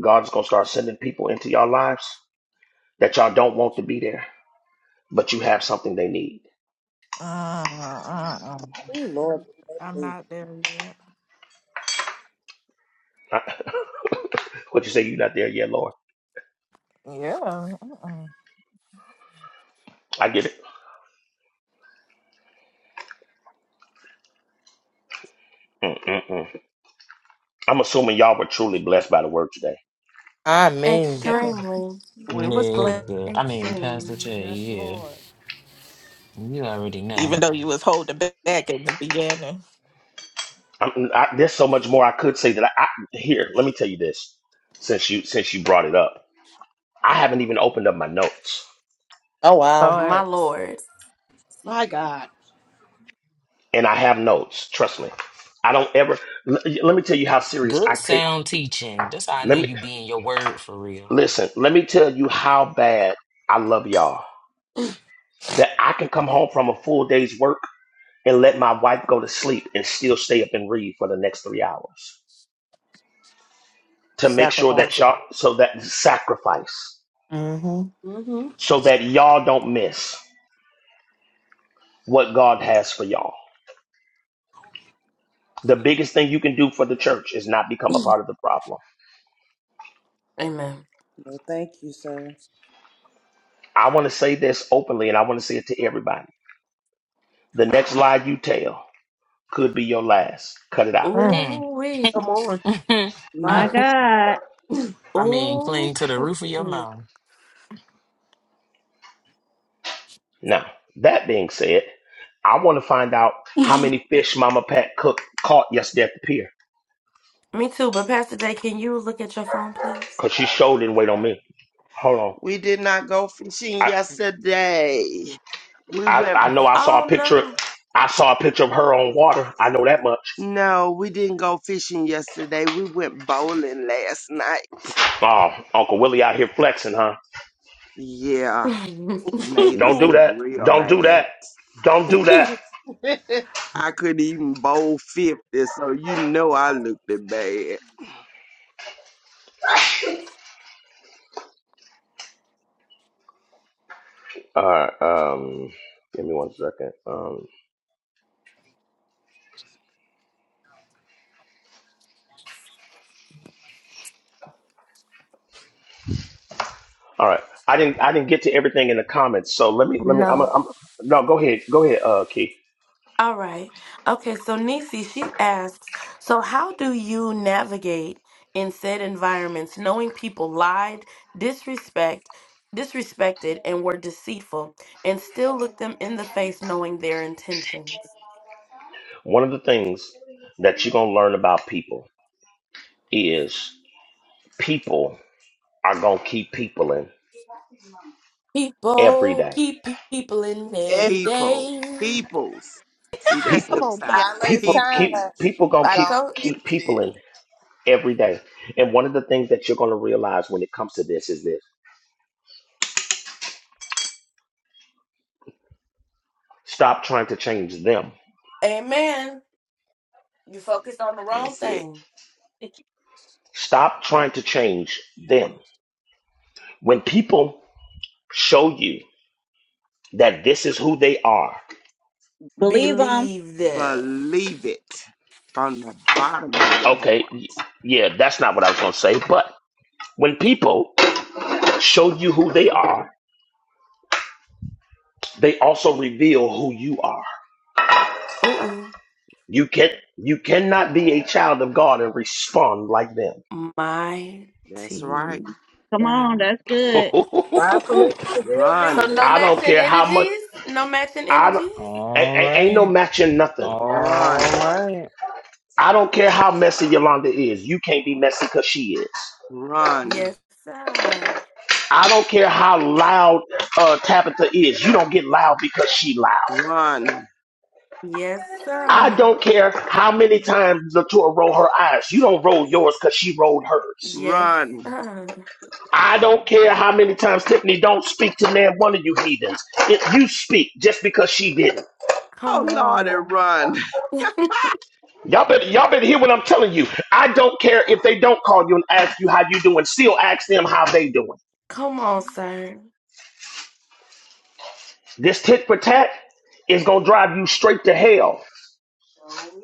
Speaker 12: God's gonna start sending people into y'all lives that y'all don't want to be there, but you have something they need.
Speaker 13: Uh, uh, uh.
Speaker 10: Oh Lord,
Speaker 13: I'm
Speaker 10: prepare me.
Speaker 13: not there yet.
Speaker 12: what you say? You not there yet, Lord?
Speaker 13: Yeah. Uh-uh.
Speaker 12: I get it. Mm-mm-mm. I'm assuming y'all were truly blessed by the word today.
Speaker 22: I mean,
Speaker 13: Yeah.
Speaker 1: Extremely.
Speaker 13: We was blessed.
Speaker 21: nigga. I mean, Pastor J,
Speaker 1: Extremely.
Speaker 5: Yes,
Speaker 21: yeah,
Speaker 5: Lord.
Speaker 21: you already
Speaker 13: Even
Speaker 21: know.
Speaker 13: though you was holding back in the beginning.
Speaker 12: I'm, I, there's so much more I could say that I, I here. Let me tell you this, since you since you brought it up, I haven't even opened up my notes,
Speaker 22: oh wow,
Speaker 1: My
Speaker 13: Lord,
Speaker 1: lord.
Speaker 11: My God.
Speaker 12: and I have notes. Trust me, I don't ever. l- let me tell you how serious I
Speaker 21: Good
Speaker 12: take.
Speaker 21: sound teaching. That's how I know
Speaker 12: Let me
Speaker 21: you being your word for real.
Speaker 12: listen. Let me tell you how bad I love y'all. That I can come home from a full day's work and let my wife go to sleep and still stay up and read for the next three hours to make sure that
Speaker 22: sacrificing.
Speaker 12: y'all so that sacrifice.
Speaker 22: Mm-hmm.
Speaker 11: Mm-hmm.
Speaker 12: so that y'all don't miss what God has for y'all. The biggest thing you can do for the church is not become a part of the problem.
Speaker 1: Amen.
Speaker 10: No, thank you, sir.
Speaker 12: I want to say this openly and I want to say it to everybody. The next lie you tell could be your last. Cut it out.
Speaker 22: Mm.
Speaker 21: Mm.
Speaker 1: Ooh wee.
Speaker 11: Come on. My.
Speaker 15: My God.
Speaker 21: And
Speaker 1: Oh,
Speaker 21: cling to
Speaker 1: yeah.
Speaker 21: them.
Speaker 12: Now, that being said, I want to find out how many fish Mama Pat cook caught yesterday at the pier
Speaker 1: me too. But Pastor Day, can you look at your phone, please?
Speaker 12: because she showed didn't wait on me. Hold on.
Speaker 25: We did not go fishing
Speaker 12: I,
Speaker 25: yesterday. We
Speaker 12: I,
Speaker 25: went.
Speaker 12: I know I saw a
Speaker 1: Oh
Speaker 12: picture.
Speaker 1: no,
Speaker 12: I saw a picture of her on water. I know that much.
Speaker 25: No, we didn't go fishing yesterday. We went bowling last night.
Speaker 12: Oh, Uncle Willie out here flexing, huh?
Speaker 25: Yeah, made
Speaker 12: Don't
Speaker 25: us
Speaker 12: do
Speaker 25: look
Speaker 12: that.
Speaker 25: real
Speaker 12: Don't do
Speaker 25: bad.
Speaker 12: that. Don't do that.
Speaker 25: I couldn't even bowl fifty, so you know I looked it bad.
Speaker 12: All right. Um, give me one second. Um, all right. I didn't. I didn't get to everything in the comments. So let me. Let me. I'm. A,
Speaker 1: no.
Speaker 12: I'm. No. Go ahead. Go ahead. Uh, Keith.
Speaker 1: All right. Okay. So Nisi, she asks, so how do you navigate in said environments, knowing people lied, disrespect, disrespected, and were deceitful, and still look them in the face, knowing their intentions?
Speaker 12: One of the things that you're gonna learn about people is people are gonna keep people in every
Speaker 1: People
Speaker 12: day.
Speaker 1: keep people in
Speaker 10: If
Speaker 1: every
Speaker 25: People,
Speaker 1: day.
Speaker 25: peoples. See, that's
Speaker 11: come
Speaker 12: People.
Speaker 25: the
Speaker 11: on,
Speaker 25: side.
Speaker 11: Kia.
Speaker 10: y'all know it's
Speaker 12: People
Speaker 10: time,
Speaker 12: keep.
Speaker 25: Peoples.
Speaker 12: People gonna
Speaker 1: I
Speaker 12: keep
Speaker 10: gonna
Speaker 1: told.
Speaker 12: keep
Speaker 10: finish
Speaker 12: people
Speaker 10: it.
Speaker 12: in every day. And one of the things that you're gonna realize when it comes to this is this: stop trying to change them
Speaker 1: Amen. You focused on the wrong
Speaker 25: That's it.
Speaker 1: thing.
Speaker 12: Stop trying to change them. When people show you that this is who they are,
Speaker 15: Believe him.
Speaker 1: Believe that.
Speaker 25: Believe it from the bottom of your
Speaker 12: okay,
Speaker 25: heart.
Speaker 12: yeah, that's not what I was going to say, but when people show you who they are, they also reveal who you are.
Speaker 1: Ooh,
Speaker 12: You can you cannot be a child of God and respond like them.
Speaker 25: That's right.
Speaker 1: mighty
Speaker 15: Come on.
Speaker 1: God.
Speaker 15: That's good.
Speaker 5: God, please forgive me,
Speaker 1: So no
Speaker 25: Run,
Speaker 12: I don't
Speaker 5: Jesus.
Speaker 1: matching
Speaker 12: care how much
Speaker 1: energies. No matching
Speaker 12: I don't,
Speaker 1: energies.
Speaker 12: a-
Speaker 21: All
Speaker 12: a- ain't no
Speaker 21: right,
Speaker 12: matching nothing.
Speaker 21: all
Speaker 25: run,
Speaker 21: right.
Speaker 12: I don't care how messy Yolanda is. You can't be messy because she is.
Speaker 25: run,
Speaker 1: Yes, sir.
Speaker 12: I don't care how loud uh, Tabitha is. You don't get loud because she loud.
Speaker 25: run,
Speaker 1: Yes,
Speaker 12: I
Speaker 1: sir.
Speaker 12: don't care how many times Latour roll her eyes. You don't roll yours because she rolled hers.
Speaker 1: Yes,
Speaker 25: run.
Speaker 1: sir.
Speaker 12: I don't care how many times Tiffany don't speak to man one of you heathens. If you speak just because she didn't.
Speaker 1: Come
Speaker 25: Oh, Lord, and
Speaker 1: on.
Speaker 25: run.
Speaker 12: Y'all better, y'all better hear what I'm telling you. I don't care if they don't call you and ask you how you doing. Still ask them how they doing.
Speaker 1: come on, sir.
Speaker 12: This tit for tat is gonna drive you straight to hell.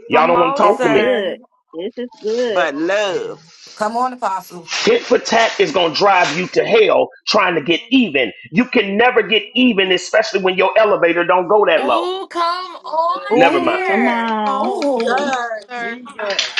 Speaker 12: Y'all
Speaker 1: Come
Speaker 12: don't want to
Speaker 1: on,
Speaker 12: talk
Speaker 15: It's
Speaker 12: to me.
Speaker 15: good.
Speaker 1: sir.
Speaker 15: This is good.
Speaker 25: But love.
Speaker 18: Come on, Apostle.
Speaker 12: Tit for tat is going to drive you to hell trying to get even. You can never get even, especially when your elevator don't go that low.
Speaker 1: Ooh, come on
Speaker 12: Never mind.
Speaker 15: Come
Speaker 11: Ooh, come
Speaker 1: here.
Speaker 15: on.
Speaker 11: on,
Speaker 18: Ooh.
Speaker 5: God,
Speaker 11: sir.
Speaker 5: Jesus.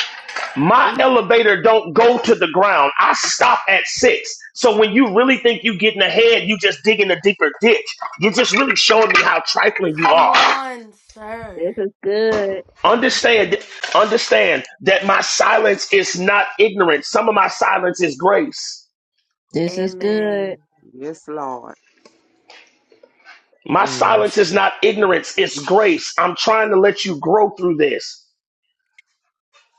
Speaker 12: My elevator don't go to the ground. I stop at six. So when you really think you getting ahead, you just digging a deeper ditch. You're just really showing me how trifling you
Speaker 1: Come
Speaker 12: are.
Speaker 1: on, sir.
Speaker 15: This is good.
Speaker 12: Understand, understand that my silence is not ignorance. Some of my silence is grace.
Speaker 15: This is good.
Speaker 1: Amen.
Speaker 25: Yes, Lord.
Speaker 12: My
Speaker 21: Oh yeah.
Speaker 12: silence is not ignorance, it's grace. I'm trying to let you grow through this.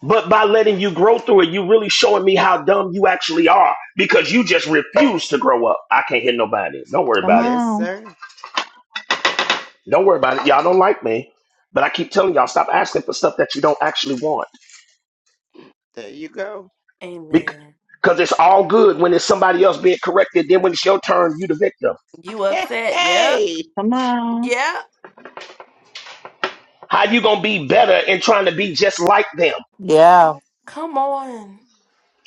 Speaker 12: But by letting you grow through it, you really showing me how dumb you actually are because you just refuse to grow up. I can't hit nobody. Don't worry
Speaker 15: Come
Speaker 12: about it.
Speaker 25: Yes,
Speaker 15: on.
Speaker 25: sir.
Speaker 12: Don't worry about it. Y'all don't like me. But I keep telling y'all, stop asking for stuff that you don't actually want.
Speaker 25: There you go.
Speaker 1: Amen.
Speaker 12: Because it's all good when it's somebody else being corrected. Then when it's your turn, you the victim.
Speaker 1: You
Speaker 25: Hey,
Speaker 1: upset? Yep.
Speaker 25: hey.
Speaker 15: Come on.
Speaker 1: Yeah,
Speaker 12: How you going to be better in trying to be just like them?
Speaker 22: Yeah,
Speaker 1: come on.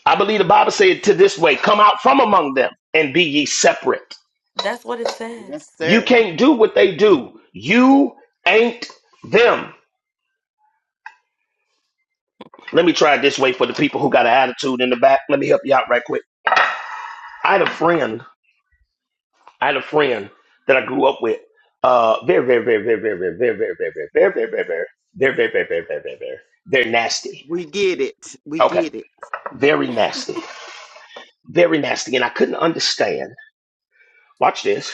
Speaker 12: I believe the Bible said to this way, come out from among them and be ye separate.
Speaker 1: That's what it says.
Speaker 25: Yes,
Speaker 12: You
Speaker 25: sir.
Speaker 12: can't do what they do. You ain't them. Let me try it this way for the people who got an attitude in the back. Let me help you out right quick. I had a friend. I had a friend that I grew up with. Uh, very, very, very, very, very, very, very, very, very, very, very, very, very, very, very, very, very, very, very, very, very nasty.
Speaker 25: We get it. We
Speaker 12: Okay,
Speaker 25: get it.
Speaker 12: very nasty, very nasty, and I couldn't understand. Watch this.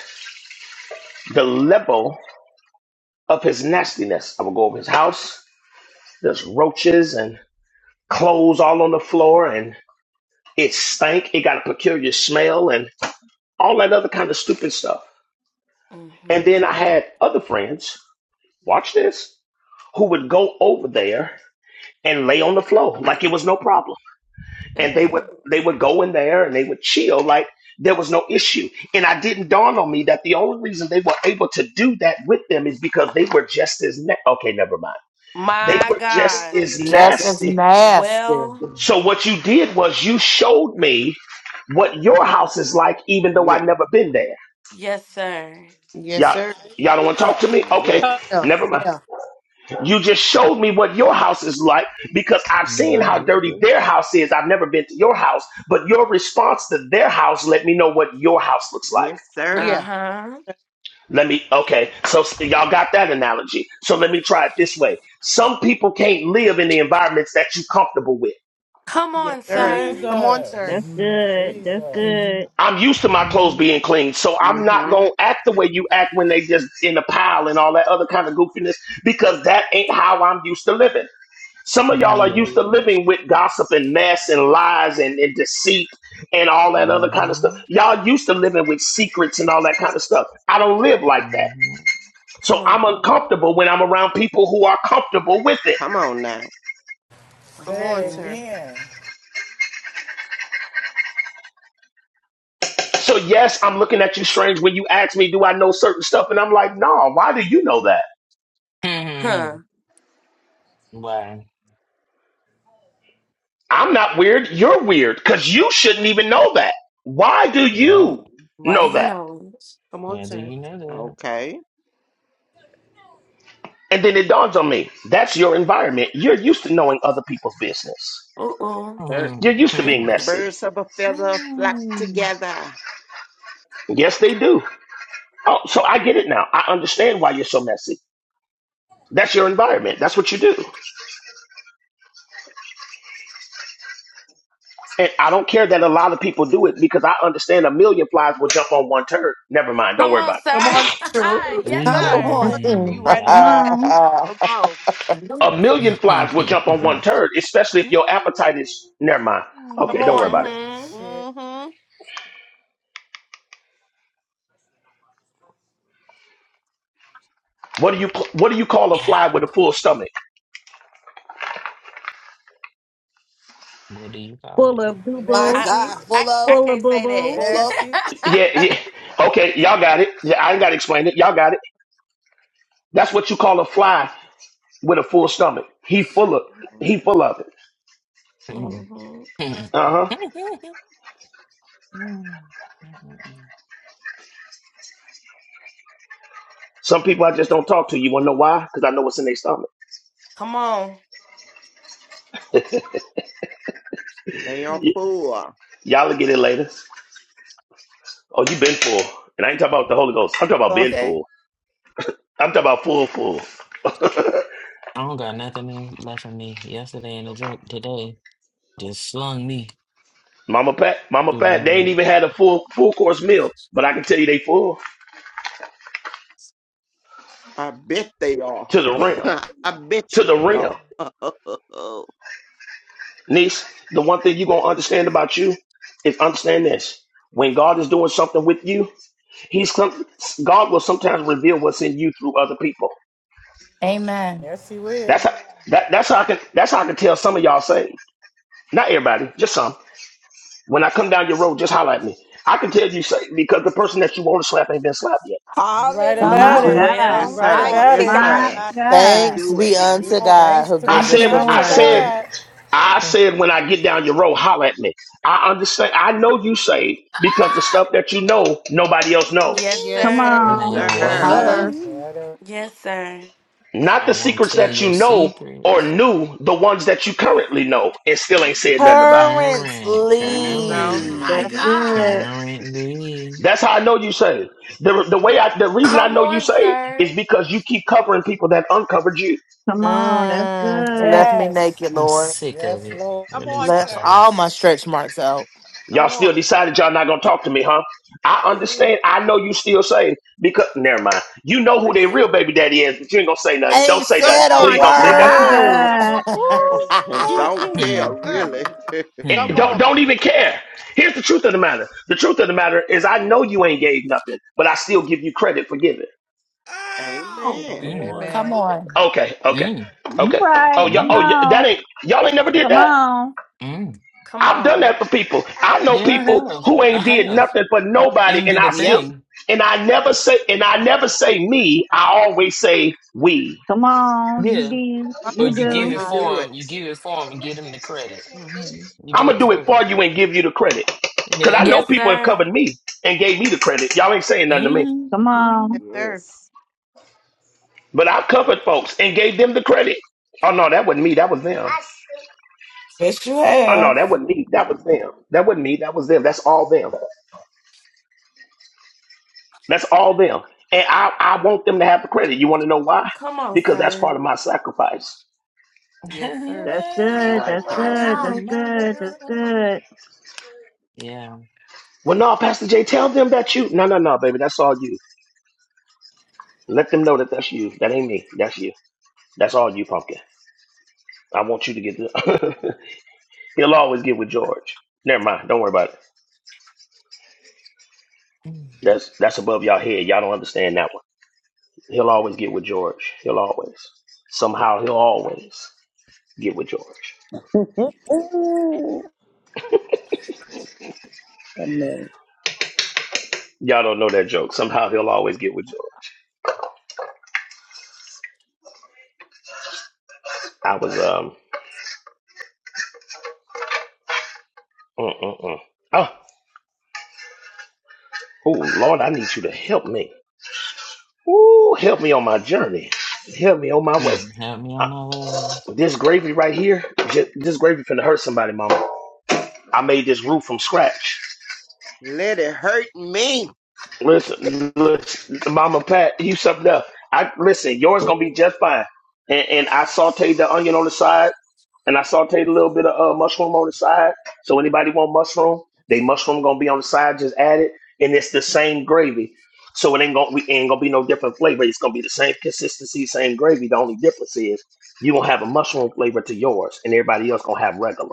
Speaker 12: The level of his nastiness. I would go over his house. There's roaches and clothes all on the floor, and it stank. It got a peculiar smell, and all that other kind of stupid stuff. And
Speaker 1: hmm
Speaker 12: then I had other friends, watch this, who would go over there and lay on the floor like it was no problem. And they would
Speaker 1: Ew.
Speaker 12: they would go in there and they would chill like there was no issue. And I didn't dawn on me that the only reason they were able to do that with them is because they were just as na- okay, never mind. They
Speaker 1: My
Speaker 12: were just
Speaker 1: God.
Speaker 12: as
Speaker 22: just as
Speaker 12: nasty.
Speaker 22: nasty.
Speaker 1: Well,
Speaker 12: So what you did was you showed me what your house is like, even though
Speaker 25: Yeah.
Speaker 12: I never been there.
Speaker 1: yes, sir.
Speaker 11: Yes,
Speaker 12: Y'all,
Speaker 11: sir.
Speaker 12: y'all don't want to talk to me? Okay,
Speaker 25: Yes.
Speaker 11: Yeah.
Speaker 12: never mind.
Speaker 11: Yeah.
Speaker 12: You just showed me what your house is like because I've seen
Speaker 21: No,
Speaker 12: how
Speaker 21: just
Speaker 12: dirty
Speaker 21: good.
Speaker 12: their house is. I've never been to your house, but your response to their house let me know what your house looks like.
Speaker 25: Yes, sir.
Speaker 1: Uh
Speaker 11: Yeah.
Speaker 1: huh.
Speaker 12: Let me, okay, so y'all got that analogy. So let me try it this way. Some people can't live in the environments that you're comfortable with.
Speaker 1: Come
Speaker 11: Yes,
Speaker 1: on,
Speaker 11: sir.
Speaker 1: sir.
Speaker 11: Come on,
Speaker 5: Jesus.
Speaker 11: sir.
Speaker 15: That's
Speaker 21: hmm
Speaker 15: good. That's
Speaker 5: Jesus.
Speaker 15: good.
Speaker 12: I'm used to my clothes
Speaker 21: hmm
Speaker 12: being clean, so I'm not
Speaker 25: Mm-hmm.
Speaker 12: gonna act the way you act when they just in a pile and all that other kind of goofiness because that ain't how I'm used to living. Some of y'all are
Speaker 21: Yeah.
Speaker 12: used to living with gossip and mess and lies and, and deceit and all that other kind of stuff.
Speaker 21: Mm-hmm.
Speaker 12: Y'all used to living with secrets and all that kind of stuff. I don't live like that.
Speaker 21: Mm-hmm.
Speaker 1: Come
Speaker 12: So
Speaker 1: on.
Speaker 12: I'm uncomfortable when I'm around people who are comfortable with it.
Speaker 25: Come on now.
Speaker 11: Come
Speaker 5: Say
Speaker 11: on,
Speaker 5: it
Speaker 1: Mm-hmm.
Speaker 11: sir.
Speaker 5: again.
Speaker 12: So, yes, I'm looking at you strange when you ask me, Do I know certain stuff? And I'm like, No, why do you know that?
Speaker 1: Huh.
Speaker 21: Why?
Speaker 12: I'm not weird. You're weird because you shouldn't even know that. Why do
Speaker 21: Yeah.
Speaker 12: you
Speaker 1: Why do
Speaker 12: know
Speaker 1: you
Speaker 12: that?
Speaker 1: know?
Speaker 11: Come on,
Speaker 21: Yeah. Do
Speaker 11: sir.
Speaker 21: you know that?
Speaker 25: Okay.
Speaker 12: And then it dawns on me that's your environment. You're used to knowing other people's business.
Speaker 1: Uh uh. oh.
Speaker 21: Mm-hmm.
Speaker 12: You're used to being
Speaker 11: Mm.
Speaker 12: messy.
Speaker 25: Birds of a feather flock
Speaker 21: Mm-hmm.
Speaker 25: together.
Speaker 12: Yes, they do. Oh, so I get it now. I understand why you're so messy. That's your environment. That's what you do. And I don't care that a lot of people do it because I understand a million flies will jump on one turd. Never mind. Don't
Speaker 1: Come
Speaker 12: worry
Speaker 1: on,
Speaker 12: about
Speaker 11: Come
Speaker 1: sir.
Speaker 11: on, sir.
Speaker 18: True.
Speaker 1: yes,
Speaker 18: Come
Speaker 11: Come
Speaker 25: Woo
Speaker 1: sir.
Speaker 18: on.
Speaker 25: woo.
Speaker 11: on, sir. You
Speaker 21: Ooh,
Speaker 11: right
Speaker 15: Come
Speaker 11: about
Speaker 21: yeah.
Speaker 11: that.
Speaker 15: on.
Speaker 11: Come on.
Speaker 12: it. A million flies will jump on one turd, especially if your appetite is. Never mind.
Speaker 11: Come
Speaker 12: Okay,
Speaker 21: Mm.
Speaker 12: don't worry
Speaker 11: on.
Speaker 12: about it.
Speaker 1: Mm hmm.
Speaker 5: Shit.
Speaker 11: Mm-hmm.
Speaker 12: What do you what do you call a
Speaker 21: Yeah.
Speaker 12: fly with a full stomach?
Speaker 21: What do you call it?
Speaker 15: Full of boo
Speaker 18: My
Speaker 15: boo.
Speaker 1: I,
Speaker 5: Messy.
Speaker 18: God,
Speaker 1: I
Speaker 18: full
Speaker 1: I
Speaker 18: of,
Speaker 15: Full of
Speaker 1: can't
Speaker 15: boo
Speaker 1: say
Speaker 15: boo.
Speaker 18: full of.
Speaker 5: Messy.
Speaker 12: Yeah,
Speaker 1: that.
Speaker 12: yeah. Okay, y'all got it. Yeah, I ain't got to explain it. Y'all got it. That's what you call a fly with a full stomach. He full of he full of it.
Speaker 1: mm-hmm.
Speaker 21: Mm.
Speaker 12: Uh huh.
Speaker 21: Mm. Mm. Mm.
Speaker 12: Some people I just don't talk to. You want to know why? Because I know what's in their stomach.
Speaker 1: Come on.
Speaker 25: They are
Speaker 12: Y-
Speaker 25: full.
Speaker 12: y'all will get it later. Oh, you been full. And I ain't talking about the Holy Ghost. I'm talking about been
Speaker 18: Okay.
Speaker 12: full. I'm talking about full, full.
Speaker 21: I don't got nothing in- left for me. Yesterday in the drip, today just slung me
Speaker 12: Mama Pat, Mama
Speaker 21: through the
Speaker 12: Pat, they ain't
Speaker 21: mud.
Speaker 12: even had a full full course meal. But I can tell you they full
Speaker 25: I bet they are.
Speaker 12: to the rim.
Speaker 25: I bet
Speaker 12: To
Speaker 25: you
Speaker 12: the
Speaker 25: they
Speaker 12: rim.
Speaker 25: are.
Speaker 12: Niece, the one thing you going to understand about you is understand this. When God is doing something with you, He's some, God will sometimes reveal what's in you through other people.
Speaker 18: Amen.
Speaker 5: Yes, he will.
Speaker 12: That's how that, that's how I can that's how I can tell some of y'all saved. Not everybody, just some. When I come down your road, just holler at me. I can tell you say- because the person that you want to slap ain't been slapped yet.
Speaker 5: You right
Speaker 11: Come
Speaker 18: Come
Speaker 11: on,
Speaker 5: about
Speaker 15: My
Speaker 13: Hallelujah.
Speaker 11: sir.
Speaker 5: it.
Speaker 18: on.
Speaker 15: God.
Speaker 5: You
Speaker 25: yes,
Speaker 1: Well,
Speaker 5: right
Speaker 11: Come
Speaker 25: sir.
Speaker 11: on.
Speaker 5: about
Speaker 13: Mighty
Speaker 25: Yes,
Speaker 5: it.
Speaker 11: Right
Speaker 15: My
Speaker 13: God.
Speaker 25: sir.
Speaker 11: about it.
Speaker 25: Let me
Speaker 15: God.
Speaker 22: Thanks
Speaker 25: do it.
Speaker 22: be
Speaker 5: You
Speaker 22: unto
Speaker 11: Come on.
Speaker 22: God
Speaker 5: thanks
Speaker 22: who
Speaker 5: to
Speaker 12: I
Speaker 22: gives
Speaker 15: Thank
Speaker 5: be
Speaker 22: us
Speaker 15: you,
Speaker 12: said,
Speaker 22: the
Speaker 12: I
Speaker 5: unto
Speaker 15: Lord.
Speaker 22: victory.
Speaker 12: said,
Speaker 5: God.
Speaker 12: I said when I get down your road, holler at me. I understand. I know you say because the
Speaker 24: Ah,
Speaker 12: stuff that you know, nobody else knows.
Speaker 1: Yes,
Speaker 15: Come
Speaker 11: Yes,
Speaker 1: sir.
Speaker 11: sir.
Speaker 25: Yes,
Speaker 15: on.
Speaker 7: Yes,
Speaker 21: Man,
Speaker 13: yes,
Speaker 25: sir.
Speaker 21: what?
Speaker 5: Yes.
Speaker 18: Holla.
Speaker 13: sir.
Speaker 7: sir.
Speaker 1: Yes, sir.
Speaker 12: Not
Speaker 21: I
Speaker 12: the
Speaker 21: won't
Speaker 12: secrets
Speaker 21: tell
Speaker 12: that you
Speaker 21: your
Speaker 12: know or
Speaker 21: secrets.
Speaker 12: knew, the ones that you currently know and still ain't said nothing about.
Speaker 21: Current,
Speaker 22: Currently,
Speaker 25: There you go.
Speaker 21: current,
Speaker 24: my
Speaker 15: That's good.
Speaker 24: God.
Speaker 21: currently.
Speaker 12: That's how I know you saved. The, the way I, the reason I
Speaker 1: Come
Speaker 12: know you
Speaker 1: on,
Speaker 12: saved is
Speaker 1: sir.
Speaker 12: because you keep covering people that uncovered you.
Speaker 15: Come on. That's
Speaker 22: mm,
Speaker 15: good.
Speaker 22: left me
Speaker 5: Yes.
Speaker 22: naked,
Speaker 21: I'm
Speaker 22: Lord.
Speaker 21: sick of
Speaker 5: Yes,
Speaker 21: it.
Speaker 5: Lord.
Speaker 11: Come
Speaker 21: Release
Speaker 11: on,
Speaker 21: the
Speaker 22: Left
Speaker 11: sir.
Speaker 22: all
Speaker 21: covers.
Speaker 22: my stretch marks out.
Speaker 11: Come
Speaker 12: Y'all still
Speaker 11: on.
Speaker 12: decided y'all not gonna talk to me, huh? I
Speaker 24: Yeah.
Speaker 12: understand. I know you still saying because never mind. You know
Speaker 24: My
Speaker 12: who their real
Speaker 24: head.
Speaker 12: baby daddy is, but you ain't gonna say nothing. Don't
Speaker 22: Ain't
Speaker 12: say
Speaker 11: Come
Speaker 12: nothing.
Speaker 22: said a
Speaker 12: Please
Speaker 11: on.
Speaker 12: don't say nothing.
Speaker 15: Mighty
Speaker 22: word.
Speaker 24: Oh, oh,
Speaker 11: Come on,
Speaker 15: God.
Speaker 11: sir.
Speaker 13: Woo.
Speaker 25: And
Speaker 24: oh,
Speaker 25: don't care,
Speaker 21: Hmm,
Speaker 25: really.
Speaker 12: Eh,
Speaker 11: Come
Speaker 21: hmm,
Speaker 12: don't
Speaker 11: on.
Speaker 12: don't even care. Here's the truth of the matter. The truth of the matter is I know you ain't gave nothing, but I still give you credit for giving.
Speaker 24: oh.
Speaker 25: Amen.
Speaker 11: Come
Speaker 21: mm, mm,
Speaker 11: on.
Speaker 18: Come
Speaker 13: Amen.
Speaker 18: on.
Speaker 12: Okay, okay,
Speaker 21: mm,
Speaker 15: You
Speaker 12: okay. Oh
Speaker 15: right.
Speaker 12: y'all,
Speaker 15: Come
Speaker 12: oh y- that
Speaker 15: on.
Speaker 12: ain't y'all ain't never did
Speaker 15: Come
Speaker 12: that.
Speaker 15: on.
Speaker 21: mm.
Speaker 1: Come
Speaker 12: I've done that
Speaker 1: on.
Speaker 12: for people. I know
Speaker 21: Yeah, I
Speaker 12: people
Speaker 21: have.
Speaker 12: who
Speaker 21: I
Speaker 12: ain't did
Speaker 21: have.
Speaker 12: nothing for nobody,
Speaker 21: Ain't
Speaker 12: and
Speaker 21: did
Speaker 12: I
Speaker 21: a
Speaker 12: still,
Speaker 18: Yep.
Speaker 21: thing.
Speaker 12: and I never say, and I never say me. I always say we.
Speaker 15: Come on. You
Speaker 21: Yeah.
Speaker 15: do.
Speaker 11: My
Speaker 21: Or
Speaker 15: You
Speaker 25: That's the way
Speaker 15: do.
Speaker 25: you
Speaker 11: my God.
Speaker 25: do it.
Speaker 21: the credit. hmm You
Speaker 12: I'm
Speaker 21: do
Speaker 12: gonna
Speaker 21: it
Speaker 12: do
Speaker 21: for
Speaker 12: it for
Speaker 21: them.
Speaker 12: you and give you the credit, cause I
Speaker 21: Yeah.
Speaker 12: know
Speaker 1: Yes,
Speaker 12: people have covered
Speaker 1: sir.
Speaker 12: me and gave me the credit. Y'all ain't saying nothing to me,
Speaker 21: hmm
Speaker 15: Come
Speaker 21: hmm
Speaker 11: Yes,
Speaker 15: on.
Speaker 11: sir.
Speaker 25: Yes.
Speaker 12: but I covered folks and gave them the credit. Oh no, that wasn't me. That was them.
Speaker 3: Yes, you
Speaker 12: Oh no,
Speaker 3: have.
Speaker 12: that wasn't me. That was them. That wasn't me. That was them. That's all them. That's all them. And I, I want them to have the credit. You want to know why?
Speaker 1: Come on,
Speaker 12: Because that's
Speaker 1: sir.
Speaker 12: part of my sacrifice.
Speaker 11: Yes, sir.
Speaker 15: That's
Speaker 25: All
Speaker 15: good.
Speaker 25: right,
Speaker 15: That's
Speaker 24: my
Speaker 15: good.
Speaker 25: Pastor.
Speaker 24: God.
Speaker 15: That's good. That's
Speaker 21: Mother.
Speaker 15: good.
Speaker 21: Yeah.
Speaker 12: Well, no, Pastor Jay, tell them that you. No, no, no, baby, that's all you. Let them know that that's you. That ain't me. That's you. That's all you, pumpkin. I want you to get the. He'll always get with George. Never mind. Don't worry about it.
Speaker 21: Mm,
Speaker 12: That's that's above y'all head. Y'all don't understand that one. He'll always get with George. He'll always. Somehow he'll always get with George.
Speaker 10: Amen.
Speaker 12: Y'all don't know that joke. Somehow he'll always get with George. I was um. Mm, mm, mm. Oh, oh, Lord, I need you to help me. Ooh, help me on my journey. Help me on my way.
Speaker 21: mm. help me on my way.
Speaker 12: This gravy right here, ju- this gravy finna hurt somebody, mama. I made this roux from scratch.
Speaker 25: Let it hurt me.
Speaker 12: Listen, listen, mama Pat, you something else. I listen, yours gonna be just fine. And, and I sauteed the onion on the side, and I sauteed a little bit of uh, mushroom on the side. So anybody want mushroom, they mushroom gonna be on the side. Just add it, and it's the same gravy. So it ain't gonna we ain't gonna be no different flavor. It's gonna be the same consistency, same gravy. The only difference is you gonna have a mushroom flavor to yours, and everybody else gonna have regular.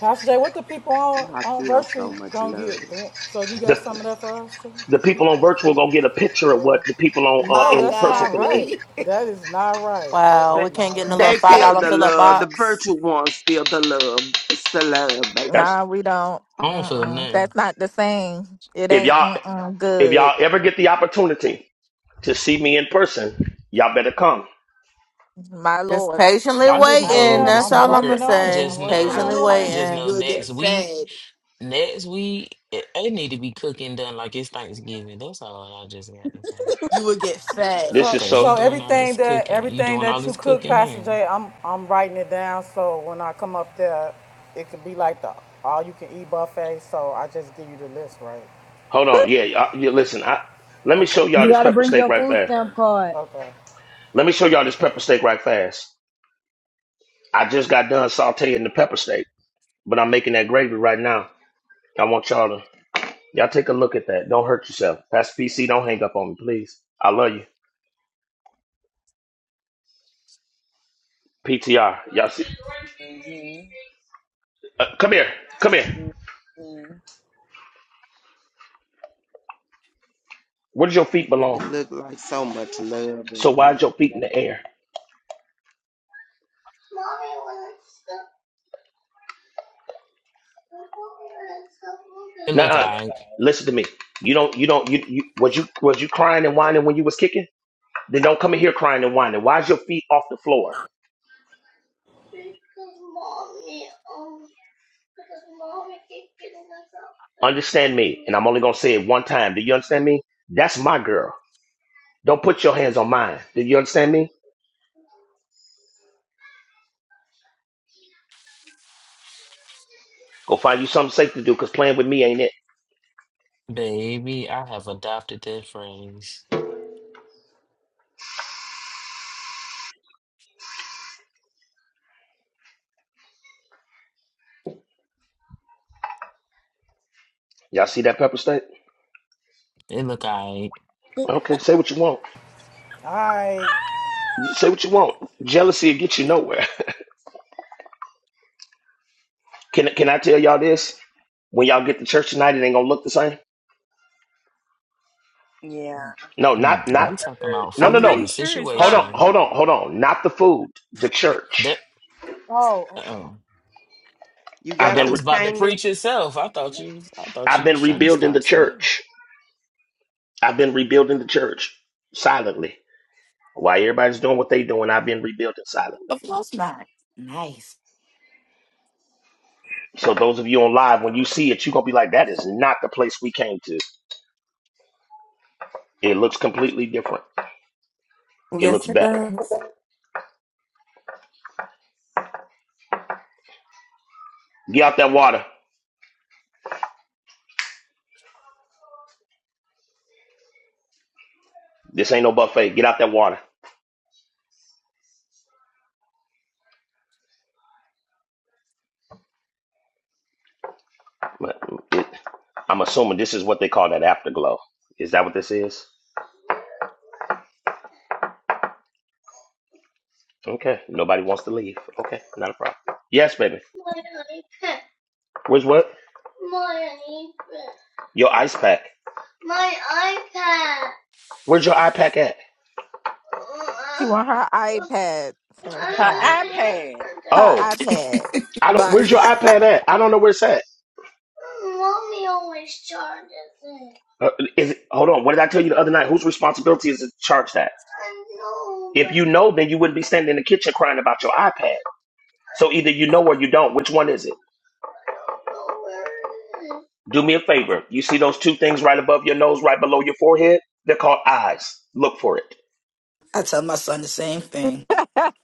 Speaker 5: Pastor Jay, what the people on,
Speaker 25: Oh, I
Speaker 5: on
Speaker 25: feel so
Speaker 5: virtue
Speaker 25: much
Speaker 5: gonna get?
Speaker 25: love.
Speaker 5: So you got some of that for us too?
Speaker 12: the people on
Speaker 5: People or something?
Speaker 12: virtual gonna get a picture of what
Speaker 5: Yeah.
Speaker 12: the people on uh,
Speaker 5: No,
Speaker 18: My
Speaker 12: in
Speaker 5: that's
Speaker 12: person
Speaker 5: not
Speaker 18: God,
Speaker 12: can eat.
Speaker 5: right.
Speaker 18: really?
Speaker 5: That is not right. That
Speaker 22: wow,
Speaker 5: is
Speaker 25: They,
Speaker 22: we can't
Speaker 5: not
Speaker 22: get in a
Speaker 5: right.
Speaker 22: little
Speaker 25: they
Speaker 13: That's
Speaker 22: five
Speaker 25: feel
Speaker 13: petty.
Speaker 22: dollar
Speaker 25: the
Speaker 22: fill up
Speaker 25: love. The
Speaker 22: box.
Speaker 25: virtual ones feel the love. It's the love, baby.
Speaker 12: That's
Speaker 13: Nah, we don't.
Speaker 21: I don't feel
Speaker 13: Mm-mm.
Speaker 21: nothing.
Speaker 13: That's not the same. It
Speaker 12: if
Speaker 13: ain't
Speaker 12: y'all
Speaker 13: mm-mm
Speaker 12: if
Speaker 13: good.
Speaker 12: y'all ever get the opportunity to see me in person, y'all better come.
Speaker 13: My
Speaker 22: Just
Speaker 13: lord.
Speaker 22: patiently
Speaker 21: I just
Speaker 5: I
Speaker 22: waiting.
Speaker 21: know
Speaker 5: am.
Speaker 21: the
Speaker 22: That's
Speaker 5: I'm
Speaker 22: all I'm
Speaker 21: smoker.
Speaker 22: gonna
Speaker 5: working on
Speaker 21: I
Speaker 5: it.
Speaker 22: say.
Speaker 5: I'm
Speaker 21: just
Speaker 5: working
Speaker 18: My
Speaker 22: Patiently
Speaker 21: know.
Speaker 5: on it
Speaker 21: I
Speaker 18: Lord.
Speaker 5: now.
Speaker 21: just
Speaker 22: waiting.
Speaker 21: know
Speaker 18: You will get
Speaker 21: next week.
Speaker 18: fed.
Speaker 21: Next week, it, it need to be cooking done like it's Thanksgiving. That's all I just got to say.
Speaker 18: You will get fed.
Speaker 12: This
Speaker 5: So
Speaker 12: is
Speaker 21: Cause
Speaker 12: so.
Speaker 21: you
Speaker 5: so
Speaker 21: doing all this
Speaker 5: everything that
Speaker 21: cooking. You
Speaker 5: everything
Speaker 21: doing all
Speaker 5: that you
Speaker 21: this
Speaker 5: cook,
Speaker 21: cooking
Speaker 5: Pastor
Speaker 21: there.
Speaker 5: Jay, I'm I'm writing it down so when I come up there, it could be like the all you can eat buffet. So I just give you the list, right?
Speaker 12: Hold on, yeah, y'all- yeah listen, I let me
Speaker 5: Okay.
Speaker 12: show y'all
Speaker 4: You
Speaker 12: this
Speaker 4: gotta
Speaker 12: pepper
Speaker 4: bring
Speaker 12: steak
Speaker 4: your
Speaker 12: right
Speaker 4: food
Speaker 12: there.
Speaker 4: stamp card.
Speaker 5: Okay.
Speaker 12: Let me show y'all this
Speaker 5: Okay.
Speaker 12: pepper steak right fast. I just got done sauteing the pepper steak, but I'm making that gravy right now. I want y'all to y'all take a look at that. Don't hurt yourself. That's PC. Don't hang up on me, please. I love you. PTR. Y'all see?
Speaker 10: Mhm.
Speaker 12: Uh, come here. Come here.
Speaker 10: Mhm.
Speaker 12: Where does your feet
Speaker 25: It
Speaker 12: belong?
Speaker 25: looked like so much love
Speaker 12: So
Speaker 25: in it.
Speaker 12: why is your feet in the air?
Speaker 21: It look
Speaker 12: Nah,
Speaker 21: alright,
Speaker 12: listen to me. You don't. You don't. You, you was you was you crying and whining when you was kicking? Then don't come in here crying and whining. Why is your feet off the floor? Understand me, and I'm only gonna say it one time. Do you understand me? That's my girl. Don't put your hands on mine. Do you understand me? Go find you something safe to do, cause playing with me ain't it.
Speaker 21: baby. I have adopted that phrase.
Speaker 12: Y'all see that pepper State?
Speaker 21: It look alright.
Speaker 12: Okay, say what you want.
Speaker 5: All right.
Speaker 12: Say what you want. Jealousy will get you nowhere. Can can I tell y'all this? When y'all get to church tonight, it ain't gonna look the same.
Speaker 10: Yeah.
Speaker 12: No, not
Speaker 21: Mm, are
Speaker 10: I
Speaker 21: we
Speaker 12: not
Speaker 10: heard.
Speaker 21: talking about
Speaker 12: no
Speaker 11: I'm
Speaker 12: no
Speaker 21: food or
Speaker 12: no.
Speaker 11: pretty
Speaker 21: the
Speaker 11: sure it's
Speaker 12: Hold on,
Speaker 11: not.
Speaker 21: situation?
Speaker 12: hold on, hold on. Not the food, the church.
Speaker 21: That
Speaker 11: Oh, okay.
Speaker 21: oh
Speaker 25: You
Speaker 21: oh
Speaker 12: I've
Speaker 25: got
Speaker 21: that
Speaker 12: been re-
Speaker 25: through
Speaker 21: was about to
Speaker 25: painting it?
Speaker 21: preach itself. I thought you. was- I thought
Speaker 12: I've
Speaker 21: you
Speaker 12: been
Speaker 21: was trying to
Speaker 12: rebuilding the
Speaker 21: start something.
Speaker 12: church. I've been rebuilding the church silently. While everybody's doing what they doing, I've been rebuilding silently.
Speaker 18: Of course not. Nice.
Speaker 12: So those of you on live, when you see it, you're gonna be like, that is not the place we came to. It looks completely different. It looks
Speaker 1: yes, it
Speaker 12: better.
Speaker 1: does.
Speaker 12: Get out that water. This ain't no buffet. Get out that water. I'm assuming this is what they call that afterglow. Is that what this is? Okay. Nobody wants to leave. Okay. Not a problem. Yes, baby. Where's what? Your ice pack. Where's your iPad at?
Speaker 13: She want her iPad, sir.
Speaker 7: Her
Speaker 13: Her,
Speaker 7: iPad.
Speaker 13: i-
Speaker 12: Oh,
Speaker 13: her
Speaker 12: I don't.
Speaker 18: My
Speaker 12: Where's your
Speaker 18: God.
Speaker 12: iPad at? I don't know where it's at. Uh, is it, hold on. What did I tell you the other night? Whose responsibility is it to charge that? If you know, then you wouldn't be standing in the kitchen crying about your iPad. So either you know or you don't. Which one is it? Do me a favor. You see those two things right above your nose, right below your forehead? They're called eyes. Look for it.
Speaker 18: I tell my son the same thing.
Speaker 13: iPad.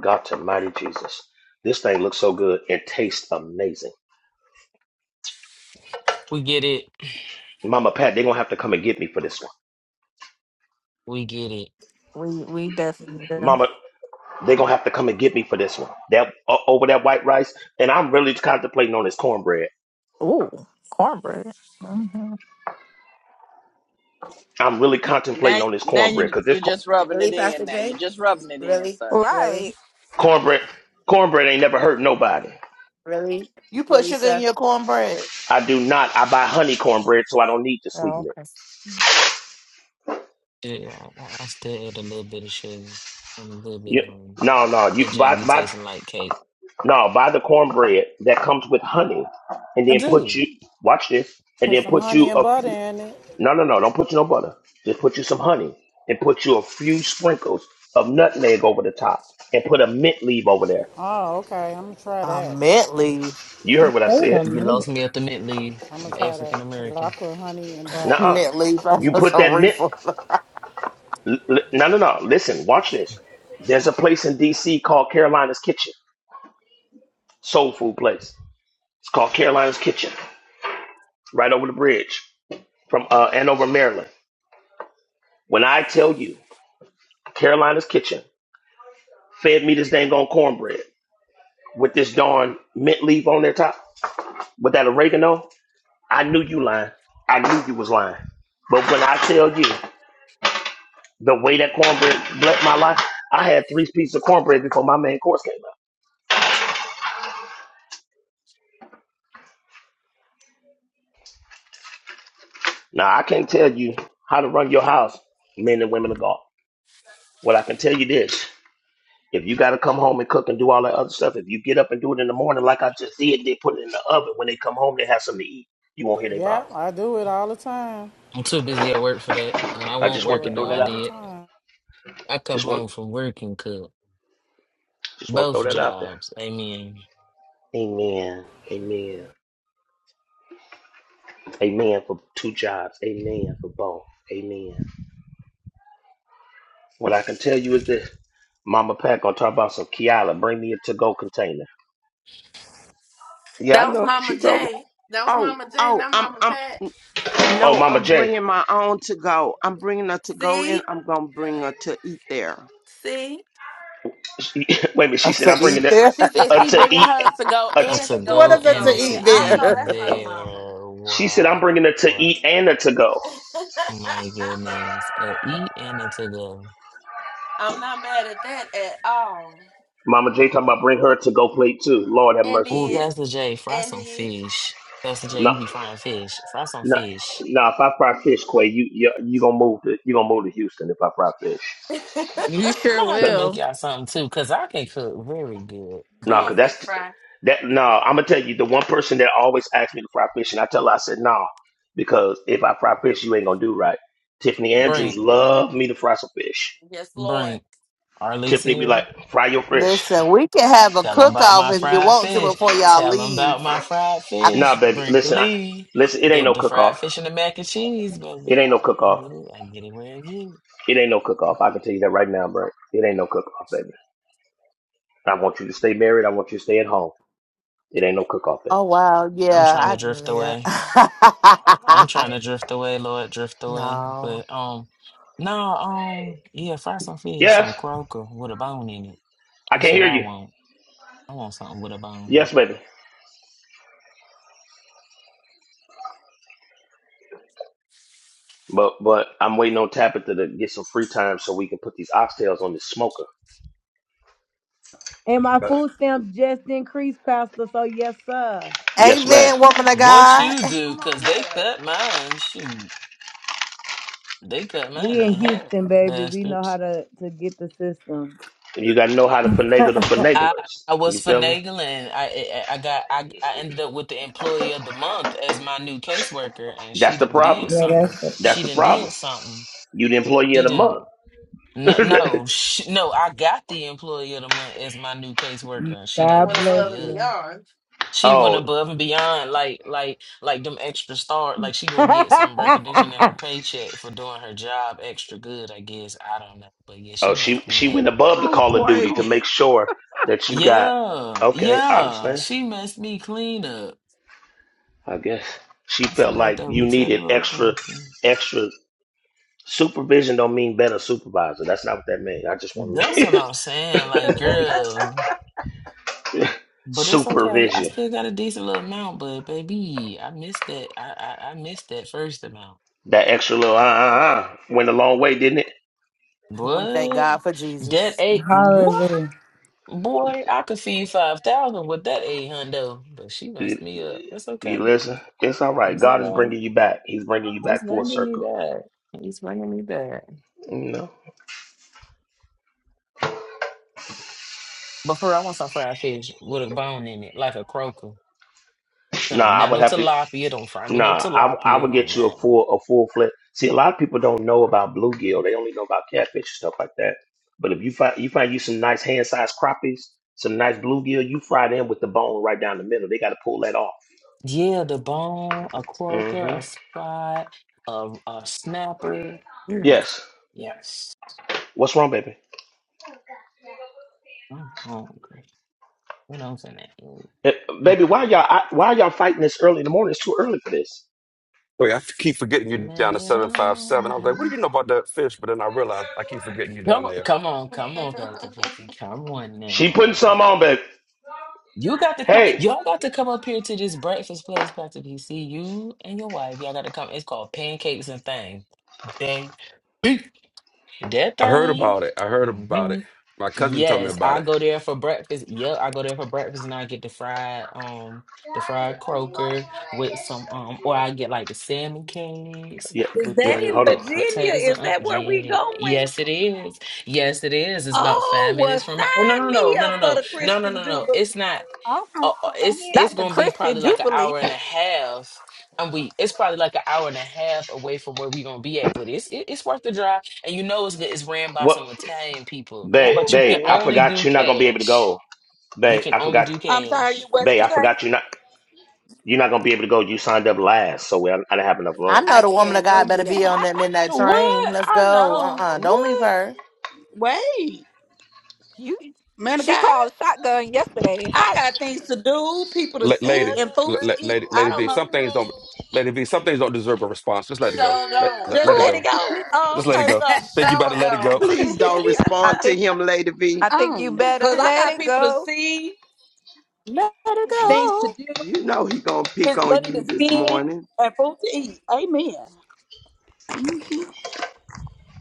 Speaker 12: God to mighty Jesus. This thing looks so good and tastes amazing.
Speaker 21: We get it.
Speaker 12: Mama Pat, they're gonna have to come and get me for this one.
Speaker 21: We get it.
Speaker 13: we we definitely do.
Speaker 12: Mama, they're gonna have to come and get me for this one. That o- over that white rice, and I'm really contemplating on this cornbread.
Speaker 13: Ooh, cornbread. hmm
Speaker 12: I'm really contemplating
Speaker 7: Now,
Speaker 12: on this
Speaker 7: now
Speaker 12: cornbread
Speaker 7: you
Speaker 12: because this
Speaker 7: you're
Speaker 12: cor-
Speaker 7: just rubbing
Speaker 18: Really,
Speaker 7: it in.
Speaker 18: Pastor
Speaker 7: Now you're
Speaker 18: J?
Speaker 7: just rubbing it in,
Speaker 18: Really?
Speaker 7: sir.
Speaker 18: Really?
Speaker 13: Right.
Speaker 12: cornbread, cornbread ain't never hurt nobody.
Speaker 18: Really?
Speaker 22: You put
Speaker 18: Really,
Speaker 22: sugar in
Speaker 18: sir?
Speaker 22: your cornbread.
Speaker 12: I do not. I buy honey cornbread, so I don't need to sweeten
Speaker 22: Oh,
Speaker 12: it.
Speaker 22: okay.
Speaker 21: Yeah, I, I still add a little bit of sugar and a little bit
Speaker 12: You,
Speaker 21: of honey.
Speaker 12: no, no. You
Speaker 21: That jam
Speaker 12: buy,
Speaker 21: be
Speaker 12: buy.
Speaker 21: tasting like cake.
Speaker 12: No, buy the cornbread that comes with honey, and
Speaker 21: I
Speaker 12: then put
Speaker 21: do.
Speaker 12: you watch this, and
Speaker 5: Put
Speaker 12: then
Speaker 5: some
Speaker 12: put you
Speaker 5: honey and
Speaker 12: a
Speaker 5: butter
Speaker 12: few.
Speaker 5: in it.
Speaker 12: No, no, no, don't put you no butter. Just put you some honey, and put you a few sprinkles of nutmeg over the top, and put a mint leaf over there.
Speaker 5: Oh, okay. I'm gonna try
Speaker 22: Uh,
Speaker 5: that.
Speaker 22: mint leaf.
Speaker 12: You heard what I
Speaker 4: Wait
Speaker 12: said?
Speaker 4: a
Speaker 21: You lost
Speaker 4: minute.
Speaker 21: me ultimately.
Speaker 5: I'm gonna
Speaker 21: I'm
Speaker 5: try that
Speaker 21: African
Speaker 5: because I
Speaker 21: American.
Speaker 5: put honey and butter,
Speaker 12: Nuh-uh.
Speaker 22: mint leaf.
Speaker 5: and
Speaker 12: You
Speaker 5: the
Speaker 22: That's
Speaker 12: put
Speaker 22: a
Speaker 12: that mint.
Speaker 22: refill.
Speaker 12: l- l- No, no, no. Listen, watch this. There's a place in D.C. called Carolina's Kitchen, soul food place. It's called Carolina's Kitchen, right over the bridge from uh, Andover, Maryland. When I tell you Carolina's Kitchen. fed me this dang on cornbread with this darn mint leaf on their top with that oregano. I knew you lying. I knew you was lying. But when I tell you the way that cornbread blessed my life, I had three pieces of cornbread before my main course came out. Now I can't tell you how to run your house, men and women of God. What I can tell you this. If you gotta come home and cook and do all that other stuff, if you get up and do it in the morning like I just did, they put it in the oven. When they come home, they have something to eat. You won't hear their
Speaker 5: yeah,
Speaker 12: mouth.
Speaker 5: I do it all the time.
Speaker 21: I'm too busy at work for that. When I
Speaker 12: I
Speaker 5: I
Speaker 21: won't
Speaker 12: just want
Speaker 5: do
Speaker 12: to
Speaker 21: working
Speaker 5: it
Speaker 12: throw
Speaker 21: though, I
Speaker 12: that
Speaker 5: all
Speaker 12: out.
Speaker 5: the
Speaker 21: did.
Speaker 5: time.
Speaker 21: I come
Speaker 12: Just want
Speaker 21: home from work and cook.
Speaker 12: just want to throw
Speaker 21: Both
Speaker 12: that out there.
Speaker 21: jobs. Amen.
Speaker 12: Amen. Amen. Amen for two jobs. Amen for both. Amen. What I can tell you is this. Mama Pack gonna talk about some Kiala. Bring me a to-go container. Yeah, I
Speaker 1: That was
Speaker 12: know.
Speaker 1: Mama
Speaker 12: She told me.
Speaker 1: J. That was
Speaker 25: Oh,
Speaker 1: Mama J,
Speaker 25: oh,
Speaker 1: not
Speaker 25: I'm,
Speaker 1: Mama
Speaker 25: I'm,
Speaker 1: Pat.
Speaker 25: n-
Speaker 12: Oh,
Speaker 25: no,
Speaker 12: Mama
Speaker 25: I'm
Speaker 12: J.
Speaker 25: bringing my own to go. I'm bringing her to go in.
Speaker 1: See?
Speaker 25: I'm gonna bring her to eat there.
Speaker 1: See?
Speaker 12: She, wait a minute. She
Speaker 22: That's
Speaker 12: said
Speaker 22: to
Speaker 12: I'm
Speaker 22: eat
Speaker 12: bringing it
Speaker 22: there.
Speaker 1: She said
Speaker 12: a
Speaker 1: she
Speaker 12: to
Speaker 1: bringing
Speaker 12: eat.
Speaker 1: hers to go
Speaker 12: A
Speaker 21: A
Speaker 1: and
Speaker 12: t-
Speaker 21: to
Speaker 1: she gonna
Speaker 22: what
Speaker 21: go
Speaker 1: eat
Speaker 22: is it
Speaker 21: and
Speaker 22: to
Speaker 21: a
Speaker 1: some
Speaker 22: eat
Speaker 1: there.
Speaker 21: to
Speaker 1: I
Speaker 21: eat
Speaker 1: know
Speaker 22: there?
Speaker 1: that's right,
Speaker 21: there.
Speaker 1: Mama.
Speaker 12: she said I'm
Speaker 21: Wow.
Speaker 12: bringing it to
Speaker 21: Wow.
Speaker 12: eat and a to-go.
Speaker 21: My goodness. A eat and a to go.
Speaker 1: I'm not mad at that at all.
Speaker 12: Mama J talking about bring her a to-go plate too. Lord have
Speaker 1: And
Speaker 12: mercy,
Speaker 21: Ooh,
Speaker 12: Jesus.
Speaker 1: is.
Speaker 21: Pastor J, fry
Speaker 1: And
Speaker 21: some
Speaker 1: is.
Speaker 21: fish. Pastor J,
Speaker 12: No,
Speaker 21: you be frying fish. Fry some
Speaker 12: no,
Speaker 21: fish.
Speaker 12: no. If I fry fish, Quay, you you you gonna move to you gonna move to Houston if I fry fish.
Speaker 13: You
Speaker 21: I'm
Speaker 13: sure
Speaker 21: gonna have to make
Speaker 13: will.
Speaker 21: y'all something too, cause I can cook very good.
Speaker 1: Come
Speaker 12: No,
Speaker 1: on,
Speaker 21: But
Speaker 12: cause
Speaker 1: Fish
Speaker 12: that's
Speaker 1: Fry.
Speaker 12: that. No, I'm gonna tell you the one person that always asks me to fry fish, and I tell her I said no, because if I fry fish, you ain't gonna do right. Tiffany Andrews
Speaker 21: Brink,
Speaker 12: love me to fry some fish.
Speaker 1: Yes, Lord.
Speaker 21: Brink,
Speaker 12: Tiffany be like,
Speaker 21: Arlesia.
Speaker 12: fry your fish.
Speaker 22: Listen, we can have a
Speaker 21: Tell them
Speaker 22: cook
Speaker 21: about
Speaker 22: off
Speaker 21: my
Speaker 22: if you
Speaker 21: fried
Speaker 22: want to
Speaker 21: fish.
Speaker 22: before y'all
Speaker 21: Tell them
Speaker 22: leave.
Speaker 21: about my fried
Speaker 22: I,
Speaker 21: fish.
Speaker 12: Nah, baby, listen, I,
Speaker 21: Brinkley,
Speaker 12: listen. It ain't
Speaker 21: the
Speaker 12: no
Speaker 21: the
Speaker 12: cook off.
Speaker 21: fried fish and the mac and cheese,
Speaker 12: It
Speaker 21: baby.
Speaker 12: ain't no
Speaker 21: I,
Speaker 12: cook
Speaker 21: I
Speaker 12: off.
Speaker 21: get it. I get it.
Speaker 12: It ain't no cook off. I can tell you that right now, bro. It ain't no cook off, baby. I want you to stay married. I want you to stay at home. It ain't no cook off, baby.
Speaker 22: oh wow,
Speaker 21: I'm trying to
Speaker 22: yeah,
Speaker 21: drift away.
Speaker 1: Come on,
Speaker 21: I'm
Speaker 22: I yeah.
Speaker 21: trying to
Speaker 1: baby.
Speaker 21: drift away, Lord, drift away.
Speaker 22: no.
Speaker 21: But um, no, um, yeah, fry some fish,
Speaker 12: Yes,
Speaker 21: some croaker with a bone in it.
Speaker 12: I can
Speaker 21: That's what
Speaker 12: hear
Speaker 21: I
Speaker 12: you.
Speaker 21: want. I want something with a bone.
Speaker 12: Yes, baby. But but I'm waiting on Tabitha to get some free time so we can put these oxtails on this smoker.
Speaker 4: And my
Speaker 12: Uh,
Speaker 4: food stamps just increased, Pastor. So yes, sir.
Speaker 12: yes, ma'am.
Speaker 22: Amen, woman of
Speaker 21: What
Speaker 22: God.
Speaker 21: you do?
Speaker 1: Come
Speaker 21: Cause
Speaker 1: on
Speaker 21: they
Speaker 1: here.
Speaker 21: cut mine. Shoot, they cut mine
Speaker 4: We in
Speaker 21: in half,
Speaker 4: Houston, baby. We know how
Speaker 21: bastards.
Speaker 4: to to get the system.
Speaker 12: And You gotta know how to finagle the
Speaker 21: I
Speaker 12: finaglers.
Speaker 21: I was
Speaker 12: You feel me?
Speaker 21: finagling. I I I got I I ended up with the employee of the month as my new caseworker, and
Speaker 12: That's
Speaker 21: she
Speaker 12: the
Speaker 21: didn't did
Speaker 12: problem.
Speaker 4: Yeah,
Speaker 21: something.
Speaker 4: that's it.
Speaker 12: That's
Speaker 21: She
Speaker 12: the
Speaker 21: didn't
Speaker 12: problem.
Speaker 21: did something.
Speaker 12: You the employee of
Speaker 21: She
Speaker 12: the month.
Speaker 21: didn't. No, no, she, no. I got the employee of the month as my new caseworker, and she
Speaker 1: She
Speaker 21: done
Speaker 4: God
Speaker 1: went
Speaker 21: messed
Speaker 1: above
Speaker 21: me
Speaker 4: bless
Speaker 1: and
Speaker 21: up.
Speaker 4: you.
Speaker 1: beyond.
Speaker 21: She went
Speaker 12: oh,
Speaker 21: above and beyond, like like like them extra star. Like she gonna get some recognition in her paycheck for doing her job extra good. I guess I don't know, but yeah,
Speaker 12: oh,
Speaker 21: she
Speaker 12: she
Speaker 21: messed me
Speaker 12: she
Speaker 21: up.
Speaker 12: went above the
Speaker 25: Oh,
Speaker 12: call of duty to
Speaker 25: Quay,
Speaker 12: make sure that you got.
Speaker 21: Yeah,
Speaker 12: Okay, I
Speaker 21: yeah,
Speaker 12: understand.
Speaker 21: she messed me clean up.
Speaker 12: I guess she
Speaker 21: It's all
Speaker 12: felt
Speaker 21: right
Speaker 12: like
Speaker 21: though.
Speaker 12: you
Speaker 21: We tell the
Speaker 12: needed
Speaker 21: Lord
Speaker 12: extra,
Speaker 21: thank you.
Speaker 12: extra supervision. Don't mean better supervisor. That's not what that means. I just want
Speaker 21: That's what
Speaker 12: to
Speaker 21: I'm saying, like girl. But it's okay. I
Speaker 12: supervision.
Speaker 21: still got a decent little amount, but baby, I missed that. I I, I missed that first amount.
Speaker 12: That extra little uh uh uh went a long way, didn't it?
Speaker 22: We thank God
Speaker 21: What?
Speaker 22: for
Speaker 21: That
Speaker 22: Jesus.
Speaker 21: eight? What?
Speaker 4: Hallelujah.
Speaker 21: Boy, I could feed 5,000 with that 8 hundo, but she
Speaker 12: You,
Speaker 21: messed me up. That's
Speaker 12: you
Speaker 21: okay.
Speaker 12: listen. It's all right.
Speaker 21: That's
Speaker 12: God is
Speaker 21: all right.
Speaker 12: bringing you back. He's bringing you
Speaker 21: He's
Speaker 12: back full
Speaker 21: bringing me
Speaker 12: circle.
Speaker 21: back. He's bringing me back.
Speaker 12: No,
Speaker 21: But for real, I want some fried fish with a bone in it, like a croaker.
Speaker 12: nah.
Speaker 21: Something.
Speaker 12: I
Speaker 21: Not
Speaker 12: would
Speaker 21: no
Speaker 12: have to.
Speaker 21: tilapia. Don't fry me no
Speaker 12: Nah, I I
Speaker 21: tilapia.
Speaker 12: would get you a
Speaker 21: Mm-mm.
Speaker 12: full a full flip. See, a lot of people don't know about bluegill. They only know about catfish and stuff like that. But if you find you find you some nice hand sized crappies, some nice bluegill, you fry them with the bone right down the middle. They got to pull that off.
Speaker 21: Yeah, the bone, a croaker,
Speaker 12: hmm
Speaker 21: a spot, a, a snapper. Mm,
Speaker 12: Yes.
Speaker 21: Yes.
Speaker 12: What's wrong, baby?
Speaker 21: I'm hungry. What else in that?
Speaker 12: Eh,
Speaker 21: Mm.
Speaker 12: baby, why y'all I, why y'all fighting this early in the morning? It's too early for this.
Speaker 19: Wait, I keep forgetting you down
Speaker 21: Let
Speaker 19: to
Speaker 21: it
Speaker 19: 757.
Speaker 21: all
Speaker 19: I was like, what
Speaker 21: down.
Speaker 19: do you know about that fish? But then I realized I keep forgetting you down
Speaker 21: Come on,
Speaker 19: there.
Speaker 21: come on, come on, Pastor PC. Come on
Speaker 12: She putting
Speaker 21: now.
Speaker 12: some on, babe.
Speaker 21: You got to come.
Speaker 12: hey,
Speaker 21: Y'all got to come up here to this breakfast place, Pastor PC. You and your wife, y'all got to come. It's called Pancakes and Thing. Thing. That
Speaker 19: I heard
Speaker 21: thing.
Speaker 19: about it. I heard
Speaker 21: Mm-hmm.
Speaker 19: about it. My cousin told me
Speaker 21: Yes,
Speaker 19: about
Speaker 21: I
Speaker 19: it.
Speaker 21: go there for breakfast. Yep, I go there for breakfast and I get the fried um the fried croaker with some um or I get like the salmon cakes
Speaker 12: yeah,
Speaker 27: Is
Speaker 21: with
Speaker 27: that
Speaker 12: yeah.
Speaker 21: the
Speaker 27: in
Speaker 12: Hold on.
Speaker 21: the
Speaker 27: Virginia?
Speaker 21: potatoes and
Speaker 27: Is
Speaker 21: uh,
Speaker 27: that where we
Speaker 21: yeah.
Speaker 27: going?
Speaker 21: Yes it is. Yes it is. It's about five
Speaker 27: Oh, well,
Speaker 21: minutes from my Oh no no
Speaker 27: sign
Speaker 21: no
Speaker 27: me
Speaker 21: no no
Speaker 27: up for
Speaker 21: no
Speaker 27: the
Speaker 21: no no
Speaker 27: Christian
Speaker 21: no no.
Speaker 27: Jubilee.
Speaker 21: It's not
Speaker 27: Oh,
Speaker 21: uh,
Speaker 27: no,
Speaker 21: uh,
Speaker 27: Tom.
Speaker 21: it's
Speaker 13: Not
Speaker 21: it's
Speaker 13: the
Speaker 21: gonna be
Speaker 13: Christian
Speaker 21: probably like an
Speaker 13: Jubilee.
Speaker 21: hour and a half, and we it's probably like an hour and a half away from where we're gonna be at. But it's it, it's worth the drive, and you know it's good. It's ran by
Speaker 12: What,
Speaker 21: some Italian people,
Speaker 12: babe?
Speaker 21: but you can
Speaker 12: Babe, I
Speaker 13: Ooh.
Speaker 21: only
Speaker 12: forgot
Speaker 21: do
Speaker 12: you're not gonna be able to
Speaker 21: cash.
Speaker 12: go.
Speaker 21: You
Speaker 12: Babe,
Speaker 21: can
Speaker 12: I
Speaker 21: only
Speaker 12: forgot.
Speaker 21: do
Speaker 27: I'm sorry, you
Speaker 21: cash.
Speaker 27: what
Speaker 12: Babe,
Speaker 27: you
Speaker 12: I forgot
Speaker 27: say?
Speaker 12: you're not. You're not gonna be able to go. You signed up last, so we, I, I didn't have enough
Speaker 22: I
Speaker 12: room.
Speaker 22: know
Speaker 18: I
Speaker 22: the woman of
Speaker 18: can't.
Speaker 22: God
Speaker 18: Don't
Speaker 22: better
Speaker 18: do
Speaker 22: be
Speaker 18: that.
Speaker 22: on that midnight train.
Speaker 21: What
Speaker 22: Let's
Speaker 21: I
Speaker 22: go. Uh uh-uh,
Speaker 21: know,
Speaker 22: uh. do not
Speaker 21: what
Speaker 22: leave her.
Speaker 27: Wait,
Speaker 13: you
Speaker 27: man of
Speaker 13: she
Speaker 27: God,
Speaker 13: called shotgun yesterday.
Speaker 27: I
Speaker 13: Hi.
Speaker 27: got things to do, people to
Speaker 19: La-
Speaker 27: see,
Speaker 19: lady,
Speaker 27: and
Speaker 19: la-
Speaker 27: food
Speaker 19: la-
Speaker 27: to eat.
Speaker 19: lady,
Speaker 27: I
Speaker 19: lady
Speaker 27: don't
Speaker 19: V,
Speaker 27: know.
Speaker 19: some things don't, lady V, some things don't deserve a response. Just let it go.
Speaker 1: so
Speaker 19: Let,
Speaker 1: don't.
Speaker 19: let,
Speaker 27: Just
Speaker 19: let it
Speaker 27: let it
Speaker 19: go.
Speaker 27: go. Oh,
Speaker 19: Just let it
Speaker 27: okay,
Speaker 19: go.
Speaker 27: so,
Speaker 19: Think you about
Speaker 1: So
Speaker 19: to let it go.
Speaker 1: don't.
Speaker 25: please don't
Speaker 13: I
Speaker 25: respond to
Speaker 13: think
Speaker 25: him, Lady V.
Speaker 13: I think you
Speaker 27: um,
Speaker 13: better
Speaker 27: cause I
Speaker 13: let
Speaker 27: got
Speaker 13: it
Speaker 27: people to
Speaker 13: go.
Speaker 27: see,
Speaker 22: Let her
Speaker 25: You,
Speaker 27: things to
Speaker 22: go.
Speaker 27: do.
Speaker 25: you know he gonna pick
Speaker 27: His
Speaker 25: on
Speaker 27: money
Speaker 25: you
Speaker 27: to
Speaker 25: this
Speaker 27: spend
Speaker 25: morning.
Speaker 27: and food to eat. Amen.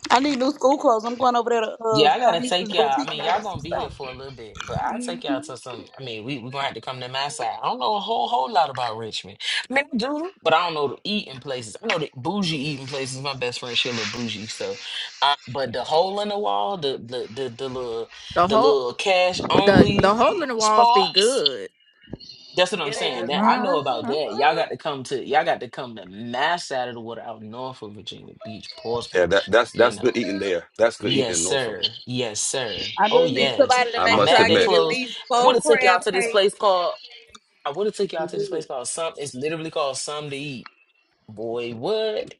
Speaker 27: I need new school clothes. I'm going over there to uh,
Speaker 21: Yeah, I gotta
Speaker 27: Shanice's
Speaker 21: take y'all. I
Speaker 27: boutique
Speaker 21: mean,
Speaker 27: and get
Speaker 21: y'all
Speaker 27: me some
Speaker 21: gonna be here
Speaker 27: stuff.
Speaker 21: for a little bit, but I'll take y'all to some. I mean, we we gonna have to come to my side. I don't know a whole whole lot about Richmond. I mean, I do, but I don't know the eating places. I know the bougie eating places. My best friend she a little bougie, so. Uh, but the hole in the wall, the the the the little
Speaker 13: The
Speaker 21: the
Speaker 13: whole
Speaker 21: little cash
Speaker 13: The the
Speaker 21: only
Speaker 13: hole in the walls be
Speaker 21: spots.
Speaker 13: good.
Speaker 21: That's what I'm
Speaker 1: yeah, they
Speaker 21: saying.
Speaker 1: do.
Speaker 21: That I
Speaker 13: hmm
Speaker 21: know about that. Y'all got to come to y'all got to come to my side of the water out north of Virginia Beach,
Speaker 19: yeah,
Speaker 21: Portsmouth.
Speaker 19: that, that's,
Speaker 21: You
Speaker 19: that's good
Speaker 21: know.
Speaker 19: eating there. That's good eating
Speaker 21: Yes,
Speaker 19: in Norfolk.
Speaker 21: sir. Yes, sir.
Speaker 27: I
Speaker 21: Oh,
Speaker 27: just need
Speaker 21: yes.
Speaker 27: somebody to
Speaker 19: I
Speaker 21: I'm
Speaker 27: make sure
Speaker 19: must
Speaker 21: mad
Speaker 27: I
Speaker 21: they
Speaker 27: get
Speaker 19: admit.
Speaker 27: at
Speaker 21: closed.
Speaker 27: least
Speaker 21: I would
Speaker 27: four
Speaker 21: have took y'all
Speaker 27: crab
Speaker 21: to this place
Speaker 27: cakes.
Speaker 21: called. I would have took y'all
Speaker 27: I'm
Speaker 21: to this place
Speaker 27: good.
Speaker 21: called some. It's literally called Some to Eat. Boy, what?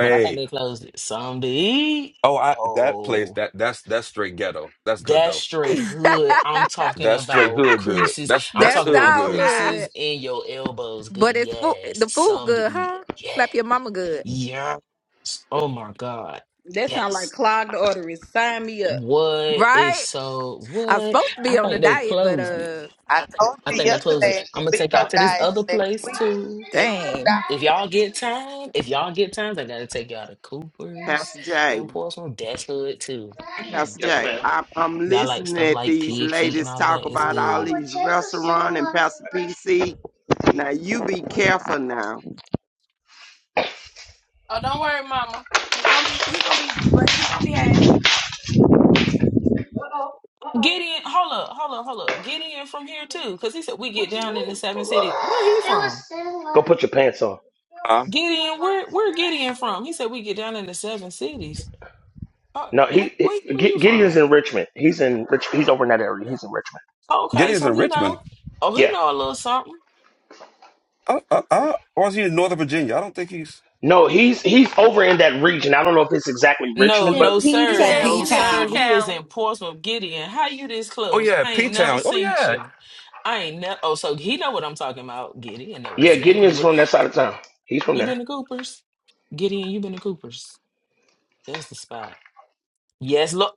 Speaker 21: But I think they closed it. Some to Eat.
Speaker 19: Oh, I, that place,
Speaker 21: Oh,
Speaker 19: that, that's, that's straight ghetto. That's good
Speaker 21: that's
Speaker 19: though.
Speaker 21: straight hood. I'm talking
Speaker 19: That's straight
Speaker 21: about
Speaker 19: hood good.
Speaker 21: creases.
Speaker 19: That's,
Speaker 21: I'm
Speaker 19: that's
Speaker 13: That's
Speaker 21: talking
Speaker 19: hood
Speaker 21: about
Speaker 13: our
Speaker 19: good.
Speaker 25: Ah,
Speaker 13: hood.
Speaker 21: creases in your elbows. Good.
Speaker 13: But it's food
Speaker 21: Yes.
Speaker 13: the food
Speaker 21: Some to
Speaker 13: good,
Speaker 21: Eat.
Speaker 13: huh?
Speaker 21: Yeah.
Speaker 13: Slap your mama good.
Speaker 21: Yes. Oh my God.
Speaker 27: That sounds like
Speaker 21: Yes.
Speaker 27: clogged arteries. Sign me up.
Speaker 21: What is
Speaker 13: Right?
Speaker 21: so
Speaker 13: I'm
Speaker 21: what?
Speaker 13: supposed to
Speaker 21: I
Speaker 13: be on the
Speaker 21: think they
Speaker 13: diet, but
Speaker 21: closed it.
Speaker 13: uh
Speaker 10: I told
Speaker 21: I
Speaker 10: you
Speaker 21: think they closed
Speaker 10: yesterday,
Speaker 21: it.
Speaker 10: ain't
Speaker 21: I'm
Speaker 10: gonna
Speaker 21: gonna
Speaker 10: be
Speaker 21: take y'all
Speaker 10: no
Speaker 21: to this other
Speaker 10: diets next
Speaker 21: place
Speaker 10: week.
Speaker 21: too.
Speaker 10: Ain't no
Speaker 13: dang.
Speaker 21: If y'all get time, if y'all get times, I gotta take y'all to Cooper's
Speaker 25: Pastor J.
Speaker 21: and Portsmouth. That's hood too. Mm.
Speaker 25: Pastor Jay, I, I'm
Speaker 21: Y'all like
Speaker 25: listening
Speaker 21: stuff
Speaker 25: at
Speaker 21: like
Speaker 25: these
Speaker 21: pig feet and
Speaker 25: ladies
Speaker 21: all of
Speaker 25: talk
Speaker 21: that. It's
Speaker 25: about all
Speaker 21: good.
Speaker 25: these restaurant and Pastor PC. Now you be careful now.
Speaker 1: Oh, don't worry, Mama. He gonna be. He gonna be. But he gonna be. At,
Speaker 21: Get in. Hold up. Hold up. Hold up. Get in from here too, because he said we get down in the seven cities. Where he
Speaker 12: It was.
Speaker 21: from?
Speaker 12: similar. Go put your pants on.
Speaker 19: Huh?
Speaker 21: Gideon, where where Gideon from? He said we get down in the seven cities. Uh,
Speaker 12: No,
Speaker 21: who,
Speaker 12: he,
Speaker 21: where,
Speaker 12: he
Speaker 21: where you
Speaker 12: G- Gideon's
Speaker 21: from?
Speaker 12: in Richmond. He's in Rich. He's over in that area. He's in Richmond.
Speaker 19: Getty
Speaker 21: Okay,
Speaker 19: is
Speaker 21: so
Speaker 19: in
Speaker 21: he
Speaker 19: Richmond.
Speaker 21: know. Oh, he
Speaker 12: Yeah.
Speaker 21: know a little something.
Speaker 19: Uh, uh, uh, or is he in Northern Virginia? I don't think he's.
Speaker 12: No, he's he's over in that region. I don't know if it's exactly
Speaker 21: No,
Speaker 12: Richmond,
Speaker 27: In
Speaker 12: but
Speaker 21: no,
Speaker 27: P
Speaker 1: he
Speaker 18: That
Speaker 21: sir.
Speaker 1: said
Speaker 18: P
Speaker 21: No,
Speaker 1: he's
Speaker 27: Town,
Speaker 1: in
Speaker 21: sir.
Speaker 1: P
Speaker 18: Town.
Speaker 21: He is
Speaker 1: Town.
Speaker 21: in Portsmouth, Gideon. How you this
Speaker 19: Oh
Speaker 21: close?
Speaker 19: yeah,
Speaker 21: I
Speaker 19: P
Speaker 21: ain't never
Speaker 19: Town. Oh
Speaker 21: seen
Speaker 19: yeah,
Speaker 21: you. I ain't never. Oh, so he know what I'm talking about. Gideon know
Speaker 12: yeah,
Speaker 21: exactly
Speaker 12: Gideon's
Speaker 21: what.
Speaker 12: from that side of town. He's from
Speaker 21: You
Speaker 12: there.
Speaker 21: been to Cooper's? Gideon, you been to Cooper's. That's the spot. Yes, look.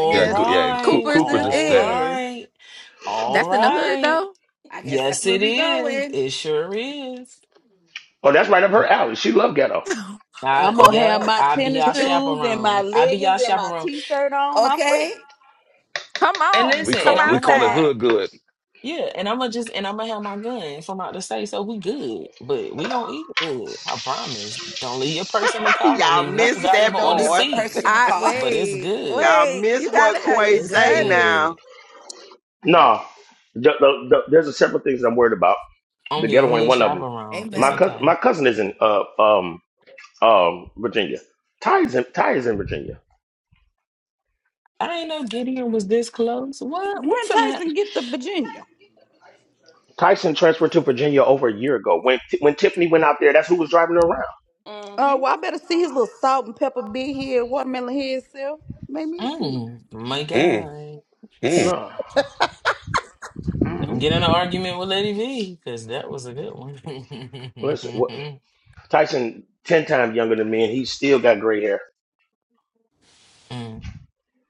Speaker 13: I
Speaker 19: yeah,
Speaker 13: guess
Speaker 19: good, yeah. Co-
Speaker 21: right.
Speaker 13: Cooper's
Speaker 19: Cooper's
Speaker 13: is,
Speaker 19: is
Speaker 21: All
Speaker 19: there.
Speaker 13: is.
Speaker 21: right. All
Speaker 13: That's in the hood
Speaker 21: right.
Speaker 13: though.
Speaker 18: I guess that's
Speaker 21: Yes,
Speaker 18: where
Speaker 21: it
Speaker 18: we
Speaker 21: is.
Speaker 18: going.
Speaker 21: It sure is.
Speaker 12: Oh, that's right up her alley. She loved ghetto.
Speaker 21: I,
Speaker 27: I'm gonna have
Speaker 21: yeah,
Speaker 27: my
Speaker 21: I be
Speaker 27: tennis
Speaker 21: y'all
Speaker 27: shoes and my
Speaker 21: chaperone. I be
Speaker 27: leggings
Speaker 21: y'all
Speaker 27: and my
Speaker 21: chaperone
Speaker 27: T-shirt on. I'm ready.
Speaker 18: Okay.
Speaker 13: come
Speaker 21: And
Speaker 13: on,
Speaker 19: We
Speaker 21: listen,
Speaker 13: come
Speaker 19: call
Speaker 21: and I'm
Speaker 19: we
Speaker 21: gonna have
Speaker 19: call it
Speaker 21: my
Speaker 13: outside.
Speaker 19: hood good.
Speaker 21: yeah, and I'm gonna just and I'm gonna have my gun from out the state, so we good, but we gonna eat good. I promise. Don't leave your purse in the car. Don't
Speaker 25: Y'all
Speaker 21: leave nothing
Speaker 18: She
Speaker 25: missed
Speaker 18: said,
Speaker 25: that
Speaker 21: valuable
Speaker 18: "Don't
Speaker 21: on the
Speaker 18: leave
Speaker 25: part.
Speaker 18: your purse
Speaker 21: seats.
Speaker 18: in the
Speaker 13: I
Speaker 18: car."
Speaker 21: But it's
Speaker 13: wait,
Speaker 21: good.
Speaker 25: Y'all
Speaker 13: wait,
Speaker 25: miss
Speaker 13: you
Speaker 25: what
Speaker 13: gotta have your
Speaker 25: Quay
Speaker 21: It's
Speaker 25: say
Speaker 13: gutted.
Speaker 25: now.
Speaker 21: good.
Speaker 12: No, the, the, the, there's a several things I'm worried about.
Speaker 21: I'm
Speaker 12: The
Speaker 21: your
Speaker 12: ghetto ain't
Speaker 21: hood
Speaker 12: one of them.
Speaker 21: chaperone. It's
Speaker 12: My
Speaker 18: Amen.
Speaker 12: cousin,
Speaker 21: okay.
Speaker 12: my cousin is in uh, um um Virginia. Ty is in Ty is in Virginia.
Speaker 21: I ain't know Gideon was this close. What? We
Speaker 27: When
Speaker 21: finna have...
Speaker 27: Tyson get to Virginia,
Speaker 12: Tyson transferred to Virginia over a year ago. When when Tiffany went out there, that's who was driving her around.
Speaker 27: uh,
Speaker 1: Mm-hmm.
Speaker 27: well, I better see his little salt and pepper big head, watermelon head self. Make me see.
Speaker 21: Mm, my
Speaker 19: Mm,
Speaker 21: God.
Speaker 19: mm.
Speaker 12: No,
Speaker 21: Don't get in an argument with Lady V, because that was a good one.
Speaker 12: listen, what, Tyson ten times younger than me, and he still got gray hair
Speaker 21: Mm.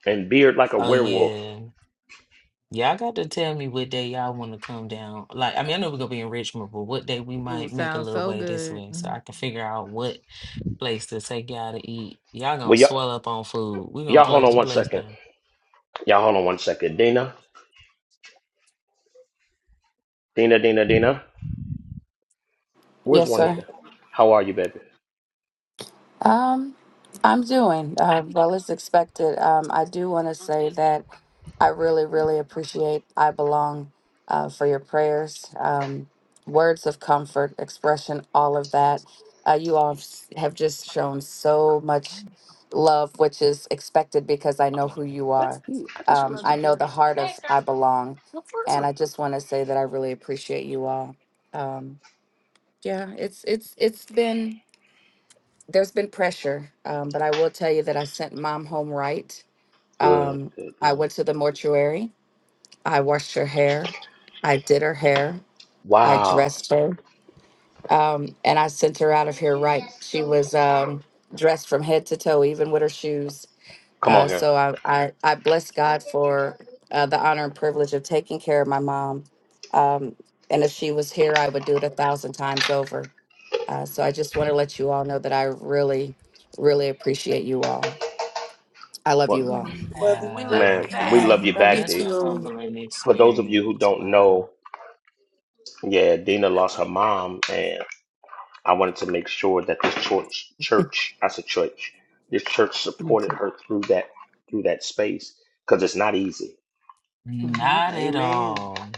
Speaker 12: and beard like a
Speaker 21: Oh,
Speaker 12: werewolf.
Speaker 21: yeah. Y'all got to tell me what day y'all want to come down. Like, I mean, I know we're gonna be in Richmond, but what day we
Speaker 13: Ooh,
Speaker 21: might make a
Speaker 13: sounds
Speaker 21: little
Speaker 13: so
Speaker 21: way this
Speaker 13: good.
Speaker 21: way so
Speaker 13: Mm-hmm.
Speaker 21: I can figure out what place to take y'all to eat. Y'all gonna
Speaker 12: Well, y'all,
Speaker 21: swell up on food. We're gonna
Speaker 12: y'all hold
Speaker 21: close
Speaker 12: on
Speaker 21: the
Speaker 12: one
Speaker 21: place
Speaker 12: second.
Speaker 21: down.
Speaker 12: Y'all hold on one second. Dina, Dina, Dina, Dina. Where's
Speaker 28: Yes,
Speaker 12: Juanita?
Speaker 28: sir.
Speaker 12: How are you, baby?
Speaker 28: Um, I'm doing uh, well as expected. Um, I do want to say that I really, really appreciate I Belong uh, for your prayers, um, words of comfort, expression, all of that. Uh, you all have s- have just shown so much love, which is expected because I
Speaker 21: Oh,
Speaker 28: know who
Speaker 21: yeah.
Speaker 28: you are.
Speaker 21: That's you. I just
Speaker 28: Um,
Speaker 21: realized you
Speaker 28: I know
Speaker 21: cleared
Speaker 28: the
Speaker 21: up.
Speaker 28: heart of
Speaker 21: Thanks,
Speaker 28: I
Speaker 21: girl.
Speaker 28: Belong,
Speaker 21: No
Speaker 28: and I
Speaker 21: problem.
Speaker 28: just want to say that I really appreciate you all. Um, yeah, it's it's it's been. there's been pressure, um, but I will tell you that I sent mom home right.
Speaker 12: Good,
Speaker 28: Um,
Speaker 12: good,
Speaker 28: I
Speaker 12: good.
Speaker 28: went to the mortuary. I washed her hair. I did her hair. I
Speaker 12: Wow.
Speaker 28: dressed her. Um, and I sent her out of here right. She was um, dressed from head to toe, even with her shoes.
Speaker 12: Come on
Speaker 28: Uh,
Speaker 12: here.
Speaker 28: so I, I, I bless God for uh, the honor and privilege of taking care of my mom. Um, and if she was here, I would do it a thousand times over. Uh, so I just want to let you all know that I really, really appreciate you all. I love
Speaker 12: Well,
Speaker 28: you all.
Speaker 18: Amen.
Speaker 10: diets.
Speaker 1: We love
Speaker 21: Wow.
Speaker 1: you
Speaker 12: man, we
Speaker 1: back.
Speaker 12: love
Speaker 18: Amen.
Speaker 12: you
Speaker 18: Love you
Speaker 12: back,
Speaker 21: That's
Speaker 12: D.
Speaker 21: a
Speaker 18: too.
Speaker 21: humbling
Speaker 12: For those of you who
Speaker 21: experience.
Speaker 12: don't
Speaker 21: Wow.
Speaker 12: know, yeah, Dina lost her mom, and I wanted to make sure that this church, church, I said church, this church supported her through that through that space because it's not easy.
Speaker 1: No,
Speaker 28: hmm
Speaker 21: Not at
Speaker 25: Amen.
Speaker 21: all.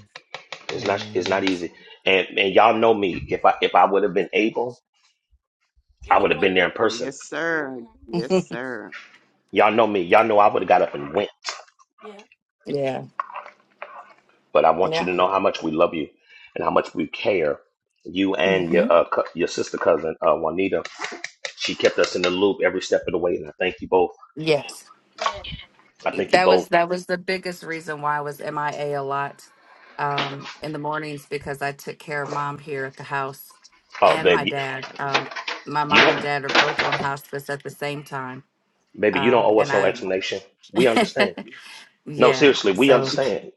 Speaker 12: It's not it's
Speaker 21: Amen.
Speaker 12: not
Speaker 1: no, it's
Speaker 12: easy.
Speaker 1: not.
Speaker 12: And and y'all know me. If I if I would have been able,
Speaker 1: you
Speaker 12: I
Speaker 1: would
Speaker 12: would
Speaker 1: have
Speaker 12: have
Speaker 1: went.
Speaker 12: been there in person.
Speaker 25: Yes, sir.
Speaker 1: Mm-hmm.
Speaker 25: Yes, sir.
Speaker 12: Y'all know me. Y'all know I would have got up and went.
Speaker 1: Yeah,
Speaker 28: Yeah.
Speaker 12: But I want you
Speaker 28: Yeah.
Speaker 12: to know how much we love you and how much we care. You and
Speaker 28: hmm
Speaker 12: your uh, cou- your sister cousin uh, Juanita She kept us in the loop every step of the way, and I thank you both.
Speaker 28: Yes.
Speaker 1: yeah.
Speaker 12: I thank you
Speaker 28: That
Speaker 12: both.
Speaker 28: was that was the biggest reason why I was MIA a a lot um, in the mornings because I took care of mom here at the house
Speaker 12: Oh,
Speaker 28: and my
Speaker 12: baby,
Speaker 28: dad. Um, my
Speaker 12: you
Speaker 28: mom and
Speaker 12: don't,
Speaker 28: dad are both on hospice at the same time,
Speaker 12: baby, you don't
Speaker 28: uh,
Speaker 12: owe us
Speaker 28: and
Speaker 12: no explanation. We
Speaker 28: I.
Speaker 12: understand. No,
Speaker 28: yeah.
Speaker 12: seriously, we
Speaker 28: So
Speaker 12: understand.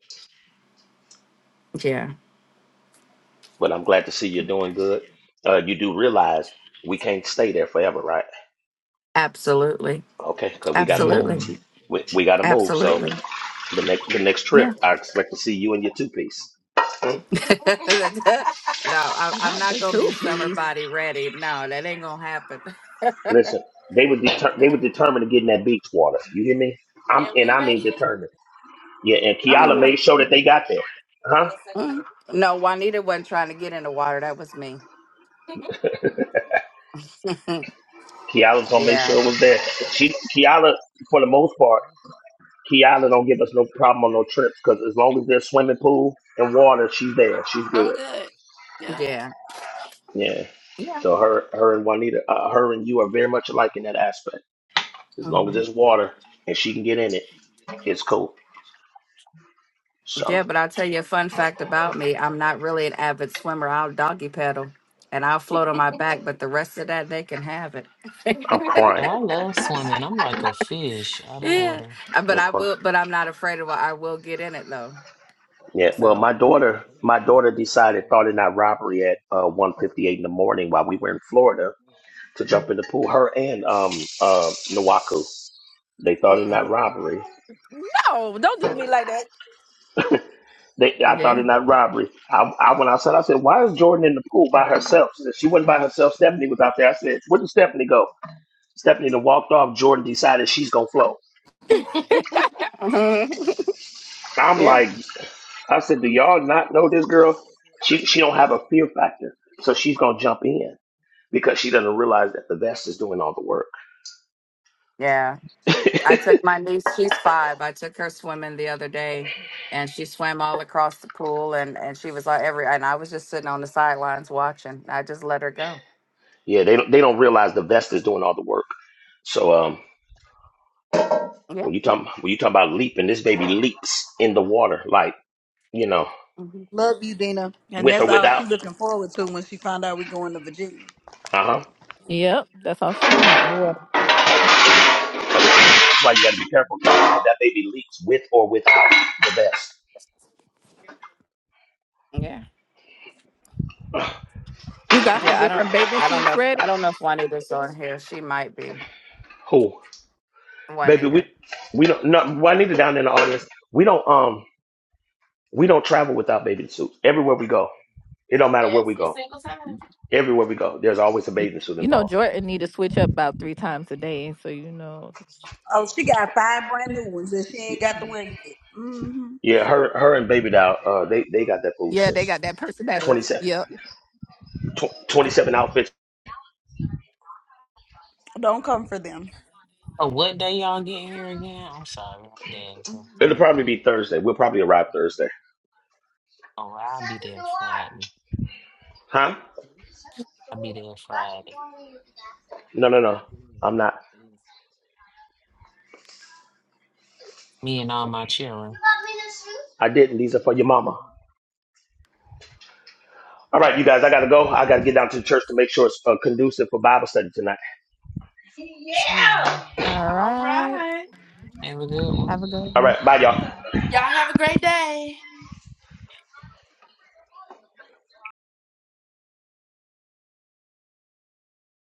Speaker 28: yeah.
Speaker 12: But I'm glad to see you're doing good. Uh, you do realize we can't stay there forever, right?
Speaker 28: Absolutely.
Speaker 12: Okay, because we gotta move.
Speaker 21: Hmm.
Speaker 28: Absolutely.
Speaker 12: We, we gotta move. So
Speaker 28: Absolutely.
Speaker 12: the next the next trip,
Speaker 28: Yeah.
Speaker 12: I expect to see you in your two piece.
Speaker 28: no, I, I'm
Speaker 13: Not
Speaker 28: not
Speaker 13: the
Speaker 28: gonna be
Speaker 13: two
Speaker 28: summer
Speaker 13: piece.
Speaker 28: body ready. No, that ain't gonna happen.
Speaker 12: Listen, they were deter- they were determined to get in that beach water. You hear me? I'm
Speaker 1: And
Speaker 12: and
Speaker 1: we
Speaker 12: I
Speaker 1: made
Speaker 12: mean
Speaker 1: it.
Speaker 12: determined. Yeah, and
Speaker 28: oh
Speaker 12: Kiala
Speaker 28: yeah.
Speaker 12: made sure that they got there. Huh?
Speaker 1: Yes, I did.
Speaker 28: Mhm. No, Juanita wasn't trying to get in the water. That was me.
Speaker 12: Kiala's gonna make
Speaker 28: yeah.
Speaker 12: sure it was there. She Kiala, for the most part, Kiala don't give us no problem on no trips because as long as there's swimming pool and water, she's there. She's
Speaker 1: I'm
Speaker 12: good.
Speaker 1: good. Yep.
Speaker 28: Yeah.
Speaker 12: Yeah.
Speaker 28: Yeah.
Speaker 12: So her, her and Juanita, uh, her and you are very much alike in that aspect. As long as
Speaker 28: hmm
Speaker 12: there's water and she can get in it, it's cool. So
Speaker 28: Yeah, but I'll tell you a fun fact about me. I'm not really an avid swimmer. I'll doggy paddle and I'll float on my back, but the rest of that they can have it.
Speaker 12: I'm
Speaker 21: Oh,
Speaker 12: crying.
Speaker 21: I love swimming. I'm like a fish out of
Speaker 28: yeah.
Speaker 21: water.
Speaker 28: Uh, But
Speaker 12: I'm
Speaker 28: I
Speaker 12: crying.
Speaker 28: will but I'm not afraid of it. I will get in it though.
Speaker 12: Yeah. Well,
Speaker 28: So
Speaker 12: my daughter, my daughter decided thought it not robbery at uh, 1:58 in the morning while we were in Florida to jump in the pool. Her and um uh Nawaku. They thought it
Speaker 28: mm,
Speaker 12: not robbery.
Speaker 13: No, don't do me like that.
Speaker 12: They I thought it
Speaker 28: yeah.
Speaker 12: not robbery. I, I went outside. I said, "Why is Jordan in the pool by herself?" She said, "She wasn't by herself. Stephanie was out there." I said, "Where did Stephanie go?" Stephanie then walked off. Jordan decided she's gonna float. I'm
Speaker 28: Yeah.
Speaker 12: like, I said, "Do y'all not know this girl? She she don't have a fear factor, so she's gonna jump in because she doesn't realize that the vest is doing all the work.
Speaker 28: Yeah. I took my niece, she's five. I took her swimming the other day and she swam all across the pool and, and she was like every, and I was just sitting on the sidelines watching. I just let her go.
Speaker 12: Yeah, they don't they don't realize the vest is doing all the work. So um,
Speaker 28: Yeah.
Speaker 12: When you talk when you talk about leaping, this baby leaps in the water, like you know,
Speaker 28: hmm
Speaker 27: Love you, Dina. And
Speaker 12: with or
Speaker 27: that's all
Speaker 12: without.
Speaker 27: she looking forward to when she found out we going to Virginia.
Speaker 12: Uh huh.
Speaker 13: Yep, that's all she want. Water.
Speaker 12: That's why you got to be careful. That baby leaks with or without the vest.
Speaker 28: Yeah.
Speaker 13: You got her
Speaker 28: Yeah. I don't,
Speaker 13: different bathing
Speaker 28: I don't
Speaker 13: suits
Speaker 28: know if, I
Speaker 13: ready.
Speaker 28: don't know if Juanita's on here. She might be
Speaker 12: Who, baby? We
Speaker 28: Juanita.
Speaker 12: we don't. No, Juanita down in the audience. We don't um we don't travel without bathing suits. Everywhere we go, it don't matter where we
Speaker 1: Every
Speaker 12: go.
Speaker 1: single time.
Speaker 12: Everywhere we go, there's always a
Speaker 13: You,
Speaker 12: bathing suit
Speaker 13: you know
Speaker 12: involved.
Speaker 13: Jordan need to switch up about three times a day, so you know.
Speaker 27: Oh, she got five brand new ones that she ain't got to wear yet. hmm
Speaker 12: Yeah, her her and baby doll. Uh, they they got that
Speaker 13: Yeah, they
Speaker 12: foolishness.
Speaker 13: got that personality.
Speaker 12: 27,
Speaker 13: Yep.
Speaker 12: tw- 27 outfits.
Speaker 27: Don't come for them.
Speaker 21: Oh, what day y'all getting here again? I'm sorry, I'm there, so I
Speaker 12: It'll
Speaker 21: forgot.
Speaker 12: probably be Thursday. We'll probably arrive Thursday,
Speaker 21: Oh, I'll be there Friday.
Speaker 12: huh?
Speaker 21: I'll be there Friday.
Speaker 12: No, no, no. I'm not.
Speaker 21: Me and all my children.
Speaker 12: I didn't. These are for your mama. All right, you guys, I got to go. I got to get down to the church to make sure it's uh, conducive for Bible study tonight.
Speaker 21: See y'all.
Speaker 13: All
Speaker 1: All
Speaker 13: right.
Speaker 1: right.
Speaker 21: Have a good one.
Speaker 13: Have a good
Speaker 12: All
Speaker 13: one.
Speaker 12: right, bye, y'all.
Speaker 1: Y'all have a great day.